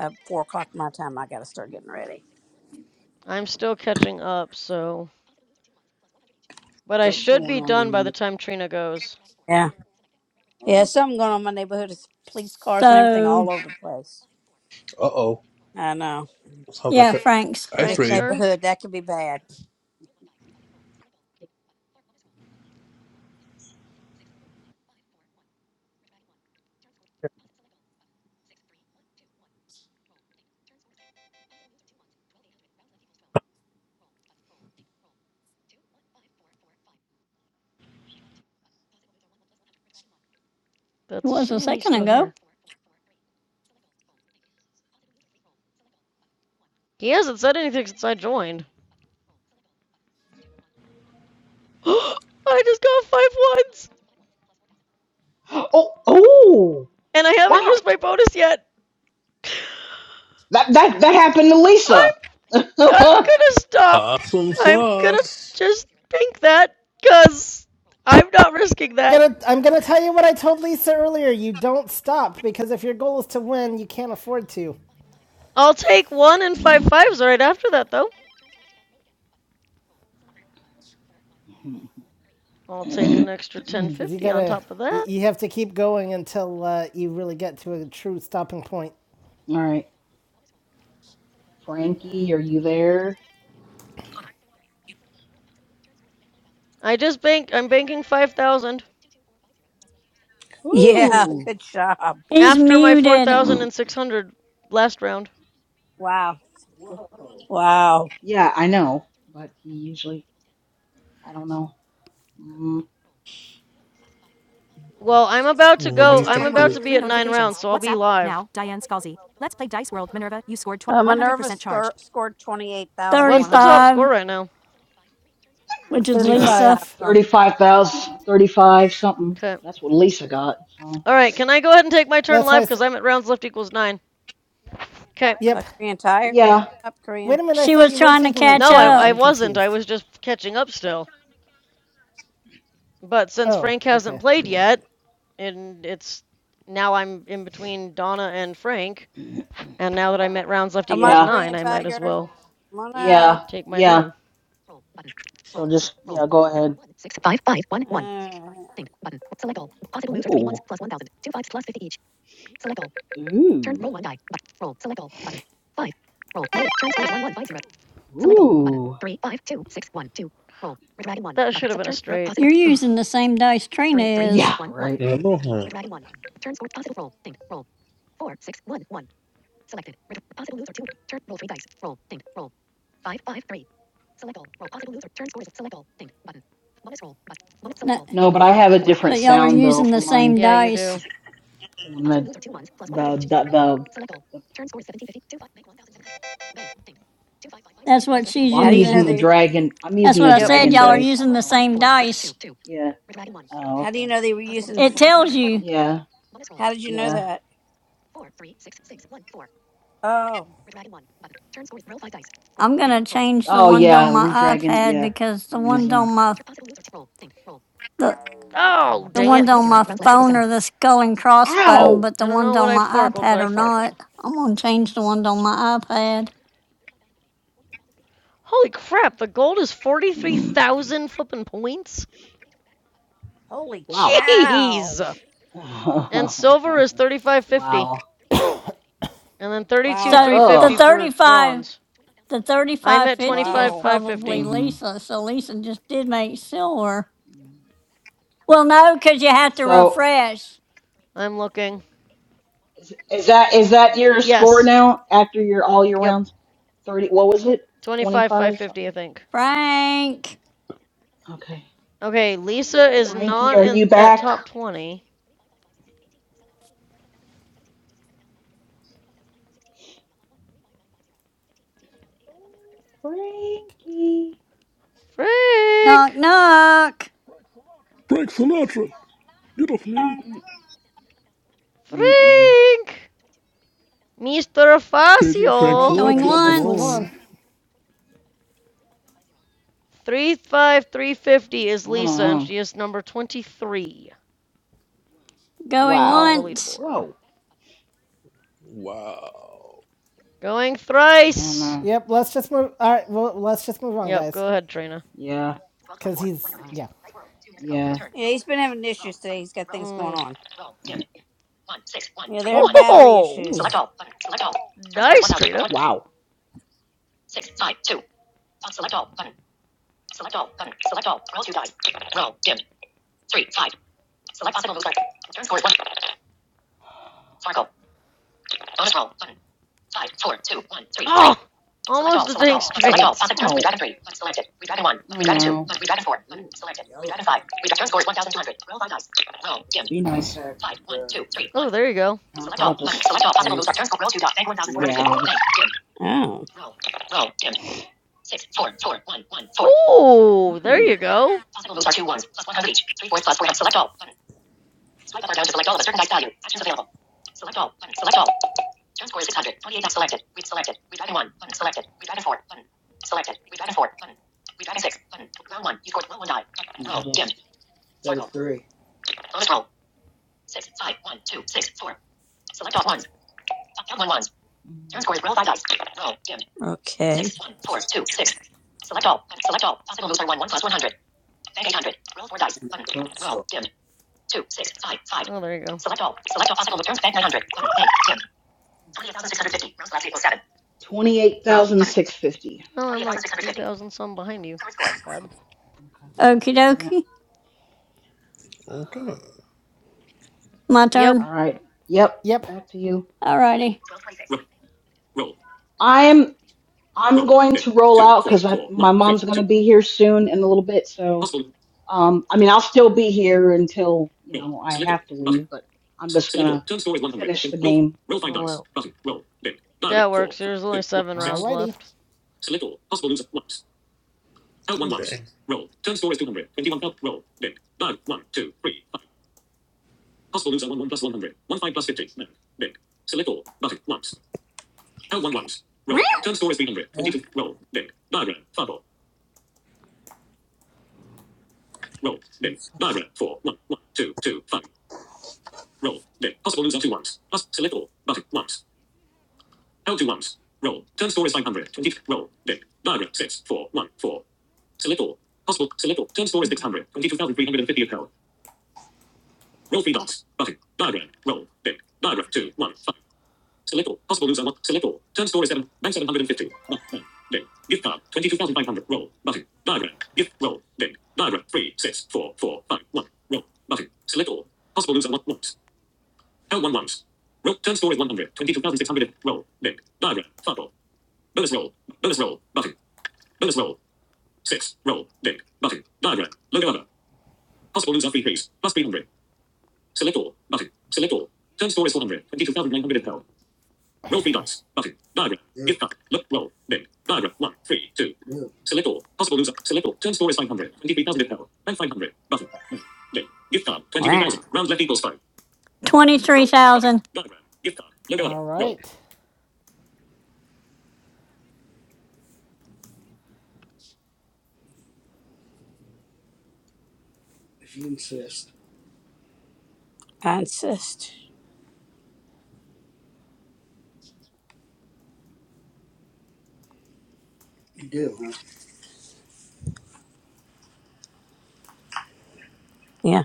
Speaker 2: uh, four o'clock my time. I got to start getting ready.
Speaker 16: I'm still catching up, so. But I should be done by the time Trina goes.
Speaker 2: Yeah, yeah, something going on in my neighborhood. It's police cars and everything all
Speaker 3: So
Speaker 2: over the place.
Speaker 13: Uh
Speaker 2: I know
Speaker 13: oh.
Speaker 3: yeah, Frank's.
Speaker 2: in
Speaker 13: Ice
Speaker 2: this
Speaker 16: Frank's
Speaker 13: Raid.
Speaker 16: turn?
Speaker 2: neighborhood that could be bad.
Speaker 3: It
Speaker 16: That's
Speaker 3: was a
Speaker 16: assuming he's
Speaker 3: second
Speaker 16: still
Speaker 3: ago.
Speaker 16: here. He hasn't said anything since I joined. I just got five ones!
Speaker 5: oh oh
Speaker 16: And I haven't
Speaker 5: wow.
Speaker 16: used my bonus yet!
Speaker 5: That that that happened to
Speaker 16: I'm
Speaker 5: Lisa.
Speaker 16: I'm gonna stop.
Speaker 13: Awesome
Speaker 16: I'm gonna
Speaker 13: sauce.
Speaker 16: just pink that cuz I'm not risking
Speaker 1: I'm
Speaker 16: that.
Speaker 1: gonna, I'm gonna tell you what I told Lisa earlier. You don't stop, because if your goal is to win, you can't afford to.
Speaker 16: I'll take 1 and five fives right after that though. I'll take an extra
Speaker 1: Because you
Speaker 16: 1050 on
Speaker 1: gotta,
Speaker 16: top of
Speaker 1: you,
Speaker 16: that.
Speaker 1: you have to keep going until uh, you really get to a true stopping point.
Speaker 5: All right. Frankie, are you there?
Speaker 16: I just bank I'm banking 5000
Speaker 2: Yeah,
Speaker 5: Ooh.
Speaker 2: good job.
Speaker 3: He's
Speaker 16: after my
Speaker 3: muted.
Speaker 16: 4600 last round.
Speaker 2: Wow. Wow.
Speaker 5: Yeah, I know, but he usually I don't know. Mm,
Speaker 16: Well, I'm about to
Speaker 13: Maybe
Speaker 16: go.
Speaker 13: he's.
Speaker 16: I'm
Speaker 1: 1421.
Speaker 16: about to
Speaker 13: I
Speaker 16: be
Speaker 1: Three
Speaker 16: at 9 rounds,
Speaker 1: notifications.
Speaker 16: so I'll be
Speaker 1: WhatsApp.
Speaker 16: live.
Speaker 1: Now, Diane Scalzi. Let's play Dice World Minerva. You scored
Speaker 2: Uh, Minerva
Speaker 1: 100% charged.
Speaker 2: score, scored
Speaker 16: What's the top
Speaker 2: 28,135
Speaker 3: 35,
Speaker 16: score right now?
Speaker 3: which is Lisa.
Speaker 1: 35.
Speaker 2: something.
Speaker 5: 35,000, something.
Speaker 16: Okay.
Speaker 5: That's what Lisa got. So,
Speaker 16: All right, can I go ahead and take my turn
Speaker 1: That's why I
Speaker 16: live
Speaker 1: s-
Speaker 16: cuz I'm at rounds left equals 9. Okay.
Speaker 2: Uh,
Speaker 1: Yep.
Speaker 2: Korean Tiger. Come
Speaker 5: yeah,
Speaker 2: up,
Speaker 1: Wait
Speaker 2: Korean.
Speaker 1: a minute, I
Speaker 3: She
Speaker 1: thought
Speaker 3: was
Speaker 1: you were
Speaker 3: trying to
Speaker 1: taking your
Speaker 3: catch
Speaker 16: No, I,
Speaker 1: turn.
Speaker 16: I
Speaker 1: I'm
Speaker 3: up.
Speaker 16: wasn't. I
Speaker 1: confused.
Speaker 16: was just catching up still. But since
Speaker 1: Oh,
Speaker 16: Frank hasn't
Speaker 1: okay.
Speaker 16: played yet, and it's now I'm in between Donna and Frank, and now that I'm at rounds left
Speaker 2: Come
Speaker 16: equals
Speaker 2: up,
Speaker 1: Yep.
Speaker 5: yeah,
Speaker 16: nine,
Speaker 2: Korean
Speaker 16: I might as
Speaker 2: Tiger.
Speaker 16: well
Speaker 2: Come on up.
Speaker 5: yeah,
Speaker 16: take my
Speaker 5: yeah.
Speaker 16: turn.
Speaker 5: So just, yeah, go ahead.
Speaker 2: Uh,
Speaker 5: Ooh, ooh, ooh.
Speaker 16: That should have been a straight.
Speaker 3: You're using the same dice Trina is,
Speaker 5: Yeah, right.
Speaker 13: don't know him.
Speaker 3: No,
Speaker 5: No, but I have a different
Speaker 3: but y'all are
Speaker 5: sound though
Speaker 3: using the
Speaker 5: for
Speaker 3: same
Speaker 5: mine.
Speaker 16: Yeah, you
Speaker 3: dice.
Speaker 16: do.
Speaker 5: For When the, the, the, the, the,
Speaker 3: That's what she's
Speaker 5: well,
Speaker 2: how
Speaker 5: I'm
Speaker 2: do you know
Speaker 5: using
Speaker 3: using.
Speaker 5: the
Speaker 2: they?
Speaker 5: dragon, I'm
Speaker 3: That's
Speaker 5: using
Speaker 3: what
Speaker 5: the
Speaker 3: I
Speaker 16: Yep, me
Speaker 3: said.
Speaker 5: dragon
Speaker 3: Y'all are
Speaker 16: too.
Speaker 5: dice. I
Speaker 3: using
Speaker 5: don't
Speaker 3: the
Speaker 5: know what
Speaker 3: same
Speaker 5: she's using.
Speaker 3: dice.
Speaker 5: Yeah. Oh,
Speaker 2: How do
Speaker 5: okay.
Speaker 2: you know they were using?
Speaker 3: It tells you.
Speaker 5: Yeah,
Speaker 2: How did you know
Speaker 5: yeah.
Speaker 2: that? Oh,
Speaker 3: I'm gonna change the
Speaker 5: Oh,
Speaker 3: ones on
Speaker 5: yeah,
Speaker 3: my
Speaker 5: redragon.
Speaker 3: iPad
Speaker 5: Yeah,
Speaker 3: because the
Speaker 5: I'm
Speaker 3: ones
Speaker 5: using.
Speaker 3: on my the
Speaker 16: Oh,
Speaker 3: the
Speaker 16: dang it.
Speaker 3: ones
Speaker 16: I
Speaker 3: on my phone are the skull and crossbone,
Speaker 5: Ow!
Speaker 3: but the
Speaker 16: don't know
Speaker 3: ones
Speaker 16: what
Speaker 3: on
Speaker 16: I
Speaker 3: my
Speaker 16: farkled,
Speaker 3: iPad
Speaker 16: but I
Speaker 3: are
Speaker 16: farkled.
Speaker 3: not. I'm gonna change the ones on my iPad.
Speaker 16: Holy crap, the gold is
Speaker 5: Mm,
Speaker 16: 43,000 flippin' points?
Speaker 2: holy
Speaker 5: Wow.
Speaker 2: cow!
Speaker 16: Jeez! And silver is 3550.
Speaker 5: wow.
Speaker 16: And then 32
Speaker 2: Wow,
Speaker 3: So the
Speaker 16: 350
Speaker 5: Ugh.
Speaker 16: for
Speaker 3: 35
Speaker 16: bronze.
Speaker 3: the
Speaker 16: I'm
Speaker 3: thirty-five
Speaker 16: at
Speaker 3: fifty is
Speaker 16: 25
Speaker 2: wow.
Speaker 3: probably
Speaker 16: 550.
Speaker 5: Mm.
Speaker 3: Lisa, so Lisa just did make silver. Well, no, because you have to
Speaker 5: So
Speaker 3: refresh.
Speaker 16: I'm looking.
Speaker 5: is, is that is that your score
Speaker 16: Yes.
Speaker 5: now after your all your
Speaker 16: Yep.
Speaker 5: rounds? Thirty. What was it? Twenty
Speaker 16: 25
Speaker 5: five
Speaker 16: 550 I
Speaker 5: something.
Speaker 16: think.
Speaker 3: Frank,
Speaker 5: Okay.
Speaker 16: Okay, Lisa is
Speaker 5: Frankie,
Speaker 16: not
Speaker 5: are
Speaker 16: in
Speaker 5: you
Speaker 16: at
Speaker 5: back?
Speaker 16: top 20.
Speaker 5: Frankie.
Speaker 3: knock,
Speaker 16: Frank.
Speaker 3: knock.
Speaker 13: Frank Sinatra. Get off me.
Speaker 5: Mm, mm, mm.
Speaker 16: Frank. Mr.
Speaker 13: Paging
Speaker 1: All
Speaker 13: Frank
Speaker 1: right,
Speaker 16: Facio.
Speaker 1: well
Speaker 3: Going
Speaker 1: then we'll
Speaker 13: Sinatra. Come
Speaker 1: just move
Speaker 3: once,
Speaker 1: on.
Speaker 13: on.
Speaker 16: 35 350 is
Speaker 5: I don't
Speaker 16: Lisa and
Speaker 5: know.
Speaker 16: she is number 23
Speaker 3: going
Speaker 16: on the
Speaker 5: Wow.
Speaker 3: once.
Speaker 16: leaderboard.
Speaker 5: Whoa.
Speaker 13: Wow.
Speaker 16: Going
Speaker 5: I don't
Speaker 16: thrice.
Speaker 5: know.
Speaker 1: Yep, let's just move. All right, well, let's just move on,
Speaker 16: Yep,
Speaker 1: guys.
Speaker 16: go ahead, Trina.
Speaker 5: Yeah.
Speaker 1: Cuz he's yeah.
Speaker 2: Yeah, he's been having issues today. He's got things going
Speaker 16: Mm.
Speaker 2: on.
Speaker 5: Yeah. One six one
Speaker 2: Yeah,
Speaker 5: three
Speaker 2: they're having
Speaker 5: one four.
Speaker 2: battery
Speaker 16: Oh,
Speaker 5: Ooh. Select
Speaker 2: issues.
Speaker 5: all button. Select all. Turn score is one
Speaker 16: nice,
Speaker 5: thousand.
Speaker 16: Trina.
Speaker 5: Wow. Six five two. Uh, Select all button. Select all button. Select all. Roll two dice. Roll dim. Three five. Select possible moves. Turn score is one. Fargo. Bonus roll button. Five four two one three
Speaker 16: Oh,
Speaker 5: three. Select all.
Speaker 16: almost a
Speaker 5: Select
Speaker 16: dang
Speaker 5: all. Select all.
Speaker 16: straight.
Speaker 5: Possible turn. Oh. Redragon three. Button selected. Redragon one. Oh, Redragon two. no. Button. Redragon four. Button selected. Redragon five. Redragon turn score is one thousand two hundred. Roll five dice. Roll dim. Be nice. Five one two three one.
Speaker 16: Oh, there you go.
Speaker 5: Select all. Button. Select all. Possible moves. Turn score. Roll two dice. Bank one thousand
Speaker 2: and
Speaker 5: four hundred. Yeah.
Speaker 2: organized.
Speaker 5: Bank dim.
Speaker 2: Oh,
Speaker 5: Roll. Roll. Dim. Six. Four. Four. One. One. Four.
Speaker 16: Oh, there
Speaker 5: Ooh.
Speaker 16: you go.
Speaker 5: Possible moves are two ones plus one hundred each. Three fours plus four. hundred. Select all. Button. Swipe up or down to select all of a certain dice value. Actions available. Select all. Button. Select all. Turn score is six hundred. Twenty-eight. Not selected. Read selected. Read item one. Button. Selected. Read item four. Button. Selected. Read item four. Button. Read item six. Button. Round one. You scored. Roll one die. Roll. Dim.
Speaker 2: Set of
Speaker 5: Sparkle.
Speaker 2: three.
Speaker 5: Bonus roll. Six. Five. One. Two. Six. Four. Select all ones. Up one ones. Turn score is roll five dice. Roll. Dim.
Speaker 2: okay.
Speaker 5: Six one four two six. Select all. Select all. Possible moves are one one plus one hundred. Bank eight hundred. Roll four dice. Button.
Speaker 2: Punk
Speaker 5: Roll.
Speaker 2: store.
Speaker 5: Dim. Two six five five.
Speaker 16: Oh, there you go.
Speaker 5: Select all. Select all possible returns. Bank nine hundred. Button. Bank. Dim. Twenty-eight thousand six hundred fifty. Round left equals seven. Twenty-eight thousand six fifty.
Speaker 16: Oh, I'm
Speaker 5: Twenty-eight thousand six
Speaker 16: like
Speaker 5: hundred fifty.
Speaker 16: 3,000 some behind you.
Speaker 5: Current score.
Speaker 16: Not bad.
Speaker 5: Okay.
Speaker 3: Okie
Speaker 5: Mm,
Speaker 3: dokie,
Speaker 13: Okay.
Speaker 3: my
Speaker 16: Yep,
Speaker 5: All
Speaker 3: turn.
Speaker 5: right. Yep.
Speaker 1: Yep.
Speaker 5: Back to you.
Speaker 3: Alrighty,
Speaker 5: Twelve twenty-six. I'm I'm going to roll out because my mom's going to be here soon in a little bit, so. Um, I mean, I'll still be here until you know I have to leave, but I'm just gonna finish the game. Roll out.
Speaker 16: that works. There's only seven rounds
Speaker 1: Alrighty.
Speaker 16: left.
Speaker 13: Okay.
Speaker 2: Meow. Yeah? Insist. Do, do. Wow.
Speaker 3: twenty-three thousand.
Speaker 1: All right.
Speaker 2: If you insist, I insist. you do, huh? Yeah.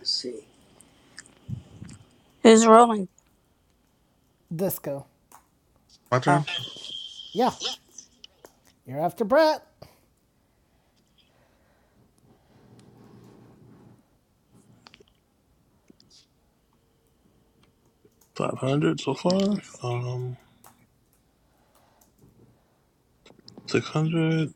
Speaker 2: I see. Who's rolling?
Speaker 1: Disco.
Speaker 13: My
Speaker 2: Oh,
Speaker 13: turn.
Speaker 1: Yeah. You're after Brett.
Speaker 13: 500 so far. Um, 600.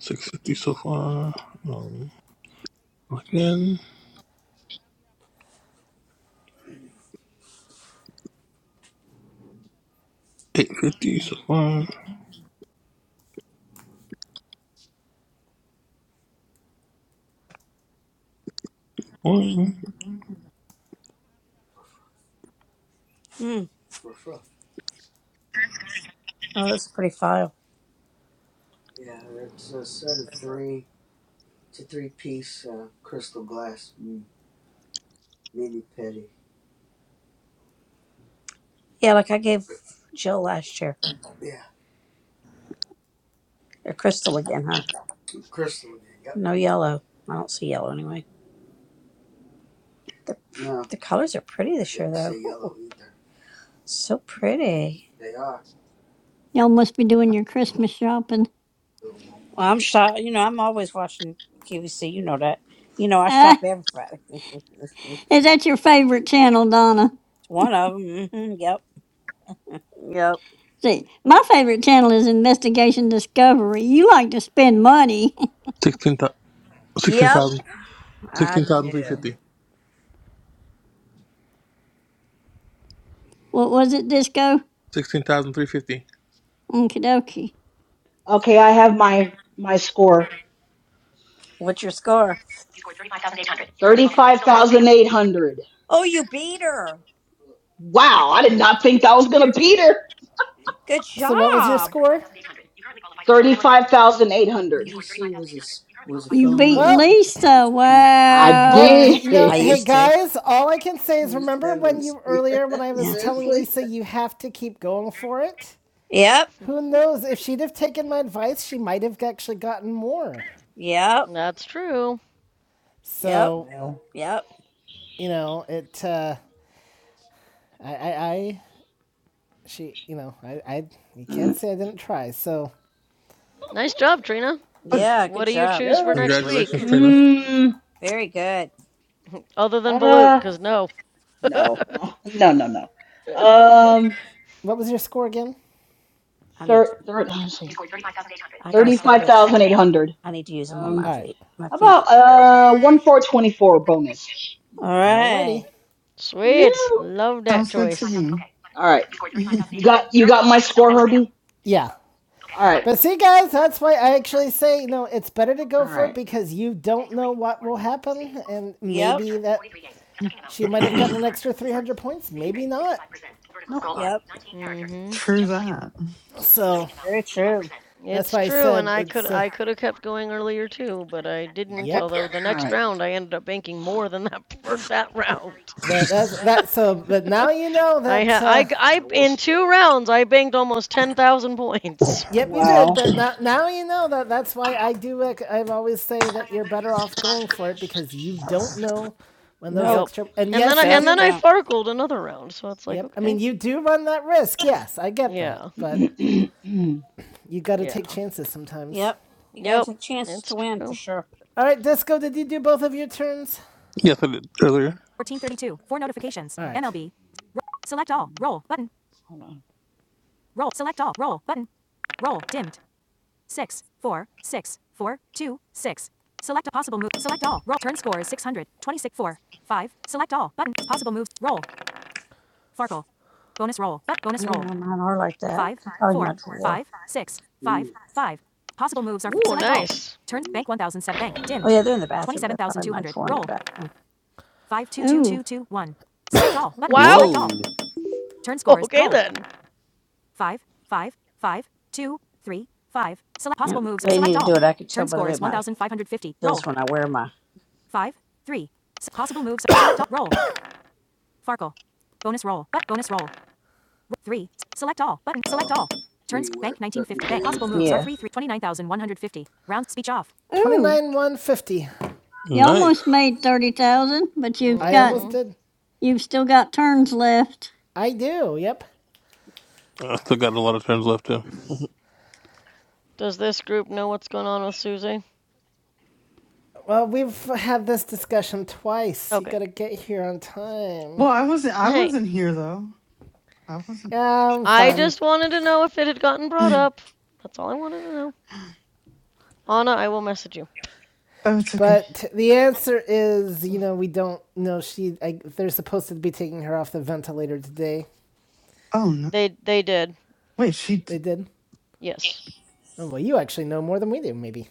Speaker 13: 650 so far. Um, again. 850 so far. One.
Speaker 2: hmm. Ruff, ruff. Oh, that's a pretty file. Yeah, it's a set of three. It's a three piece uh, crystal glass mm, mini petty. Yeah, like I gave Jill last year. Yeah, A Crystal again, huh? crystal again. Yep. No yellow. I don't see yellow anyway. The, no. the colors are pretty this year, though. yellow either. So pretty. They are.
Speaker 3: Y'all must be doing your Christmas shopping.
Speaker 2: Well, I'm shop. You know, I'm always watching QVC. You know that. You know, I
Speaker 3: Ah,
Speaker 2: shop every Friday.
Speaker 3: is that your favorite channel, Donna?
Speaker 2: One of them. hmm Yep. Yep.
Speaker 3: See, my favorite channel is Investigation Discovery. You like to spend money.
Speaker 13: 16,000. 16,000. Sixteen
Speaker 2: Yep.
Speaker 13: thousand
Speaker 2: I
Speaker 13: Sixteen thousand three
Speaker 2: do.
Speaker 13: fifty.
Speaker 3: what was it, Disco?
Speaker 13: 16,350.
Speaker 3: Okie dokie.
Speaker 5: Okay, I have my my score.
Speaker 2: What's your score?
Speaker 5: You scored thirty-five thousand eight hundred. Thirty-five thousand eight hundred.
Speaker 2: Oh, you beat her.
Speaker 5: Wow, I did not think I was gonna beat her. You
Speaker 2: Good
Speaker 1: So what was your
Speaker 5: scored
Speaker 2: job.
Speaker 1: score?
Speaker 5: thirty-five thousand eight hundred. You
Speaker 2: QVC was a s-
Speaker 5: currently
Speaker 2: was a
Speaker 5: qualify for the
Speaker 3: You
Speaker 5: silver
Speaker 2: phone
Speaker 5: medalist
Speaker 3: beat
Speaker 2: number.
Speaker 1: Well,
Speaker 2: you had on
Speaker 3: Lisa.
Speaker 2: speed dial.
Speaker 5: payout. Thirty-five thousand eight hundred. You scored thirty-five
Speaker 1: Well,
Speaker 5: thousand eight
Speaker 3: Wow.
Speaker 1: you
Speaker 5: hundred. You currently qualify
Speaker 1: know,
Speaker 2: I
Speaker 5: for the silver medalist payout. I
Speaker 1: hey
Speaker 5: did.
Speaker 2: used to.
Speaker 1: guys, all I can say is
Speaker 2: You used to
Speaker 1: remember
Speaker 2: have it
Speaker 1: when
Speaker 2: on
Speaker 1: you
Speaker 2: speed.
Speaker 1: earlier when I
Speaker 2: Yeah.
Speaker 1: was telling
Speaker 2: Seriously.
Speaker 1: Lisa you have to keep going for it?
Speaker 2: Yep.
Speaker 1: Who knows if she'd have taken my advice, she might have actually gotten more.
Speaker 2: Yep.
Speaker 16: That's true.
Speaker 2: Yep.
Speaker 1: So,
Speaker 5: Well.
Speaker 2: Yep.
Speaker 1: you know, it uh I I, I she, you know, I I you can't
Speaker 5: mm,
Speaker 1: say I didn't try. So,
Speaker 16: Nice job, Trina.
Speaker 11: But
Speaker 2: Yeah. Good
Speaker 16: What do you
Speaker 2: job.
Speaker 16: choose for
Speaker 5: Yeah.
Speaker 16: next
Speaker 13: Congratulations,
Speaker 16: week?
Speaker 13: Trina.
Speaker 5: Mm,
Speaker 2: Very good.
Speaker 16: Other than Balut,
Speaker 5: uh,
Speaker 16: because no.
Speaker 5: no, no, no, no, no.
Speaker 1: what was your score again?
Speaker 2: I need.
Speaker 5: Thir thir let me see. Scored 35,800.
Speaker 2: I gotta set this. For,
Speaker 5: 35,800.
Speaker 2: I need to use them on my
Speaker 5: Um,
Speaker 1: All right.
Speaker 2: feet. My
Speaker 5: how
Speaker 2: feet
Speaker 5: about
Speaker 2: look terrible.
Speaker 5: uh, one four twenty-four bonus?
Speaker 2: All right.
Speaker 1: Alrighty.
Speaker 5: Yeah.
Speaker 16: Sweet.
Speaker 5: You
Speaker 16: Love that
Speaker 11: sounds
Speaker 5: scored
Speaker 11: good to
Speaker 16: choice.
Speaker 5: 35,000.
Speaker 11: me.
Speaker 5: Okay. All right. You scored thirty-five thousand. You got you got my No score, Herbie?
Speaker 1: Yeah.
Speaker 5: Okay. All right.
Speaker 1: But see, guys, that's why I actually say, you know, it's better to go
Speaker 5: All
Speaker 1: for it
Speaker 5: right.
Speaker 1: because you don't
Speaker 5: Updating
Speaker 1: know
Speaker 5: complete.
Speaker 1: what will
Speaker 5: Words. Speaking.
Speaker 1: happen. And
Speaker 2: Yep.
Speaker 5: Your
Speaker 1: maybe
Speaker 5: turn.
Speaker 1: that
Speaker 5: 43 games. Attacking amount.
Speaker 1: she might have
Speaker 5: Actions.
Speaker 1: gotten an extra
Speaker 5: Characters. Words.
Speaker 1: 300 points,
Speaker 5: Speaking
Speaker 1: maybe
Speaker 5: rate. 65%.
Speaker 1: not.
Speaker 5: Vertical No scroll
Speaker 2: Yep.
Speaker 5: bar. 19
Speaker 16: Mm
Speaker 5: characters.
Speaker 16: hmm.
Speaker 11: True
Speaker 5: Adjust value.
Speaker 11: that.
Speaker 1: So
Speaker 5: Attacking amount.
Speaker 2: Very true.
Speaker 5: 85%.
Speaker 1: that's
Speaker 16: It's
Speaker 1: why I
Speaker 16: true, and
Speaker 1: said
Speaker 16: I
Speaker 5: Adjust
Speaker 16: could
Speaker 1: it's uh,
Speaker 5: value.
Speaker 16: I could
Speaker 5: Characters.
Speaker 16: have kept
Speaker 5: Words.
Speaker 16: going earlier
Speaker 5: Speaking rate.
Speaker 16: too, but
Speaker 5: 70%.
Speaker 16: I
Speaker 5: Words.
Speaker 16: didn't.
Speaker 1: yep.
Speaker 16: Although the
Speaker 5: All
Speaker 16: next
Speaker 5: right.
Speaker 16: round I ended up banking more than that for that
Speaker 5: ninety-three percent
Speaker 16: round.
Speaker 5: battery power.
Speaker 1: But
Speaker 5: Not charging.
Speaker 1: that's that.
Speaker 5: Status bar
Speaker 1: So,
Speaker 5: item.
Speaker 1: but now you know
Speaker 16: I
Speaker 1: that.
Speaker 16: had I
Speaker 1: Uh,
Speaker 16: g-
Speaker 5: I
Speaker 16: I-
Speaker 5: will
Speaker 16: in two
Speaker 5: still.
Speaker 16: rounds I banked almost ten thousand points.
Speaker 1: yep, you did.
Speaker 5: Wow.
Speaker 1: But now, now you know that. That's why I do. Like I always say that you're better off going for it because you don't know when those
Speaker 2: Nope.
Speaker 16: Yep.
Speaker 1: extra. And
Speaker 16: And then I
Speaker 1: yes, you
Speaker 16: and
Speaker 2: Just
Speaker 16: then
Speaker 1: do.
Speaker 16: I
Speaker 2: don't.
Speaker 16: farkled another round, so it's like
Speaker 1: Yep. I
Speaker 16: okay.
Speaker 1: mean, you do run that risk. Yes, I get that.
Speaker 16: Yeah.
Speaker 1: But you got to take
Speaker 16: Yeah.
Speaker 1: chances sometimes.
Speaker 2: Yep. You gotta
Speaker 16: Yep.
Speaker 2: take chances to
Speaker 16: It's
Speaker 2: win for
Speaker 16: true.
Speaker 2: sure.
Speaker 1: All right, Disco. Did you do both of your turns?
Speaker 13: Yes, I did earlier.
Speaker 1: 1432. Four notifications. All right. MLB. Select all. Roll button.
Speaker 5: Hold on.
Speaker 1: Roll. Select all. Roll button. Roll. Dimmed. Six, four, six, four, two, six. Select a possible move. Select all. Roll. Turn score is 600. 26, 4, 5. Select all. Button. Possible moves. Roll. Farkle. Bonus roll. Bu-
Speaker 2: I
Speaker 1: Bonus
Speaker 2: didn't
Speaker 1: roll.
Speaker 2: know mine are like that.
Speaker 1: Five,
Speaker 2: They're Probably my
Speaker 1: four,
Speaker 2: drawer.
Speaker 1: five, six, five, five. Possible moves are. f-
Speaker 16: Ooh,
Speaker 1: Select all.
Speaker 16: nice.
Speaker 1: Turn. Bank 1007. Bank.
Speaker 2: Oh
Speaker 1: Dimmed.
Speaker 2: yeah, they're in the bathroom. They're probably my
Speaker 1: 27,200.
Speaker 2: drawer in the
Speaker 1: Roll.
Speaker 2: bathroom.
Speaker 1: Five, two, two,
Speaker 3: Ooh,
Speaker 1: two, two, one. Select all. Button.
Speaker 16: Wow.
Speaker 1: Select all.
Speaker 13: Whoa.
Speaker 1: Turn scores.
Speaker 16: Okay
Speaker 1: Roll.
Speaker 16: then.
Speaker 1: five, five, five, two, three, five. Select
Speaker 2: And
Speaker 1: possible moves.
Speaker 2: they need
Speaker 1: Select
Speaker 2: to
Speaker 1: all.
Speaker 2: do it. I can tell
Speaker 1: Turn
Speaker 2: by the
Speaker 1: score
Speaker 2: way
Speaker 1: is
Speaker 2: my
Speaker 1: 1,550. Roll.
Speaker 2: feels when I wear my.
Speaker 1: Five, three. S- possible moves. Select all. Roll. Farkle. Bonus roll. But bonus roll. Three. Select all. Button. Select all. Turns bank 1950. Bank possible moves are
Speaker 2: Yeah.
Speaker 1: three three twenty nine thousand one hundred fifty. Round speech off.
Speaker 3: ooh.
Speaker 1: 29 150.
Speaker 3: You
Speaker 13: Nice.
Speaker 3: almost made 30,000, but you've
Speaker 1: I
Speaker 3: got
Speaker 1: almost
Speaker 16: hmm
Speaker 1: did.
Speaker 3: you've still got turns left.
Speaker 1: I do, yep.
Speaker 13: I still got a lot of turns left too.
Speaker 16: Does this group know what's going on with Susie?
Speaker 1: Well, we've had this discussion twice. You
Speaker 16: Okay.
Speaker 1: gotta get here on time.
Speaker 11: Well, I wasn't. I
Speaker 16: Hey,
Speaker 11: wasn't here though. I wasn't.
Speaker 1: Yeah, I'm
Speaker 16: I
Speaker 1: fine.
Speaker 16: just wanted to know if it had gotten brought up. That's all I wanted to know. Anna, I will message you.
Speaker 11: Oh, it's okay.
Speaker 1: But the answer is, you know, we don't know. She, I, they're supposed to be taking her off the ventilator today.
Speaker 11: Oh no.
Speaker 16: They they did.
Speaker 11: Wait, she.
Speaker 1: They
Speaker 11: d-
Speaker 1: did.
Speaker 16: Yes.
Speaker 1: Oh well, you actually know more than we do, maybe.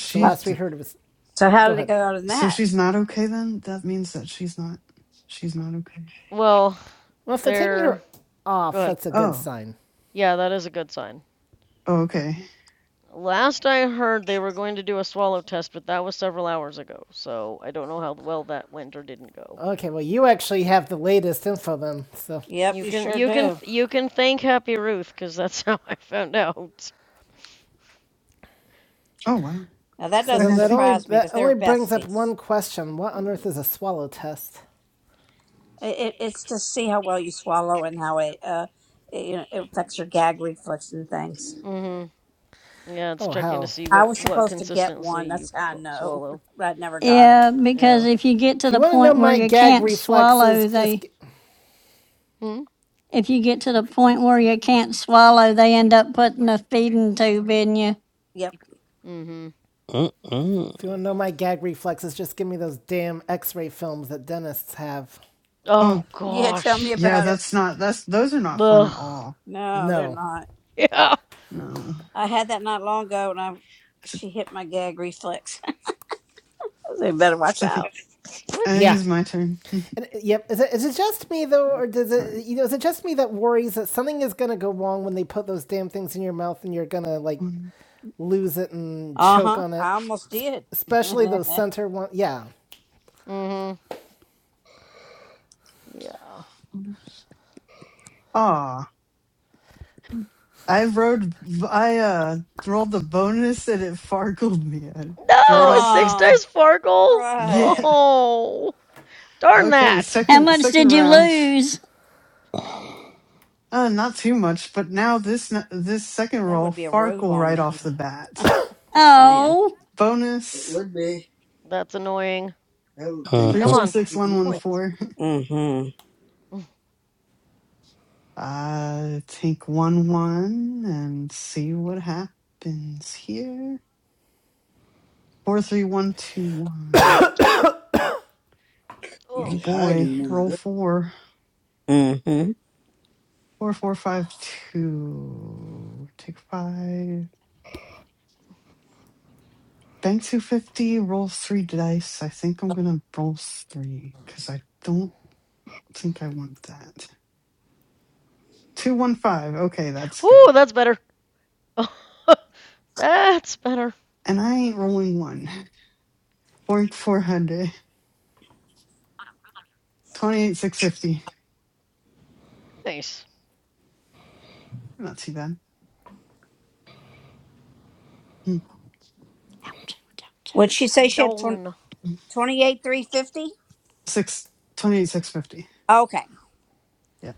Speaker 1: Because the last we
Speaker 11: d-
Speaker 1: heard was,
Speaker 2: So how
Speaker 1: go
Speaker 2: did it
Speaker 1: ahead.
Speaker 2: go on in
Speaker 11: So
Speaker 2: that?
Speaker 11: she's not okay then. That means that she's not. She's not okay.
Speaker 16: Well,
Speaker 1: Well, if they're taking her
Speaker 16: they're
Speaker 1: off,
Speaker 16: good.
Speaker 1: that's a good
Speaker 11: Oh.
Speaker 1: sign.
Speaker 16: Yeah, that is a good sign.
Speaker 11: Oh. Okay.
Speaker 16: Last I heard, they were going to do a swallow test, but that was several hours ago. So I don't know how well that went or didn't go.
Speaker 1: Okay, well, you actually have the latest info then. So,
Speaker 2: Yep,
Speaker 16: You
Speaker 2: you
Speaker 16: can
Speaker 2: sure
Speaker 16: you can
Speaker 2: do.
Speaker 16: you can thank Happy Ruth because that's how I found out.
Speaker 11: Oh wow.
Speaker 2: Now that
Speaker 1: so
Speaker 16: Yeah.
Speaker 11: And
Speaker 1: then
Speaker 2: doesn't
Speaker 11: I
Speaker 1: that only
Speaker 11: think.
Speaker 2: surprise me
Speaker 1: that
Speaker 2: because they're
Speaker 1: only brings up
Speaker 2: besties.
Speaker 1: one question: What on earth
Speaker 16: Mm-hmm.
Speaker 1: is a swallow test?
Speaker 2: It, it, it's to see how well you swallow and how it, uh, it, you know, it affects your gag reflex and things.
Speaker 16: Mm-hmm. Yeah, it's
Speaker 1: Oh
Speaker 16: checking to
Speaker 1: hell!
Speaker 16: see
Speaker 2: I
Speaker 16: what
Speaker 2: was
Speaker 16: what
Speaker 2: supposed to get
Speaker 16: consistency
Speaker 2: one.
Speaker 16: you
Speaker 2: That's
Speaker 16: can
Speaker 2: how I know,
Speaker 16: swallow.
Speaker 2: but I never got it.
Speaker 3: Yeah, because
Speaker 16: Yeah.
Speaker 3: if you get to
Speaker 1: If you
Speaker 3: the
Speaker 1: want to know
Speaker 3: point where
Speaker 1: my
Speaker 3: you
Speaker 1: gag
Speaker 3: can't
Speaker 1: reflexes,
Speaker 3: swallow,
Speaker 1: just
Speaker 3: they
Speaker 16: Hmm.
Speaker 3: if you get to the point where you can't swallow, they end up putting a feeding tube in you.
Speaker 2: Yep.
Speaker 16: Mhm.
Speaker 13: Mm-mm.
Speaker 1: If you want to know my gag reflexes, just give me those damn x ray films that dentists have.
Speaker 16: Oh
Speaker 11: Oh
Speaker 2: Yeah, tell me
Speaker 16: gosh.
Speaker 11: yeah.
Speaker 2: about it.
Speaker 11: That's not. That's those are not fun at
Speaker 16: Ugh.
Speaker 11: all.
Speaker 2: No, they're
Speaker 1: No.
Speaker 2: not.
Speaker 16: Yeah.
Speaker 11: No.
Speaker 2: I had that not long ago, and I
Speaker 11: So,
Speaker 2: she hit my gag reflex. they better watch
Speaker 11: so I think.
Speaker 2: out.
Speaker 11: I
Speaker 16: What?
Speaker 11: think
Speaker 1: Yeah.
Speaker 11: it's my turn.
Speaker 1: And, uh, yep. Is it, is it just me though, or does
Speaker 11: All right.
Speaker 1: it? You know, is it just me that worries that something is gonna go wrong when they put those damn things in your mouth and you're gonna like
Speaker 11: One,
Speaker 1: lose it and
Speaker 2: Uh
Speaker 1: choke
Speaker 2: huh.
Speaker 1: on it?
Speaker 2: I almost did.
Speaker 1: Especially those center one. Yeah.
Speaker 16: Mhm. Yeah.
Speaker 11: one. Ah, I rode. I uh rolled the bonus and it fargled me I- right
Speaker 16: No, a
Speaker 11: off the.
Speaker 16: six
Speaker 11: b-
Speaker 2: oh,
Speaker 16: dice Farkle.
Speaker 2: cried.
Speaker 11: Yeah.
Speaker 16: Oh, darn
Speaker 11: Okay.
Speaker 16: that.
Speaker 3: How
Speaker 11: Second
Speaker 3: much
Speaker 11: second
Speaker 3: did you
Speaker 11: round.
Speaker 3: lose?
Speaker 11: Uh, not too much, but now this n- this second
Speaker 2: That
Speaker 11: roll
Speaker 2: would be a robe
Speaker 11: farkle
Speaker 2: on
Speaker 11: right off the
Speaker 2: me.
Speaker 11: bat.
Speaker 2: Just saying.
Speaker 3: Oh,
Speaker 2: It
Speaker 11: Bonus
Speaker 2: would be.
Speaker 16: That's annoying.
Speaker 2: That little thing would
Speaker 11: three
Speaker 16: Come
Speaker 13: uh
Speaker 11: four
Speaker 16: on,
Speaker 11: six
Speaker 2: swallow
Speaker 11: one
Speaker 2: you
Speaker 11: one
Speaker 2: up.
Speaker 16: points.
Speaker 11: four.
Speaker 2: Mm-hmm.
Speaker 11: Uh, take one one and see what happens here. Four three one two one.
Speaker 2: You
Speaker 11: Oh
Speaker 2: could
Speaker 16: Oh
Speaker 2: hide
Speaker 11: boy,
Speaker 2: in
Speaker 16: man.
Speaker 2: one of
Speaker 11: roll
Speaker 2: those.
Speaker 11: four.
Speaker 2: Mm-hmm.
Speaker 11: Four, four, five, two. Take five. Bank 250, roll three dice. I think I'm going to roll three because I don't think I want that. 215. Okay, that's good.
Speaker 16: Oh, that's better. that's better.
Speaker 11: And I ain't rolling one. Four, 400. 28, 650.
Speaker 16: Nice.
Speaker 11: Not too bad. Hmm.
Speaker 2: What'd she say she had twen-
Speaker 16: Dawn.
Speaker 2: 28, 350?
Speaker 11: Six, 28, 650.
Speaker 2: Okay.
Speaker 11: Yeah,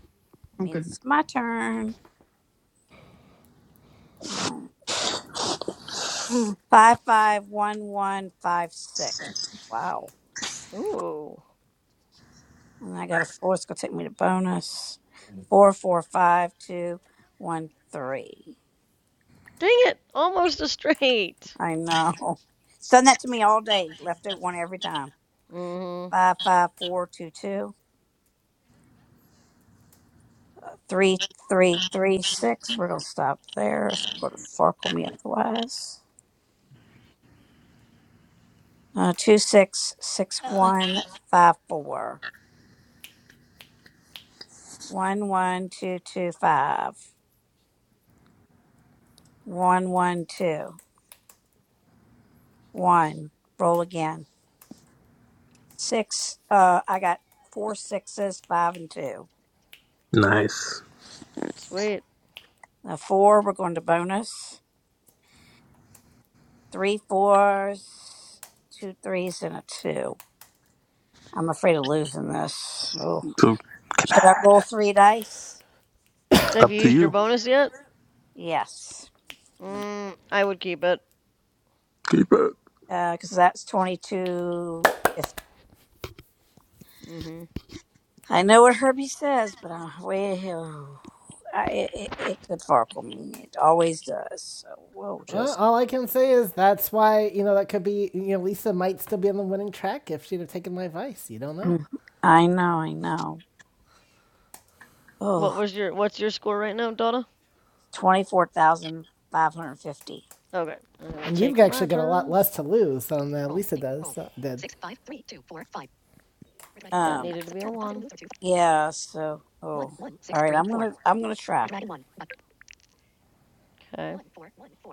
Speaker 11: I'm
Speaker 2: Means
Speaker 11: good now.
Speaker 2: it's my turn. All right. Five five one one five six. Wow.
Speaker 16: Ooh.
Speaker 2: And I got a four. It's gonna take me to bonus. Four four five two one three.
Speaker 16: Dang it! Almost a straight.
Speaker 2: I know. It's done that to me all day. Left out one every time.
Speaker 16: mm Mhm.
Speaker 2: five five four two two three three three six. We're gonna stop there. It's gonna farkle me otherwise. Uh, two six six one five four one one two two five one one two one. Roll again. Six. Uh, I got four sixes, five and two.
Speaker 13: Nice.
Speaker 16: Sweet.
Speaker 2: A four. We're going to bonus. Three fours, two threes, and a two. I'm afraid of losing this. Oh.
Speaker 13: So
Speaker 2: Should I roll three dice?
Speaker 16: Have
Speaker 13: up
Speaker 16: you
Speaker 13: to
Speaker 16: used your
Speaker 13: you.
Speaker 16: bonus yet?
Speaker 2: Yes,
Speaker 16: Mm, I would keep it.
Speaker 13: Keep it.
Speaker 2: because that's 22. If-
Speaker 16: mm Mhm.
Speaker 2: I know what Herbie says, but I'm way I, it, it it could farkle me. It always does. So we'll
Speaker 1: Well,
Speaker 2: just.
Speaker 1: all I can say is that's why you know that could be. You know, Lisa might still be on the winning track if she'd have taken my advice. You don't know.
Speaker 2: Mm. I know, I know. Oh,
Speaker 16: What was your what's your score right now, Donna?
Speaker 2: 24,550.
Speaker 16: Okay, I'm gonna
Speaker 1: And you've
Speaker 16: take my
Speaker 1: actually got a lot
Speaker 16: turn.
Speaker 1: less to lose than uh, Lisa does. So, did.
Speaker 16: That
Speaker 2: Um,
Speaker 16: needed to be a one.
Speaker 2: yeah, so, oh, all right. I'm going to, I'm going to try.
Speaker 16: Okay.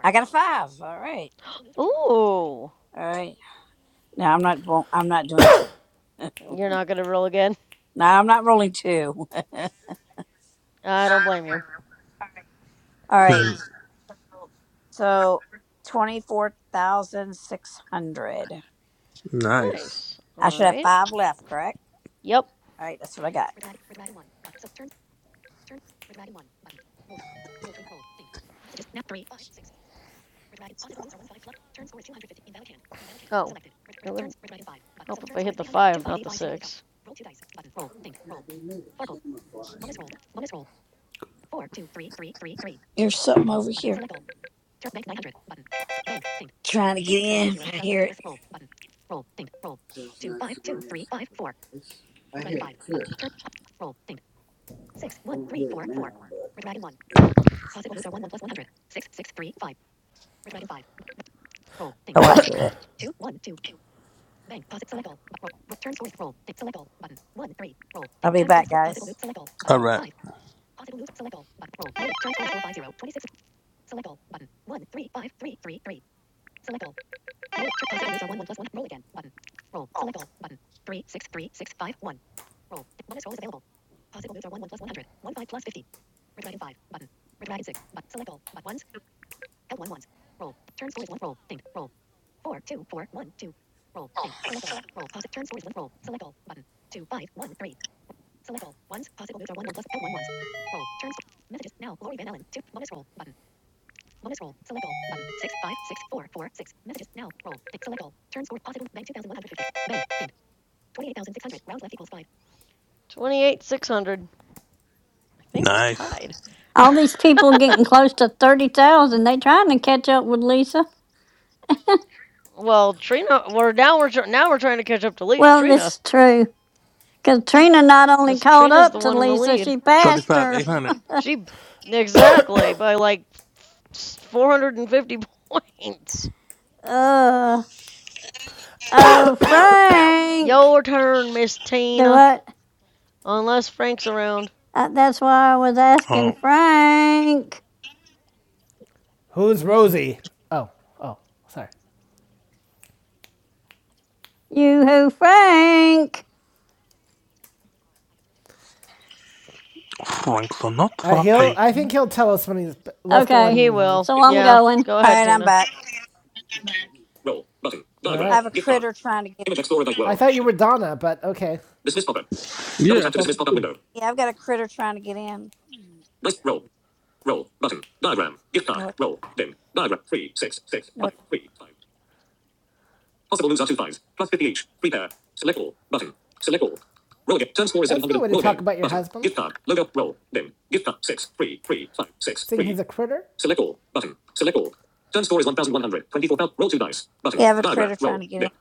Speaker 2: I got a five. All right.
Speaker 16: Ooh,
Speaker 2: All right. No, I'm not, ro- I'm not doing two. no,
Speaker 16: you're not gonna roll again.
Speaker 2: I'm not rolling two. all
Speaker 16: I don't blame you.
Speaker 2: right. So 24,600.
Speaker 13: Nice.
Speaker 16: Nice. All
Speaker 2: I should have
Speaker 16: right.
Speaker 2: five left, correct?
Speaker 16: Yep. Oh.
Speaker 2: All right, that's what I got.
Speaker 16: It would if I hit the five, not the six.
Speaker 2: There's something over here. Trying to get in. I hear it. Oh, I hear it. I'll be back, guys.
Speaker 13: All right.
Speaker 16: Twenty-eight, six hundred. I think we're
Speaker 13: Nice.
Speaker 16: tied.
Speaker 3: all these people getting close to 30,000. They trying to catch up with Lisa.
Speaker 16: well, Trina, we're now we're now we're trying to catch up to Le-
Speaker 3: Well,
Speaker 16: Trina
Speaker 3: this is true. Katrina not only
Speaker 16: because
Speaker 3: caught
Speaker 16: Trina's
Speaker 3: up
Speaker 16: the
Speaker 3: to
Speaker 16: one in the
Speaker 3: Lisa,
Speaker 16: lead.
Speaker 3: she passed
Speaker 13: 35,
Speaker 3: her.
Speaker 13: 800.
Speaker 16: She exactly by like four hundred and fifty points.
Speaker 3: Uh, oh, Frank.
Speaker 16: Your turn, Miss
Speaker 3: Do
Speaker 16: Tina.
Speaker 3: what?
Speaker 16: Unless Frank's around,
Speaker 3: Uh, that's why I was asking
Speaker 13: Oh,
Speaker 3: Frank.
Speaker 1: Who's Rosie? Oh, oh, sorry.
Speaker 3: You who, Frank?
Speaker 13: Frank
Speaker 1: Uh,
Speaker 13: Sinatra.
Speaker 1: he'll. I think he'll tell us when he's. Let's go on and
Speaker 3: Okay,
Speaker 16: he
Speaker 1: move on.
Speaker 16: will.
Speaker 3: so I'm
Speaker 16: Yeah,
Speaker 3: going
Speaker 16: go
Speaker 2: All
Speaker 16: ahead,
Speaker 2: right, I'm
Speaker 16: Tina.
Speaker 2: back.
Speaker 1: All
Speaker 2: I
Speaker 1: right.
Speaker 2: have a critter trying to get
Speaker 1: I thought you were Donna, but okay.
Speaker 13: Yeah, I thought so.
Speaker 2: Yeah, I've got a critter trying to get in. No, no. it-
Speaker 1: That's no way to talk about your husband. Saying he's a critter.
Speaker 2: Yeah, I have a critter trying to get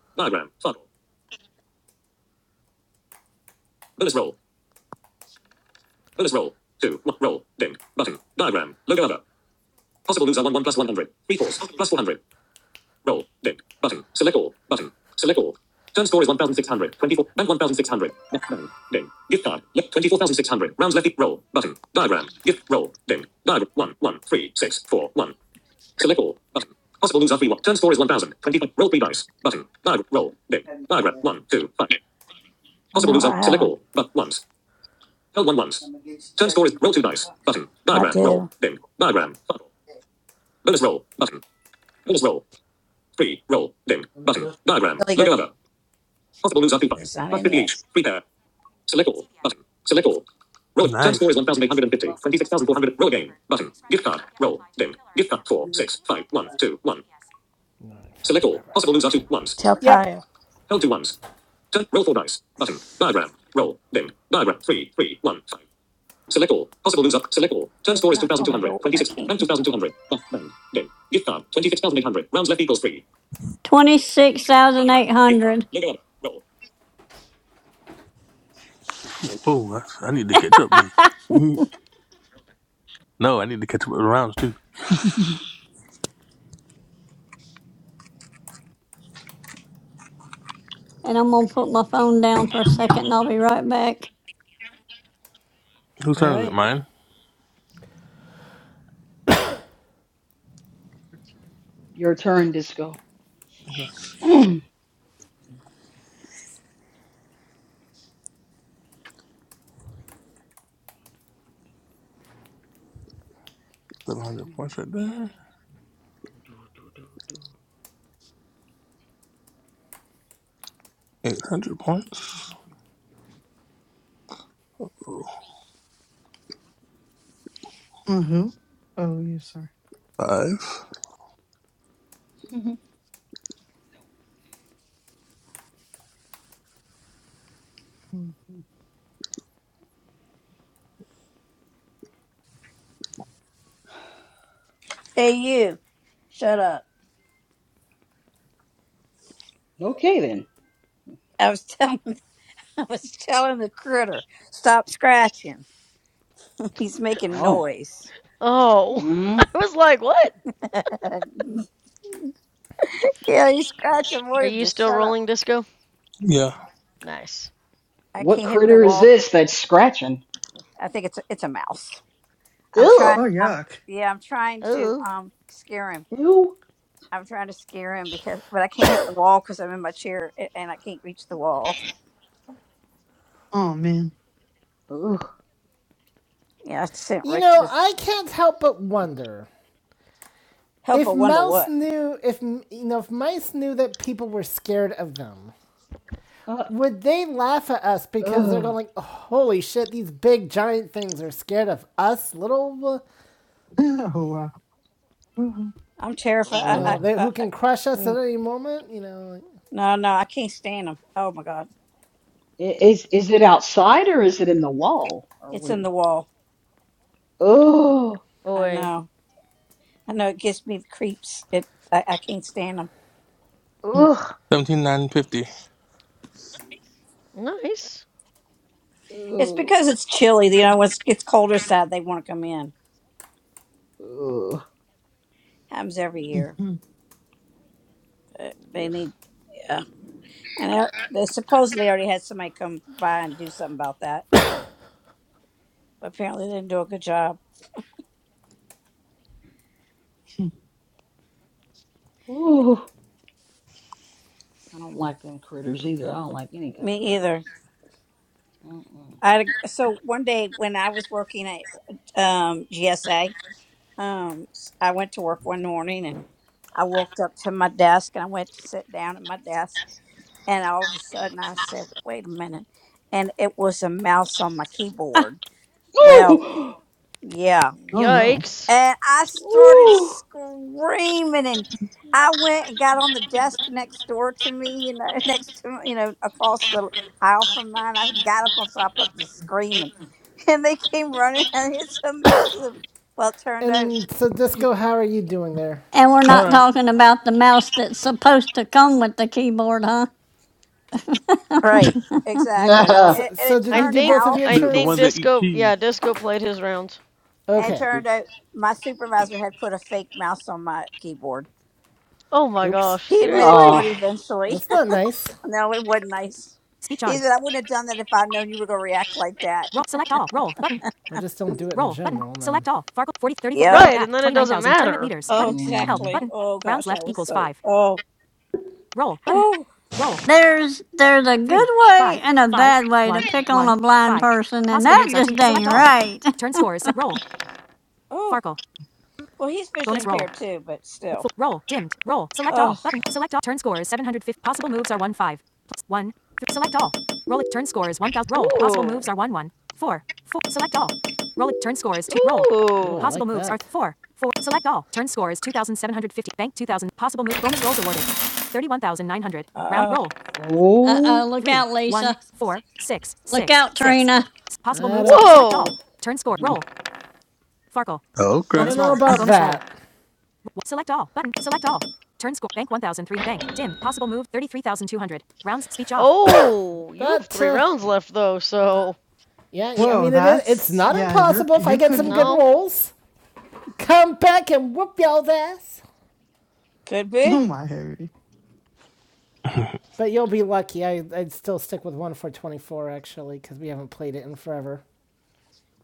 Speaker 2: in. No, I haven't. I'm against checking the box. I do. Let me go. Really go. It's not in yet.
Speaker 1: CVS.
Speaker 13: Nice.
Speaker 1: Order issue.
Speaker 2: Let
Speaker 1: CVS Pharmacy. Herbert, your prescriber has not yet replied to refill our XFAM.
Speaker 2: me go to
Speaker 1: Please
Speaker 2: the
Speaker 1: call CVS.
Speaker 2: Tell
Speaker 1: Yep.
Speaker 2: Kyle. Don't knock on the door. I can't.
Speaker 3: 26,800.
Speaker 13: Oh, that's- I need to catch up then. Mhm. no, I need to catch up with the rounds too.
Speaker 3: And I'm going to put my phone down for a second and I'll be right back.
Speaker 13: Whose
Speaker 1: All
Speaker 13: turn is it?
Speaker 1: right.
Speaker 13: Mine?
Speaker 5: Your turn, Disco.
Speaker 13: Okay. 700 points right there. 800 points. Oh,
Speaker 11: Uh, who? Oh, you, sorry.
Speaker 13: Five.
Speaker 11: Hmm. hmm.
Speaker 2: Hey, you. Shut up.
Speaker 5: okay then.
Speaker 2: I was telling. I was telling the critter. Stop scratching. He's making
Speaker 5: Oh.
Speaker 2: noise.
Speaker 16: Oh,
Speaker 5: Mm.
Speaker 16: I was like, what?
Speaker 2: yeah, he's scratching. What
Speaker 16: Are
Speaker 2: him
Speaker 16: you
Speaker 2: to
Speaker 16: still
Speaker 2: shut up?
Speaker 16: rolling disco?
Speaker 13: Yeah.
Speaker 16: Nice.
Speaker 2: I
Speaker 5: What
Speaker 2: can't hit the
Speaker 5: critter is
Speaker 2: wall.
Speaker 5: this that's scratching?
Speaker 2: I think it's a, it's a mouse. I'm
Speaker 5: Ew.
Speaker 2: trying.
Speaker 11: Oh,
Speaker 2: I'm
Speaker 11: yuck.
Speaker 2: yeah. I'm trying to
Speaker 16: Oh
Speaker 2: um scare him.
Speaker 5: Ew.
Speaker 2: I'm trying to scare him because, but I can't hit the wall because I'm in my chair a- and I can't reach the wall.
Speaker 11: Oh, man.
Speaker 5: Ugh.
Speaker 2: Yeah, I sent
Speaker 1: You
Speaker 2: Rick to
Speaker 1: know,
Speaker 2: just
Speaker 1: I can't help but wonder
Speaker 2: help. I
Speaker 1: if
Speaker 2: wonder
Speaker 1: mouse
Speaker 2: what.
Speaker 1: knew if you know if mice knew that people were scared of them
Speaker 5: Uh,
Speaker 1: would they laugh at us because they're going
Speaker 5: ugh.
Speaker 1: like oh, holy shit these big giant things are scared of us little
Speaker 11: Oh, wow.
Speaker 2: I'm terrified.
Speaker 1: you
Speaker 2: I,
Speaker 1: know
Speaker 2: I,
Speaker 5: Ugh.
Speaker 1: they,
Speaker 2: I,
Speaker 1: who
Speaker 2: I
Speaker 1: can crush us at
Speaker 2: mm,
Speaker 1: any moment you know like-
Speaker 2: no, no, I can't stand him. Oh my god,
Speaker 5: I- Is is it outside or is it in the wall or
Speaker 2: it's
Speaker 5: what?
Speaker 2: in
Speaker 5: Is,
Speaker 2: the wall.
Speaker 5: ugh.
Speaker 2: I
Speaker 16: boy,
Speaker 2: know. I know. It gives me the creeps. It. I, I can't stand them.
Speaker 5: Ugh.
Speaker 13: 17950.
Speaker 16: nice.
Speaker 2: It's
Speaker 5: Ugh.
Speaker 2: because it's chilly. You know, when it gets colder side, they want to come in.
Speaker 5: Ugh.
Speaker 2: Happens every year. Uh, They
Speaker 16: Yuck.
Speaker 2: need. Yeah, and they they supposedly already had somebody come by and do something about that, but apparently they didn't do a good job.
Speaker 5: Ugh. I don't like them critters either. I don't like any kind of
Speaker 2: Me
Speaker 5: critters.
Speaker 2: either.
Speaker 5: Mm-mm.
Speaker 2: I so one day when I was working at um, GSA, um, I went to work one morning and I walked up to my desk and I went to sit down at my desk and all of a sudden I said, "Wait a minute!" And it was a mouse on my keyboard. Well, yeah.
Speaker 11: Oh, no.
Speaker 16: Yikes.
Speaker 2: and I
Speaker 5: Ooh!
Speaker 2: started
Speaker 5: Ooh!
Speaker 2: screaming and I went and got on the desk next door to me, you know, next to you know, across the aisle from mine. I got up on top of the screaming. And they came running and it's a mouse. with a- Well, it turned out
Speaker 1: and so disco how are you doing there
Speaker 3: And we're
Speaker 13: All
Speaker 3: not
Speaker 13: right.
Speaker 3: talking about the mouse that's supposed to come with the keyboard, huh?
Speaker 2: right, exactly.
Speaker 16: No,
Speaker 5: Nah.
Speaker 1: so,
Speaker 2: And, and
Speaker 1: so
Speaker 2: it
Speaker 1: did
Speaker 16: I
Speaker 1: you
Speaker 2: turned
Speaker 1: do
Speaker 16: think
Speaker 1: both of
Speaker 2: out
Speaker 1: your
Speaker 16: I
Speaker 13: The, the
Speaker 16: think
Speaker 13: ones
Speaker 1: turns
Speaker 13: that eat
Speaker 16: disco.
Speaker 13: cheese.
Speaker 16: Yeah, disco played his rounds.
Speaker 2: and it
Speaker 1: okay
Speaker 2: turned out my supervisor had put a fake mouse on my keyboard.
Speaker 16: Oh my
Speaker 1: oops
Speaker 16: gosh,
Speaker 2: He admitted to
Speaker 16: seriously?
Speaker 2: it
Speaker 5: Oh.
Speaker 2: eventually.
Speaker 1: that's not nice
Speaker 2: no, it wasn't nice.
Speaker 1: Speech
Speaker 2: He
Speaker 1: on.
Speaker 2: said, I wouldn't have done that if I'd known you were gonna react like that.
Speaker 1: Roll. Select all. Roll. Button. I just don't do it Roll. in general. button. then. Select all. Farkle. 40, 34,
Speaker 2: Yep.
Speaker 1: 31
Speaker 16: Right, and
Speaker 1: back.
Speaker 16: then it doesn't
Speaker 1: 29,000. Tournament
Speaker 16: matter.
Speaker 1: leaders.
Speaker 2: Oh,
Speaker 1: Button. Help.
Speaker 5: Mm.
Speaker 2: exactly.
Speaker 1: Button.
Speaker 2: Oh
Speaker 1: Rounds
Speaker 2: gosh, I
Speaker 1: left
Speaker 2: was
Speaker 1: equals
Speaker 2: so
Speaker 1: 5.
Speaker 2: oh
Speaker 1: Roll. Button.
Speaker 2: oh
Speaker 1: Roll.
Speaker 3: There's there's a good
Speaker 1: 3,
Speaker 3: way
Speaker 1: 5,
Speaker 3: and a
Speaker 1: 5,
Speaker 3: bad way to
Speaker 1: 1,
Speaker 3: pick on
Speaker 1: 1,
Speaker 3: a blind
Speaker 1: 5.
Speaker 3: person, and
Speaker 1: Possible
Speaker 3: that
Speaker 1: moves are 2.
Speaker 3: just ain't
Speaker 1: Select all.
Speaker 3: right.
Speaker 1: Turn score is set. Roll.
Speaker 2: oh.
Speaker 1: Farkle.
Speaker 2: Well, he's visually
Speaker 1: Bonus roll.
Speaker 2: impaired too, but still.
Speaker 1: roll. Dimmed. Roll. Select
Speaker 2: Oh,
Speaker 1: all. Button. Select all. Turn score is 750. Possible moves are 1 5. Plus 1. Th- select all. Roll it. Turn score is 1000. Roll. Possible
Speaker 16: Ooh.
Speaker 1: moves are 1 1. 4. 4. Select all. Roll it. Turn score is 2. Roll. Ooh,
Speaker 16: Ooh.
Speaker 1: Possible like moves that. are 4. 4. Select all. Turn score is 2750. Bank 2000. Possible move. Bonus rolls awarded. 31900. Round.
Speaker 2: oh,
Speaker 1: Roll.
Speaker 3: Uh
Speaker 5: Oh.
Speaker 3: oh, look
Speaker 1: 3.
Speaker 3: out,
Speaker 1: 1.
Speaker 3: Lisa.
Speaker 1: 4. 6.
Speaker 3: Look
Speaker 1: 6.
Speaker 3: out,
Speaker 1: 6.
Speaker 3: Trina.
Speaker 1: Possible moves are. Select all.
Speaker 16: Whoa.
Speaker 1: Turn score. Roll. Farkle. I
Speaker 13: Oh,
Speaker 1: Bonus
Speaker 13: crap.
Speaker 1: I don't know roll. about bonus that. Roll. Select all. Button. Select all. Turn score. Bank 1003. Bank. Dim. Possible move 33,200. Rounds. Speech off.
Speaker 16: Oh, you have
Speaker 1: But
Speaker 16: three
Speaker 1: uh,
Speaker 16: rounds left, though, so.
Speaker 1: yeah, I
Speaker 11: Whoa,
Speaker 1: mean it is, it's
Speaker 11: that's
Speaker 1: not
Speaker 11: yeah, you're
Speaker 1: impossible if I
Speaker 11: you
Speaker 1: get some good
Speaker 11: could
Speaker 16: No.
Speaker 1: rolls. Come back and whoop y'all's ass.
Speaker 2: could be.
Speaker 11: oh my Harry.
Speaker 1: But you'll be lucky. I I'd still stick with one for 24 actually cuz we haven't played it in forever.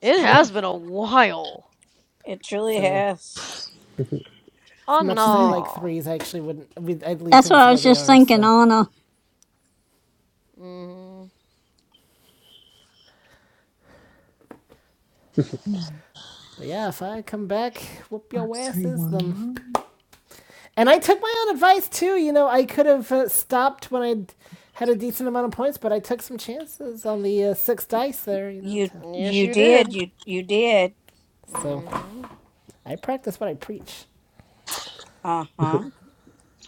Speaker 2: It's
Speaker 16: It
Speaker 2: true.
Speaker 16: has been a while.
Speaker 2: It truly
Speaker 1: So
Speaker 2: has.
Speaker 1: as
Speaker 16: Oh,
Speaker 1: much as
Speaker 11: All
Speaker 1: I
Speaker 11: right.
Speaker 1: like
Speaker 16: no.
Speaker 1: threes, I actually wouldn't. I'd leave
Speaker 3: That's what
Speaker 1: things the
Speaker 3: I
Speaker 1: way
Speaker 3: was
Speaker 1: they
Speaker 3: just
Speaker 1: are.
Speaker 3: thinking
Speaker 1: So,
Speaker 3: on a
Speaker 16: Mm
Speaker 11: Hmm.
Speaker 1: but yeah, if I come back, whoop
Speaker 11: Five,
Speaker 1: your
Speaker 11: three,
Speaker 1: asses,
Speaker 11: one,
Speaker 1: then
Speaker 11: one,
Speaker 1: And I took my own advice too. You know, I could have uh, stopped when I had a decent amount of points, but I took some chances on the uh, six dice there. You know,
Speaker 2: You
Speaker 1: to,
Speaker 16: hmm. Yes,
Speaker 2: you
Speaker 16: you did.
Speaker 2: did you you did.
Speaker 1: so
Speaker 16: Mm hmm.
Speaker 1: I practice what I preach.
Speaker 2: Uh huh.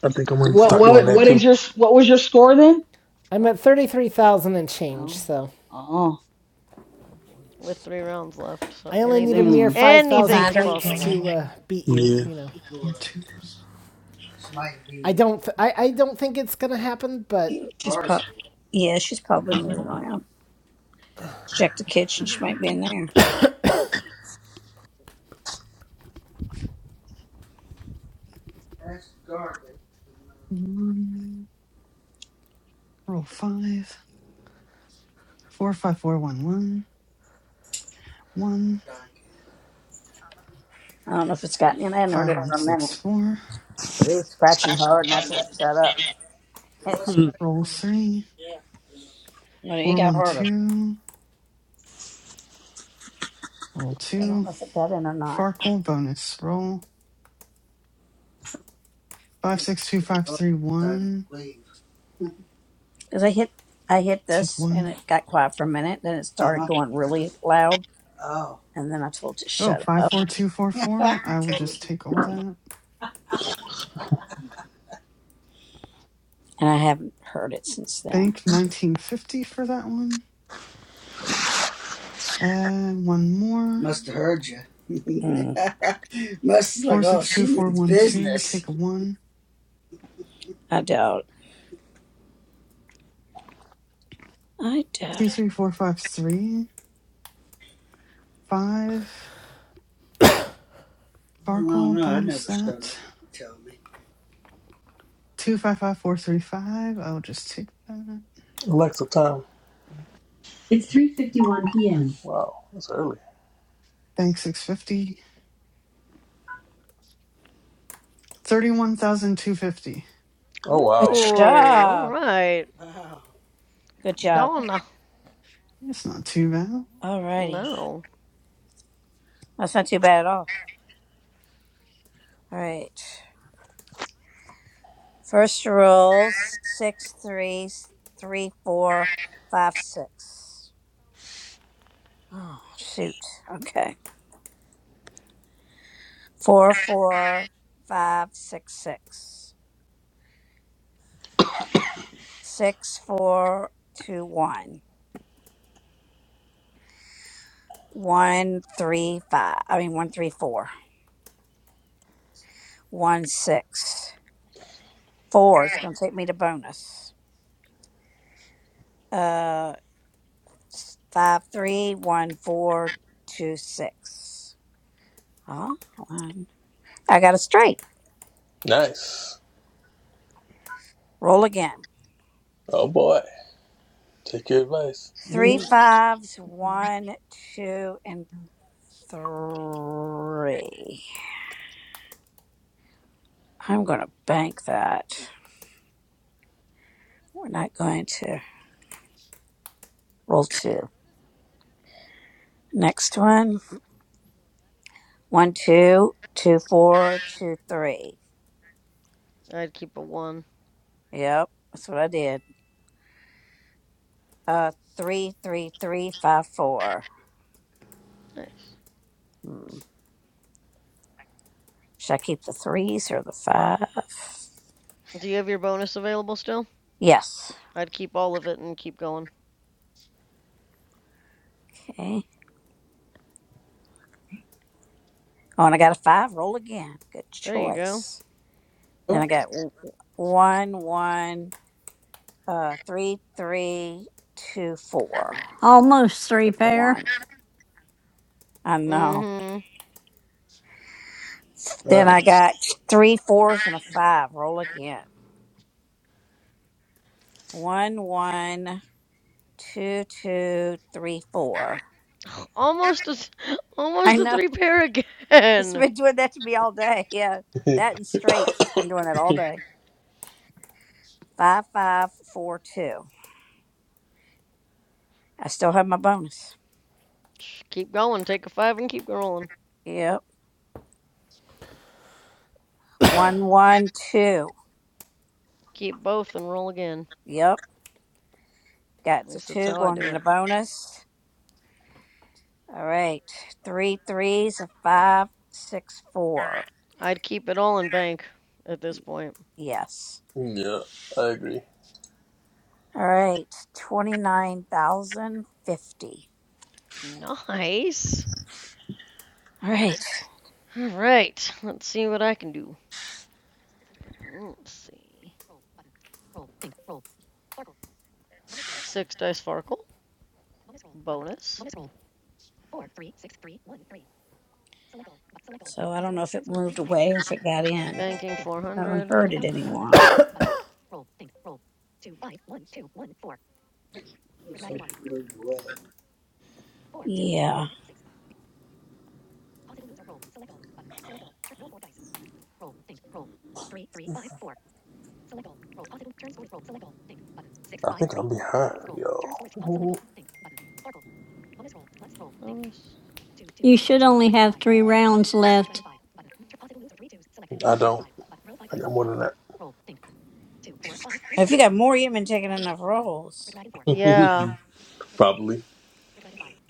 Speaker 13: I think I'm going to
Speaker 5: What
Speaker 13: start doing
Speaker 5: what
Speaker 13: that
Speaker 5: what
Speaker 13: too.
Speaker 5: is
Speaker 11: one.
Speaker 5: your what was your score then?
Speaker 1: I'm
Speaker 5: What?
Speaker 1: at thirty-three thousand and change,
Speaker 5: Oh.
Speaker 1: so
Speaker 5: Oh. Oh boy.
Speaker 16: With three rounds left, so
Speaker 1: I only need a
Speaker 16: anything is
Speaker 1: mere
Speaker 5: Mm.
Speaker 1: five
Speaker 11: Oh
Speaker 2: You
Speaker 16: anything
Speaker 1: thousand
Speaker 11: wow.
Speaker 2: find
Speaker 16: is
Speaker 2: her.
Speaker 1: points
Speaker 16: possible.
Speaker 1: to uh,
Speaker 11: Four,
Speaker 1: beat you.
Speaker 13: Yeah.
Speaker 1: You know,
Speaker 11: four, two,
Speaker 1: I don't. Th- I I don't think it's gonna happen, but
Speaker 2: She's pop. Yeah, she's probably moving around. Check the kitchen. She might be in there.
Speaker 11: one. Roll five. Four, five, four, one, one. One,
Speaker 2: I don't know if it's gotten in. I hadn't heard
Speaker 11: five,
Speaker 2: it
Speaker 11: one,
Speaker 2: for a minute.
Speaker 11: six, four.
Speaker 2: It was scratching hard, and that's what set up. It, was
Speaker 13: Hmm.
Speaker 2: scratching.
Speaker 11: Roll three.
Speaker 2: no, it
Speaker 11: Four,
Speaker 2: got
Speaker 11: one,
Speaker 2: harder.
Speaker 11: two. Roll
Speaker 2: I don't
Speaker 11: two.
Speaker 2: know if it got in or not.
Speaker 11: Farkle bonus roll. Five, six, two, five, three, one.
Speaker 2: Because I hit, I hit
Speaker 11: Take
Speaker 2: this, and
Speaker 11: one.
Speaker 2: it got quiet for a minute. Then it started going really loud, and then I told it to
Speaker 11: Oh,
Speaker 2: shut
Speaker 11: five,
Speaker 2: up.
Speaker 11: four, two, four, four. I will just take all that.
Speaker 2: And I haven't heard it since then.
Speaker 11: Bank 1950 for that one. Uh, one more.
Speaker 2: Mm,
Speaker 11: 462412. Take a one.
Speaker 2: I doubt. I doubt
Speaker 11: Two
Speaker 2: it.
Speaker 11: three four five three five.
Speaker 2: Well, I don't
Speaker 11: Sparkle
Speaker 2: know. I
Speaker 11: bonus
Speaker 2: never showed
Speaker 11: that.
Speaker 2: up. when you Tell me.
Speaker 11: Two five five four three five. I'll just take that.
Speaker 13: Alexa, time. It's 3.51 p.m. Wow. That's early.
Speaker 11: Bank 650. 31,250.
Speaker 13: Oh,
Speaker 16: Ooh,
Speaker 2: Good
Speaker 13: wow.
Speaker 16: all
Speaker 2: job.
Speaker 16: right,
Speaker 2: Wow. Good job.
Speaker 16: Donna.
Speaker 11: It's not too bad.
Speaker 2: All righty.
Speaker 16: No,
Speaker 2: That's not too bad at all. All right. First roll six, three, three, four, five, six. Oh, shoot. Okay. Four, four, five, six, six. Six, four, two, one. One, three, five. I mean, one, three, four. One, six. Four. It's going to take me to bonus. Uh, five three one four two six. Huh? Hold I got a straight.
Speaker 13: Nice.
Speaker 2: Roll again.
Speaker 13: Oh, boy. Take your advice.
Speaker 2: Three fives, one, two, and three. I'm gonna bank that. We're not going to roll two. Next one. One, two, two, four, two, three.
Speaker 16: I'd keep a one.
Speaker 2: Yep, that's what I did. Uh, three, three, three, five, four.
Speaker 16: Nice.
Speaker 2: Hmm. Should I keep the threes or the five?
Speaker 16: Do you have your bonus available still?
Speaker 2: Yes.
Speaker 16: I'd keep all of it and keep going.
Speaker 2: Okay. Oh, and I got a five. Roll again. Good
Speaker 16: There you go.
Speaker 2: choice. Then I got w- w- one, one, uh, three, three, two, four.
Speaker 3: almost three
Speaker 2: Take the
Speaker 3: pair.
Speaker 2: one. I know.
Speaker 16: Mhm.
Speaker 2: Then
Speaker 13: uh,
Speaker 2: I got three fours and a five. Roll again. One, one, two, two, three, four.
Speaker 16: Almost a, s-
Speaker 2: I
Speaker 16: almost a
Speaker 2: know.
Speaker 16: three pair
Speaker 2: It's
Speaker 16: again.
Speaker 2: been doing that to me all day. Yeah. That and straights. It's been doing that all day. Five, five, four, two. I still have my bonus.
Speaker 16: Just keep going. Take a five and keep rolling.
Speaker 2: Yep. One, one, two.
Speaker 16: Keep both and roll again.
Speaker 2: Yep. Got
Speaker 16: At
Speaker 2: the
Speaker 16: least that's
Speaker 2: two
Speaker 16: how I
Speaker 2: going to
Speaker 16: do
Speaker 2: the
Speaker 16: it.
Speaker 2: bonus. All right. Three threes, a five, six, four.
Speaker 16: I'd keep it all in bank at this point.
Speaker 2: Yes.
Speaker 13: yeah, I agree.
Speaker 2: All right. 29,050.
Speaker 16: Nice.
Speaker 2: All right.
Speaker 16: All right. Let's see what I can do. Let's see. Six dice Farkle. Bonus.
Speaker 2: So I don't know if it moved away or if it got in.
Speaker 16: Banking
Speaker 2: I haven't
Speaker 16: 400.
Speaker 2: heard it anymore. Yeah.
Speaker 13: I think I'm behind, yo.
Speaker 16: Bonus.
Speaker 3: You should only have three rounds left.
Speaker 13: I don't. I got more than
Speaker 2: If you got more, you've been taking enough rolls.
Speaker 13: that.
Speaker 16: Yeah.
Speaker 13: Probably.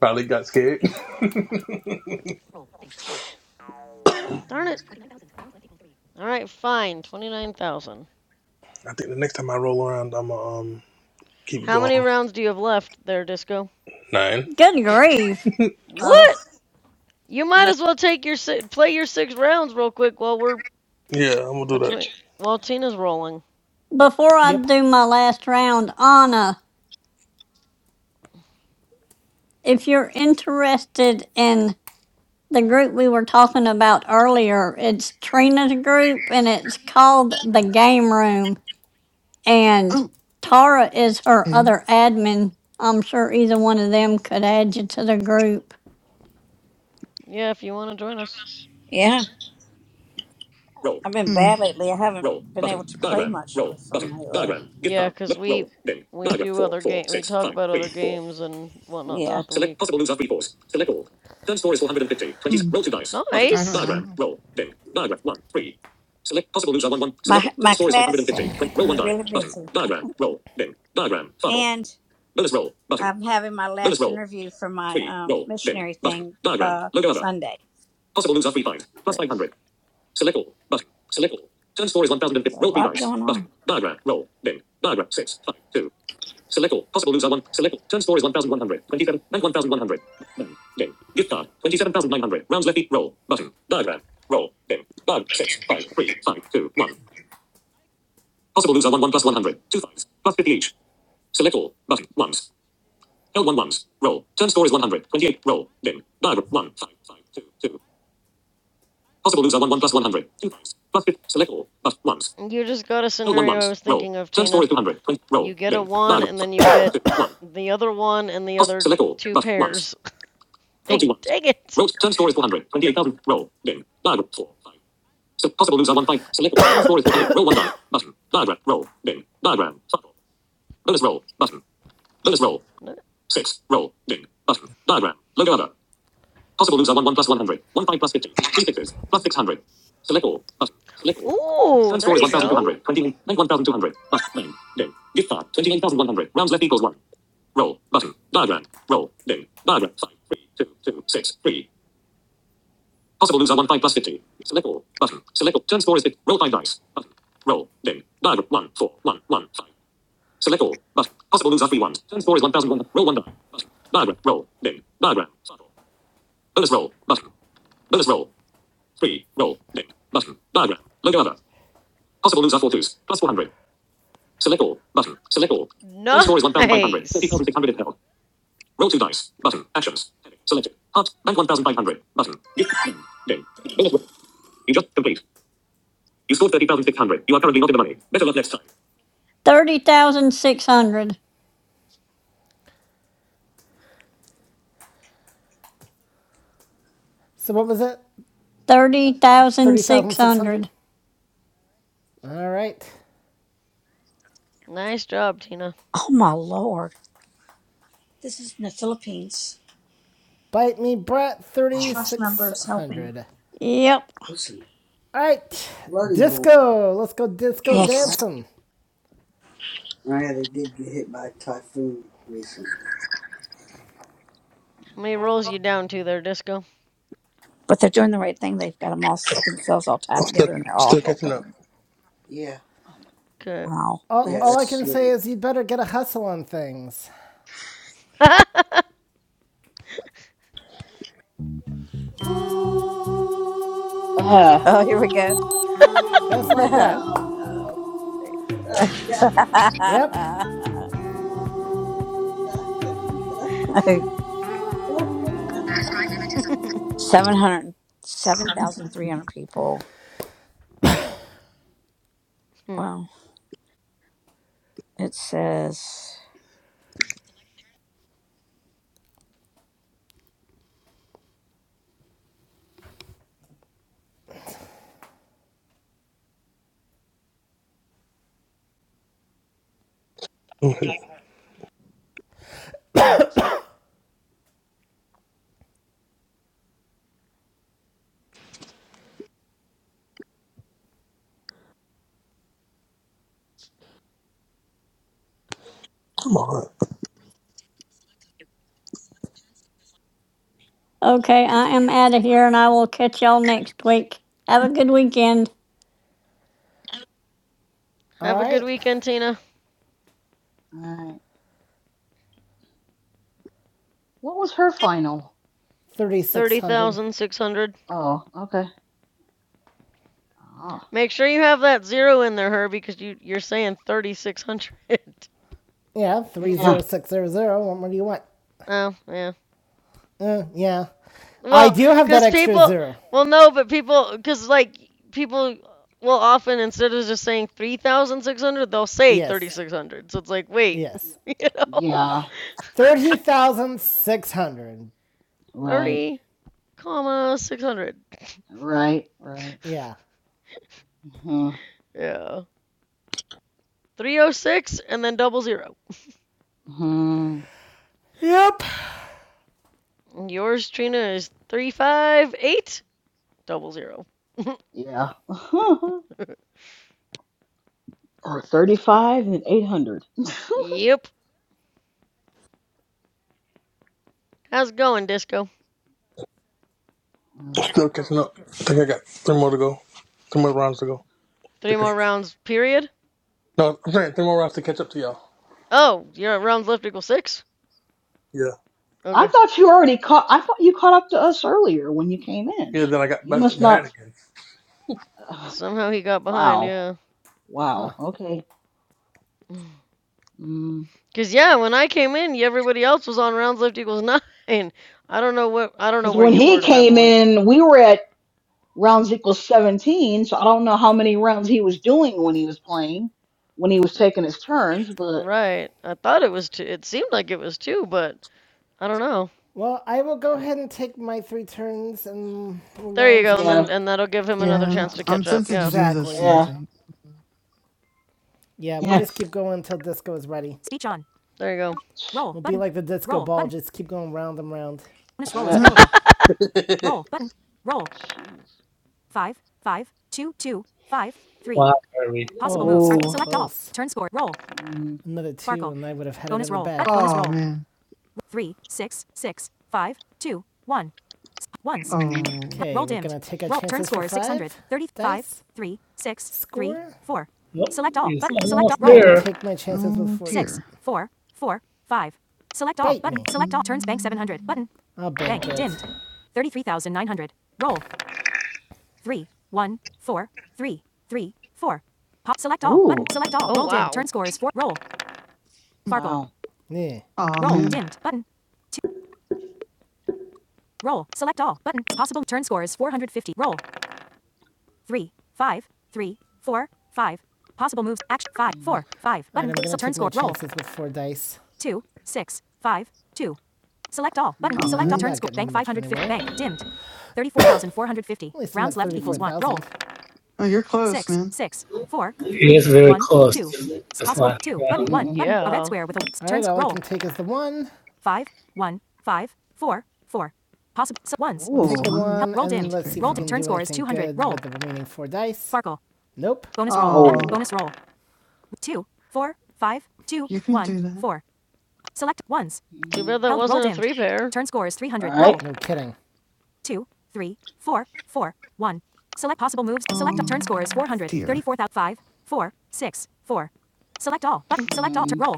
Speaker 13: Probably got scared. I
Speaker 16: Darn it. All right, fine. 29,000.
Speaker 13: think the next time I roll around, I'm gonna um, keep it
Speaker 16: How
Speaker 13: going.
Speaker 16: many rounds do you have left there, Disco?
Speaker 13: Nine.
Speaker 3: Good grief.
Speaker 2: Oh.
Speaker 16: What? You might
Speaker 2: Yeah.
Speaker 16: as well take your si- play your six rounds real quick while we're
Speaker 13: Yeah, I'm gonna do that.
Speaker 16: between while Tina's rolling.
Speaker 3: Before I
Speaker 1: yep.
Speaker 3: do my last round, Anna, if you're interested in the group we were talking about earlier, it's Trina's group and it's called The Game Room. and
Speaker 11: Oh,
Speaker 3: Tara is her
Speaker 11: okay.
Speaker 3: other admin. I'm sure either one of them could add you to the group.
Speaker 16: Yeah, if you want to join us.
Speaker 2: Yeah. I've been
Speaker 11: Hmm.
Speaker 2: bad lately. I haven't been able to play much with them lately.
Speaker 16: Yeah, 'cause we we do other game we talk about other games and whatnot throughout the week.
Speaker 11: Hmm. I don't know.
Speaker 16: Nice,
Speaker 11: I don't-
Speaker 2: My my class has been keeping me really busy, and I'm having my last interview for my um, missionary thing uh, Sunday.
Speaker 16: nice.
Speaker 2: So a lot going on.
Speaker 16: You just got a scenario I was thinking of, Tina. You get a one, and then you get the other one and the other two pairs. Like, dang it! No- Ooh, there you go. Ooh. Nice.
Speaker 3: 30,600.
Speaker 1: So what was it? Thirty thousand six hundred.
Speaker 3: 30,600.
Speaker 1: All right.
Speaker 16: Nice job, Tina.
Speaker 2: Oh my lord, this is in the Philippines.
Speaker 1: Bite me, brat.
Speaker 2: Trust number
Speaker 1: Thirty-six
Speaker 2: is helping.
Speaker 1: hundred.
Speaker 3: Yep.
Speaker 2: There's some
Speaker 1: All right,
Speaker 2: flooding going
Speaker 1: disco. Let's go
Speaker 2: on.
Speaker 1: disco
Speaker 2: Yes,
Speaker 1: dancing.
Speaker 2: on. Yeah, they did get hit by a typhoon recently.
Speaker 16: How many rolls you down to there, Disco?
Speaker 2: but they're doing the right thing. They've got them all themselves all tied
Speaker 13: I'm still,
Speaker 2: together, and they're all
Speaker 13: still catching up.
Speaker 2: helping. Yeah,
Speaker 5: Oh my.
Speaker 16: Okay.
Speaker 2: Wow, yeah,
Speaker 1: All,
Speaker 2: that's
Speaker 1: all I
Speaker 2: that's
Speaker 1: can say
Speaker 2: really.
Speaker 1: is you'd better get a hustle on things.
Speaker 5: Mm. Uh.
Speaker 2: oh here we go.
Speaker 1: Just like that.
Speaker 2: Oh no.
Speaker 1: Yep.
Speaker 2: Seven hundred, seven thousand three hundred people. Wow. It says.
Speaker 13: Mhm. Come on,
Speaker 3: Okay, I am out of here and I will catch y'all next week. Have a good weekend.
Speaker 1: All
Speaker 16: have a good
Speaker 1: right.
Speaker 16: weekend, Tina.
Speaker 5: Alright. What was her final?
Speaker 1: 3600.
Speaker 16: 30,600.
Speaker 5: Oh, okay. Ah.
Speaker 16: Make sure you have that zero in there, Herbie, because you, you're saying 3,600.
Speaker 1: Yeah,
Speaker 5: Yeah.
Speaker 1: 30600. What more do you want?
Speaker 16: oh, yeah.
Speaker 1: Uh, yeah. I
Speaker 16: Well,
Speaker 1: do have that
Speaker 16: because
Speaker 1: extra
Speaker 16: people,
Speaker 1: zero.
Speaker 16: well, no, but people, because, like, people will often, instead of just saying 3,600, they'll say
Speaker 1: Yes.
Speaker 16: 3,600. So it's like, wait,
Speaker 1: Yes.
Speaker 16: you know,
Speaker 5: Yeah.
Speaker 1: 30,600.
Speaker 5: Right.
Speaker 16: 30, comma, 600.
Speaker 5: Right. Right.
Speaker 1: Yeah.
Speaker 5: hmm
Speaker 16: Yeah. 306 and then double zero.
Speaker 5: hmm
Speaker 1: Yep.
Speaker 16: Yours, Trina, is 358 double zero.
Speaker 5: Yeah. or 35 and 800.
Speaker 16: yep. How's it going, Disco?
Speaker 5: Mm.
Speaker 13: still catching up. I think I got three more to go. Three more rounds to go.
Speaker 16: Three
Speaker 13: Okay.
Speaker 16: more rounds, period?
Speaker 13: No, I'm saying three more rounds to catch up to y'all.
Speaker 16: Oh, you're at rounds left equals six?
Speaker 13: Yeah.
Speaker 5: I
Speaker 16: Okay.
Speaker 5: thought you already caught. I thought you caught up to us earlier when you came in.
Speaker 13: Yeah, then I got
Speaker 5: You
Speaker 13: back
Speaker 5: must
Speaker 13: behind
Speaker 5: not.
Speaker 13: again.
Speaker 5: Ugh.
Speaker 16: Somehow he got behind,
Speaker 5: wow.
Speaker 16: yeah.
Speaker 5: Wow. Okay. Because
Speaker 16: Cause yeah, when I came in, everybody else was on rounds left equals nine. I don't know what I don't know where
Speaker 5: when
Speaker 16: you
Speaker 5: he
Speaker 16: were at that
Speaker 5: came
Speaker 16: point.
Speaker 5: in, we were at rounds equals 17. So I don't know how many rounds he was doing when he was playing, when he was taking his turns. But
Speaker 16: Right. I thought it was two. It seemed like it was two, but I don't know.
Speaker 1: Well, I will go ahead and take my three turns and
Speaker 16: There you
Speaker 1: round
Speaker 16: go, and
Speaker 1: some.
Speaker 5: yeah.
Speaker 16: then and that'll give him
Speaker 11: Yeah,
Speaker 16: another
Speaker 11: I'm,
Speaker 16: chance
Speaker 5: Uh,
Speaker 16: to
Speaker 11: I'm
Speaker 16: catch up.
Speaker 11: tempted to
Speaker 16: Yeah.
Speaker 11: do the
Speaker 1: Exactly.
Speaker 11: same
Speaker 5: yeah.
Speaker 11: thing.
Speaker 1: Yeah, we'll
Speaker 5: Yeah.
Speaker 1: just keep going until disco is ready. Speech on.
Speaker 16: There you go.
Speaker 1: Roll. We'll button. be like the disco Roll, ball, button. just keep going round and round. Bonus roll is
Speaker 5: Uh,
Speaker 1: available. Roll button. Roll.
Speaker 5: Jeez.
Speaker 1: Five, five, two, two, five, three.
Speaker 4: Wow, Harry.
Speaker 1: Possible Oh, moves are so are
Speaker 5: Oh.
Speaker 1: select close. all. Turn score. Roll.
Speaker 5: Mm,
Speaker 1: Another two, Sparkle. and I would have had Bonus it in roll. the Back. bag. Bonus
Speaker 11: oh
Speaker 1: roll.
Speaker 11: man.
Speaker 1: Three, six, six, five, two, one. S- Ones.
Speaker 5: mm,
Speaker 11: Oh.
Speaker 1: Okay, Roll we're dimmed. gonna take our Roll chances for five. turn score for is 600. five 35, dice. 3, 6, three, four.
Speaker 4: Yep,
Speaker 1: Select all.
Speaker 4: he's
Speaker 1: Button. Select all.
Speaker 4: almost
Speaker 1: Roll. I will
Speaker 5: mm.
Speaker 4: there.
Speaker 1: take my chances with
Speaker 11: Oh
Speaker 1: four. Six,
Speaker 11: dear.
Speaker 1: four, four, five. Select all. Bite button. me. Select all. Turns bank 700.
Speaker 11: Mm.
Speaker 1: Button. I'll Bank bank dimmed. 33,900. Roll. Three, one, four, three, three, four. Pop. Select all. Button.
Speaker 5: Ooh.
Speaker 1: Select all.
Speaker 16: Oh
Speaker 1: Roll dim. Turn
Speaker 16: wow.
Speaker 1: score is 4. Roll. Farkle.
Speaker 5: Wow.
Speaker 1: Yeah.
Speaker 11: Aw,
Speaker 1: Roll.
Speaker 5: Mm,
Speaker 11: man.
Speaker 1: Dimmed. Button. Two. Roll. Select all. Button. Possible turn score is 450. Roll. three, five, three, four, five. Possible moves. Action. Five,
Speaker 5: mm,
Speaker 1: four, five. right, Button. i So turn score. Roll. with four dice. Two, six, five, two. Select all. Button.
Speaker 11: Aw,
Speaker 5: mm,
Speaker 1: Select all.
Speaker 11: man.
Speaker 1: Turn score. Bank 550. anyway. Bank. Dimmed. 34,450. Rounds left equals
Speaker 5: mm, mm,
Speaker 1: one. Roll
Speaker 11: Oh, you're close,
Speaker 1: six,
Speaker 11: man.
Speaker 1: six, four,
Speaker 4: He
Speaker 1: three,
Speaker 4: is very
Speaker 1: one,
Speaker 4: close
Speaker 1: two.
Speaker 4: to
Speaker 1: It's
Speaker 4: this
Speaker 1: possible
Speaker 4: last
Speaker 1: two button
Speaker 4: round.
Speaker 1: one
Speaker 5: mm.
Speaker 1: button a red
Speaker 16: Yeah.
Speaker 1: square with a turns All turn right, all roll I can take is the one. five one five four four possible so ones We'll
Speaker 11: Just
Speaker 1: take the
Speaker 5: Ooh.
Speaker 1: one.
Speaker 11: one.
Speaker 1: Help, roll and dimmed. Let's
Speaker 11: There
Speaker 1: see
Speaker 11: you
Speaker 1: if Roll if we can
Speaker 11: go.
Speaker 1: turn do score is 200. Roll. the remaining four dice. Sparkle. Nope. bonus roll button
Speaker 11: Oh,
Speaker 5: Oh.
Speaker 1: bonus roll two four five two
Speaker 11: you can
Speaker 1: one
Speaker 11: do that.
Speaker 1: four select ones
Speaker 16: Too
Speaker 5: Mm,
Speaker 16: bad that
Speaker 1: held roll
Speaker 16: wasn't a
Speaker 1: dimmed
Speaker 16: three pair.
Speaker 1: turn score is three
Speaker 5: all
Speaker 1: hundred roll
Speaker 5: right.
Speaker 1: No kidding two, three, four, four, one. Select possible moves. Select turn
Speaker 5: Mm,
Speaker 11: Oh,
Speaker 1: score is
Speaker 11: dear.
Speaker 1: 434,005, 4, six, four. Select all button. Select all. Tur-
Speaker 5: mm.
Speaker 1: roll.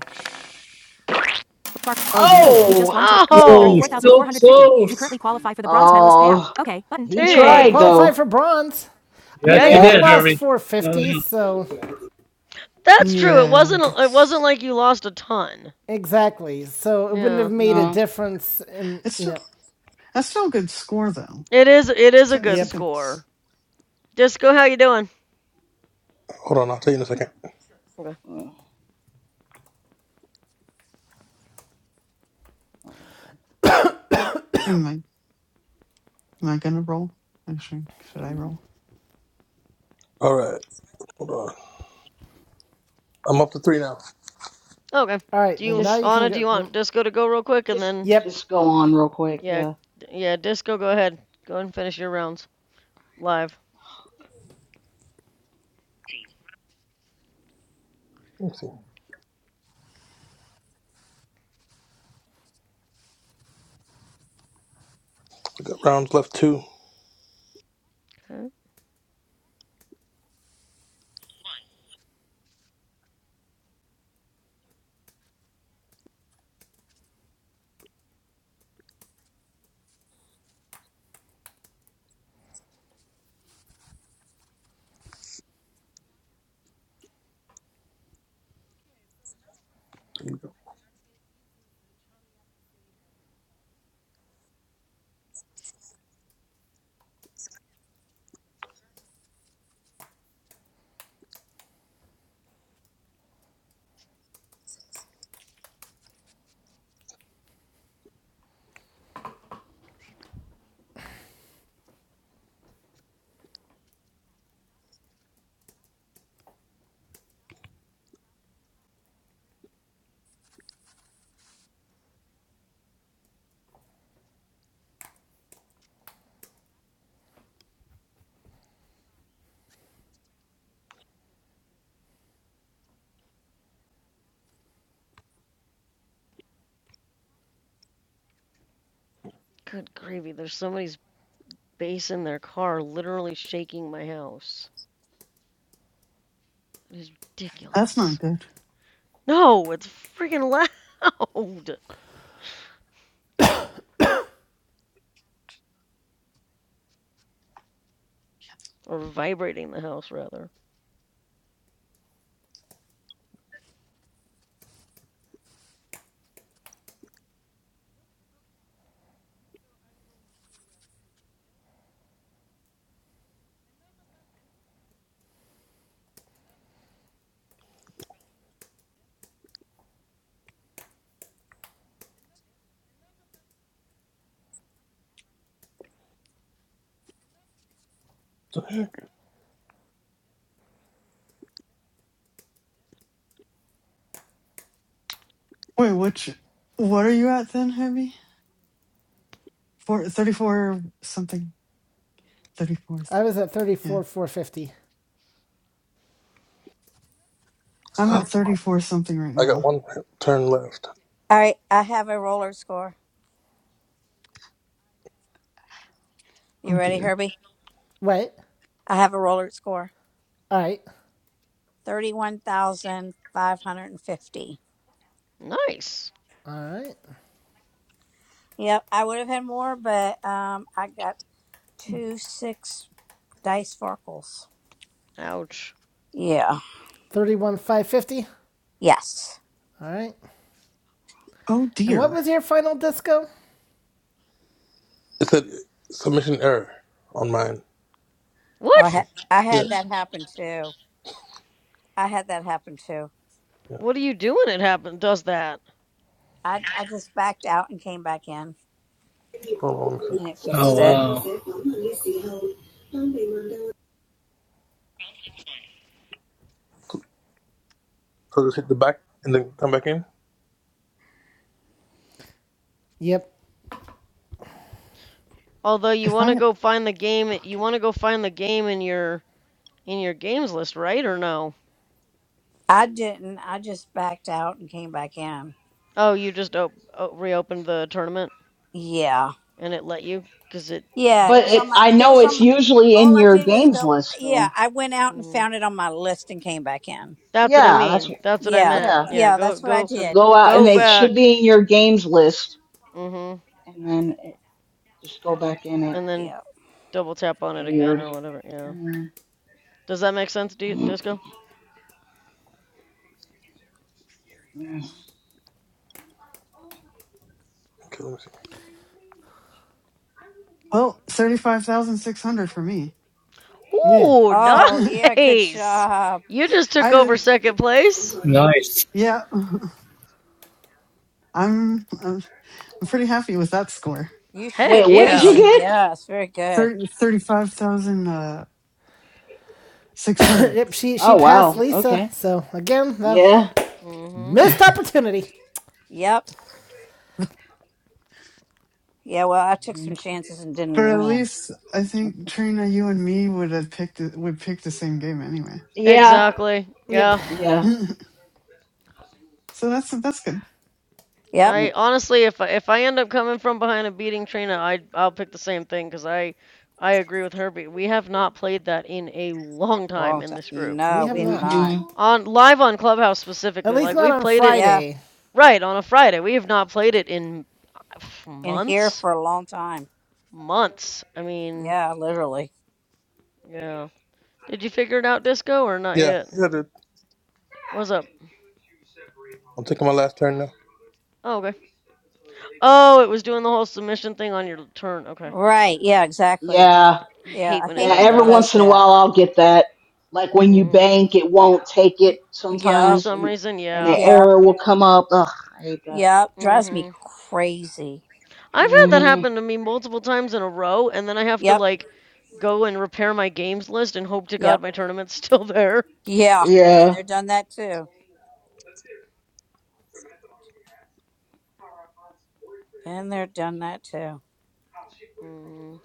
Speaker 1: Bar-
Speaker 11: Oh, dear.
Speaker 1: you just
Speaker 5: Oh.
Speaker 1: won today. You scored
Speaker 4: Oh, he's
Speaker 16: Oh,
Speaker 4: so
Speaker 1: 34,450. You currently
Speaker 4: close.
Speaker 1: qualify for the bronze medalist payout.
Speaker 5: Oh.
Speaker 1: Okay, button.
Speaker 5: He
Speaker 1: Hey, well, I
Speaker 5: tried
Speaker 16: dang.
Speaker 1: qualify
Speaker 5: though.
Speaker 1: for bronze. I mean,
Speaker 4: Yes,
Speaker 16: Yeah,
Speaker 1: I
Speaker 4: you
Speaker 16: you
Speaker 1: only
Speaker 5: Yeah.
Speaker 4: did,
Speaker 16: did.
Speaker 1: lost
Speaker 4: Harry. No doubt.
Speaker 1: 450, so
Speaker 16: That's true. It
Speaker 11: Yeah,
Speaker 16: wasn't it wasn't
Speaker 11: that's,
Speaker 16: like you lost a ton.
Speaker 1: exactly. So it wouldn't have
Speaker 16: Yeah.
Speaker 1: made a
Speaker 5: No.
Speaker 1: difference in,
Speaker 11: it's
Speaker 1: you
Speaker 11: still,
Speaker 1: know,
Speaker 11: that's still a good score, though.
Speaker 16: It is it is
Speaker 11: It's
Speaker 16: a
Speaker 11: a, it's
Speaker 16: good
Speaker 11: a
Speaker 1: yep.
Speaker 11: good, s-
Speaker 16: score. Disco, how you doing?
Speaker 13: Hold on, I'll tell you in a second.
Speaker 16: Okay.
Speaker 5: Oh, oh.
Speaker 11: am I, am I gonna roll? Actually, should I roll?
Speaker 13: All right, hold on. I'm up to three now.
Speaker 16: Okay.
Speaker 1: All right,
Speaker 16: Do
Speaker 1: then
Speaker 16: you
Speaker 1: now
Speaker 5: Just,
Speaker 1: you can
Speaker 16: Anna, do you
Speaker 1: go.
Speaker 16: want Disco to go real quick and
Speaker 5: just,
Speaker 16: then
Speaker 1: Yep.
Speaker 5: just go on real quick.
Speaker 16: yeah,
Speaker 5: Yeah.
Speaker 16: yeah, Disco go ahead. Go and finish your rounds live.
Speaker 13: Let's see. I got rounds left two.
Speaker 16: Okay.
Speaker 13: Here we go.
Speaker 16: Good gravy. There's somebody's bass in their car literally shaking my house. It is
Speaker 11: That's
Speaker 16: ridiculous.
Speaker 11: not good.
Speaker 16: No, it's freaking loud or vibrating the house rather.
Speaker 13: What the heck?
Speaker 11: Wait, which, what are you at then, Heavy? Four thirty-four something. 34th.
Speaker 1: I was at
Speaker 11: Yeah.
Speaker 1: 34 450.
Speaker 11: I'm at 34 something right
Speaker 13: I got
Speaker 11: now.
Speaker 13: one turn left.
Speaker 2: All right. I have a roller score. You
Speaker 11: Oh,
Speaker 2: ready,
Speaker 11: dear.
Speaker 2: Herbie?
Speaker 1: Wait.
Speaker 2: I have a roller score.
Speaker 1: All right.
Speaker 2: 31,550.
Speaker 16: Nice.
Speaker 1: All right.
Speaker 2: Yep. I would have had more, but um, I got two six dice sparkles.
Speaker 16: Ouch.
Speaker 2: Yeah.
Speaker 1: 31 550. All
Speaker 2: Yes.
Speaker 1: right.
Speaker 11: Oh,
Speaker 1: And what
Speaker 11: dear.
Speaker 1: was your final disco?
Speaker 13: It said submission error on mine.
Speaker 2: Oh, I,
Speaker 16: What?
Speaker 2: had. I had that happen too. I had that happen too.
Speaker 13: Yeah.
Speaker 16: What are you doing? It happen does that.
Speaker 2: I, I just backed out and came back in
Speaker 13: Hold on, let me see.
Speaker 2: and it
Speaker 4: Oh,
Speaker 2: fixed it.
Speaker 4: wow.
Speaker 13: So so just hit the back and then come back in.
Speaker 1: Yep.
Speaker 16: Although you
Speaker 11: If
Speaker 16: want to
Speaker 11: I
Speaker 16: go find the game, you want to go find the game in your in your games list, right? Or no?
Speaker 2: I didn't. I just backed out and came back in.
Speaker 16: Oh, you just op- o- reopened the tournament
Speaker 2: Yeah.
Speaker 16: and it let you because it.
Speaker 2: Yeah, it
Speaker 5: But
Speaker 2: was
Speaker 5: it,
Speaker 2: on my
Speaker 5: I
Speaker 2: it
Speaker 5: know
Speaker 2: was
Speaker 5: it's
Speaker 2: on my
Speaker 5: usually in
Speaker 2: all I
Speaker 5: your
Speaker 2: did was
Speaker 5: games
Speaker 2: go
Speaker 5: list though.
Speaker 2: yeah, I went out and
Speaker 16: mhm.
Speaker 2: found it on my list and came back in.
Speaker 16: That's what I
Speaker 5: Yeah. That's.
Speaker 16: mean. That's what I
Speaker 2: Yeah.
Speaker 16: meant.
Speaker 5: Yeah.
Speaker 16: Yeah,
Speaker 2: Yeah,
Speaker 16: go
Speaker 2: that's what I
Speaker 16: go
Speaker 5: So
Speaker 2: did.
Speaker 5: go out and
Speaker 16: go
Speaker 5: it
Speaker 2: Yes.
Speaker 5: should
Speaker 16: back.
Speaker 5: be in your games list,
Speaker 16: Mhm.
Speaker 5: and then it, just go back in it.
Speaker 16: And then
Speaker 2: Yeah.
Speaker 16: double tap on it
Speaker 5: Weird.
Speaker 16: again or whatever. Yeah.
Speaker 5: Mm,
Speaker 16: Does that make sense, D-
Speaker 5: mm,
Speaker 16: Disco?
Speaker 5: mm.
Speaker 13: Okay, let me see.
Speaker 11: well, thirty five thousand six hundred for me.
Speaker 1: Yeah.
Speaker 16: Ooh,
Speaker 2: Oh,
Speaker 11: I
Speaker 2: yeah, good
Speaker 16: nice.
Speaker 2: job.
Speaker 16: You just took over
Speaker 11: did.
Speaker 16: second place?
Speaker 4: Nice.
Speaker 11: Yeah, I'm, I'm. I'm pretty happy with that score.
Speaker 2: You
Speaker 16: Heck
Speaker 2: should
Speaker 5: Wait, what did
Speaker 16: yeah.
Speaker 5: you
Speaker 2: be.
Speaker 5: get?
Speaker 2: Yes, very good.
Speaker 11: Thirty thirty five thousand uh, six hundred.
Speaker 1: yep, she she
Speaker 5: Oh wow.
Speaker 1: passed Lisa.
Speaker 5: Okay.
Speaker 1: So again, though,
Speaker 5: Yeah.
Speaker 16: Mm-hmm.
Speaker 1: missed opportunity.
Speaker 2: Yep. Yeah, well, I took some
Speaker 5: Mhm.
Speaker 2: chances and
Speaker 11: But
Speaker 2: didn't
Speaker 11: at
Speaker 2: win.
Speaker 11: least I think Trina, you and me would have picked would pick the same game anyway.
Speaker 5: Yeah.
Speaker 16: Exactly.
Speaker 1: Yep.
Speaker 16: Yeah.
Speaker 5: Yeah.
Speaker 11: so that's that's good.
Speaker 2: Yep.
Speaker 5: Yeah.
Speaker 16: I honestly, if I, if I end up coming from behind and beating Trina, I I'll pick the same thing because I I agree with her. but We have not played that in a long time
Speaker 2: Well,
Speaker 16: in this group
Speaker 1: We
Speaker 2: no,
Speaker 1: have
Speaker 2: we have
Speaker 1: not.
Speaker 2: not.
Speaker 5: Mhm.
Speaker 16: on live on Clubhouse
Speaker 1: At
Speaker 16: specifically.
Speaker 1: least
Speaker 16: Like
Speaker 1: not
Speaker 16: we've
Speaker 1: on
Speaker 16: played it
Speaker 2: Yeah.
Speaker 1: Friday.
Speaker 16: right on a Friday. We have not played it in uh,
Speaker 2: in here
Speaker 16: months,
Speaker 2: for a long time.
Speaker 16: months. I mean,
Speaker 2: Yeah, literally.
Speaker 16: yeah. Did you figure it out, Disco, or not
Speaker 13: Yeah,
Speaker 16: yet?
Speaker 13: yeah, dude.
Speaker 16: What's up?
Speaker 13: I'm taking my last turn now.
Speaker 16: Oh, okay. Oh, it was doing the whole submission thing on your turn. Okay.
Speaker 2: Right. Yeah, exactly.
Speaker 5: Yeah.
Speaker 16: I
Speaker 2: Yeah,
Speaker 16: hate
Speaker 2: I
Speaker 16: when it
Speaker 5: Yeah,
Speaker 2: hate
Speaker 16: does
Speaker 2: when
Speaker 5: every
Speaker 2: it
Speaker 16: that.
Speaker 2: does
Speaker 5: once in a
Speaker 2: that.
Speaker 5: while I'll get that. Like when you
Speaker 16: hmm
Speaker 5: bank, it won't take it
Speaker 16: For
Speaker 2: Yep.
Speaker 5: sometimes,
Speaker 16: some
Speaker 5: and,
Speaker 16: reason,
Speaker 5: and
Speaker 16: yeah.
Speaker 5: an
Speaker 2: Yep.
Speaker 5: error will come up. Ugh, I hate that.
Speaker 2: Yep. Drives me
Speaker 16: hmm
Speaker 2: crazy.
Speaker 16: I've had that
Speaker 5: hmm
Speaker 16: happen to me multiple times in a row, and then I have to
Speaker 2: Yep.
Speaker 16: like go and repair my games list and hope to
Speaker 2: Yep.
Speaker 16: God my tournament's still there.
Speaker 2: Yeah. Been
Speaker 5: Yeah.
Speaker 2: there, done that too. Been there, done that too.
Speaker 16: hmm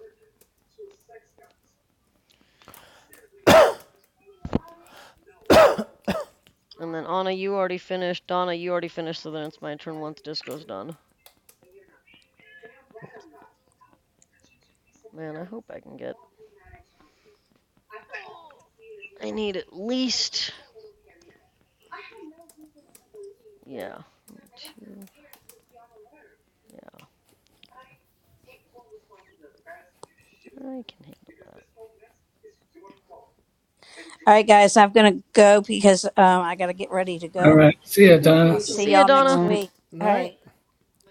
Speaker 16: And then Anna, you already finished. Donna, you already finished, so then it's my turn once Disco's done. Man, I hope I can get. I need at least. Yeah. Two. Yeah. I can handle that.
Speaker 2: All right, guys, I'm going to go because um, I got to get ready to
Speaker 4: All
Speaker 2: go.
Speaker 4: right. See ya,
Speaker 2: I'll see
Speaker 4: Donna.
Speaker 16: See ya,
Speaker 2: y'all
Speaker 16: Donna.
Speaker 2: next
Speaker 5: All
Speaker 2: week.
Speaker 1: All
Speaker 2: All right.
Speaker 1: right.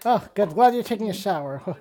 Speaker 1: Oh, good. Glad you're taking a shower.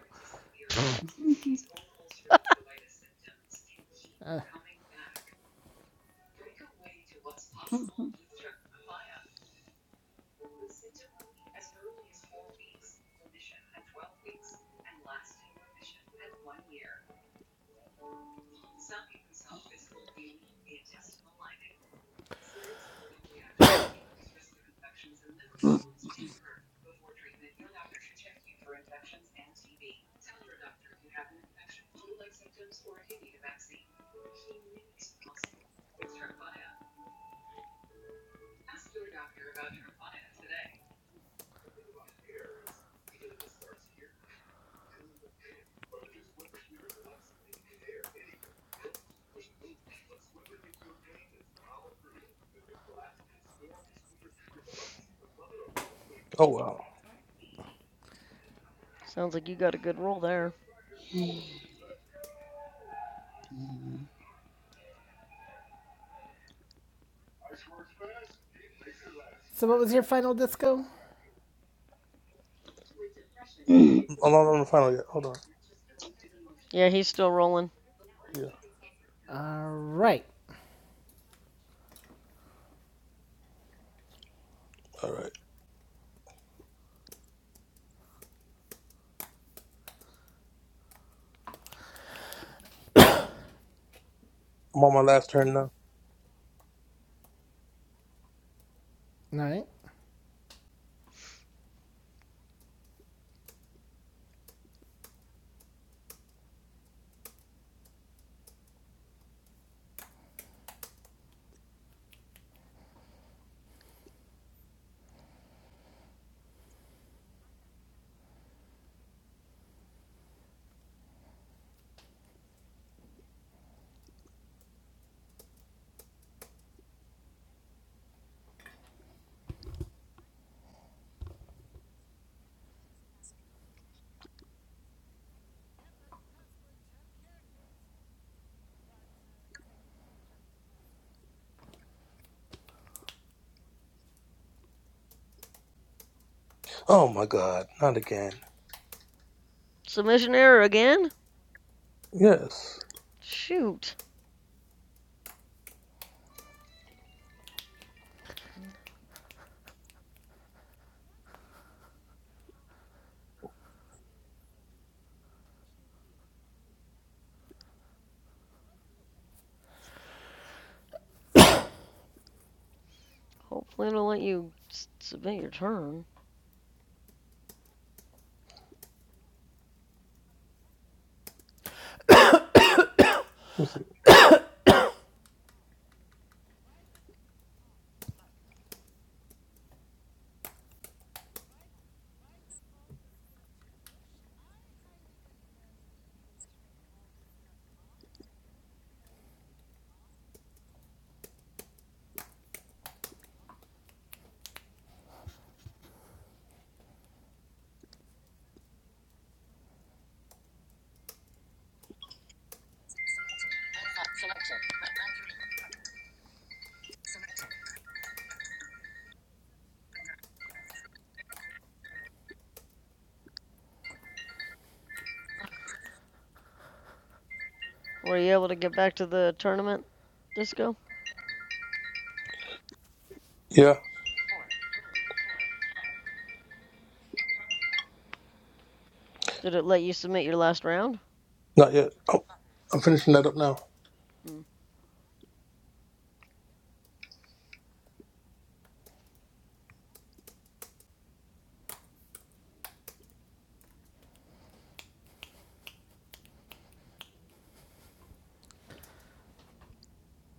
Speaker 13: Oh wow,
Speaker 16: Sounds like you got a good roll there.
Speaker 5: right.
Speaker 1: So what was your final disco?
Speaker 13: I'm not on the final yet. Hold on.
Speaker 16: Yeah, he's still rolling.
Speaker 13: Yeah.
Speaker 1: All right.
Speaker 13: All right. I'm on my last turn now.
Speaker 1: All right.
Speaker 13: Oh my god, not again.
Speaker 16: Submission error again?
Speaker 13: Yes.
Speaker 16: Shoot. Hopefully it'll let you submit your turn.
Speaker 13: Let me see.
Speaker 16: Were you able to get back to the tournament, Disco?
Speaker 13: Yeah,
Speaker 16: Did it let you submit your last round?
Speaker 13: not yet. Oh, I'm finishing that up now.
Speaker 16: Hmm.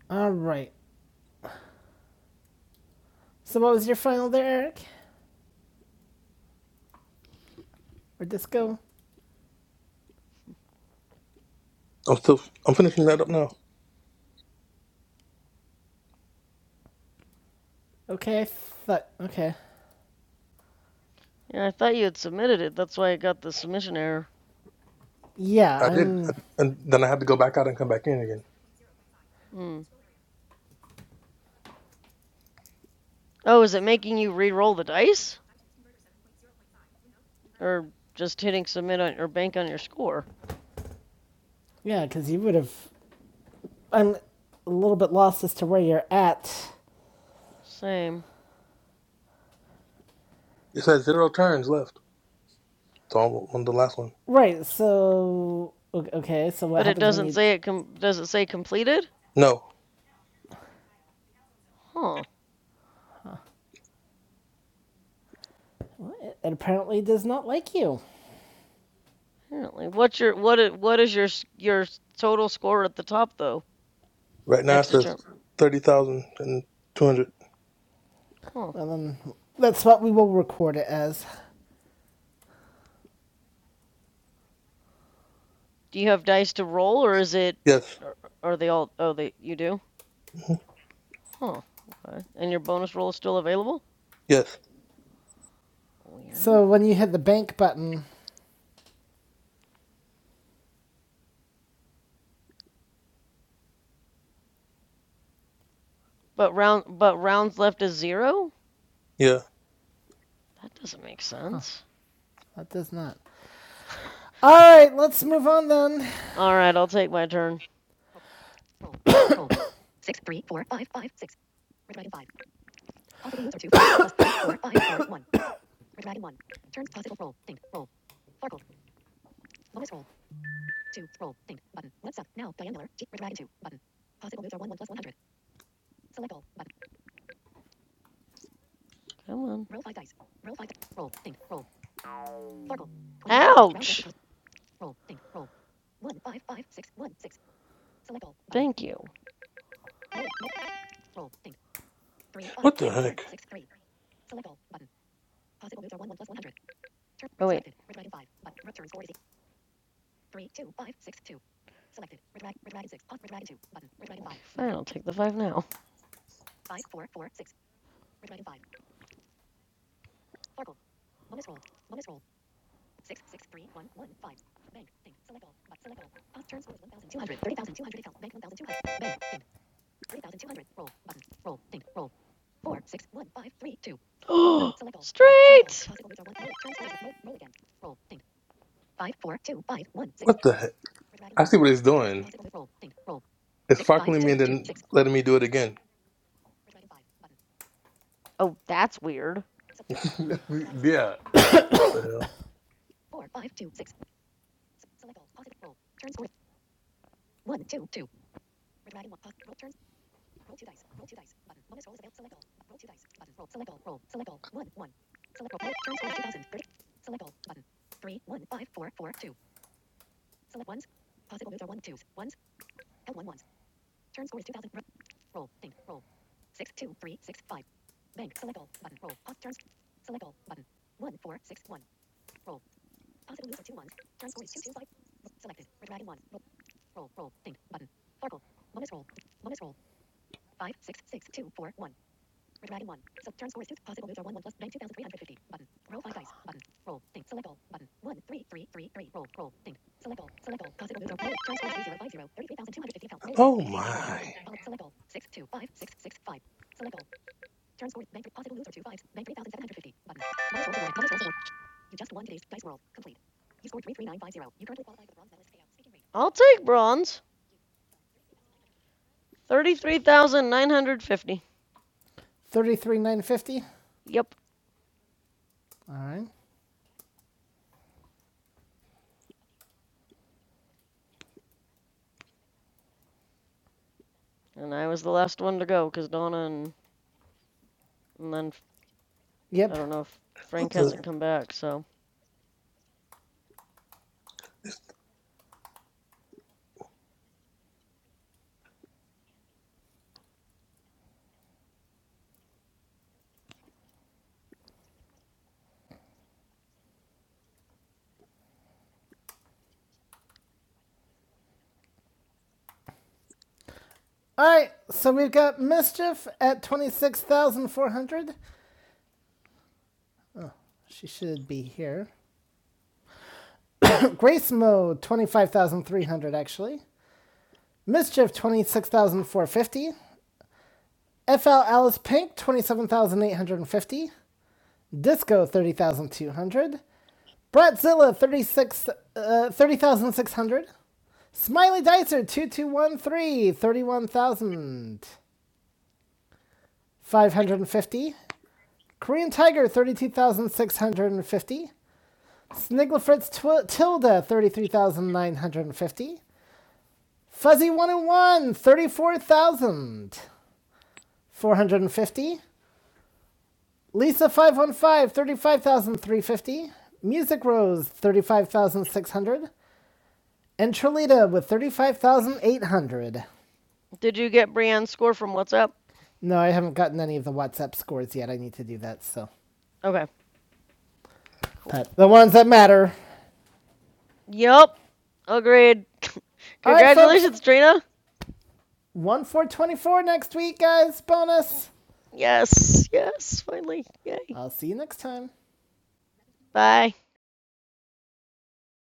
Speaker 1: All right. So what was your final there, Eric? Or
Speaker 16: er,
Speaker 1: disco?
Speaker 13: I'm still. I'm finishing that up now.
Speaker 1: Okay, I thought. Okay.
Speaker 16: Yeah, I thought you had submitted it. That's why I got the submission error.
Speaker 1: Yeah,
Speaker 13: I did,
Speaker 1: I'm.
Speaker 13: and then I had to go back out and come back in again.
Speaker 16: Hmm. Oh, is it making you re-roll the dice? Or just hitting submit on or bank on your score?
Speaker 1: Yeah, because you would have I'm a little bit lost as to where you're at.
Speaker 16: Same.
Speaker 13: It says zero turns left. So I'm on the last one.
Speaker 1: Right. So okay. So what
Speaker 16: But it
Speaker 1: happens when
Speaker 16: doesn't
Speaker 1: you?
Speaker 16: say it com- does it say completed?
Speaker 13: No,
Speaker 16: Huh.
Speaker 1: It apparently does not like you.
Speaker 16: Apparently. What's your what i- what is your s- your s- total score at the top though?
Speaker 13: right now it
Speaker 16: Next to
Speaker 13: says
Speaker 16: Trump.
Speaker 13: thirty thousand and two hundred.
Speaker 16: Huh.
Speaker 1: And then that's what we will record it as.
Speaker 16: Do you have dice to roll or is it
Speaker 13: Yes,
Speaker 16: are, are they all oh they you do?
Speaker 13: Mhm.
Speaker 16: Huh. Okay. And your bonus roll is still available?
Speaker 13: yes,
Speaker 16: Weird.
Speaker 1: So when you hit the bank button,
Speaker 16: But round but rounds left is 0?
Speaker 13: yeah.
Speaker 16: That doesn't make sense.
Speaker 1: that does not. All right. Let's move on then.
Speaker 16: All right, I'll take my turn. Come on. Ouch. Thank you.
Speaker 13: What the heck?
Speaker 16: Oh wait. Fine, I'll take the 5 now. Oh, straight.
Speaker 13: What the heck? I see what it's doing. It's sparkling me and then letting me do it again.
Speaker 16: Oh, that's weird.
Speaker 13: yeah. What the hell? Oh my!
Speaker 16: I'll take bronze. 33,950.
Speaker 1: Thirty-three thousand nine hundred fifty.
Speaker 16: Yep.
Speaker 1: All right.
Speaker 16: And I was the last one to go because Donna and, and then I
Speaker 1: Yep.
Speaker 16: I don't know if
Speaker 13: What
Speaker 16: Frank
Speaker 13: the?
Speaker 16: hasn't come back. So,
Speaker 1: All right. So we've got mischief at twenty-six thousand four hundred. She should be here. Grace mode twenty-five thousand three hundred actually. Mischief 26,450. FL Alice Pink 27,850. Disco 30,200. Bratzilla 36, uh, 30,600. Smiley Dicer two two one three thirty one thousand five hundred fifty, Korean Tiger 32,650. Snigglefritz tw- Tilda 33,950. Fuzzy 101 34,450. Lisa 515, Music Rose, 35,600. And Trilita with 35,800.
Speaker 16: did you get Brienne's score from WhatsApp?
Speaker 1: No, I haven't gotten any of the WhatsApp scores yet. I need to do that, so.
Speaker 16: Okay, cool.
Speaker 1: But the ones that matter.
Speaker 16: Yep. Agreed.
Speaker 1: All right, folks.
Speaker 16: Congratulations, Trina.
Speaker 1: One four twenty four next week, guys. Bonus.
Speaker 16: Yes, yes, finally. Yay.
Speaker 1: I'll see you next time.
Speaker 16: Bye.